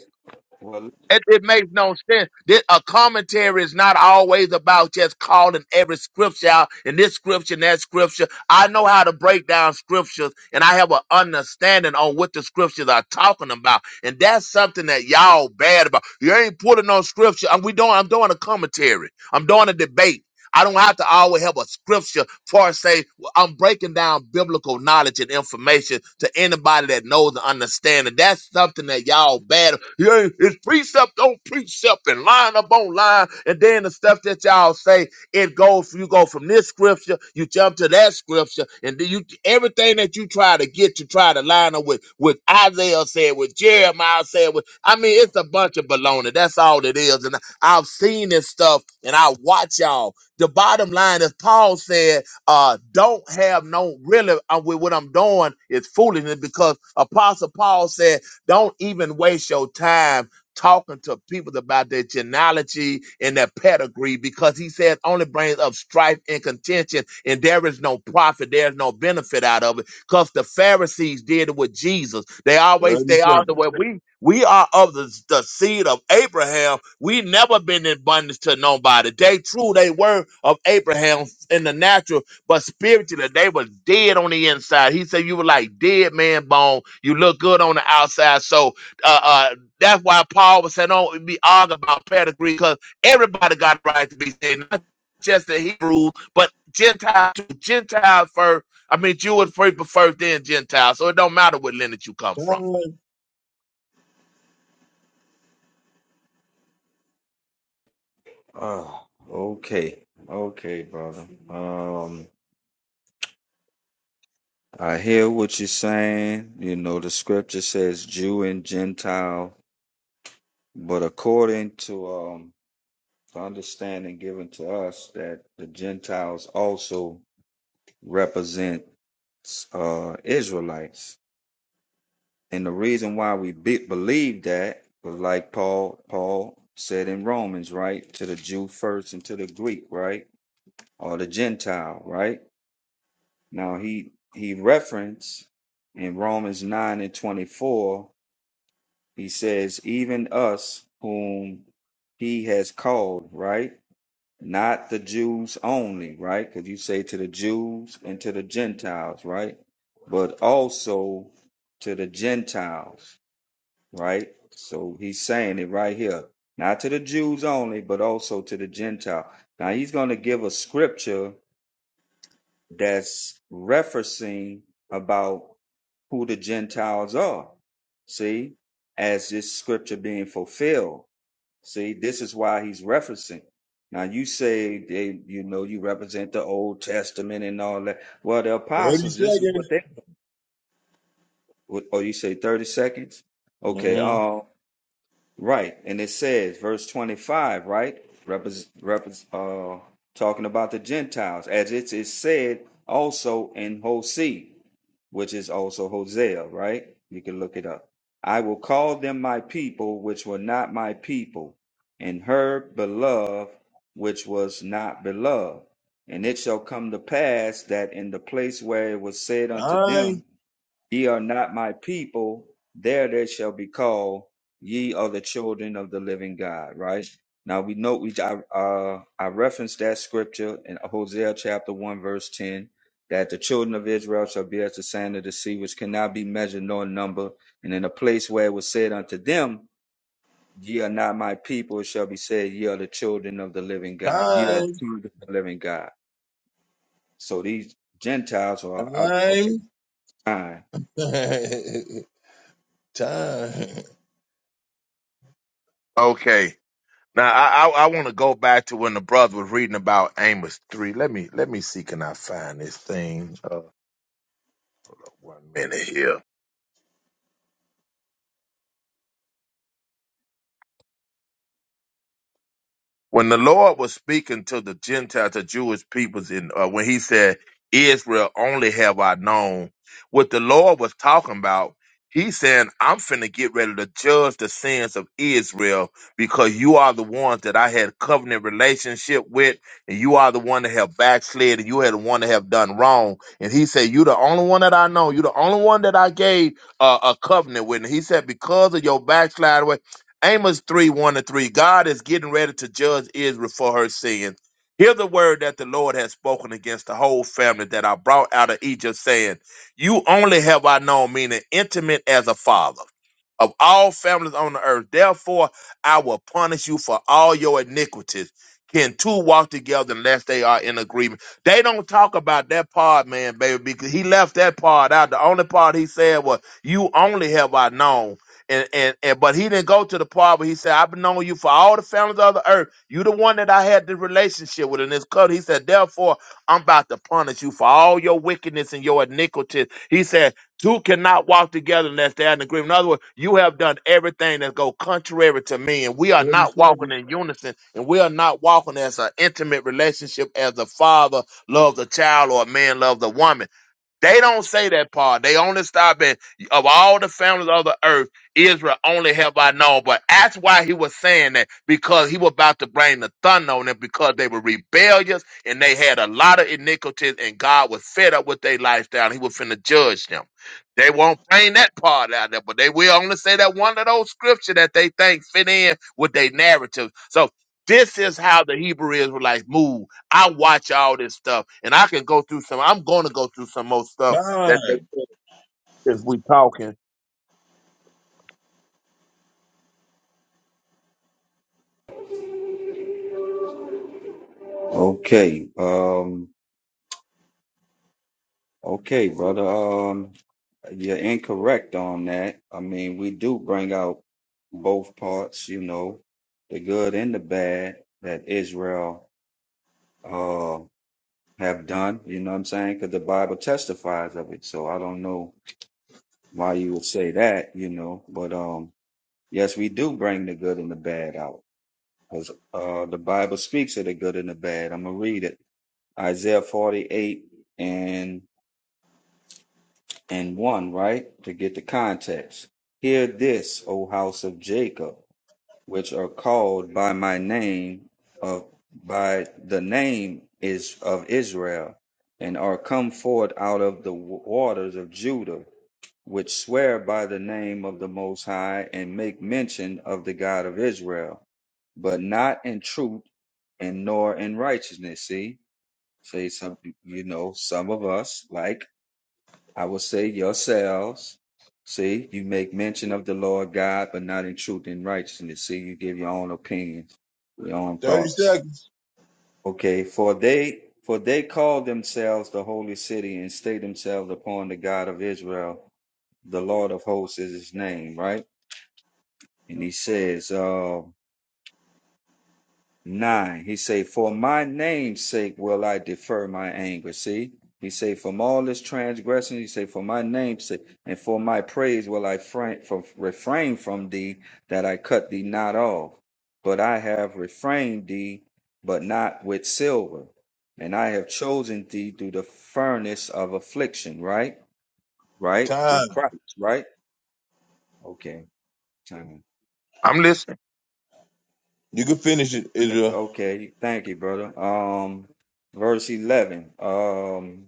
H: well,
L: It, it makes no sense. This, a commentary is not always about just calling every scripture out and this scripture and that scripture. I know how to break down scriptures and I have an understanding on what the scriptures are talking about. And that's something that y'all bad about. You ain't putting no scripture. I'm, we doing, I'm doing a commentary. I'm doing a debate. I don't have to always have a scripture for say I'm breaking down biblical knowledge and information to anybody that knows and understands. And that's something that y'all bad. Yeah, it's precept on precept and line up on line. And then the stuff that y'all say, it goes, you go from this scripture, you jump to that scripture, and then you everything that you try to get to try to line up with with Isaiah said, with Jeremiah said, with I mean, it's a bunch of baloney. That's all it is. And I've seen this stuff and I watch y'all. The bottom line is Paul said uh, don't have no really uh, with what I'm doing is foolishness because Apostle Paul said, don't even waste your time talking to people about their genealogy and their pedigree because he said only brings up strife and contention and there is no profit there is no benefit out of it because the pharisees did it with jesus they always
A: Thirty
L: they are the
A: seconds.
L: way we we are of the, the seed of abraham we never been in bondage to nobody they true they were of abraham in the natural but spiritually, they was dead on the inside. He said you were like dead man bone. You look good on the outside. So uh, uh, that's why Paul was saying, don't be arguing about pedigree, because everybody got a right to be saved, not just the Hebrews, but Gentiles too. Gentiles first. I mean, Jewish first, but first then Gentiles. So it don't matter what lineage you come from.
A: Time.
H: uh, okay, okay, brother. Um, I hear what you're saying. You know, the scripture says Jew and Gentile, but according to um, the understanding given to us, that the Gentiles also represent uh, Israelites. And the reason why we be- believe that was like Paul Paul said in Romans, right? To the Jew first and to the Greek, right? Or the Gentile, right? Now he he referenced in Romans 9 and 24 He says, even us whom he has called, right? Not the Jews only, right? Because you say to the Jews and to the Gentiles, right? But also to the Gentiles, right? So he's saying it right here. Not to the Jews only, but also to the Gentile. Now he's going to give a scripture that's referencing about who the Gentiles are. See, as this scripture being fulfilled. See, this is why he's referencing. Now you say they, you know, you represent the Old Testament and all that. Well, the
A: Thirty
H: apostles, this is what
A: seconds.
H: they. Or you say thirty seconds? Okay.
A: Mm-hmm.
H: Um. Right. And it says, verse 25, right? Repres repres uh, talking about the Gentiles, as it is said also in Hosea, which is also Hosea, right? You can look it up. I will call them my people, which were not my people, and her beloved, which was not beloved. And it shall come to pass that in the place where it was said unto
A: Time.
H: them, Ye are not my people, there they shall be called. Ye are the children of the living God. Right now, we know we I, uh, I referenced that scripture in Hosea chapter one verse ten that the children of Israel shall be as the sand of the sea, which cannot be measured nor numbered. And in a place where it was said unto them, Ye are not my people, it shall be said, Ye are the children of the living God. Ye are the
A: Time.
H: children of the living God. So these Gentiles are out.
A: Time.
H: Okay, fine.
A: time.
L: Okay. Now I I, I want to go back to when the brother was reading about Amos three. Let me let me see can I find this thing. Uh, one minute here. when the Lord was speaking to the Gentiles, the Jewish peoples, in uh, when He said, "Israel only have I known," what the Lord was talking about, He saying, "I'm finna get ready to judge the sins of Israel because you are the ones that I had covenant relationship with, and you are the one that have backslid, and you had the one that have done wrong." And He said, "You the only one that I know. You the only one that I gave uh, a covenant with." And He said, "Because of your backslide." Amos 3 1 to 3. God is getting ready to judge Israel for her sins. Hear the word that the Lord has spoken against the whole family that I brought out of Egypt, saying, You only have I known, meaning intimate as a father of all families on the earth. Therefore, I will punish you for all your iniquities. Can two walk together unless they are in agreement? They don't talk about that part, man, baby, because he left that part out. The only part he said was, "You only have I known," and and and. But he didn't go to the part where he said, "I've known you for all the families of the earth. You the one that I had the relationship with in this covenant." He said, "Therefore, I'm about to punish you for all your wickedness and your iniquities." He said, Two cannot walk together unless they're in agreement. In other words, you have done everything that go contrary to me, and we are
A: Thirty
L: not walking
A: seconds.
L: in unison, and we are not walking as an intimate relationship as a father loves a child or a man loves a woman. They don't say that part. They only stop at of all the families of the earth, Israel only have I known. But that's why he was saying that because he was about to bring the thunder on them because they were rebellious and they had a lot of iniquities and God was fed up with their lifestyle. and He was finna judge them. They won't bring that part out there, but they will only say that one of those scripture that they think fit in with their narrative. So this is how the Hebrew Israelites move I watch all this stuff, and I can go through some. I'm going to go through some more stuff that they
A: Time.
L: said since we talking.
H: Okay. Um Okay, brother. Um, you're incorrect on that. I mean, we do bring out both parts, you know, the good and the bad that Israel uh have done. You know what I'm saying? Because the Bible testifies of it. So I don't know why you would say that, you know. But um, yes, we do bring the good and the bad out because uh, the Bible speaks of the good and the bad. I'm gonna read it. Isaiah 48 and and 1, right? To get the context. Hear this, O house of Jacob, which are called by my name of by the name is of Israel, and are come forth out of the wa- waters of Judah, which swear by the name of the Most High, and make mention of the God of Israel, but not in truth and nor in righteousness. See, say some, you know, some of us like I will say yourselves. See, you make mention of the Lord God, but not in truth and righteousness. See, you give your own opinions, your own
A: Thirty
H: thoughts.
A: seconds.
H: Okay, for they for they call themselves the holy city and stay themselves upon the God of Israel. The Lord of hosts is his name, right? And he says, uh, 9. He say, For my name's sake will I defer my anger. See? He say, From all this transgression, he say, For my name's sake, and for my praise will I fra- from, refrain from thee, that I cut thee not off. But I have refrained thee, but not with silver. And I have chosen thee through the furnace of affliction, right? Right? Through
A: Time.
H: Christ, right? Okay. Time.
L: I'm listening.
A: You can finish it,
H: Mr.
A: Israel.
H: Okay, thank you, brother. Um, verse eleven. Um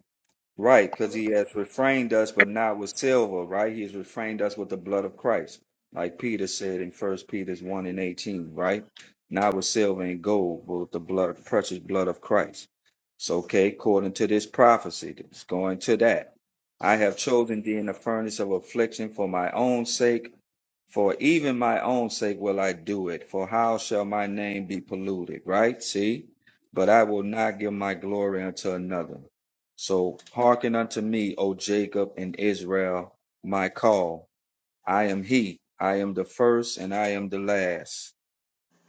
H: Right, because he has refrained us, but not with silver, right? He has refrained us with the blood of Christ, like Peter said in First Peter's one and eighteen, right? Not with silver and gold, but with the blood, precious blood of Christ. So, okay, according to this prophecy, it's going to that. I have chosen thee in the furnace of affliction for my own sake, for even my own sake will I do it. For how shall my name be polluted? Right? See, but I will not give my glory unto another. So hearken unto me, O Jacob and Israel, my call. I am he. I am the first and I am the last.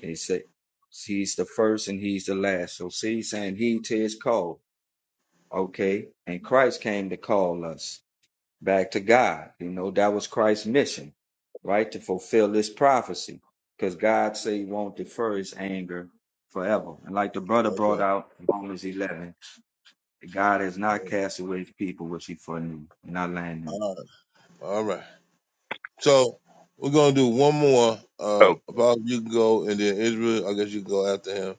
H: And he said, He's the first and he's the last. So see, he's saying he to his call. Okay. And Christ came to call us back to God. You know, that was Christ's mission, right? To fulfill this prophecy. Because God said he won't defer his anger forever. And like the brother brought
A: Okay.
H: out in Romans 11, God has not cast away his people which he foreknew, and I land him.
A: All right. All right. So we're gonna do one more. Uh,
L: Oh,
A: about you can go, and then Israel. I guess you can go after him.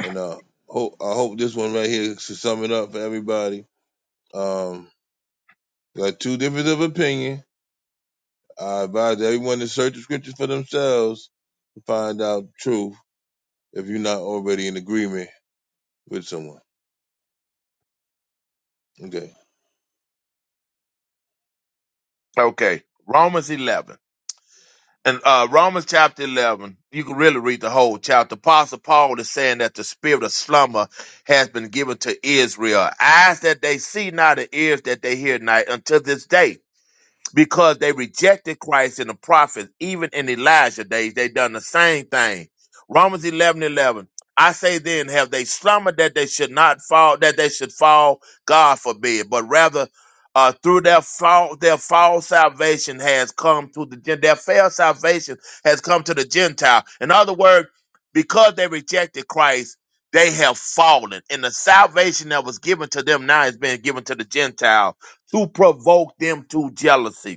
A: And uh, hope I hope this one right here should sum it up for everybody. Um, got two difference of opinion. I advise everyone to search the scriptures for themselves to find out truth. If you're not already in agreement with someone, okay.
L: okay. Romans 11 and uh, Romans chapter 11. You can really read the whole chapter. Apostle Paul is saying that the spirit of slumber has been given to Israel, eyes that they see not, and ears that they hear not, until this day because they rejected Christ and the prophets, even in Elijah days, they done the same thing. Romans 11 11. I say then, have they slumbered that they should not fall, that they should fall? God forbid. But rather, uh, through their fall, their false salvation has come to the, Gen- their failed salvation has come to the Gentile. In other words, because they rejected Christ, they have fallen. And the salvation that was given to them now is being given to the Gentile to provoke them to jealousy.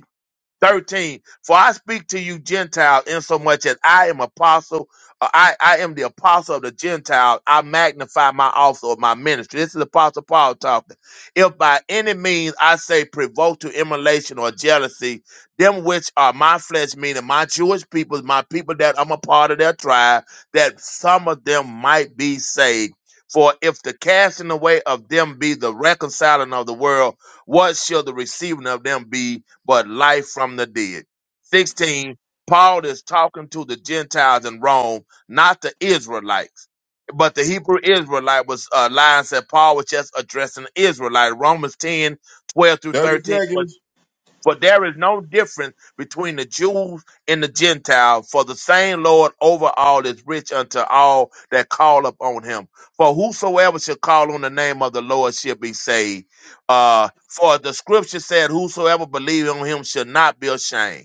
L: 13 for i speak to you gentiles insomuch as i am apostle uh, I, I am the apostle of the Gentiles. I magnify my office or my ministry. This is Apostle Paul talking. If by any means I say provoke to emulation or jealousy, them which are my flesh, meaning my Jewish people, my people that I'm a part of their tribe, that some of them might be saved. For if the casting away of them be the reconciling of the world, what shall the receiving of them be but life from the dead. 16, Paul is talking to the Gentiles in Rome, not the Israelites. But the Hebrew Israelite was uh, lines that Paul was just addressing Israelite. Romans 10, 12 through
A: Thirty
L: 13.
A: seconds.
L: For there is no difference between the Jews and the Gentiles, for the same Lord over all is rich unto all that call upon him. For whosoever shall call on the name of the Lord shall be saved. Uh, for the scripture said, Whosoever believe on him shall not be ashamed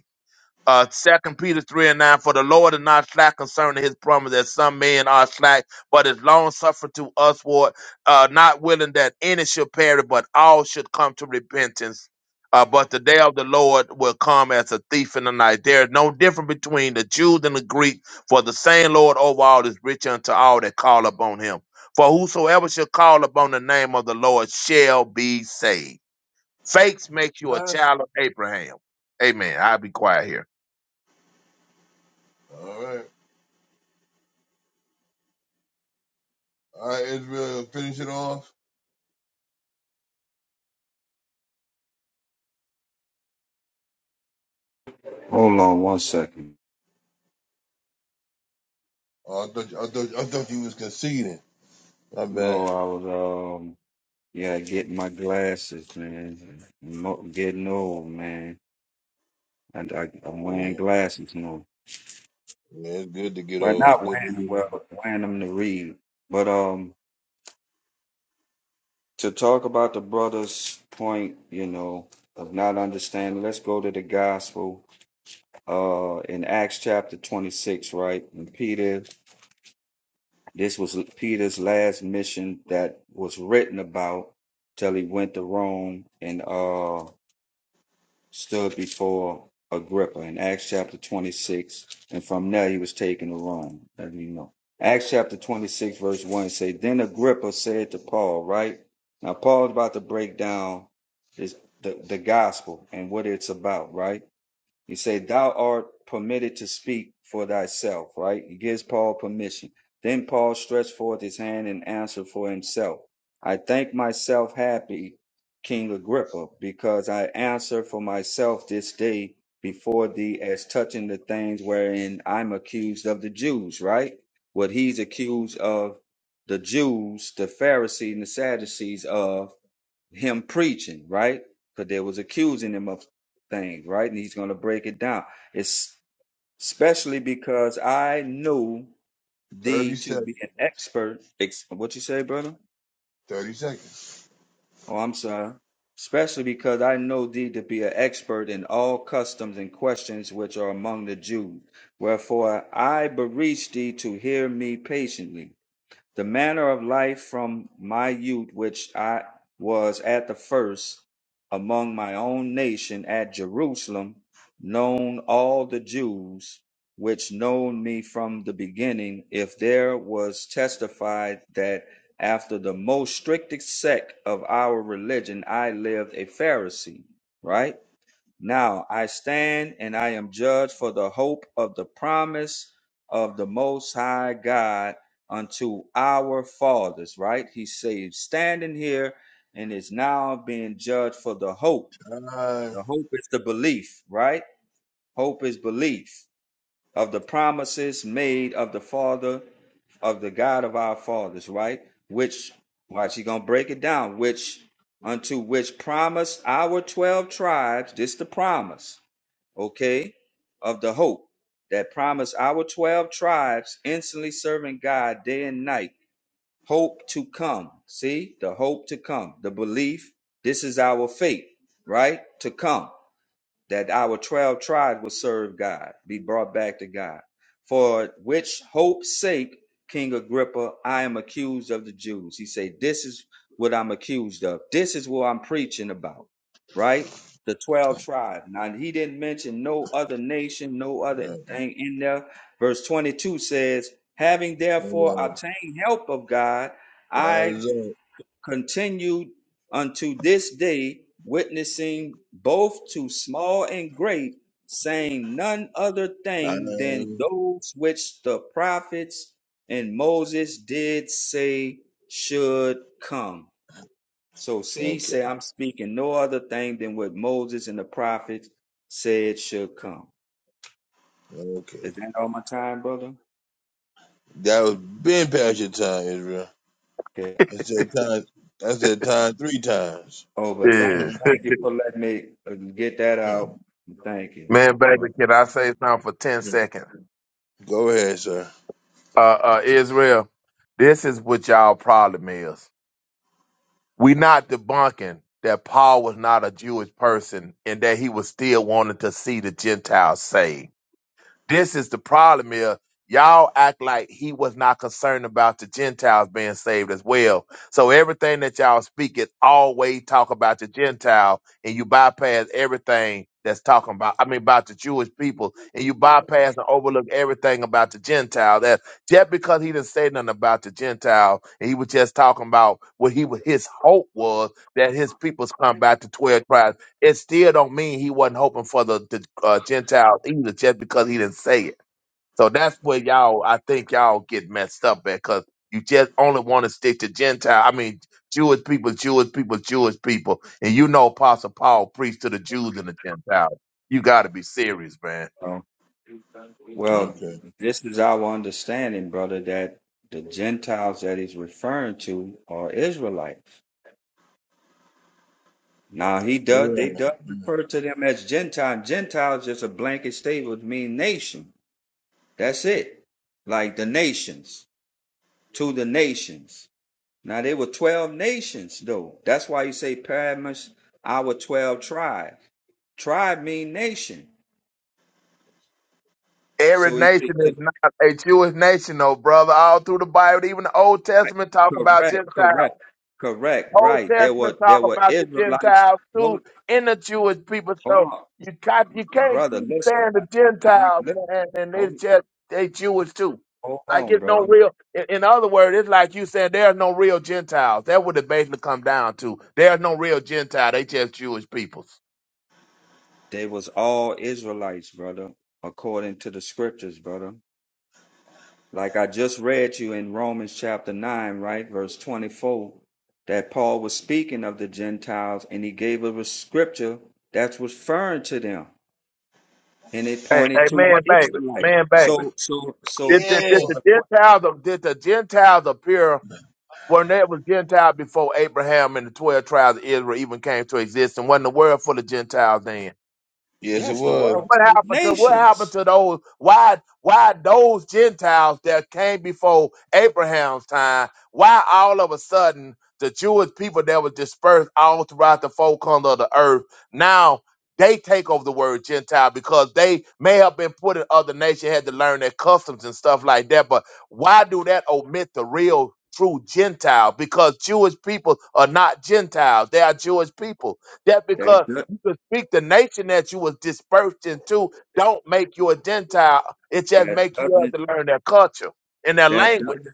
L: uh second peter 3 and 9 for the lord is not slack concerning his promise as some men are slack but is long suffering to us for uh not willing that any should perish but all should come to repentance uh, but the day of the Lord will come as a thief in the night. There is no difference between the Jews and the Greek, for the same Lord over all is rich unto all that call upon him. For whosoever shall call upon the name of the Lord shall be saved. Fakes make
A: All
L: you a
A: right.
L: child of Abraham. Amen. I'll be quiet here.
A: All right. All right, Israel, finish it off.
H: Hold on one second.
A: Oh, I thought you, I thought I thought you was conceding. My bad.
H: No, I was um yeah, getting my glasses, man. Mo- getting old, man. And I, I'm
A: Yeah.
H: wearing glasses now.
A: Man, it's good to get
H: But
A: old. It's
H: not
A: good to
H: wearing them
A: get old.
H: well, wearing them to read. But um to talk about the brother's point, you know, of not understanding, let's go to the gospel uh in Acts chapter 26, right? And Peter This was Peter's last mission that was written about till he went to Rome and uh, stood before Agrippa in Acts chapter 26. And from there he was taken to Rome. Let me know. Acts chapter 26, verse 1 say, Then Agrippa said to Paul, right? Now Paul's about to break down this, the, the gospel and what it's about, right? He said, Thou art permitted to speak for thyself, right? He gives Paul permission. Then Paul stretched forth his hand and answered for himself. I think myself happy, King Agrippa, because I answer for myself this day before thee as touching the things wherein I'm accused of the Jews, right? What he's accused of the Jews, the Pharisees, and the Sadducees of him preaching, right? Because they was accusing him of things, right? And he's going to break it down. It's especially because I knew
A: 30
H: thee to
A: seconds.
H: be an expert. Ex- what you say, brother?
A: 30 seconds.
H: Oh, I'm sorry. Especially because I know thee to be an expert in all customs and questions which are among the Jews. Wherefore I beseech thee to hear me patiently. the manner of life from my youth which I was at the first among my own nation at Jerusalem, known all the Jews which known me from the beginning, if there was testified that after the most strictest sect of our religion I lived a Pharisee, right? Now I stand and I am judged for the hope of the promise of the Most High God unto our fathers. Right? He says, standing here and is now being judged for the hope.
A: Time. All
H: The hope is the belief, right? Hope is belief of the promises made of the Father, of the God of our fathers, right? Which, watch, he gonna break it down, which unto which promise our 12 tribes, this the promise okay, of the hope that promised our 12 tribes, instantly serving God day and night. Hope to come. See, the hope to come, the belief. This is our faith, right? To come that our 12 tribes would serve God, be brought back to God. For which hope's sake, King Agrippa, I am accused of the Jews. He said, This is what I'm accused of. This is what I'm preaching about, right? The 12 tribes. Now, he didn't mention no other nation, no other
A: right.
H: thing in there. Verse 22 says, Having
A: Hold
H: therefore
A: on.
H: obtained help of God, I
A: Time is
H: continued unto this day, witnessing both to small and great, saying none other
A: up.
H: thing than
A: Time.
H: those which the prophets and Moses did say should come. So see,
A: Okay.
H: say I'm speaking no other thing than what Moses and the prophets said should come.
A: Okay.
H: Is that all my time, brother?
A: That was been past your time, Israel.
H: Okay.
A: I said time. I said time three times.
H: Oh, but thank,
L: Yeah.
H: thank you for letting me uh, get that out. Thank you.
L: Man, baby,
H: brother.
L: can I say something for 10 seconds?
A: Go ahead, sir.
L: Uh, uh, Israel, this is what y'all problem is. We not debunking that Paul was not a Jewish person and that he was still wanting to see the Gentiles saved. This is the problem here. Y'all act like he was not concerned about the Gentiles being saved as well. So everything that y'all speak is always talk about the Gentile, and you bypass everything that's talking about. I mean, about the Jewish people, and you bypass and overlook everything about the Gentile. That just because he didn't say nothing about the Gentile, and he was just talking about what he was, his hope was that his peoples come back to twelve tribes it still don't mean he wasn't hoping for the, the uh, Gentiles either, just because he didn't say it. So that's where y'all, I think y'all get messed up at, because you just only want to stick to Gentile. I mean, Jewish people, Jewish people, Jewish people, and you know, Apostle Paul preached to the Jews and the Gentiles. You got to be serious, man.
H: Um, Well,
A: Okay.
H: this is our understanding, brother, that the Gentiles that he's referring to are Israelites. Now he does
A: Yeah.
H: they does refer to them as Gentile. Gentiles just a blanket statement mean nation. That's it. Like the nations, to the nations. Now they were twelve nations though. That's why you say Paramus, our twelve tribe. Tribe mean nation.
L: Every
H: So he said
L: nation
H: to the
L: is not a Jewish nation, though, brother. All through the Bible, even the Old
H: Right.
L: Testament, talk about
H: Correct,
L: Gentiles.
H: correct, correct.
L: Old
H: Right. There
L: Testament
H: were
L: talk
H: there were
L: about the
H: Israelites.
L: Gentiles too
H: Hold,
L: in the Jewish people.
H: hold
L: So
H: on,
L: you got you can't
H: brother.
L: keep
H: Listen,
L: saying
H: I,
L: the
H: I
L: Gentiles,
H: listen,
L: man, and they
H: hold,
L: just they Jewish too.
H: hold
L: Like
H: on,
L: it's no
H: brother.
L: real. In, in other words, it's like you said there are no real Gentiles. That would it basically come down to. There's no real Gentile. They just Jewish peoples.
H: They was all Israelites, brother, according to the scriptures, brother. Like I just read you in Romans chapter nine, right, verse twenty-four, that Paul was speaking of the Gentiles, and he gave us a scripture that's referring to them, and it
L: Hey,
H: pointed
L: hey,
H: to
L: man,
H: the
L: baby,
H: Israelites.
L: man, baby.
H: So, so, so,
L: Did, did,
A: Yeah.
L: did
H: so.
L: the
H: the
L: Gentiles, did the Gentiles appear? Weren't they was Gentile before Abraham and the twelve tribes of Israel even came to exist, and wasn't the world full of Gentiles then?
A: Yes, it
H: Yes, the
A: was.
H: world's
L: What happened to what happened
H: nations.
L: to those? Why why those Gentiles that came before Abraham's time? Why all of a sudden the Jewish people that were dispersed all throughout the four corners of the earth now they take over the word Gentile because they may have been put in other nations, had to learn their customs and stuff like that. But why do that omit the real true Gentile? Because Jewish people are not Gentiles; they are Jewish people. That because
H: That do-
L: to speak the nation that you was dispersed into don't make you a gentile it just
H: that
L: make you have
H: doesn't
L: to learn their culture and their
H: that
L: language
H: doesn't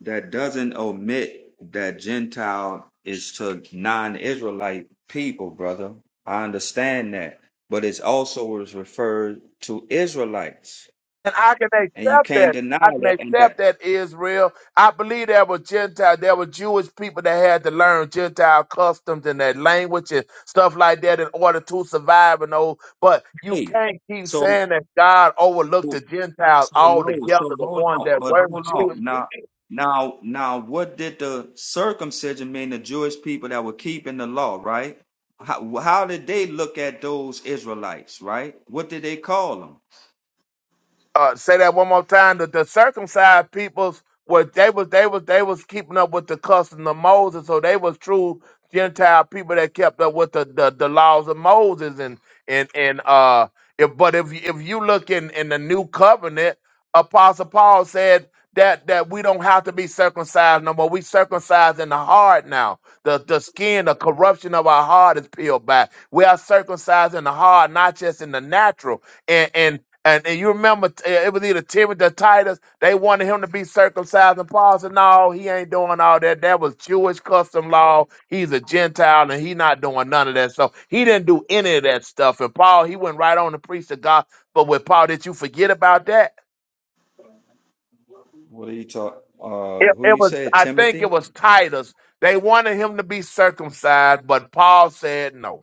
H: that doesn't omit that Gentile is to non-Israelite people, brother. I understand that, but it's also was referred to Israelites,
L: and i can
H: and you
L: accept
H: can't
L: that
H: deny
L: i can
H: that. And
L: accept
H: that
L: that israel i believe there were gentile there were jewish people that had to learn gentile customs and their language and stuff like that in order to survive and all but you
H: hey,
L: can't keep
H: so
L: saying that god overlooked the gentiles
H: So no,
L: altogether
H: so
L: the
H: hold
L: ones
H: on,
L: that
H: but
L: were
H: hold
L: jewish
H: on.
L: people.
H: Now, now, now, what did the circumcision mean? The Jewish people that were keeping the law, right? How, how did they look at those Israelites, right? What did they call them?
L: uh, say that one more time. That the circumcised peoples were they was they was they was keeping up with the custom of Moses, so they was true Gentile people that kept up with the, the, the laws of Moses and and and uh. If, but if you- if you look in in the new covenant, Apostle Paul said that that we don't have to be circumcised no more. We circumcised in the heart now. The the skin, the corruption of our heart is peeled back. We are circumcised in the heart, not just in the natural. And and and, and you remember uh, it was either Timothy or Titus. They wanted him to be circumcised, and Paul said, "No, he ain't doing all that. That was Jewish custom law. He's a Gentile, and he not doing none of that. So he didn't do any of that stuff." And Paul, he went right on to preach the gospel. But with Paul, did you forget about that?
H: What are you talk? Uh,
L: It,
H: who
L: it
H: you
L: was,
H: said
L: I think, it
H: Timothy?
L: was Titus. They wanted him to be circumcised, but Paul said no.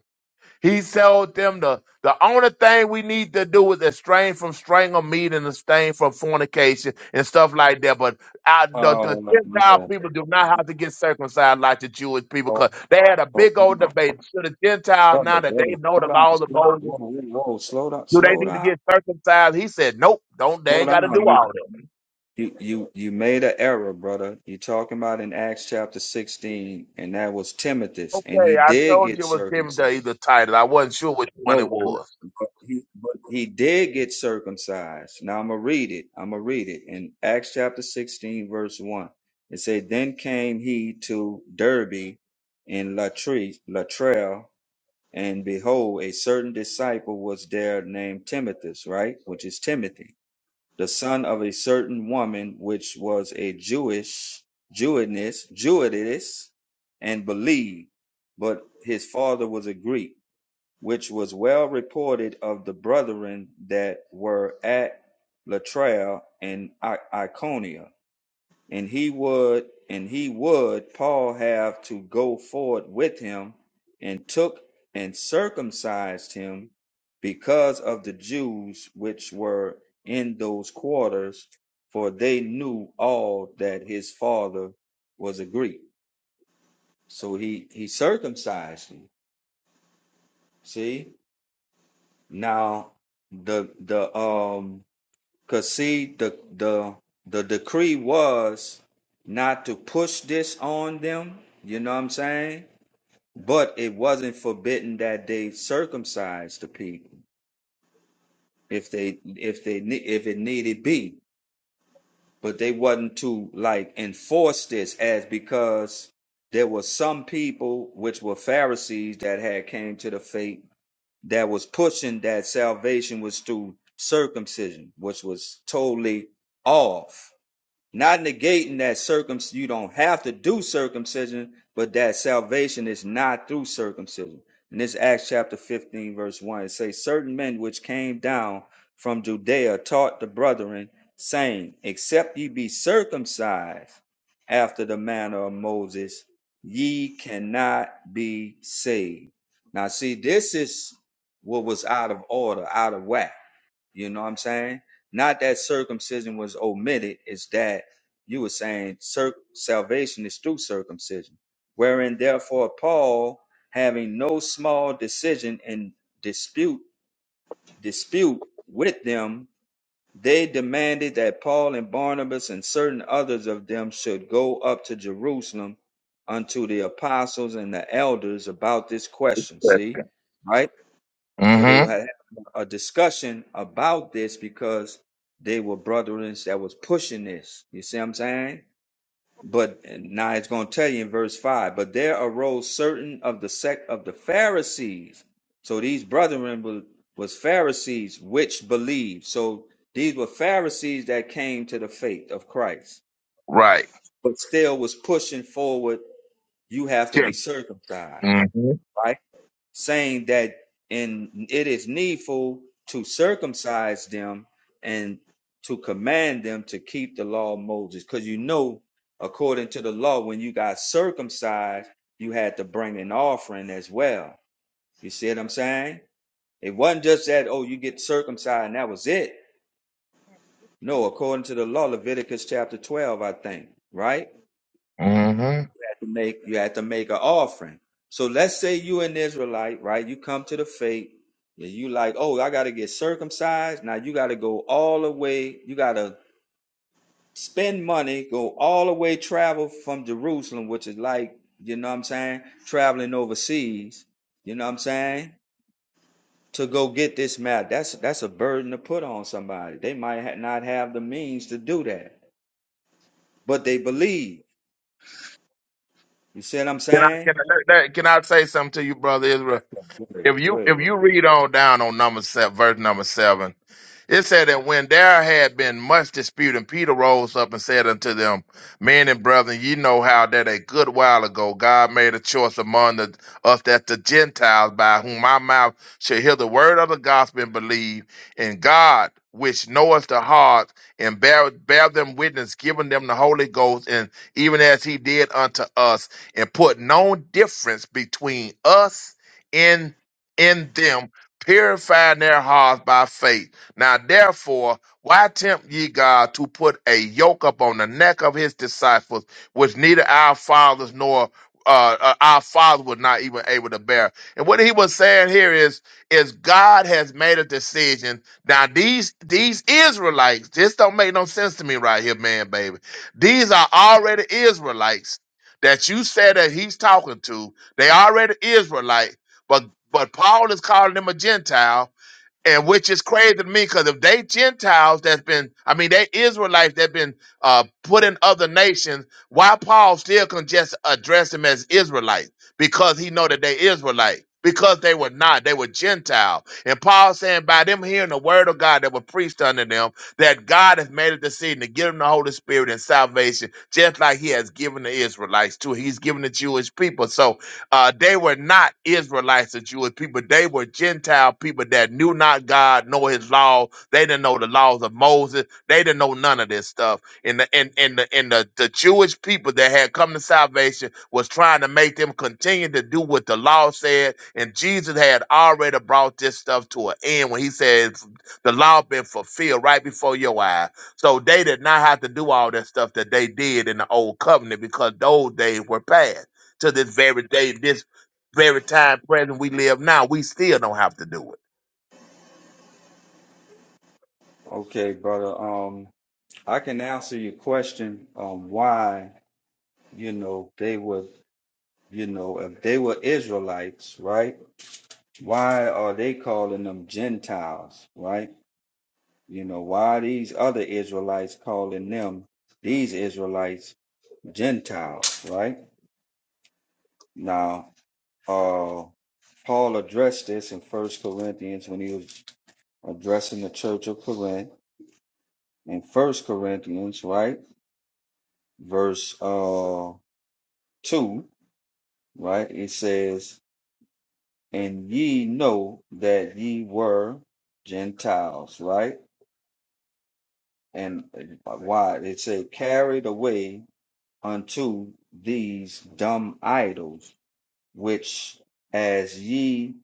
L: He told them the the only thing we need to do is abstain from strangle meat and abstain from fornication and stuff like that. But our, the,
H: Uh,
L: the Gentile
H: no.
L: people do not have to get circumcised like the Jewish
H: Oh,
L: people
H: oh,
L: because they had a
H: hold
L: big old
H: on.
L: debate. Should the Gentiles now
H: Brother,
L: that they
H: brother,
L: know
H: slow
L: the
H: down,
L: laws of
H: slow, down,
L: Moses,
H: whoa, whoa, whoa, slow down,
L: do they
H: slow
L: need to
H: down,
L: get circumcised? He said, Nope, don't they
H: slow
L: ain't gotta do
H: down.
L: all that.
H: You you you made an error, brother. you are talking about in Acts chapter 16, and that was Timothy's, and
L: Okay,
H: he
L: I
H: did
L: told
H: get
L: you it was Tim
H: circumcised.
L: Day the either title. I wasn't sure which one it
H: No, but,
L: was.
H: but he but he did get circumcised. Now I'm gonna read it. I'm gonna read it in Acts chapter 16, verse 1. It said, Then came he to Derby and Latre Latrell, and behold, a certain disciple was there named Timothy, right? Which is Timothy the son of a certain woman which was a Jewish Jewiness, Jewitess, and believed, but his father was a Greek, which was well reported of the brethren that were at Latria and I- Iconia and he would and he would Paul have to go forward with him and took and circumcised him because of the Jews which were in those quarters for they knew all that his father was a Greek so he he circumcised him see now the the um Cause see, the the the decree was not to push this on them, you know what I'm saying? But it wasn't forbidden that they circumcise the people if they if they ne- if it needed be. But they wasn't to like enforce this as because there were some people which were Pharisees that had came to the faith that was pushing that salvation was through circumcision, which was totally off Not negating that circum you don't have to do circumcision, but that salvation is not through circumcision. And this Acts chapter 15, verse 1, it says, Certain men which came down from Judea taught the brethren, saying, Except ye be circumcised after the manner of Moses, ye cannot be saved. Now, see, this is what was out of order, out of whack you know what I'm saying? Not that circumcision was omitted, it's that you were saying cir- salvation is through circumcision. Wherein, therefore, Paul, having no small decision and dispute dispute with them, they demanded that Paul and Barnabas and certain others of them should go up to Jerusalem unto the apostles and the elders about this question. See, right? So they will
L: Mm-hmm.
H: have a discussion about this because they were brethren that was pushing this. You see what I'm saying? But and now it's going to tell you in verse 5 but there arose certain of the sect of the Pharisees. So these brethren were, was Pharisees which believed. So these were Pharisees that came to the faith of Christ,
L: Right.
H: but still was pushing forward. You have to be
L: Check.
H: circumcised,
L: Mm-hmm.
H: right? saying that in it is needful to circumcise them and to command them to keep the law of Moses. Because you know, according to the law, when you got circumcised, you had to bring an offering as well. You see what I'm saying? It wasn't just that, oh, you get circumcised and that was it. No, according to the law, Leviticus chapter 12, I think, right?
L: Mm-hmm.
H: to make you had to make an offering. So let's say you an Israelite, right? You come to the faith, and you like, oh, I gotta get circumcised. Now you gotta go all the way, you gotta spend money, go all the way travel from Jerusalem, which is like, you know what I'm saying, traveling overseas, you know what I'm saying? To go get this map. That's that's a burden to put on somebody. They might ha- not have the means to do that, but they believe. You see what I'm
L: Can I
H: saying?
L: can I, let- let- can I say something to you, brother Israel?
H: That's good.
L: If
H: Great,
L: you
H: great.
L: if you read on down on number seven, verse number seven, it said that when there had been much dispute, and Peter rose up and said unto them, Men and brethren, ye know how that a good while ago God made a choice among the, us that the Gentiles by whom my mouth should hear the word of the gospel and believe in God, which knoweth the heart, and bear, bear them witness, giving them the Holy Ghost, and even as he did unto us, and put no difference between us in them, purifying their hearts by faith. Now, therefore, why tempt ye God to put a yoke upon the neck of his disciples, which neither our fathers nor uh, uh, our father was not even able to bear. And what he was saying here is, is God has made a decision. Now these these Israelites, this don't make no sense to me right here, man, baby. These are already Israelites that you said that he's talking to. They already Israelite but but Paul is calling them a Gentile, and which is crazy to me because if they Gentiles that's been, I mean, they Israelites that been uh, put in other nations, why Paul still can just address them as Israelites because he know that they Israelite because they were not, they were Gentile. And Paul saying by them hearing the word of God that was preached unto them, that God has made a decision to give them the Holy Spirit and salvation, just like He has given the Israelites too. He's given the Jewish people. So uh, they were not Israelites or Jewish people. They were Gentile people that knew not God, nor His law. They didn't know the laws of Moses. They didn't know none of this stuff. And the and, and the and the, the Jewish people that had come to salvation was trying to make them continue to do what the law said. And Jesus had already brought this stuff to an end when He said the law been fulfilled right before your eyes. So they did not have to do all that stuff that they did in the old covenant because those days were past to this very day, this very time present we live now, we still don't have to do it.
H: Okay, brother. Um, I can answer your question on why, you know, they were, you know, if they were Israelites, right? Why are they calling them Gentiles, right? You know, why are these other Israelites calling them, these Israelites, Gentiles, right? Now, uh, Paul addressed this in First Corinthians when he was addressing the church of Corinth in First Corinthians, right? Verse uh two right? It says, and ye know that ye were Gentiles, right? And uh, why? It said, carried away unto these dumb idols, which as ye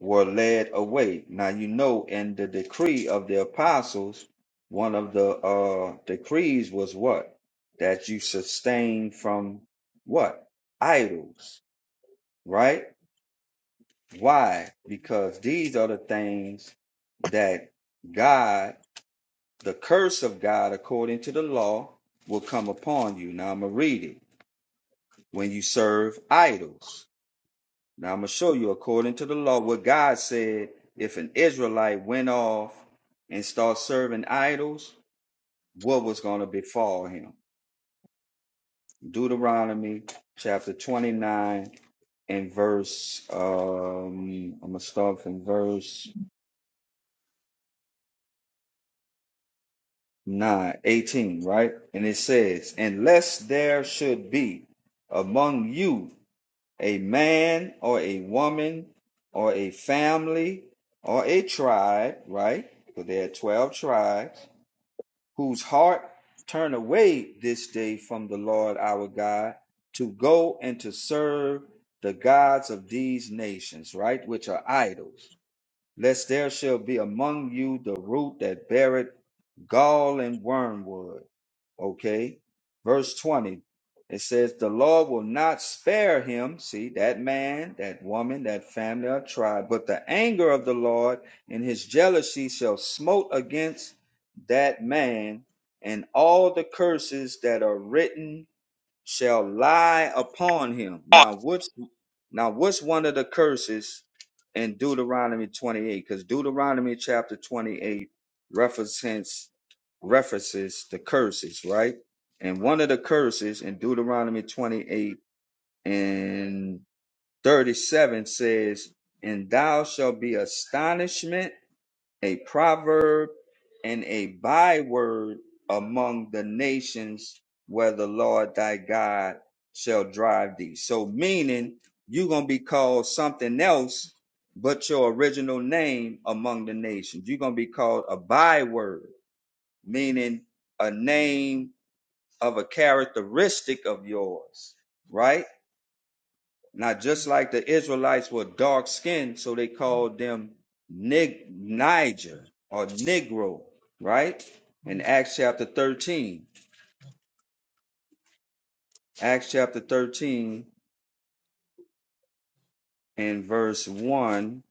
H: were led away. Now, you know, in the decree of the apostles, one of the uh, decrees was what? That you sustain from what? Idols, right? Why? Because these are the things that God, the curse of God, according to the law, will come upon you. Now I'm going to read it. When you serve idols. Now I'm going to show you, according to the law, what God said if an Israelite went off and started serving idols, what was going to befall him. Deuteronomy chapter 29 and verse, um, I'm going to start from verse 9 18, right? And it says, Unless there should be among you a man or a woman or a family or a tribe, right? So there are 12 tribes whose heart turn away this day from the Lord our God to go and to serve the gods of these nations, right? Which are idols. Lest there shall be among you the root that beareth gall and wormwood Okay. Verse 20, it says, The Lord will not spare him, see, that man, that woman, that family or tribe, but the anger of the Lord and his jealousy shall smote against that man and all the curses that are written shall lie upon him. Now what's now what's one of the curses in Deuteronomy 28? Because Deuteronomy chapter 28 references references the curses, right? And one of the curses in Deuteronomy 28 and 37 says, And thou shalt be astonishment a proverb and a byword among the nations where the Lord thy God shall drive thee. So, meaning you're going to be called something else but your original name among the nations. You're going to be called a byword, meaning a name of a characteristic of yours, right? Now, just like the Israelites were dark skinned, so they called them Nig- Niger or Negro, right? In Acts chapter 13. Acts chapter 13 and verse 1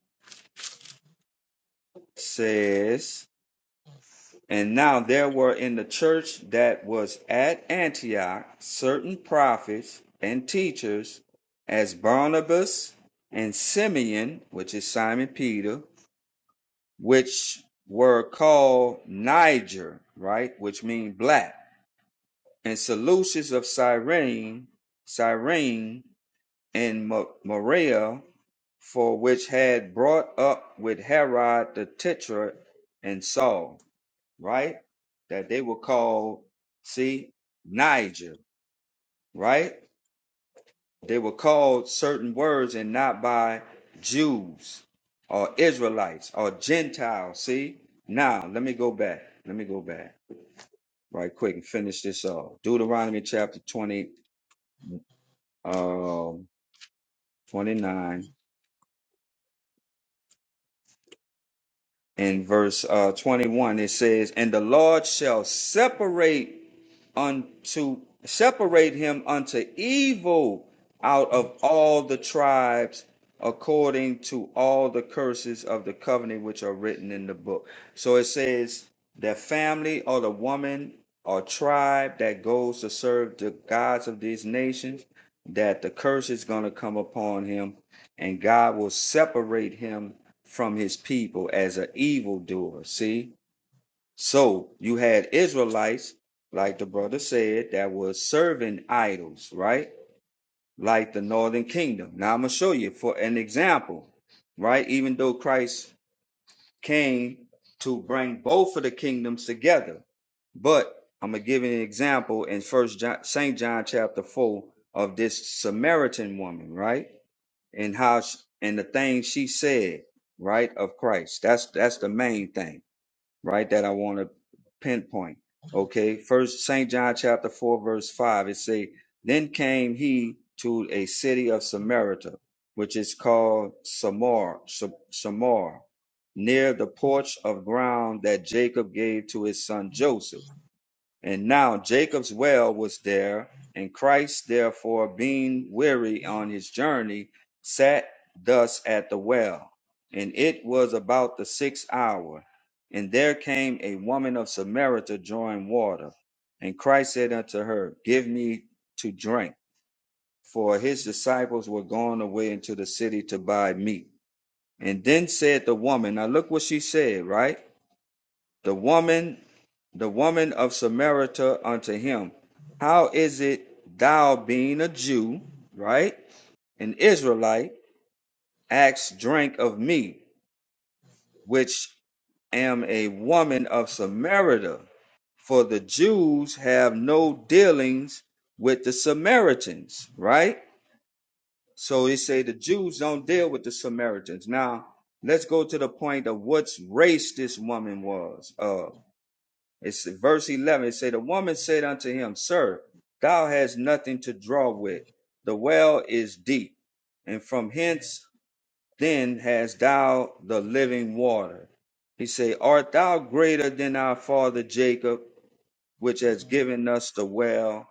H: says, And now there were in the church that was at Antioch certain prophets and teachers, as Barnabas and Simeon, which is Simon Peter which were called Niger, right, which mean black, and Seleucus of Cyrene, Cyrene and Ma- Morea, for which had brought up with Herod the Tetrarch and Saul, right, that they were called, see, Niger, right? They were called certain words and not by Jews or Israelites or Gentiles. See? Now, let me go back. Let me go back right quick and finish this off. Deuteronomy chapter 20, um, 29 and verse uh, 21. It says, And the Lord shall separate un, to separate him unto evil out of all the tribes according to all the curses of the covenant which are written in the book. So it says the family or the woman or tribe that goes to serve the gods of these nations, that the curse is going to come upon him and God will separate him from his people as an evildoer. See? So you had Israelites, like the brother said, that was serving idols, right? Like the northern kingdom. Now I'm gonna show you for an example, right? Even though Christ came to bring both of the kingdoms together, but I'm gonna give you an example in First John, Saint John chapter four of this Samaritan woman, right? And how sh and the things she said, right, of Christ. That's that's the main thing right, that I want to pinpoint. Okay, first St. John chapter 4, verse 5, it say, Then came he to a city of Samaria, which is called Samar, Samar, near the porch of ground that Jacob gave to his son Joseph. And now Jacob's well was there, and Christ therefore, being weary on his journey, sat thus at the well. And it was about the sixth hour. And there came a woman of Samaria drawing water. And Christ said unto her, Give me to drink. For his disciples were gone away into the city to buy meat. And then said the woman, Now look what she said, right? The woman, the woman of Samaria unto him, How is it thou being a Jew, right? An Israelite, ask drink of me, which am a woman of Samaria? For the Jews have no dealings with the Samaritans, right? So they say the Jews don't deal with the Samaritans. Now, let's go to the point of what race this woman was of. It's verse 11. It said, The woman said unto him, Sir, thou hast nothing to draw with. The well is deep. And from hence then hast thou the living water. He said, Art thou greater than our father Jacob, which has given us the well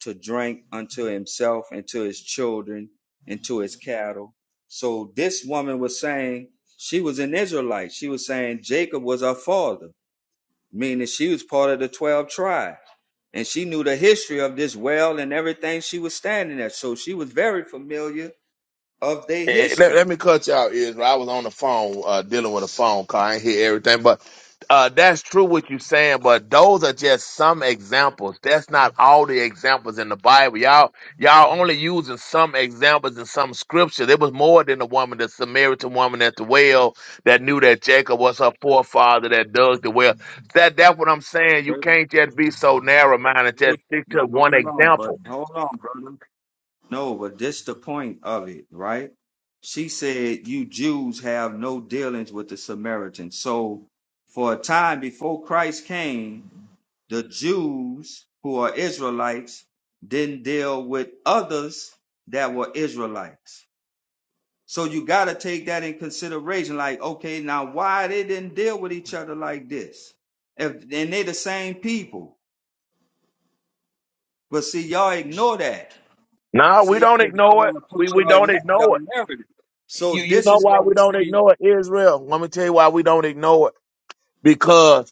H: to drink unto himself and to his children and to his cattle? So this woman was saying, she was an Israelite. She was saying Jacob was her father meaning she was part of the 12 tribe. And she knew the history of this well and everything she was standing at. So she was very familiar of their
L: Eh, Let, let
H: history.
L: me cut you out, Israel. I was on the phone uh, dealing with a phone call. I ain't hear everything, but uh, that's true what you're saying. But those are just some examples. That's not all the examples in the Bible. Y'all, y'all only using some examples in some scripture. There was more than the woman, the Samaritan woman at the well that knew that Jacob was her forefather that dug the well. That that's what I'm saying. You
H: Brother,
L: can't just be so narrow minded. Just stick to
H: But
L: one
H: hold on, but
L: example.
H: hold on, brother. No, but this the point of it, right? She said, You Jews have no dealings with the Samaritans. So for a time before Christ came, the Jews who are Israelites didn't deal with others that were Israelites So you got to take that in consideration. Like, okay, now why they didn't deal with each other like this? If and they the same people, but see, y'all ignore that.
L: No, we
H: See, because
L: don't
H: 'cause y'all
L: ignore
H: want
L: it.
H: to
L: We
H: push
L: we
H: y'all,
L: don't
H: ne-
L: ignore it.
H: y'all narrative. So
L: You you
H: this
L: know
H: is
L: why
H: where we
L: we don't
H: see.
L: ignore it, Israel? Let me tell you why we don't ignore it. Because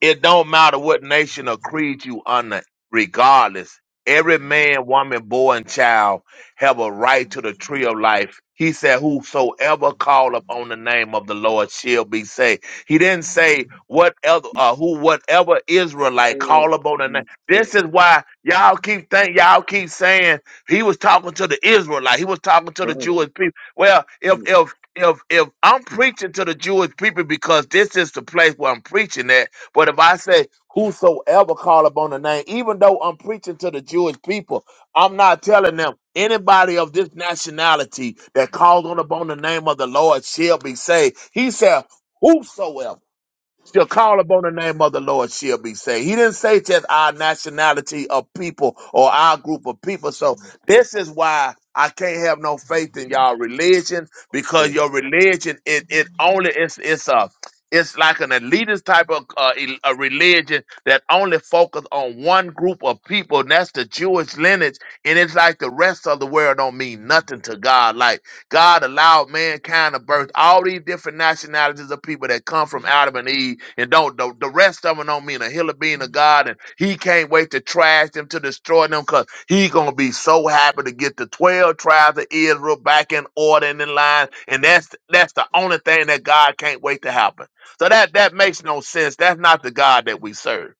L: it don't matter what nation or creed you under, regardless. Every man, woman, boy, and child have a right to the tree of life. He said, Whosoever call upon the name of the Lord shall be saved. He didn't say whatever uh, who whatever Israelite call upon the name.
H: Mhm.
L: This
H: Wait,
L: is why y'all keep think y'all keep saying he was talking to the Israelite. He was talking to the
H: go
L: Jewish people. Well, if
H: ahead.
L: if if if I'm preaching to the Jewish people because this is the place where I'm preaching at, but if I say, whosoever call upon the name, even though I'm preaching to the Jewish people, I'm not telling them anybody of this nationality that calls on upon the name of the Lord shall be saved. He said, whosoever. She'll call upon the name of the Lord, she'll be saved. He didn't say just our nationality of people or our group of people. So this is why I can't have no faith in y'all religion, because
H: Wait.
L: your religion it it only it's it's a it's like an elitist type of uh, el- a religion that only focus on one group of people, and that's the Jewish lineage. And it's like the rest of the world don't mean nothing to God. Like God allowed mankind to birth all these different nationalities of people that come from Adam and Eve, and don't the, the rest of them don't mean a hill of being a God, and He can't wait to trash them to destroy them, cause He gonna be so happy to get the twelve tribes of Israel back in order and in line, and that's that's the only thing that God can't wait to happen. So that that makes no sense. That's not the God that we serve.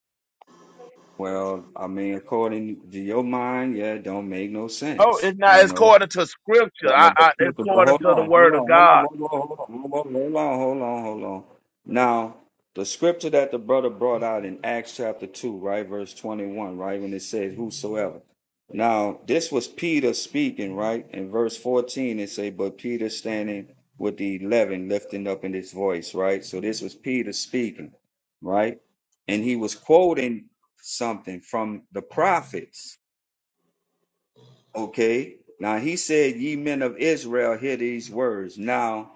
H: Well, I mean, according to your mind, yeah, it don't make no
L: Oh,
H: sense,
L: it's not.
H: you
L: It's
H: know.
L: according to Scripture.
H: Uh,
L: I, I
H: but, you-
L: it's
H: but
L: according
H: hold
L: to the
H: on, hold
L: Word of
H: on, hold on,
L: God.
H: hold on, hold on, hold on, hold on, hold on, hold on. Now, the scripture that the brother brought out in Acts chapter 2, right, verse 21, right, when it says, Whosoever. Now, this was Peter speaking, right? In verse 14, it say, But Peter standing with the eleven, lifting up in his voice, right? So this was Peter speaking, right? And he was quoting something from the prophets Okay. Now he said, Ye men of Israel, hear these words. Now,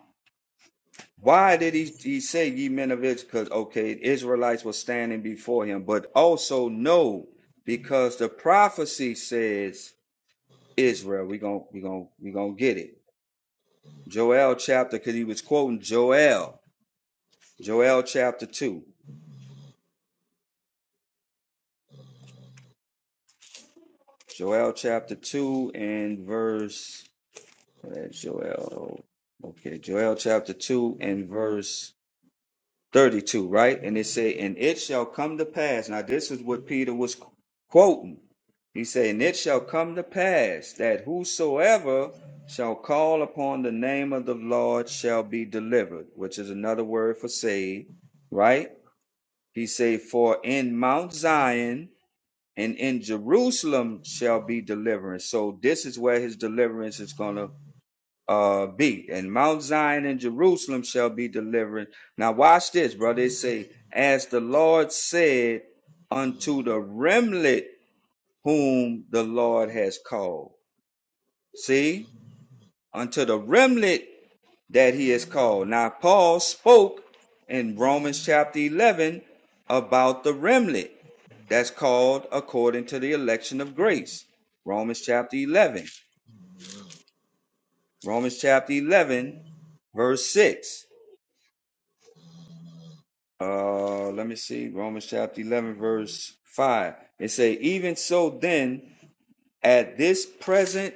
H: why did he, he say, Ye men of Israel? Because, okay, Israelites were standing before him, but also no, because the prophecy says, Israel, we're going we gonna, we gonna get it. Joel chapter, because he was quoting Joel, Joel chapter 2. Joel chapter 2 and verse, where's Joel? Okay, Joel chapter 2 and verse 32, right? And it say, and it shall come to pass. Now, this is what Peter was qu- quoting. He said, and it shall come to pass that whosoever shall call upon the name of the Lord shall be delivered, which is another word for saved, right? He say, for in Mount Zion and in Jerusalem shall be deliverance. So this is where his deliverance is going to uh B and Mount Zion and Jerusalem shall be delivered. Now watch this, brother. They say, as the Lord said unto the remnant whom the Lord has called. See? Unto the remnant that he has called. Now Paul spoke in Romans chapter eleven about the remnant that's called according to the election of grace. Romans chapter eleven. Romans chapter eleven, verse six. Uh, let me see. Romans chapter 11, verse 5. It say, even so then, at this present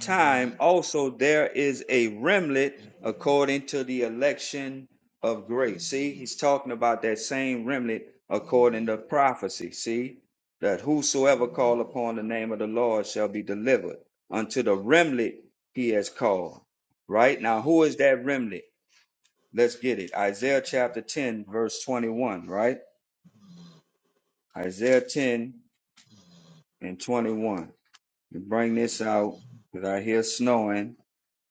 H: time also there is a remnant according to the election of grace. See, he's talking about that same remnant according to prophecy. See, that whosoever call upon the name of the Lord shall be delivered unto the remnant he has called. Right now, who is that remnant? Let's get it. Isaiah chapter 10, verse 21, right? Isaiah 10 and 21. To bring this out, because I hear snowing.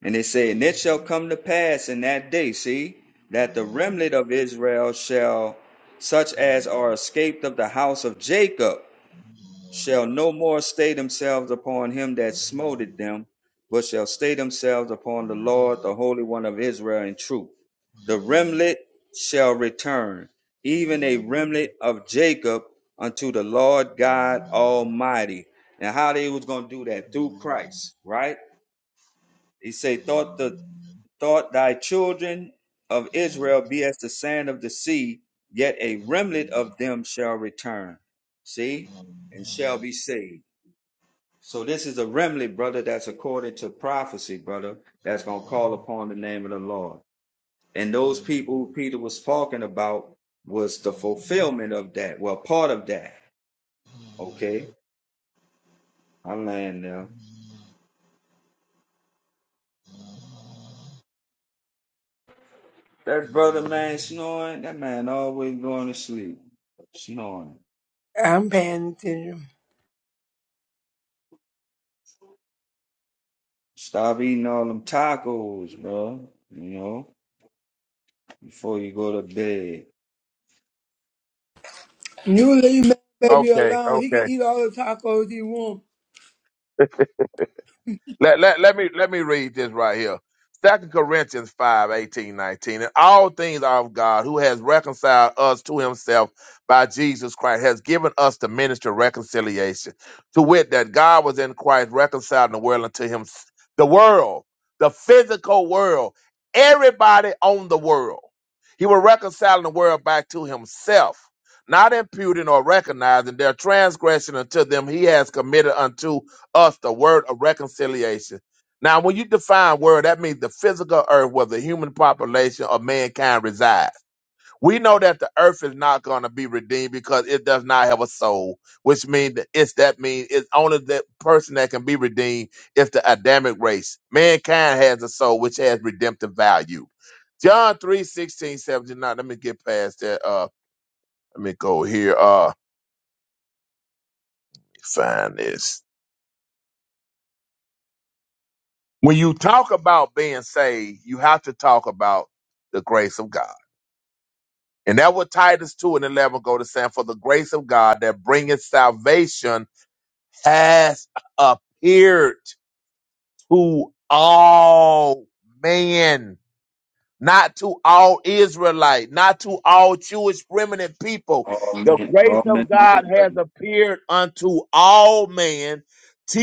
H: And it said, And it shall come to pass in that day, see, that the remnant of Israel shall, such as are escaped of the house of Jacob, shall no more stay themselves upon him that smote them, but shall stay themselves upon the Lord, the Holy One of Israel, in truth. The remnant shall return, even a remnant of Jacob, unto the Lord God Almighty. And how they was gonna do that through Christ, right? He say, "Thought the thought thy children of Israel be as the sand of the sea, yet a remnant of them shall return." See, and shall be saved. So this is a remnant, brother, that's according to prophecy, brother, that's gonna call upon the name of the Lord. And those people who Peter was talking about was the fulfillment of that. Well, part of that. Okay. I'm laying there. That brother man snoring, that man always going to sleep. Snoring. Stop eating all them tacos, bro. You know, before you go to bed.
D: Baby,
L: Okay,
D: he
L: okay.
D: can eat all the tacos he wants.
L: Let, let, let me let me read this right here. Second Corinthians 5 18 19. And all things are of God who has reconciled us to himself by Jesus Christ, has given us the ministry of reconciliation. To wit, that God was in Christ reconciling the world unto him the world, the physical world, everybody on the world. He was reconciling the world back to himself, not imputing or recognizing their transgression unto them he has committed unto us the word of reconciliation. Now, when you define word, that means the physical earth where the human population of mankind resides. We know that the earth is not going to be redeemed because it does not have a soul, which means that it's that means it's only the person that can be redeemed is the Adamic race. Mankind has a soul which has redemptive value. John 3, sixteen, seventeen. Now, let me get past that. Uh, let me go here. Uh, let me find this. When you talk about being saved, you have to talk about the grace of God. And that what Titus 2 and 11 go to saying, for the grace of God that bringeth salvation has appeared to all men not to all Israelite, not to all Jewish remnant people.
H: All
L: The
H: men,
L: grace
H: all men,
L: of God has appeared unto all men,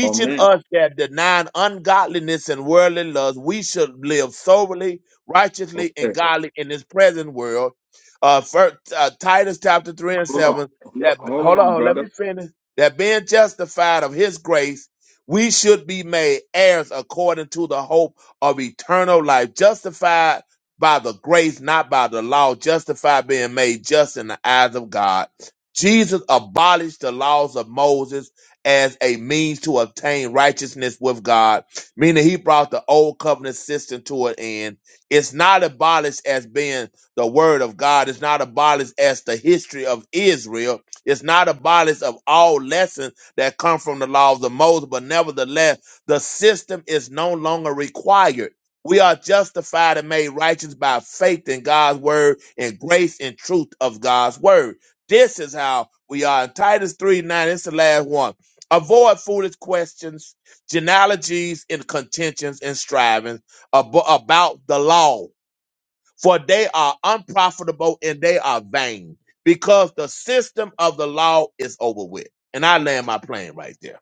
H: all men.
L: us that denying ungodliness and worldly lust, we should live soberly, righteously, and
H: Okay,
L: godly in this present world. Uh, first, uh Titus chapter three and
H: hold on,
L: seven.
H: hold on,
L: That
H: hold
L: hold
H: on,
L: on, let
H: brother.
L: me finish. That being justified of His grace, we should be made heirs according to the hope of eternal life, justified by the grace, not by the law, justified being made just in the eyes of God. Jesus abolished the laws of Moses as a means to obtain righteousness with God, meaning he brought the old covenant system to an end. It's not abolished as being the word of God, it's not abolished as the history of Israel, it's not abolished of all lessons that come from the laws of Moses, but nevertheless, the system is no longer required we are justified and made righteous by faith in God's word and grace and truth of God's word. This is how we are. In Titus 3 9, it's the last one. Avoid foolish questions, genealogies, and contentions and strivings ab- about the law, for they are unprofitable and they are vain, because the system of the law is over with. And I land my plane right there.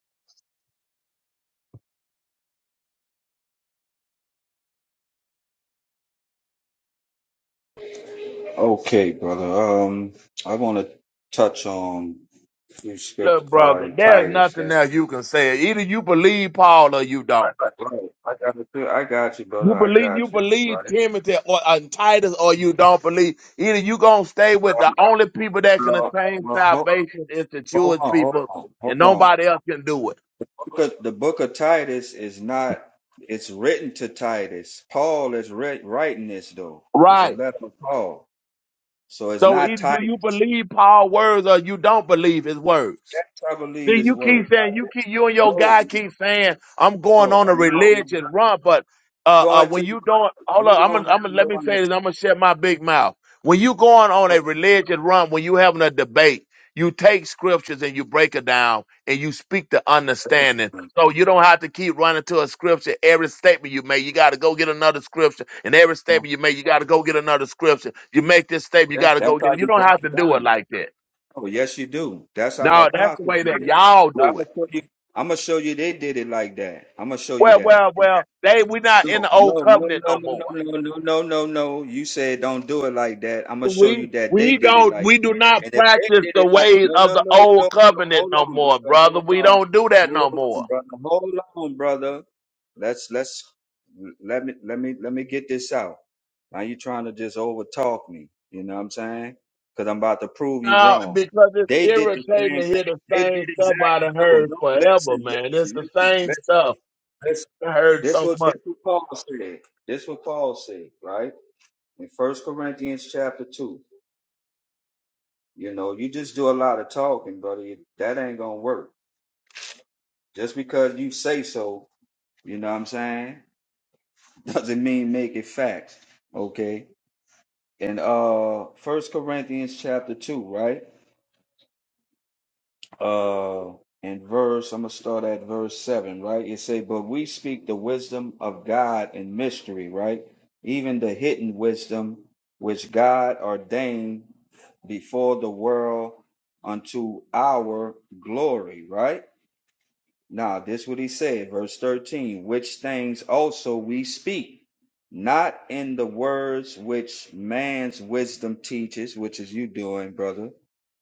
H: Okay, brother. Um, I want to touch on a script scripts
L: Look,
H: uh,
L: brother,
H: in
L: there's
H: Titus.
L: nothing
H: That
L: else you can say. Either you believe Paul or you don't.
H: right. I got you. I got you,
L: You
H: brother. I
L: believe you
H: got you.
L: believe
H: Right.
L: Timothy or, or uh, Titus or you don't believe. Either you gonna stay with the
H: Um,
L: only people that can
H: well,
L: attain
H: well, hold,
L: salvation is the
H: hold
L: Jewish
H: on, hold
L: people
H: on, hold
L: and
H: on.
L: nobody else can do it.
H: Book of- the book of Titus is not. It's written to Titus. Paul is writ writing this though. It's a
L: Right.
H: letter of Paul, so it's
L: So
H: not
L: either do you
H: Titus.
L: believe Paul's words or you don't believe his words.
H: That's I believe
L: Then
H: his
L: you
H: word.
L: keep saying
H: Not-
L: you
H: that-
L: keep you and your
H: No,
L: guy keep saying I'm going
H: no,
L: on a
H: I'm not.
L: religion run, but uh, uh
H: going
L: when
H: to
L: you don't, hold
H: you
L: up, I'm
H: don't
L: gonna, I'm
H: have
L: gonna let
H: no
L: me say this, I'm gonna shut my big mouth. When you going on a
H: understanding.
L: religion run, when you having a debate, you take scriptures and you break it down and you speak the understanding. So you don't have to keep running to a scripture every statement you make. You got to go get another scripture, and every
H: Oh,
L: statement you make, you got to go get another scripture. You make this statement, you
H: yeah,
L: got to go
H: that's
L: get
H: how
L: it. You
H: you
L: don't
H: break
L: have to
H: it
L: do it
H: down.
L: like that.
H: Oh, yes, you do. That's how the
L: No, that's the
H: apostles
L: way that
H: did it.
L: y'all
H: I'm
L: do it.
H: gonna show you. I'm gonna show you they did it like that. I'm gonna show you
L: Well,
H: that.
L: well, well, they we not in
H: No,
L: the old
H: no, no,
L: covenant
H: no,
L: no
H: no, no,
L: more.
H: no, no, no, no, no. You said don't do it like that. I'm gonna show
L: We
H: you that they
L: we
H: did it
L: don't
H: like.
L: we do not
H: And if they
L: practice
H: did
L: the
H: it like,
L: ways
H: no,
L: of
H: no,
L: the
H: no, no,
L: old
H: no.
L: covenant
H: Hold
L: no
H: on,
L: more,
H: brother.
L: brother.
H: Hold
L: We
H: on.
L: don't do that
H: Hold
L: no more.
H: on, brother. Hold on, brother. Let's let's let me let me let me get this out. Now you trying to just over talk me. You know what I'm saying? Because I'm about to prove you
L: Now,
H: wrong.
L: because it's
H: They did the
L: irritating
H: same
L: to hear
H: thing.
L: the
H: They did
L: same stuff I
H: exactly
L: done
H: no,
L: heard
H: no,
L: forever,
H: listen,
L: man. It's
H: listen,
L: the
H: listen,
L: same
H: listen.
L: stuff
H: This,
L: I heard
H: this
L: so
H: was this
L: much.
H: what Paul said. This what Paul said, right? In First Corinthians chapter two. You know, you just do a lot of talking, buddy. That ain't gonna work. Just because you say so, you know what I'm saying, doesn't mean make it facts. Okay. in uh First Corinthians chapter two, right? Uh in verse, I'm gonna start at verse seven, right? It say, But we speak the wisdom of God in mystery, right? Even the hidden wisdom which God ordained before the world unto our glory, right? Now, this is what he said, verse 13, which things also we speak, not in the words which man's wisdom teaches, which is you doing, brother,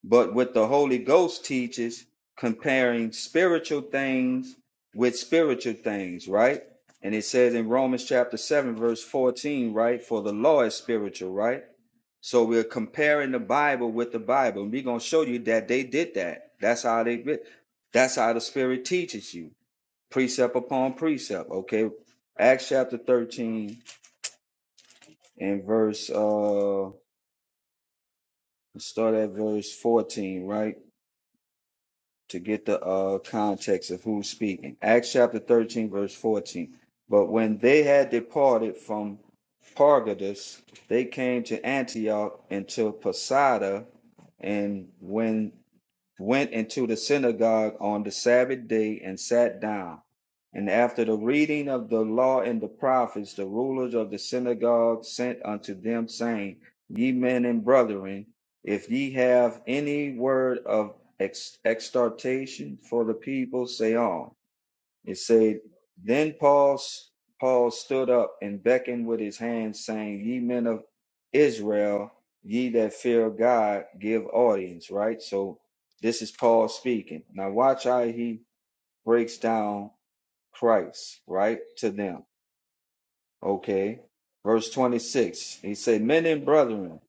H: but what the Holy Ghost teaches, comparing spiritual things with spiritual things, right? And it says in Romans chapter 7, verse 14, right? For the law is spiritual, right? So we're comparing the Bible with the Bible. And we're going to show you that they did that. That's how they did. That's how the Spirit teaches you, precept upon precept. Okay, Acts chapter thirteen and verse uh, start at verse fourteen, right? To get the uh context of who's speaking. Acts chapter thirteen, verse fourteen. But when they had departed from Pargadus, they came to Antioch and to Posada, and when went into the synagogue on the Sabbath day and sat down. And after the reading of the law and the prophets, the rulers of the synagogue sent unto them, saying, Ye men and brethren, if ye have any word of ex- exhortation for the people, say on. It said, Then Paul, s- Paul stood up and beckoned with his hand, saying, Ye men of Israel, ye that fear God, give audience, right? So this is Paul speaking. Now watch how he breaks down Christ, right, to them. Okay. Verse 26, he said, Men and brethren,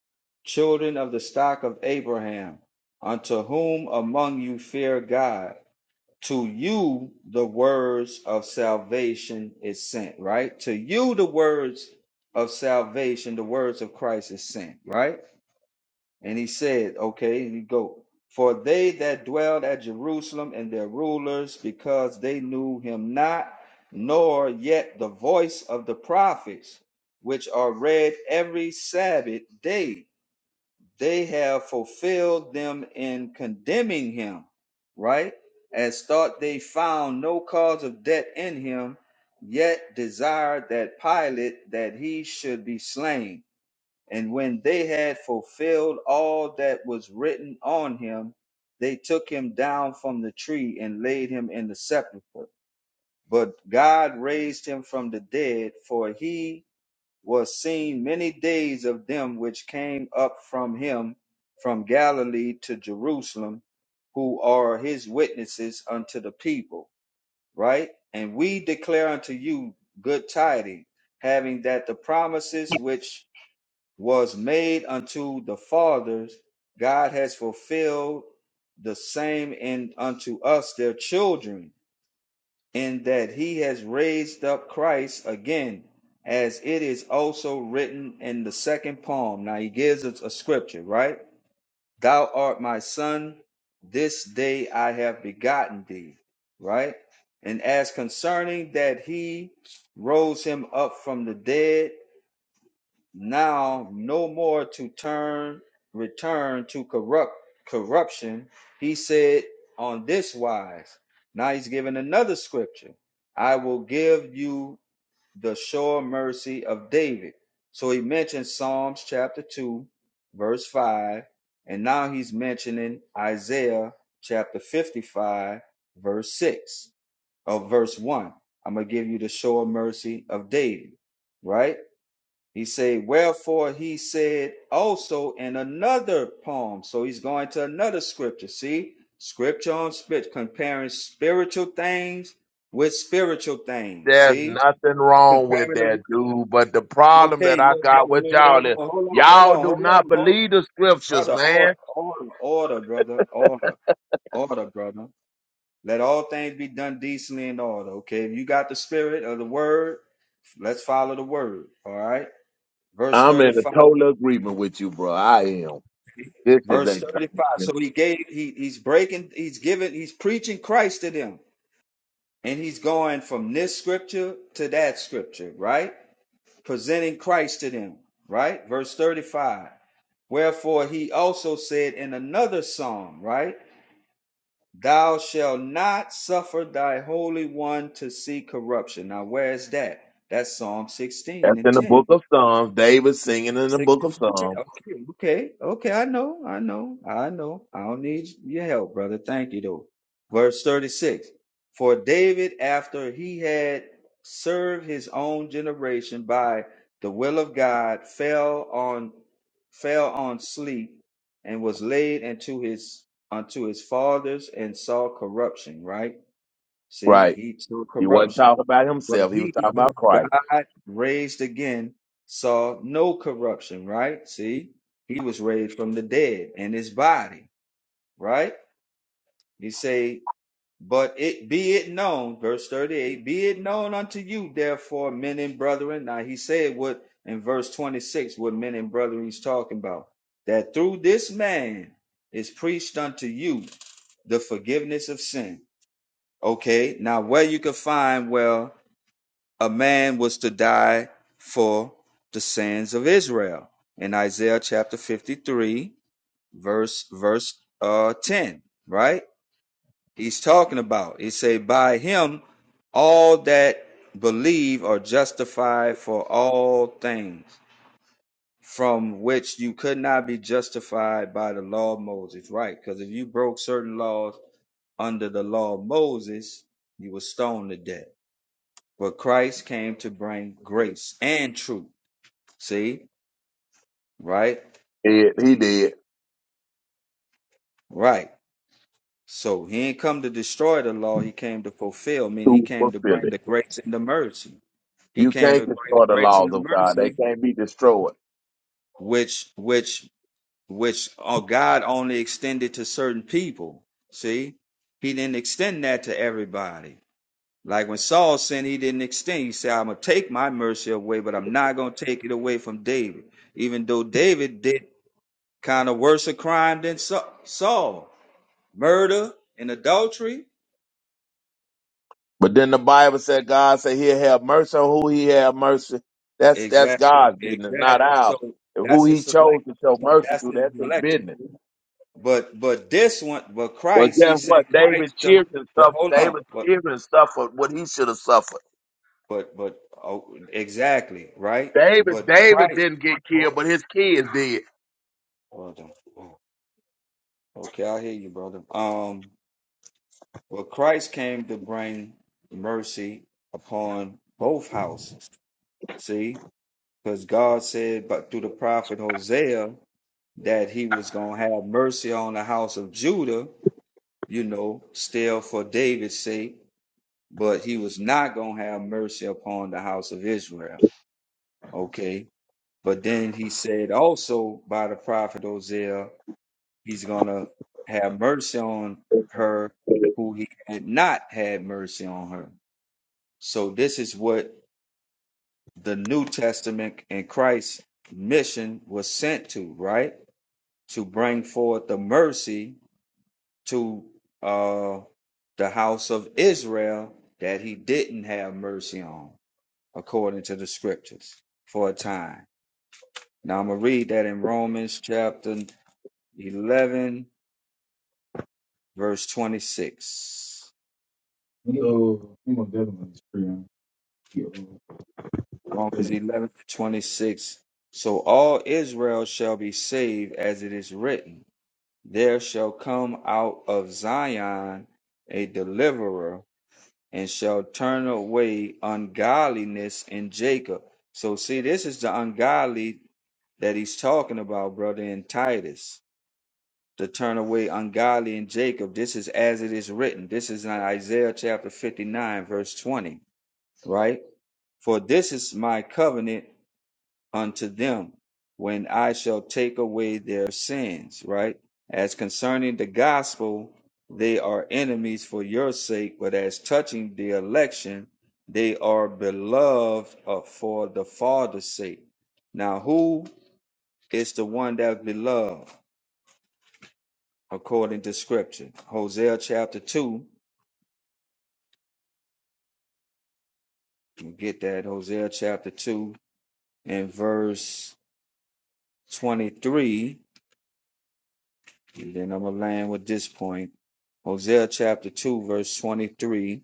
H: children of the stock of Abraham, unto whom among you fear God to you the words of salvation is sent, right? To you the words of salvation, the words of Christ is sent, right? And he said, okay, you go. For they that dwelled at Jerusalem and their rulers, because they knew him not, nor yet the voice of the prophets, which are read every Sabbath day they have fulfilled them in condemning him, right? As thought they found no cause of debt in him, yet desired that Pilate that he should be slain. And when they had fulfilled all that was written on him, they took him down from the tree and laid him in the sepulchre. But God raised him from the dead, for he was seen many days of them which came up from him from Galilee to Jerusalem, who are his witnesses unto the people. Right? And we declare unto you good tidings, having that the promises which was made unto the fathers, God has fulfilled the same in unto us their children in that he has raised up Christ again, as it is also written in the second poem. Now he gives us a scripture, right? Thou art my son, this day I have begotten thee, right? And as concerning that he rose him up from the dead, now no more to turn return to corrupt corruption he said on this wise now he's giving another scripture i will give you the sure mercy of david so he mentioned psalms chapter 2 verse 5 and now he's mentioning isaiah chapter 55 verse 6 or verse 1 i'm gonna give you the sure mercy of david right he say, wherefore he said also in another poem. So he's going to another scripture. See, scripture on scripture, comparing spiritual things with spiritual things.
L: There's
H: See,
L: nothing wrong with
H: comparing the.
L: that, dude. But the problem
H: Okay,
L: that I
H: no, no,
L: got
H: no,
L: with
H: no, no,
L: y'all is
H: no. no. Hold on, hold
L: y'all do
H: on, hold
L: not
H: on, hold.
L: believe the scriptures,
H: Brother, order,
L: man.
H: order, order, brother, order, order, brother. Let all things be done decently in order. Okay, if you got the spirit of the word, let's follow the word. All right, verse
L: I'm in a
H: thirty-five.
L: total agreement with you, bro. I am. This is
H: Verse 35.
L: exaltation.
H: So he gave, he, he's breaking, he's giving, he's preaching Christ to them. And he's going from this scripture to that scripture, right? Presenting Christ to them, right? Verse 35. Wherefore he also said in another psalm, right? Thou shalt not suffer thy holy one to see corruption. Now, where's that? That's Psalm 16
L: That's
H: and
L: in the
H: 10.
L: book of Psalms. David singing in the book
H: Sixty
L: of
H: in the chat.
L: Psalms.
H: Okay, okay, okay. I know, I know, I know. I don't need your help, brother. Thank you, though. Verse 36 For David, after he had served his own generation by the will of God, fell on fell on sleep and was laid into his unto his fathers and saw corruption, right? See,
L: Right.
H: he saw
L: He wasn't
H: corruption.
L: talking about
H: But
L: himself. He was
H: he,
L: talking
H: who
L: about Christ.
H: God raised again, saw no corruption, right? See, he was raised from the dead and his body, right? He say, but it be it known, verse 38, be it known unto you, therefore, men and brethren. Now he said what in verse 26, what men and brethren he's talking about, that through this man is preached unto you the forgiveness of sin. Okay, now where you can find well a man was to die for the sins of Israel in Isaiah chapter 53, verse verse uh 10, right? He's talking about he say by him all that believe are justified for all things from which you could not be justified by the law of Moses, right? Because if you broke certain laws under the law of Moses, you were stoned to death But Christ came to bring grace and truth. See? Right?
L: He, he did
H: Right. So he ain't come to destroy the law, he came to fulfill, meaning he
L: to
H: came to
L: fulfill
H: bring
L: it.
H: the grace and the mercy. He
L: You
H: came
L: can't
H: to bring
L: destroy
H: the
L: the
H: grace
L: laws
H: and the
L: of God. They
H: mercy,
L: can't be destroyed.
H: which which which oh, God only extended to certain people. See? He didn't extend that to everybody. Like when Saul sinned, he didn't extend. He said, I'm gonna take my mercy away, but I'm not gonna take it away from David even though David did Kind of worse a crime than Sa- Saul. Murder and adultery.
L: But then the Bible said God said he'll have mercy on who he have mercy. That's that's
H: Exactly.
L: God's business, not
H: Exactly.
L: ours.
H: So
L: And who
H: that's
L: he
H: his
L: chose
H: select.
L: to show mercy
H: That's
L: to,
H: his
L: that's his
H: election.
L: business.
H: But but this one, but
L: Well,
H: Christ,
L: guess
H: he sent
L: what? David
H: Christ to.
L: cheered and
H: But
L: suffered.
H: hold on.
L: David
H: But
L: cheered and suffered what he should have suffered.
H: but but oh, exactly right.
L: David,
H: But
L: David
H: Christ.
L: didn't get
H: Hold
L: killed,
H: on.
L: but his kids did.
H: Hold on. Oh, Okay, I hear you, brother. Um, well, Christ came to bring mercy upon both houses. See, Because God said, but through the prophet Hosea, that he was going to have mercy on the house of Judah, you know, still for David's sake, but he was not going to have mercy upon the house of Israel. Okay. But then he said also by the prophet Hosea, he's going to have mercy on her who he had not had mercy on her. So this is what the New Testament and Christ's mission was sent to, right? to bring forth the mercy to uh, the house of Israel that he didn't have mercy on, according to the scriptures, for a time. Now I'm going to read that in Romans chapter 11, verse 26. Romans 11:26. So all Israel shall be saved, as it is written, There shall come out of Zion a deliverer and shall turn away ungodliness in Jacob. So see, this is the ungodly that he's talking about, brother, in Titus. To turn away ungodly in Jacob. This is as it is written. This is in Isaiah chapter 59, verse 20, right? For this is my covenant unto them when I shall take away their sins, right? As concerning the gospel, they are enemies for your sake, but as touching the election, they are beloved uh, for the Father's sake. Now, who is the one that's beloved according to Scripture? Hosea chapter 2, you get that, Hosea chapter 2 and verse 23 And then I'm going to land with this point Hosea chapter 2, verse 23,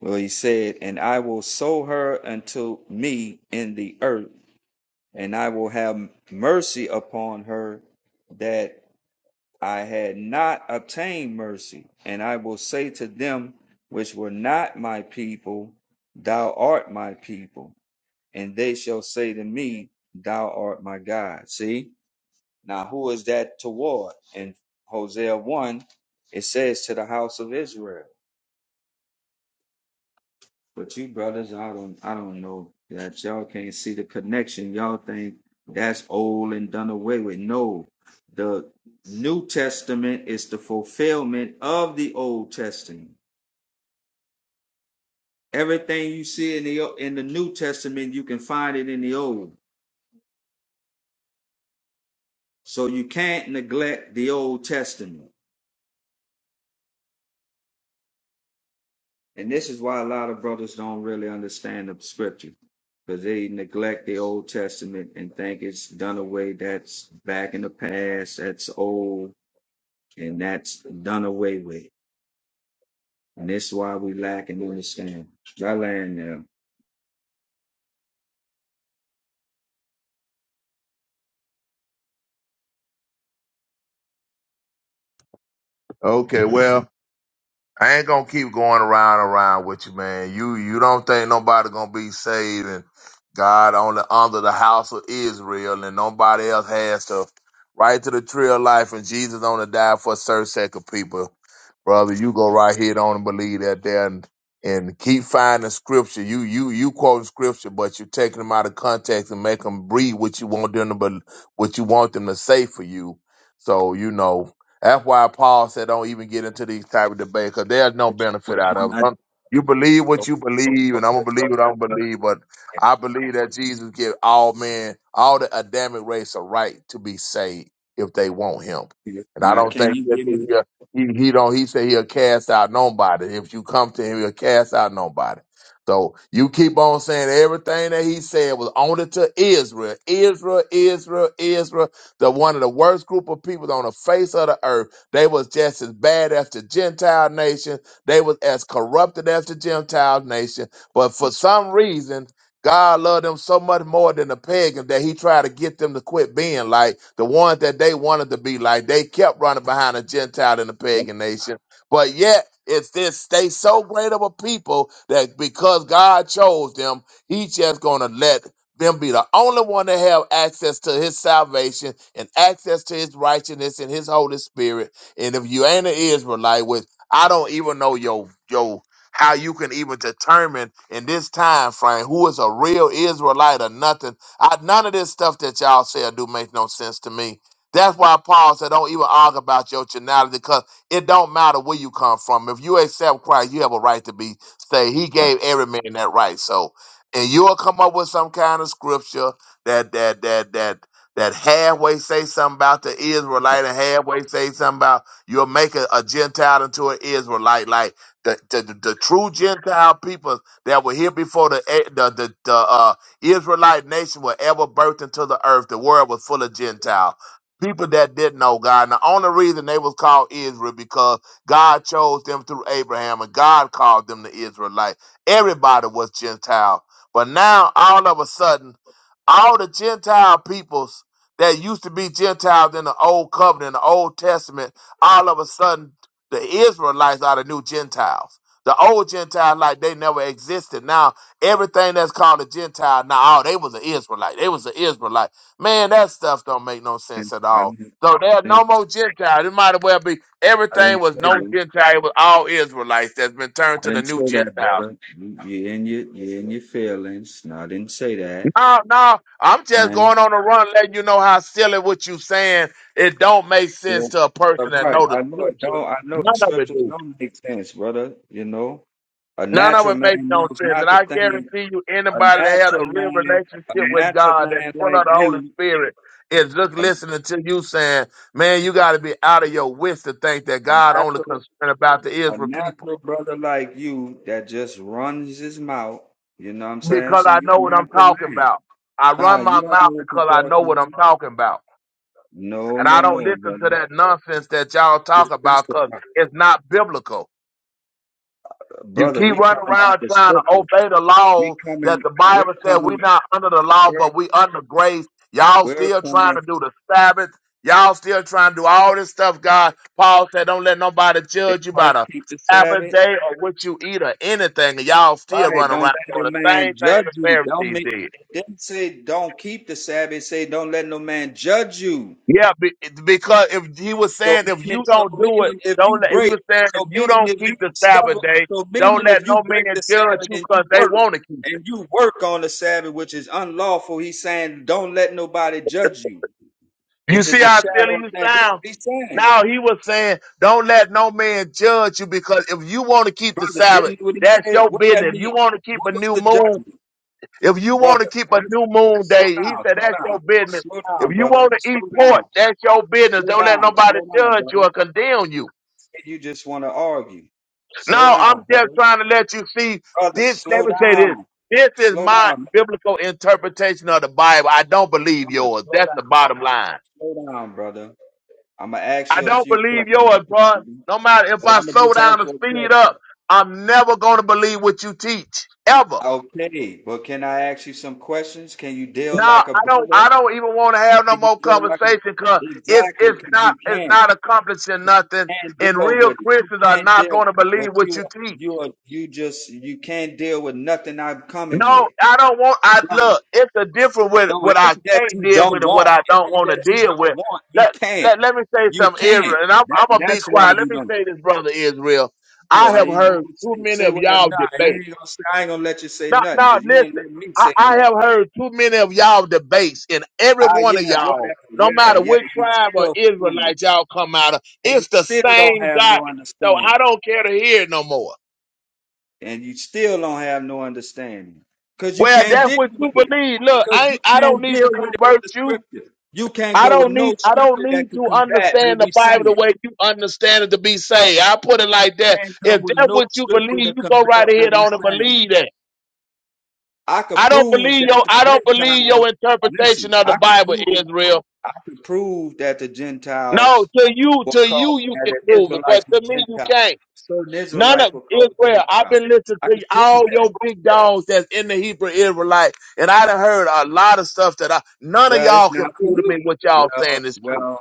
H: where he said, And I will sow her unto me in the earth, and I will have mercy upon her that I had not obtained mercy. And I will say to them which were not my people, Thou art my people. And they shall say to me, Thou art my God. See? Now, who is that toward? In Hosea 1, it says to the house of Israel. But you brothers, I don't I don't know that y'all can't see the connection. Y'all think that's old and done away with. No. The New Testament is the fulfillment of the Old Testament. Everything you see in the in the New Testament, you can find it in the Old. So you can't neglect the Old Testament. And this is why a lot of brothers don't really understand the scripture because they neglect the Old Testament and think it's done away. That's back in the past. That's old and that's done away with. And this is why we lack and understand. I land now.
L: Okay, well, I ain't gonna keep going around and around with you, man. You you don't think nobody gonna be saved and God only under the house of Israel and nobody else has to right to the tree of life and Jesus only died for a certain sect of people. Brother, you go right here on and believe that there and, and keep finding scripture. You you you quoting scripture, but you're taking them out of context and make them breathe what you want them to bel what you want them to say for you. So you know that's why Paul said, "Don't even get into these type of debates because there's no benefit
H: What
L: out
H: one
L: of
H: I
L: them. You believe what
H: oh,
L: you believe, and I'm gonna
H: okay,
L: believe what
H: brother.
L: I'm gonna believe. But
H: I
L: I believe that Jesus give all men, all the Adamic race, a right to be saved if they want Him.
H: see it.
L: And I
H: Now
L: don't
H: can
L: think
H: you
L: that
H: give
L: he
H: me
L: uh, he, he don't. He said He'll cast out nobody. If you come to Him, He'll cast out nobody. So you keep on saying everything that He said was only to Israel, Israel, Israel, Israel the one of the worst group of people on the face of the earth. They was just as bad as the Gentile nation. They was as corrupted as the Gentile nation. But for some reason, God loved them so much more than the pagans that he tried to get them to quit being like the ones that they wanted to be like. They kept running behind the Gentile and the
H: Nope.
L: pagan nation. But yet, it's this they so great of a people that because God chose them, He's just gonna let them be the only one that have access to his salvation and access to his righteousness and his Holy Spirit. And if you ain't an Israelite, which I don't even know your your how you can even determine in this time frame who is a real Israelite or nothing. I, none of this stuff that y'all say or do make no sense to me. That's why Paul said, "Don't even argue about your nationality, because it don't matter where you come from. If you accept Christ, you have a right to be saved. He
H: I
L: gave every man that right. So, and you'll come up with some kind of scripture that that that that that halfway say something about the Israelite and halfway say something about you'll make a, a Gentile into an Israelite. Like the, the the the true Gentile people that were here before the eh, the the, the uh, Israelite nation were ever birthed into the earth. The world was full of Gentile people that didn't know God. And the only reason they was called Israel because God chose them through Abraham and God called them the Israelite. Everybody was Gentile but now all of a sudden, all the Gentile peoples that used to be Gentiles in the old covenant, the old testament, all of a sudden the Israelites are the new Gentiles. The old Gentiles, like they never existed. Now everything that's called a Gentile, now oh, they was an Israelite. They was an Israelite. Man, that stuff don't make no sense
H: didn't
L: at
H: I
L: all. So there are no
H: didn't
L: more Gentiles. It might as well be
H: I
L: everything
H: didn't
L: was
H: say
L: no
H: that.
L: Gentile. It was all Israelites that's been turned
H: I
L: to the
H: didn't
L: new
H: say that,
L: Gentiles.
H: brother. You- You're in your, you're in your feelings. No, I didn't say that.
L: No, no, I'm just going on a run, letting you know how silly what you saying. It don't make sense
H: Well,
L: to a
H: uh,
L: person that
H: Right.
L: know the
H: I know it
L: scriptures.
H: don't. I know the
L: None of it
H: scriptures
L: do.
H: don't make sense, brother. You know, a
L: None of
H: natural
L: it
H: man
L: makes no
H: knows
L: sense.
H: not
L: And
H: the
L: I
H: thing.
L: guarantee you,
H: A
L: anybody that
H: natural
L: has a real
H: man, a
L: relationship with
H: natural
L: God that's
H: man
L: full
H: like
L: of the Holy
H: you,
L: Spirit is just
H: a, a
L: listening to you saying, "Man, you got to be out of your wits to think that God only
H: natural,
L: concerned about the
H: a
L: Israel people."
H: natural brother like you that just runs his mouth. You know what I'm saying?
L: Because
H: See,
L: I
H: you're
L: know
H: a
L: what I'm
H: natural
L: talking
H: man.
L: about. I
H: Nah,
L: run
H: you
L: my
H: don't
L: mouth
H: know what
L: because I
H: you're
L: know
H: talking
L: what I'm
H: about.
L: talking about.
H: No,
L: And
H: no,
L: I don't
H: no,
L: listen to
H: brother.
L: that nonsense that y'all
H: Just
L: talk about because
H: testify.
L: it's not biblical. You
H: Brother,
L: keep
H: we
L: running
H: coming out
L: around
H: the
L: trying to
H: scriptures.
L: obey the
H: We
L: laws that
H: coming,
L: the
H: we're
L: Bible said we're
H: coming,
L: not under the law,
H: we're,
L: but we under grace. Y'all
H: we're
L: still
H: coming.
L: trying to do the Sabbath. Y'all still trying to do all this stuff, God. Paul said, don't let nobody
H: They
L: judge you
H: try
L: by
H: to
L: the
H: keep the
L: Sabbath
H: Sabbath.
L: day or what you eat or anything. And y'all still
H: Right.
L: running
H: Don't
L: around
H: let
L: doing
H: no
L: the same
H: man
L: thing
H: judge
L: the
H: you. Don't
L: Pharisees
H: make
L: did.
H: it didn't say don't keep the Sabbath. It say don't let no man judge you.
L: Yeah, be- because if he was
H: So
L: saying if
H: meaning
L: you
H: so
L: don't do it,
H: meaning if
L: don't
H: you
L: let. He
H: break
L: was saying if
H: so
L: you
H: meaning
L: don't
H: if
L: keep
H: you
L: the
H: stubborn
L: Sabbath day,
H: so
L: don't
H: meaning
L: let
H: if you
L: no man
H: break the
L: judge
H: Sabbath
L: you
H: and
L: because
H: you
L: they
H: work
L: want to keep it.
H: and you work on the Sabbath, which is unlawful, he's saying don't let nobody judge you,
L: You
H: which is
L: see
H: a
L: how silly
H: shadow of
L: you
H: thing. That's what
L: sound.
H: he's saying.
L: Now he was saying, don't let no man judge you because if you want to keep the
H: Brother,
L: Sabbath,
H: didn't what he
L: that's
H: say?
L: your
H: What that
L: business. If you
H: mean?
L: want to keep
H: What
L: a
H: was
L: new
H: the
L: moon,
H: judgment?
L: if you want
H: brother.
L: to keep a
H: Let's
L: new moon
H: slow
L: day, he
H: down,
L: said
H: slow
L: that's your
H: down,
L: business.
H: slow down,
L: If you want
H: brother.
L: to eat
H: Slow
L: pork,
H: down, s-
L: that's your business.
H: slow
L: Don't let
H: down,
L: nobody
H: slow down,
L: judge you or
H: brother.
L: condemn you.
H: You just want to argue. Slow
L: No, I'm
H: down,
L: just
H: brother.
L: trying to let you see
H: Brother,
L: this. Let
H: slow
L: me say this.
H: down,
L: This is
H: slow
L: my
H: down,
L: biblical interpretation of the Bible. I don't believe
H: brother.
L: yours.
H: Slow
L: That's the
H: down,
L: bottom line.
H: slow down, brother. I'm gonna ask
L: I
H: you a
L: don't
H: few
L: believe
H: questions.
L: yours,
H: That's it,
L: bro.
H: brother.
L: No matter if
H: But
L: I
H: I'm gonna
L: slow
H: just
L: down
H: ask
L: or
H: you a
L: speed up,
H: question.
L: I'm never going to believe what you teach ever.
H: Okay, but can I ask you some questions? Can you deal
L: Now
H: like a
L: I don't. I
H: brother?
L: don't even want to have no
H: Can you
L: more
H: deal like a
L: conversation because it's
H: exactly?
L: it's
H: Because
L: not
H: you
L: it's
H: can.
L: not accomplishing
H: If You
L: nothing.
H: can't
L: And
H: deal
L: real
H: with it. You
L: Christians are
H: can't
L: not
H: deal,
L: going to
H: but
L: believe what
H: you
L: you
H: are
L: teach.
H: you are you just you can't deal with nothing I'm coming
L: No,
H: with.
L: I don't want. I
H: Right.
L: look. It's a different with
H: No,
L: what
H: it
L: I
H: ain't that
L: can't
H: you
L: deal
H: don't
L: with and what
H: want.
L: I
H: It
L: don't
H: ain't
L: want to
H: that you
L: deal
H: don't
L: with.
H: want. You
L: Let
H: can't.
L: let let me say
H: You
L: something, Israel,
H: can't.
L: and I'm
H: That
L: I'm gonna be
H: that's why
L: quiet. Let
H: you
L: me
H: don't.
L: say this, brother Israel. I
H: Boy,
L: have
H: you
L: heard
H: can
L: too
H: say,
L: many
H: say
L: of
H: whatever.
L: y'all
H: Nah, you
L: debate.
H: ain't gonna say, I ain't gonna let you say
L: No,
H: nothing
L: no,
H: because you ain't
L: listen.
H: let me
L: I,
H: say
L: I have
H: nothing.
L: heard too many of y'all debates, and every
H: Ah,
L: one
H: yeah,
L: of
H: whatever.
L: y'all, no
H: Yeah,
L: matter
H: yeah.
L: which
H: You
L: tribe or
H: still fool,
L: Israelite y'all come out of,
H: and you
L: it's the
H: still don't
L: same
H: have no
L: garbage. So I
H: understanding.
L: don't care to hear it no more.
H: and you still don't have no understanding because you
L: Well,
H: can't
L: that's
H: deal
L: what you
H: with it
L: believe. Look,
H: because
L: I
H: you
L: ain't- I don't
H: can't
L: need to
H: deal with it with
L: convert
H: the
L: you.
H: scripture you can't
L: I
H: go with
L: don't need
H: no
L: I don't
H: scripture that
L: need
H: could
L: to
H: combat what
L: understand the
H: we
L: Bible the
H: saying
L: way you understand it to be saved. I put it like that.
H: can't come
L: If
H: with
L: that's
H: no
L: what you
H: scripture
L: believe,
H: to
L: you go
H: combat
L: right
H: what
L: ahead
H: we
L: on and
H: saying
L: believe that.
H: i could
L: I don't
H: prove
L: believe
H: that
L: your
H: the
L: I don't believe
H: gentiles
L: your
H: listen
L: interpretation of the
H: i could
L: Bible,
H: prove
L: Israel.
H: to prove that the
L: No,
H: gentiles
L: to you,
H: were
L: to
H: called
L: you, you
H: that
L: can
H: the
L: prove it, but
H: israelites were
L: to me, you
H: gentiles
L: can't.
H: certain
L: None of
H: israelites were called
L: Israel. I've
H: gentiles
L: been listening
H: i could
L: to
H: prove
L: all your
H: that
L: big dogs that's in the Hebrew Israelite, and I done heard a lot of stuff that I none of
H: well it's
L: y'all can
H: not for
L: prove to
H: you
L: me what y'all
H: well
L: saying is true.
H: well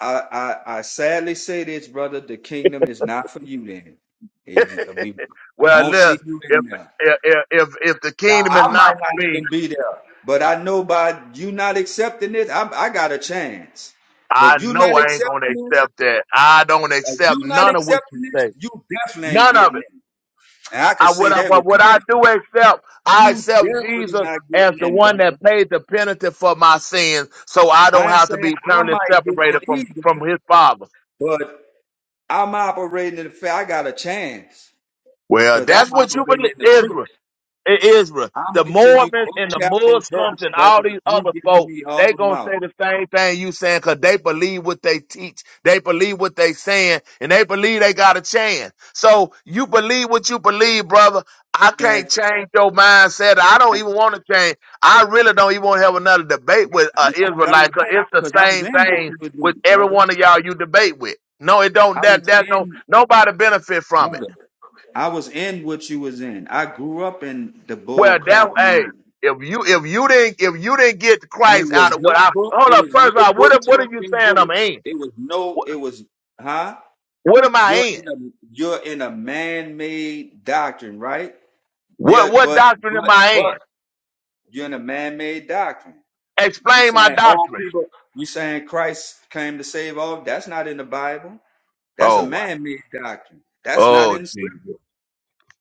H: I, I I sadly say this, brother. The kingdom is not for you. Then It- we
L: Well,
H: won't
L: listen,
H: see you
L: if
H: in there.
L: if if if the
H: Now
L: kingdom is
H: I
L: not
H: might
L: for
H: not
L: me,
H: even be there, but I know by you not accepting this, I, I got a chance.
L: I
H: But you not
L: know I ain't gonna
H: accepting this,
L: accept that. I don't
H: if
L: accept
H: you not
L: none of what you
H: accepting this,
L: say.
H: you definitely ain't
L: None of
H: getting
L: it.
H: in. And I can
L: I
H: say
L: what I
H: that
L: what
H: with
L: what I do
H: confidence.
L: accept, I
H: You
L: accept
H: definitely
L: Jesus
H: not
L: as
H: getting
L: the
H: in,
L: one that
H: brother.
L: paid the penalty for my sins, so I don't
H: I ain't
L: have to
H: saying
L: be
H: I
L: eternally
H: might get
L: separated
H: in
L: from
H: either,
L: from His Father.
H: but I'm operating in the fact I got a chance.
L: Well,
H: Because
L: that's
H: I'm
L: what you
H: operating
L: believe,
H: in the truth.
L: Israel. It is real.
H: I'm
L: The
H: giving you
L: Mormons
H: book,
L: and the
H: chapter, and
L: Muslims
H: verse,
L: and all
H: brother.
L: these
H: You
L: other
H: giving
L: folk,
H: me
L: they
H: all
L: gonna say
H: mouth.
L: the same thing you saying because they believe what they teach. They believe what they saying, and they believe they got a chance. So you believe what you believe, brother. I
H: Yeah,
L: can't change your mindset. I don't even want to change. I really don't even want to have another debate with uh,
H: Because I
L: Israelite,
H: was
L: cause
H: in,
L: it's
H: because
L: the
H: I was
L: same
H: in what
L: thing
H: you was
L: with
H: in,
L: every
H: brother.
L: one of y'all you debate with. No, it don't.
H: I was
L: That that no
H: in,
L: nobody benefit from it.
H: brother. I was in what you was in. I grew up in the bull
L: Well, that
H: crap you
L: hey,
H: in.
L: if you if you didn't if you didn't get
H: And it
L: Christ out
H: was
L: of what
H: no
L: I
H: book,
L: hold
H: it
L: up.
H: was
L: First
H: no
L: of all, what
H: book,
L: am- what are
H: chapter,
L: you
H: and
L: saying? I'm
H: verse.
L: in.
H: It was no,
L: What,
H: it was, huh?
L: what am
H: You're
L: I in?
H: in a you're in a man-made doctrine, right?
L: What
H: There,
L: what
H: but
L: doctrine am
H: but
L: I
H: but
L: in?
H: you're in a man-made doctrine. You
L: Explain my
H: saying all
L: doctrine.
H: people? You saying Christ came to save all? That's not in the Bible. That's a
L: Oh wow.
H: man-made doctrine. That's not
L: Oh
H: in the script.
L: Jesus.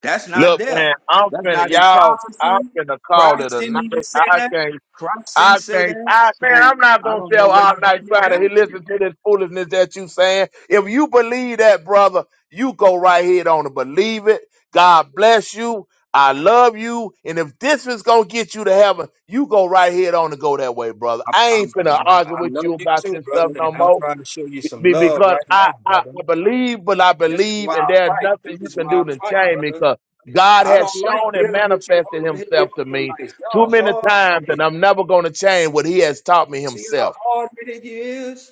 H: That's not
L: Look,
H: there.
L: man, I'm
H: That's
L: finna
H: not in
L: y'all. I'm
H: prophecy.
L: finna call it
H: Christ
L: a
H: didn't
L: night.
H: even say
L: I
H: that.
L: can't
H: Christ didn't
L: I
H: say
L: think,
H: that.
L: I man,
H: So
L: I'm not
H: I
L: gonna
H: don't
L: stay
H: know
L: up
H: where
L: all
H: you
L: night
H: get your
L: trying to he-
H: doctrine.
L: listen to this foolishness that you saying. If you believe that, brother, you go right ahead on and believe it. God bless you. I love you. And if this is gonna get you to heaven, you go right ahead on and go that way, brother.
H: I'm,
L: I ain't
H: I'm,
L: finna
H: I'm,
L: argue
H: I
L: with
H: love
L: you
H: you
L: about
H: too,
L: this stuff
H: brother, and
L: no
H: I'm
L: more.
H: trying to show you
L: Be-
H: some
L: be-
H: love
L: because
H: right
L: I,
H: now,
L: I,
H: brother.
L: I believe what I
H: This is
L: believe,
H: why
L: and
H: I
L: there's
H: fight.
L: nothing you
H: This is
L: can
H: why I
L: do to
H: fight,
L: change me
H: brother.
L: because God
H: I
L: has
H: don't like
L: shown and
H: dealing with you
L: manifested
H: hard-headed
L: himself to me
H: Israelites.
L: too
H: Y'all
L: many times,
H: hard-headed.
L: and I'm never going to change what he has taught me
H: See how
L: himself.
H: hard-headed you is?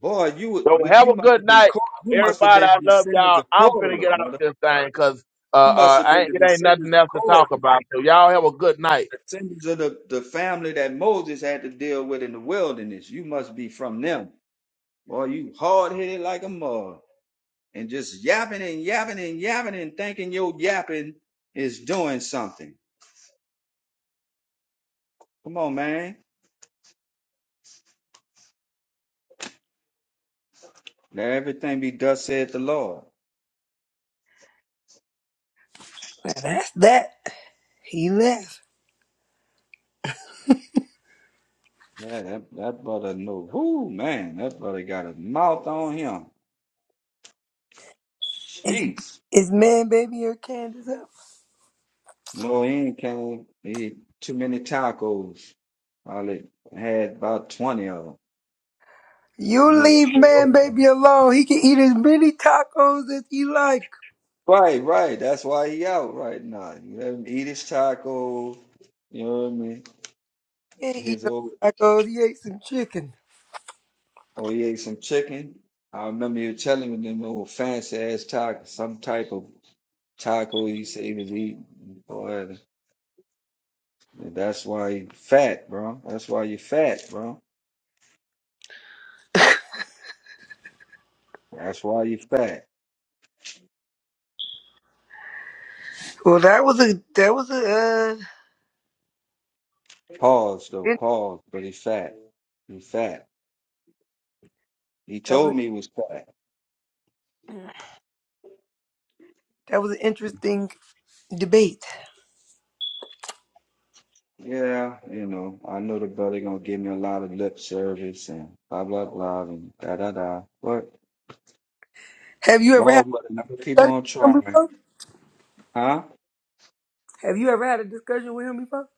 H: Boy, you would,
L: So
H: would
L: have
H: you
L: a
H: must
L: good
H: have been
L: night.
H: Cor- you must have
L: Everybody,
H: been
L: I love
H: descendants
L: y'all.
H: of
L: I'm finna
H: Korah,
L: get out
H: brother.
L: this thing because uh,
H: You must
L: uh,
H: have
L: I
H: been
L: ain't,
H: the
L: it ain't
H: descendants
L: nothing
H: of
L: else to
H: Korah,
L: talk about. So y'all have a good night.
H: descendants of the, the family that Moses had to deal with in the wilderness. You must be from them. Boy, you hard-headed like a mug. And just yapping and yapping and yapping and thinking your yapping is doing something. Come on, man. Let everything be thus said the Lord.
D: That's that. He left.
H: Yeah, that, that brother know. Whoo, man, that brother got a mouth on him.
D: Is,
H: Jeez.
D: is man baby or Candace up?
H: No, he ain't came. He ate too many tacos. Probably had about 20 of them.
D: You
H: No, he-
D: leave man baby alone. He can eat as many tacos as he like.
H: Right, right. That's why he out right now. You let him eat his tacos. You know what I mean?
D: He ain't eat
H: His
D: no
H: old,
D: tacos. He ate some chicken.
H: oh, he ate some chicken. I remember you telling me them old fancy ass tacos, some type of taco he said he was eating. Boy, that's why he fat, bro. That's why you fat, bro. That's why you fat.
D: Well, that was a that was a uh,
H: Pause though,
D: in-
H: pause. But he fat. He fat. He
D: that was
H: told me he was fat.
D: that was an interesting debate.
H: Yeah, you know, I know the brother gonna give me a lot of lip service and blah blah blah and da da da. But
D: Have you ever had
H: Lord, but never keep
D: a discussion
H: on
D: with him
H: trying,
D: before?
H: huh?
D: Have you ever had a discussion with him before?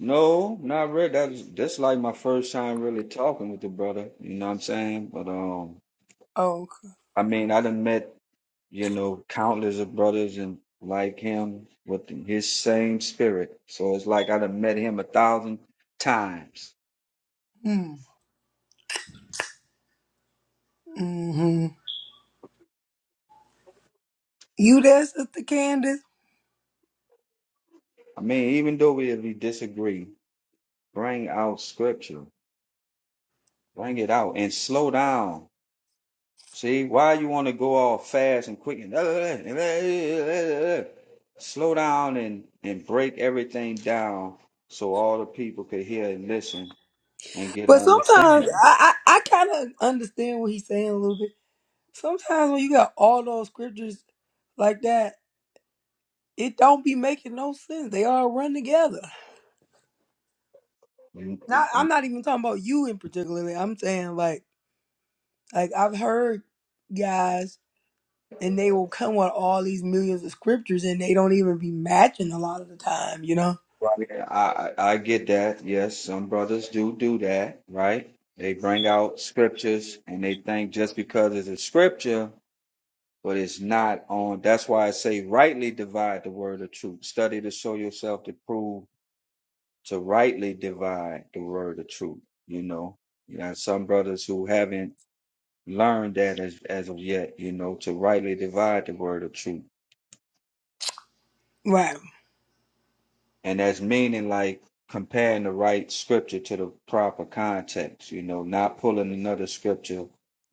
H: No, not really. That's that's like my first time really talking with the brother. You know what I'm saying? But um,
D: Oh, okay.
H: I mean, I done met you know countless of brothers and like him with his same spirit. So it's like I done met him a thousand times.
D: Hmm. hmm You there, Sister Candace?
H: I mean, even though we, we disagree, bring out scripture, bring it out, and slow down. See, why you want to go all fast and quick and slow down and and break everything down so all the people could hear and listen and get an
D: But sometimes
H: understanding.
D: I, I, I kind of understand what he's saying a little bit. Sometimes when you got all those scriptures like that, it don't be making no sense. They all run together.
H: Right.
D: Now I'm not even talking about you in particularly. I'm saying like like I've heard guys and they will come with all these millions of scriptures and they don't even be matching a lot of the time, you know?
H: I I I get that. Yes, some brothers do do that. Right. They bring out scriptures and they think just because it's a scripture but it's not on. That's why I say rightly divide the word of truth. Study to show yourself to prove to rightly divide the word of truth. You know, you got some brothers who haven't learned that as, as of yet, you know, to rightly divide the word of truth.
D: Right.
H: And that's meaning like comparing the right scripture to the proper context, you know, not pulling another scripture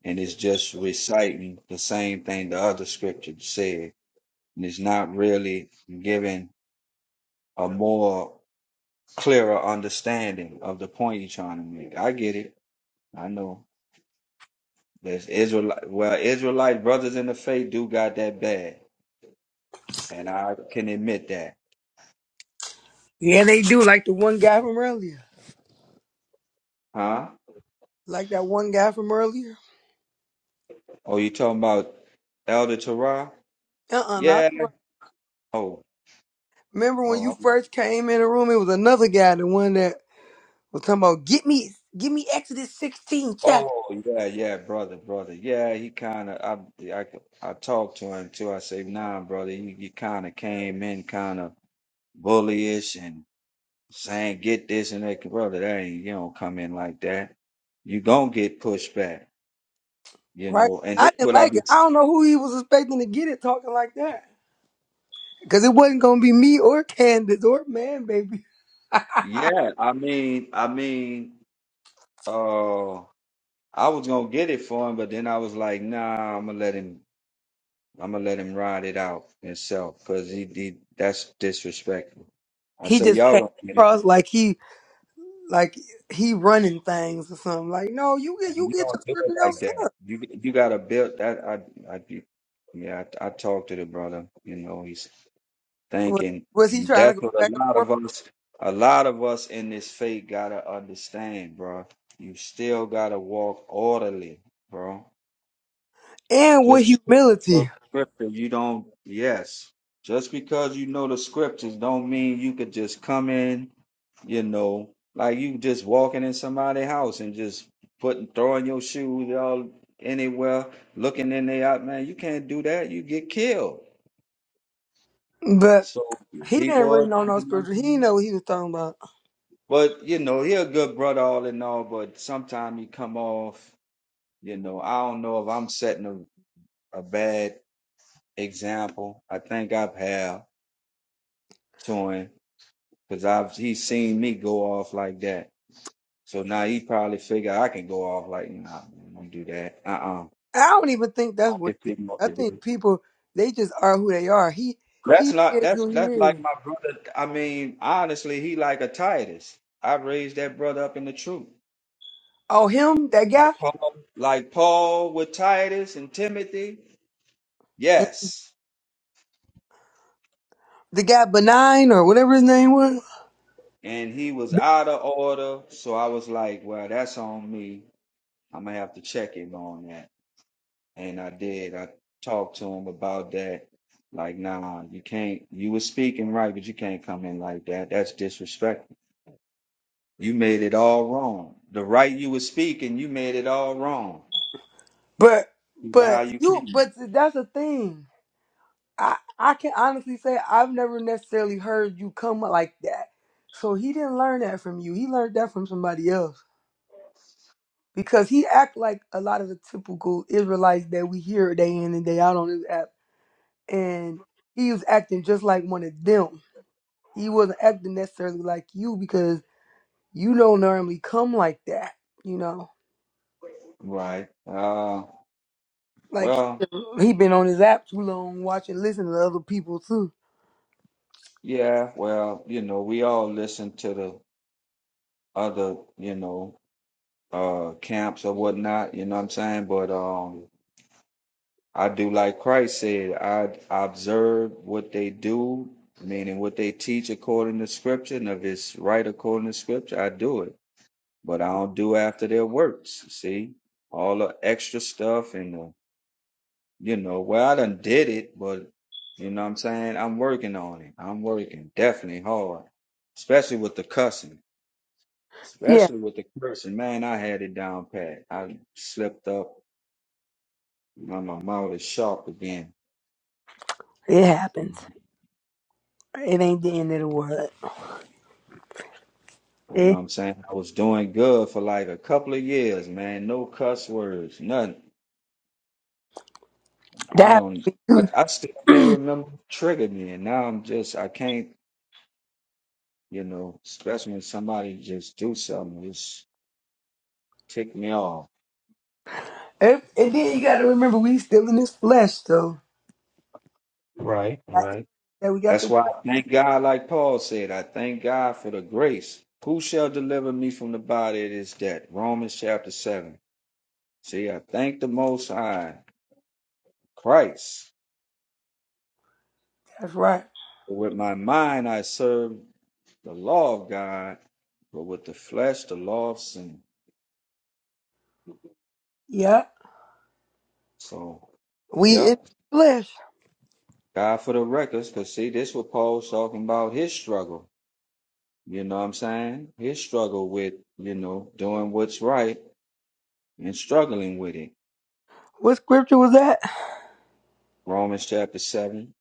H: and it's just reciting the same thing the other scripture said. And it's not really giving a more clearer understanding of the point you're trying to make. I get it. I know there's Israelite. Well, Israelite brothers in the faith do got that bad, and I can admit that.
D: The one guy from earlier.
H: Huh?
D: Like that one guy from earlier.
H: Oh, you talking about Elder Torah?
D: Uh-uh, not
H: Yeah.
D: the
H: Oh,
D: Remember when
H: oh,
D: you
H: I'm,
D: first came in the room, it was another guy, the one that was talking about get me get me Exodus 16 chapter,
H: oh, yeah, yeah, brother, brother. Yeah, he kind of. I, I, I talked to him too. I say, nah, brother, you, you kind of came in kind of bullyish and. saying get this and that, brother. That ain't you don't come in like that. You gonna get pushed back, you
D: right?
H: know. And
D: I
H: that's
D: didn't
H: what I
D: like
H: be.
D: it. I don't know who he was expecting to get it talking like that. Cause it wasn't gonna be me or Candace or man baby.
H: Yeah, I mean, I mean, uh, I was gonna get it for him, but then I was like, nah, I'm gonna let him. I'm gonna let him ride it out himself because he, he that's disrespectful. I
D: He
H: said,
D: just
H: y'all
D: came
H: gonna get it.
D: across like he like he running things or something. Like, no, you get
H: And
D: you
H: you
D: get your
H: don't do
D: scripture
H: it like
D: yourself.
H: that. You you gotta build that. I I yeah. I, I talked to the brother. You know, he
D: Was
H: thinking.
D: was he
H: And
D: trying to
H: that's
D: go
H: what a
D: back and
H: lot of
D: forth?
H: us, a lot of us in this faith gotta understand, bro. You still gotta walk orderly, bro.
D: And with
H: Just because you
D: humility.
H: scripture, you don't. Yes, just because you know the scriptures, don't mean you could just come in, you know, like you just walking in somebody's house and just putting throwing your shoes all anywhere, looking in there out, man. You can't do that. You get killed.
D: But
H: So
D: he didn't
H: people,
D: really
H: are,
D: know no
H: you know what I'm
D: scripture. He
H: saying?
D: didn't know what he was talking about.
H: But you know, he a good brother all in all, but sometimes he come off, you know, I don't know if I'm setting a, a bad example. I think I've had to him because I've he's seen me go off like that. So now he probably figure I can go off like nah, man, don't do that. Uh uh
D: I don't even think
H: I
D: that's what
H: can
D: it is.
H: figure out
D: I
H: to do.
D: think
H: it.
D: people they just are who they are. He
H: That's
D: he
H: not
D: is
H: that's
D: who he
H: that's like
D: is.
H: my brother. I mean, honestly, he like a Titus. I raised that brother up in the truth.
D: Oh him, that
H: Like
D: guy,
H: Paul, like Paul with Titus and Timothy.
D: Mm,
H: Yes.
D: the guy benign or whatever his name was.
H: And he was out of order. So I was like, well, that's on me. I'm going to have to check him on that. And I did. I talked to him about that. Like, nah, you can't, you was speaking right, but you can't come in like that. That's disrespectful. You made it all wrong. The right you was speaking, you made it all wrong.
D: But
H: How
D: but
H: you
D: you
H: came.
D: but that's the thing. I I can honestly say I've never necessarily heard you come up like that. So he didn't learn that from you. He learned that from somebody else. Because he act like a lot of the typical Israelites that we hear day in and day out on this app. And he was acting just like one of them He wasn't acting necessarily like you because you don't normally come like that, you know.
H: Right. Uh,
D: Like
H: well,
D: he been on his app too long, watching, listening to other people too.
H: yeah, well, you know, we all listen to the other, you know, uh camps or whatnot, you know what I'm saying? But um I do like Christ said, I observe what they do, meaning what they teach according to scripture, and if it's right according to scripture, I do it. But I don't do after their works, see? All the extra stuff and the, you know, well I done did it, but you know what I'm saying? I'm working on it. I'm working definitely hard. Especially with the cussing.
D: Yeah,
H: Especially with the cursing. Man, I had it down pat. I slipped up Now my mouth is sharp again.
D: it happens. It ain't the end of the world.
H: You know what
D: It,
H: I'm saying? I was doing good for like a couple of years, man. No cuss words, nothing. I
D: that
H: don't, I, I still can't remember what triggered me. And now I'm just, I can't, you know, especially when somebody just do something, just tick me off.
D: and and then you got to remember we still in this flesh, so
H: Right,
D: that,
H: right.
D: that we got
H: That's
D: the.
H: why I thank God, like Paul said, I thank God for the grace. Who shall deliver me from the body of this death? Romans chapter 7. See, I thank the Most High, Christ.
D: That's right.
H: For with my mind I serve the law of God, but with the flesh the law of sin.
D: Yeah,
H: So,
D: we in
H: yep,
D: flesh.
H: God for the records, because see, this what Paul's talking about his struggle. You know what I'm saying? His struggle with, you know, doing what's right and struggling with it.
D: What scripture was that?
H: Romans chapter 7,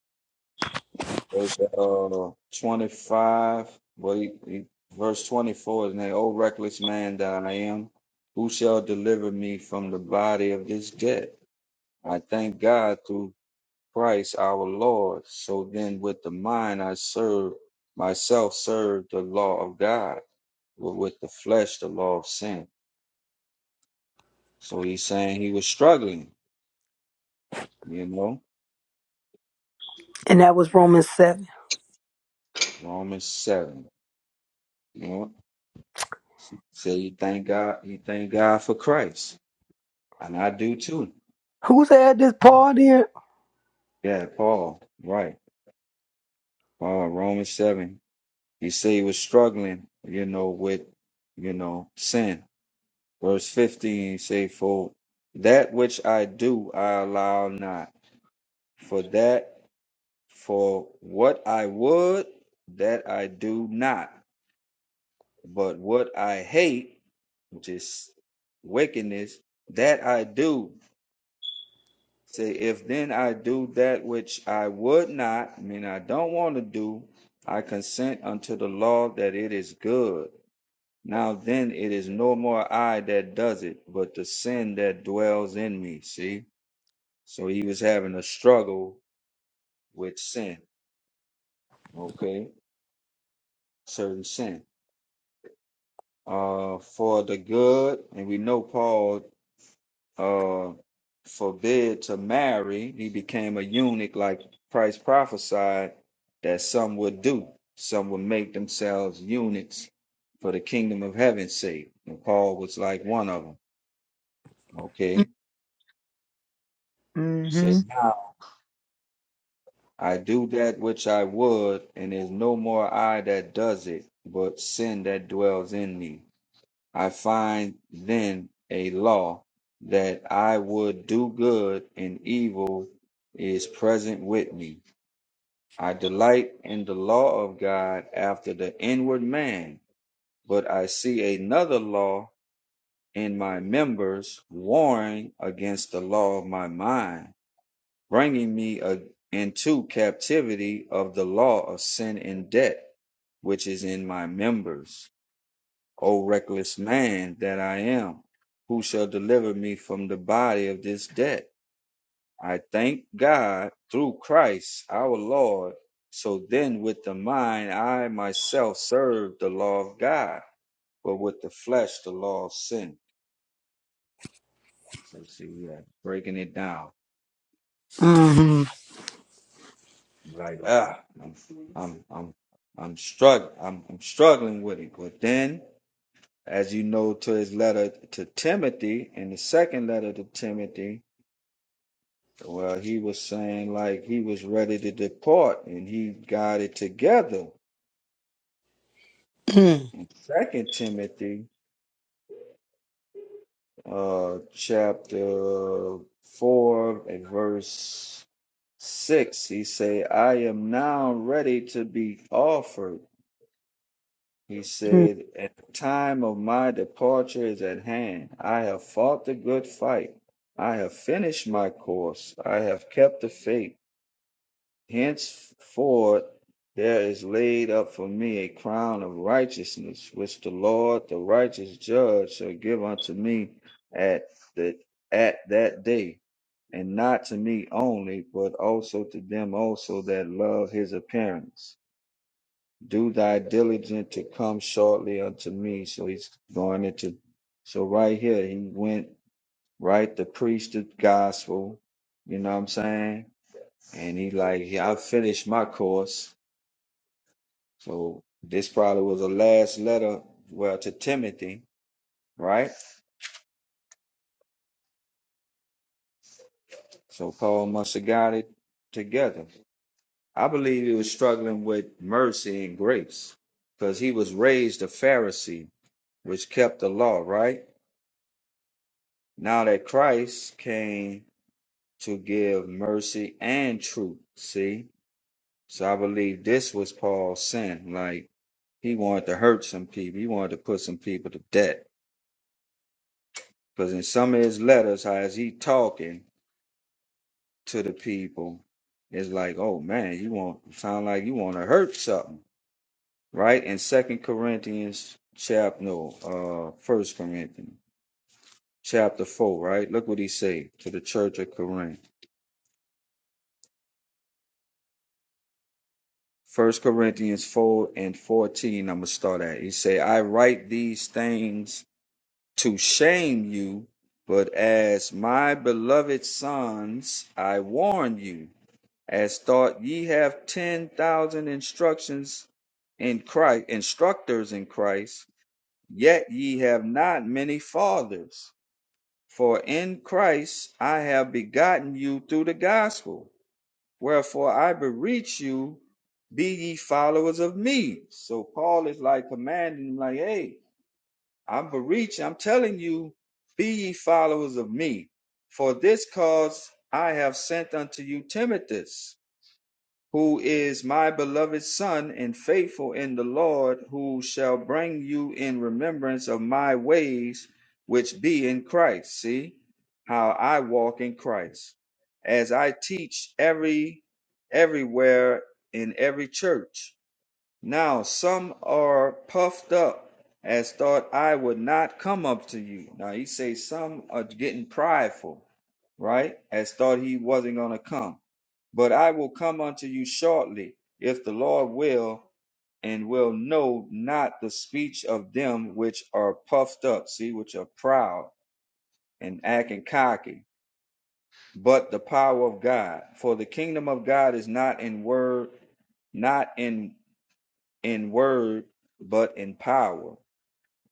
H: verse uh, 25, well, he, he, verse 24 is named, O reckless man that I am, who shall deliver me from the body of this death? I thank God through Christ our Lord. So then, with the mind I serve, myself serve the law of God, but with the flesh, the law of sin. So he's saying he was struggling, you know,
D: And that was Romans seven.
H: Romans 7. You know, so you thank God, you thank God for Christ. And I do too.
D: Who said this, Paul? Did
H: Yeah, Paul, right. Paul, Romans 7. He say he was struggling, you know, with, you know, sin Verse 15 say, For that which I do I allow not, for that for what I would, that I do not, but what I hate, which is wickedness, that I do. Say, if then I do that which I would not, I mean I don't want to do, I consent unto the law that it is good. Now then it is no more I that does it, but the sin that dwells in me. See? So he was having a struggle with sin, okay? Certain sin. Uh for the good, and we know Paul uh forbid to marry, he became a eunuch like Christ prophesied that some would do. Some would make themselves eunuchs for the kingdom of heaven's sake. And Paul was like one of them. Okay. So I do that which I would, and is no more I that does it, but sin that dwells in me. I find then a law that I would do good, and evil is present with me. I delight in the law of God after the inward man, but I see another law in my members, warring against the law of my mind bringing me a, into captivity of the law of sin and debt, which is in my members. O reckless man that I am, who shall deliver me from the body of this debt? I thank God through Christ our Lord. So then, with the mind, I myself serve the law of God, but with the flesh, the law of sin. So, see, we are breaking it down. Like ah, I'm I'm I'm I'm struggling. I'm, I'm struggling with it. But then, as you know, to his letter to Timothy, in the second letter to Timothy, well, he was saying like he was ready to depart, and he got it together. Second Timothy, uh, chapter four and verse six, he say, "I am now ready to be offered." He
D: Hmm.
H: said, At the time of my departure is at hand. I have fought the good fight. I have finished my course. I have kept the faith. Henceforth, there is laid up for me a crown of righteousness, which the Lord, the righteous judge, shall give unto me at the at that day, and not to me only, but also to them also that love his appearance do thy diligent to come shortly unto me. So he's going into, so right here, he went right the preach the gospel, you know what I'm saying? And he like, yeah, I finished my course. So this probably was the last letter, well, to Timothy, right? So Paul must have got it together. I believe he was struggling with mercy and grace because he was raised a Pharisee, which kept the law, right? Now that Christ came to give mercy and truth. See? So I believe this was Paul's sin. Like he wanted to hurt some people. He wanted to put some people to death. Because in some of his letters, how is he talking to the people? It's like, oh man, you want sound like you want to hurt something, right? In Second Corinthians chapter no, uh First Corinthians chapter four, right? Look what he said to the church of Corinth. First Corinthians 4 and 14, I'm going to start at. He say, I write these things to shame you, but as my beloved sons, I warn you, as thought ye have 10,000 instructions in Christ, instructors in Christ, yet ye have not many fathers. For in Christ I have begotten you through the gospel. Wherefore I beseech you, be ye followers of me. So Paul is like commanding, him, like, hey, I'm beseeching, I'm telling you, be ye followers of me. For this cause I have sent unto you Timothy, who is my beloved son and faithful in the Lord, who shall bring you in remembrance of my ways, which be in Christ. See how I walk in Christ as I teach every everywhere in every church. Now some are puffed up as thought I would not come up to you. Now he say some are getting prideful, right? As thought he wasn't gonna come. But I will come unto you shortly, if the Lord will, and will know not the speech of them which are puffed up, see, which are proud and acting cocky, but the power of God. For the kingdom of God is not in word, not in in word, but in power.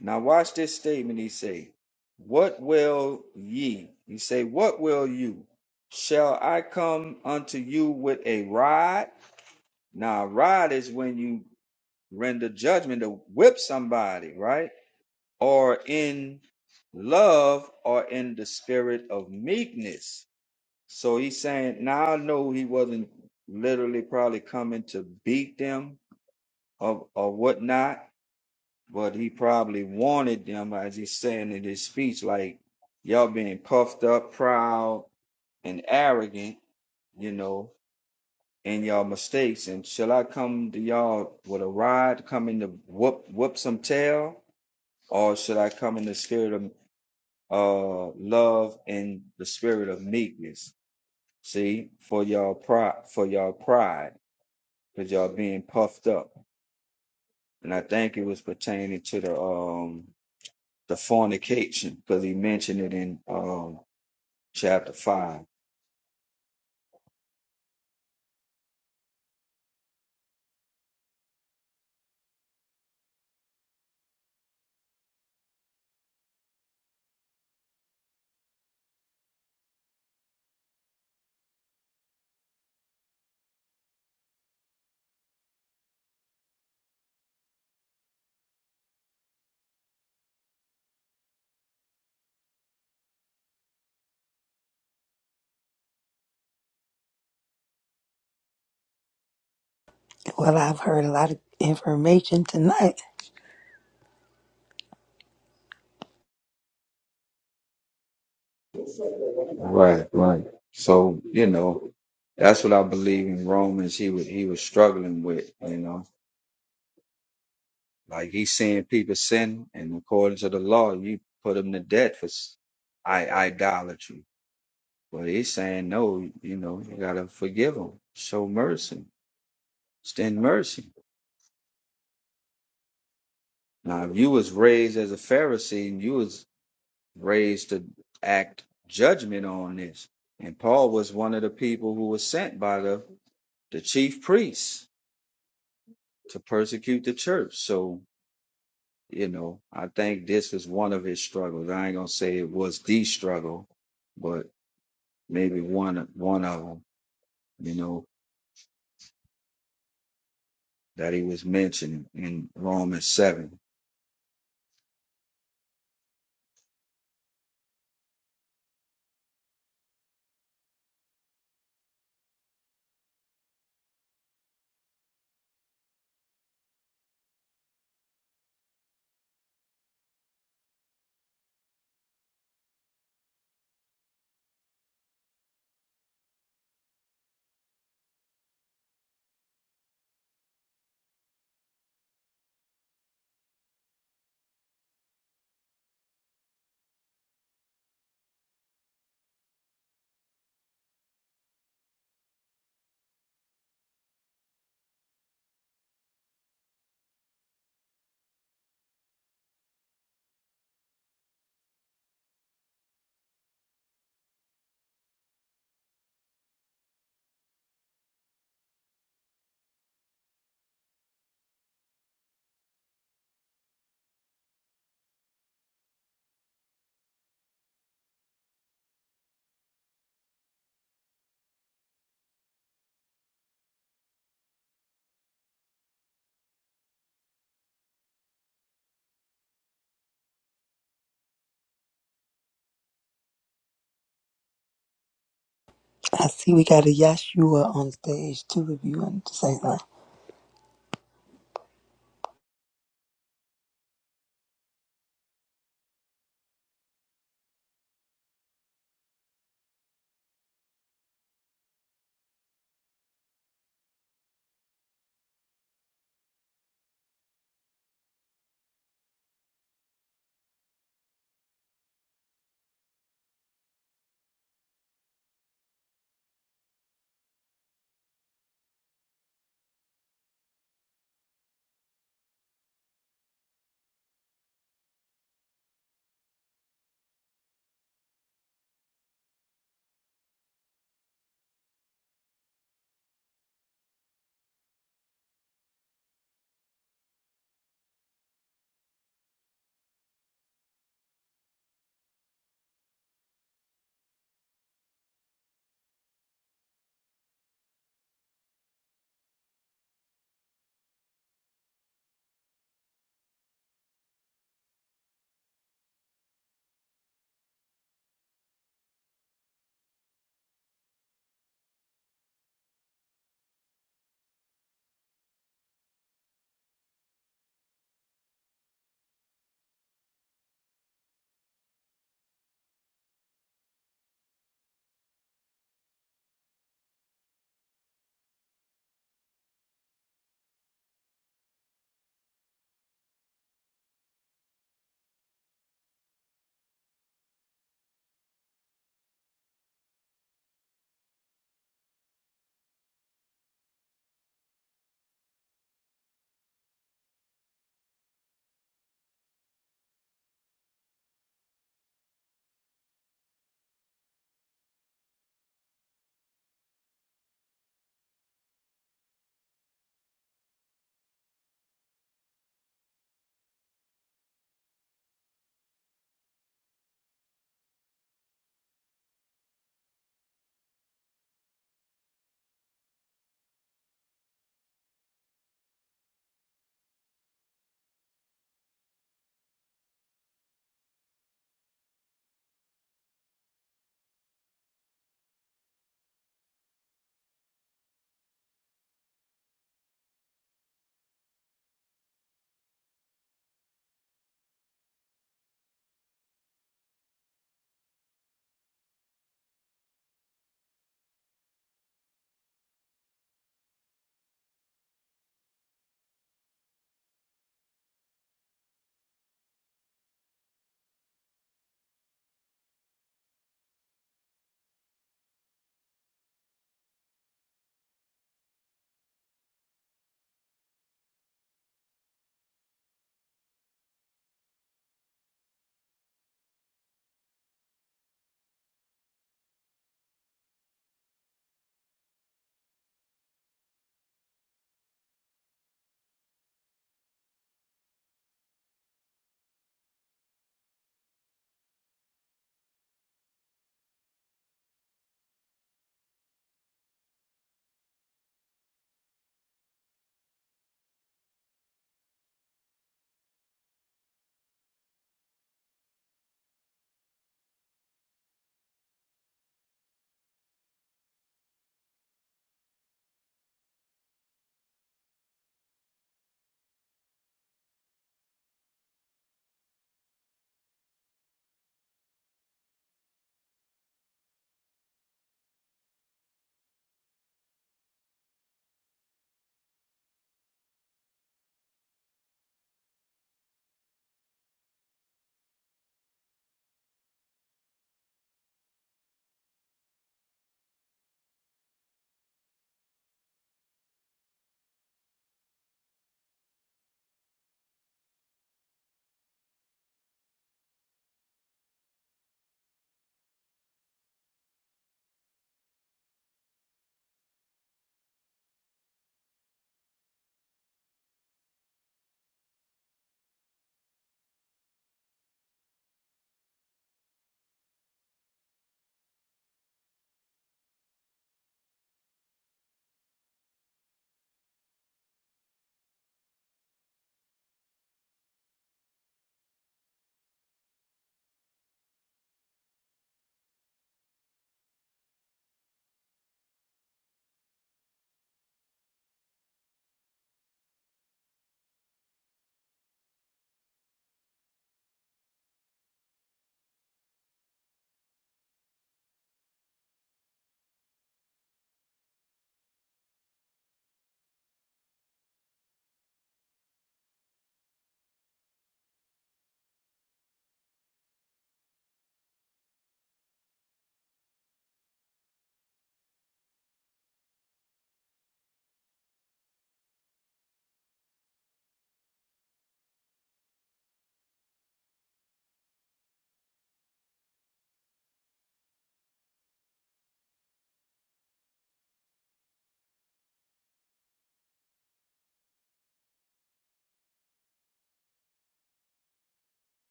H: Now watch this statement he say, What will ye? He say, What will you? Shall I come unto you with a rod? Now a rod is when you render judgment to whip somebody, right? Or in love or in the spirit of meekness. So he's saying, now I know he wasn't literally probably coming to beat them or, or whatnot, but he probably wanted them, as he's saying in his speech, like y'all being puffed up, proud, and arrogant, you know, in y'all mistakes. And shall I come to y'all with a rod, come in to whoop whoop some tail, or should I come in the spirit of uh love and the spirit of meekness? See, for y'all pride, for y'all pride, because y'all being puffed up. And I think it was pertaining to the um the fornication, because he mentioned it in um, chapter five.
D: well, I've heard a lot of information tonight.
H: Right, right. So you know, that's what I believe in Romans. He was he was struggling with, you know, like he's seeing people sin, and according to the law, you put them to death for s- i- idolatry. But he's saying no, you know, you gotta forgive them, show mercy, extend mercy. Now, if you was raised as a Pharisee and you was raised to act judgment on this. And Paul was one of the people who was sent by the, the chief priests to persecute the church. So, you know, I think this is one of his struggles. I ain't gonna say it was the struggle, but maybe one one of them, you know, that he was mentioning in Romans seven.
D: I see we got a Yashua on stage too. If you want to say something,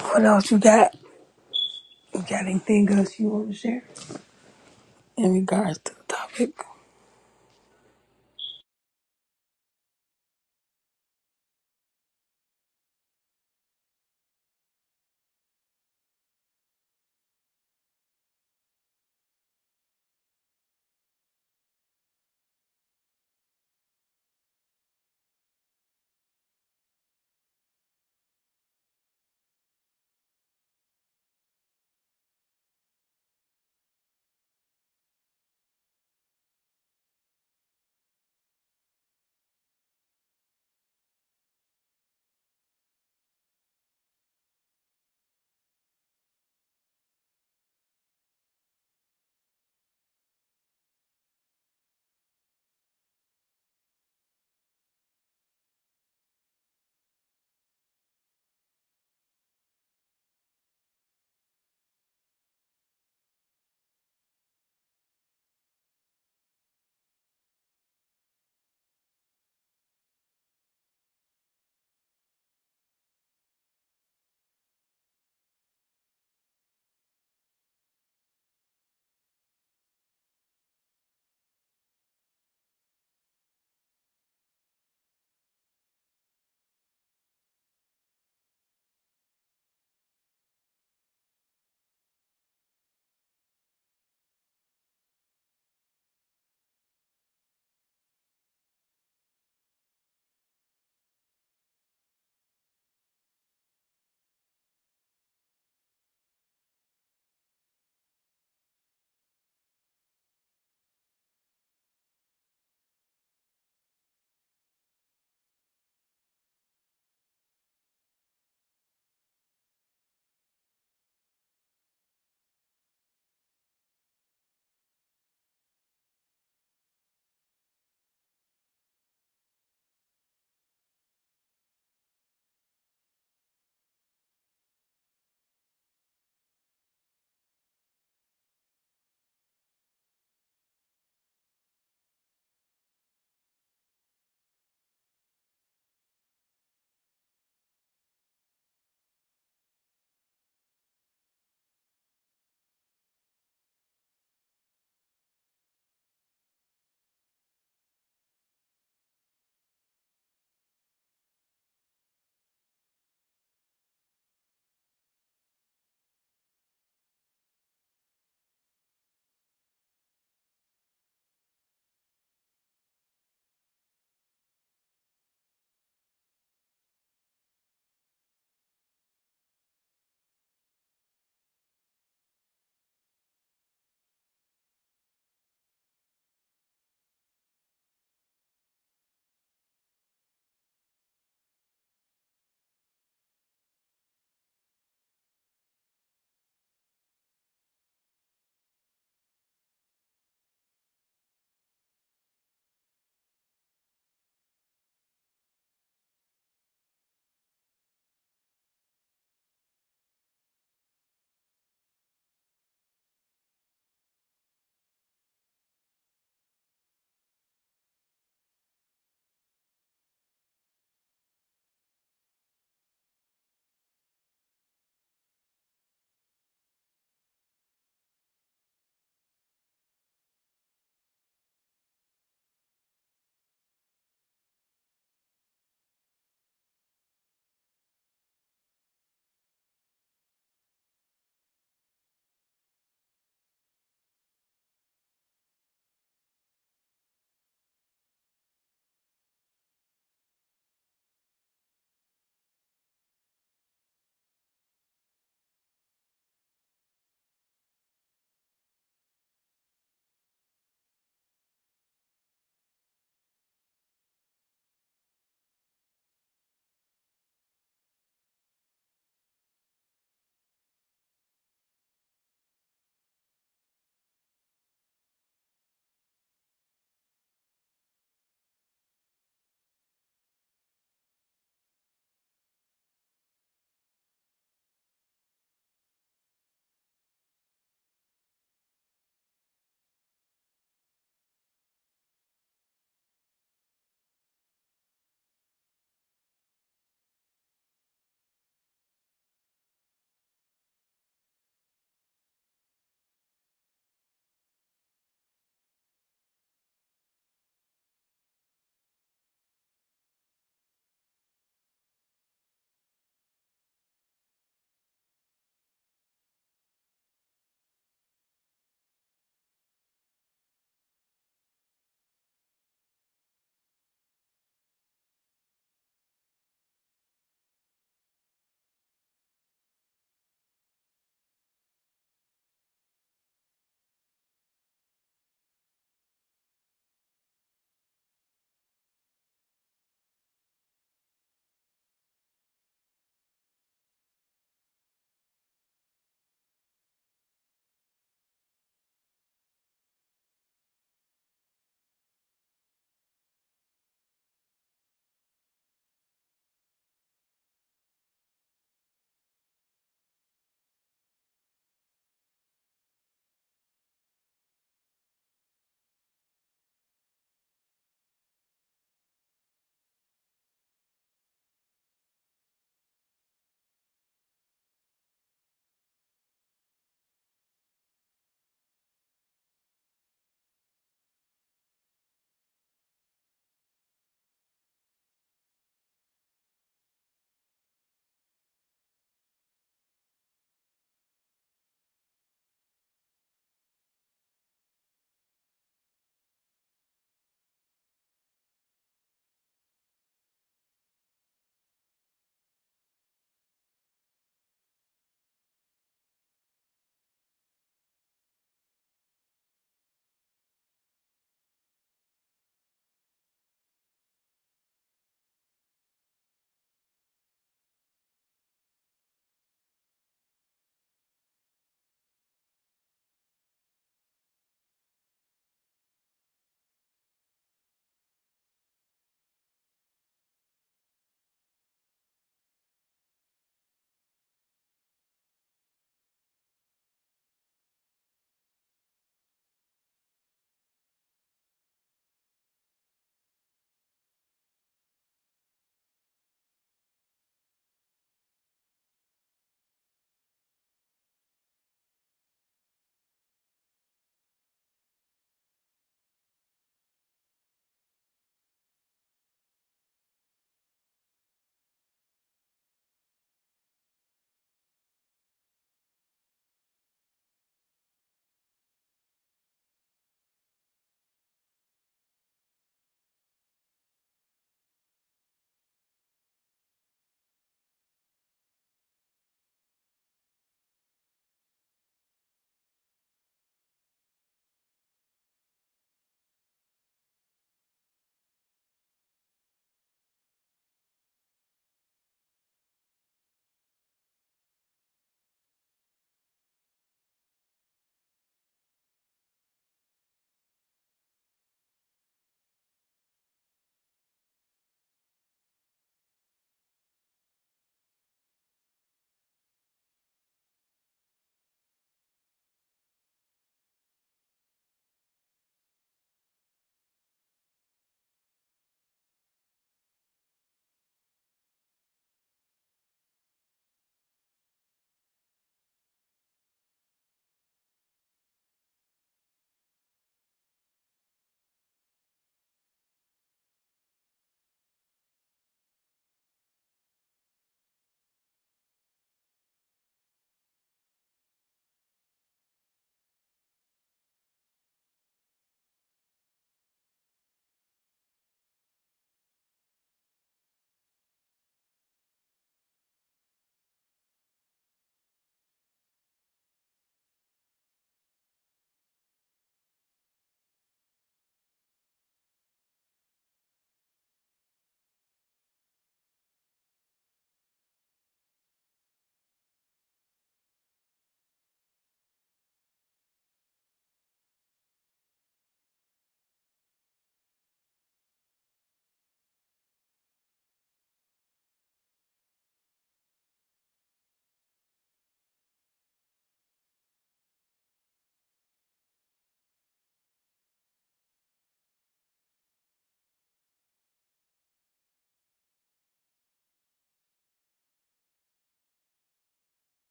D: what else you got? You got anything else you want to share in regards to the topic?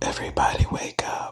N: Everybody wake up.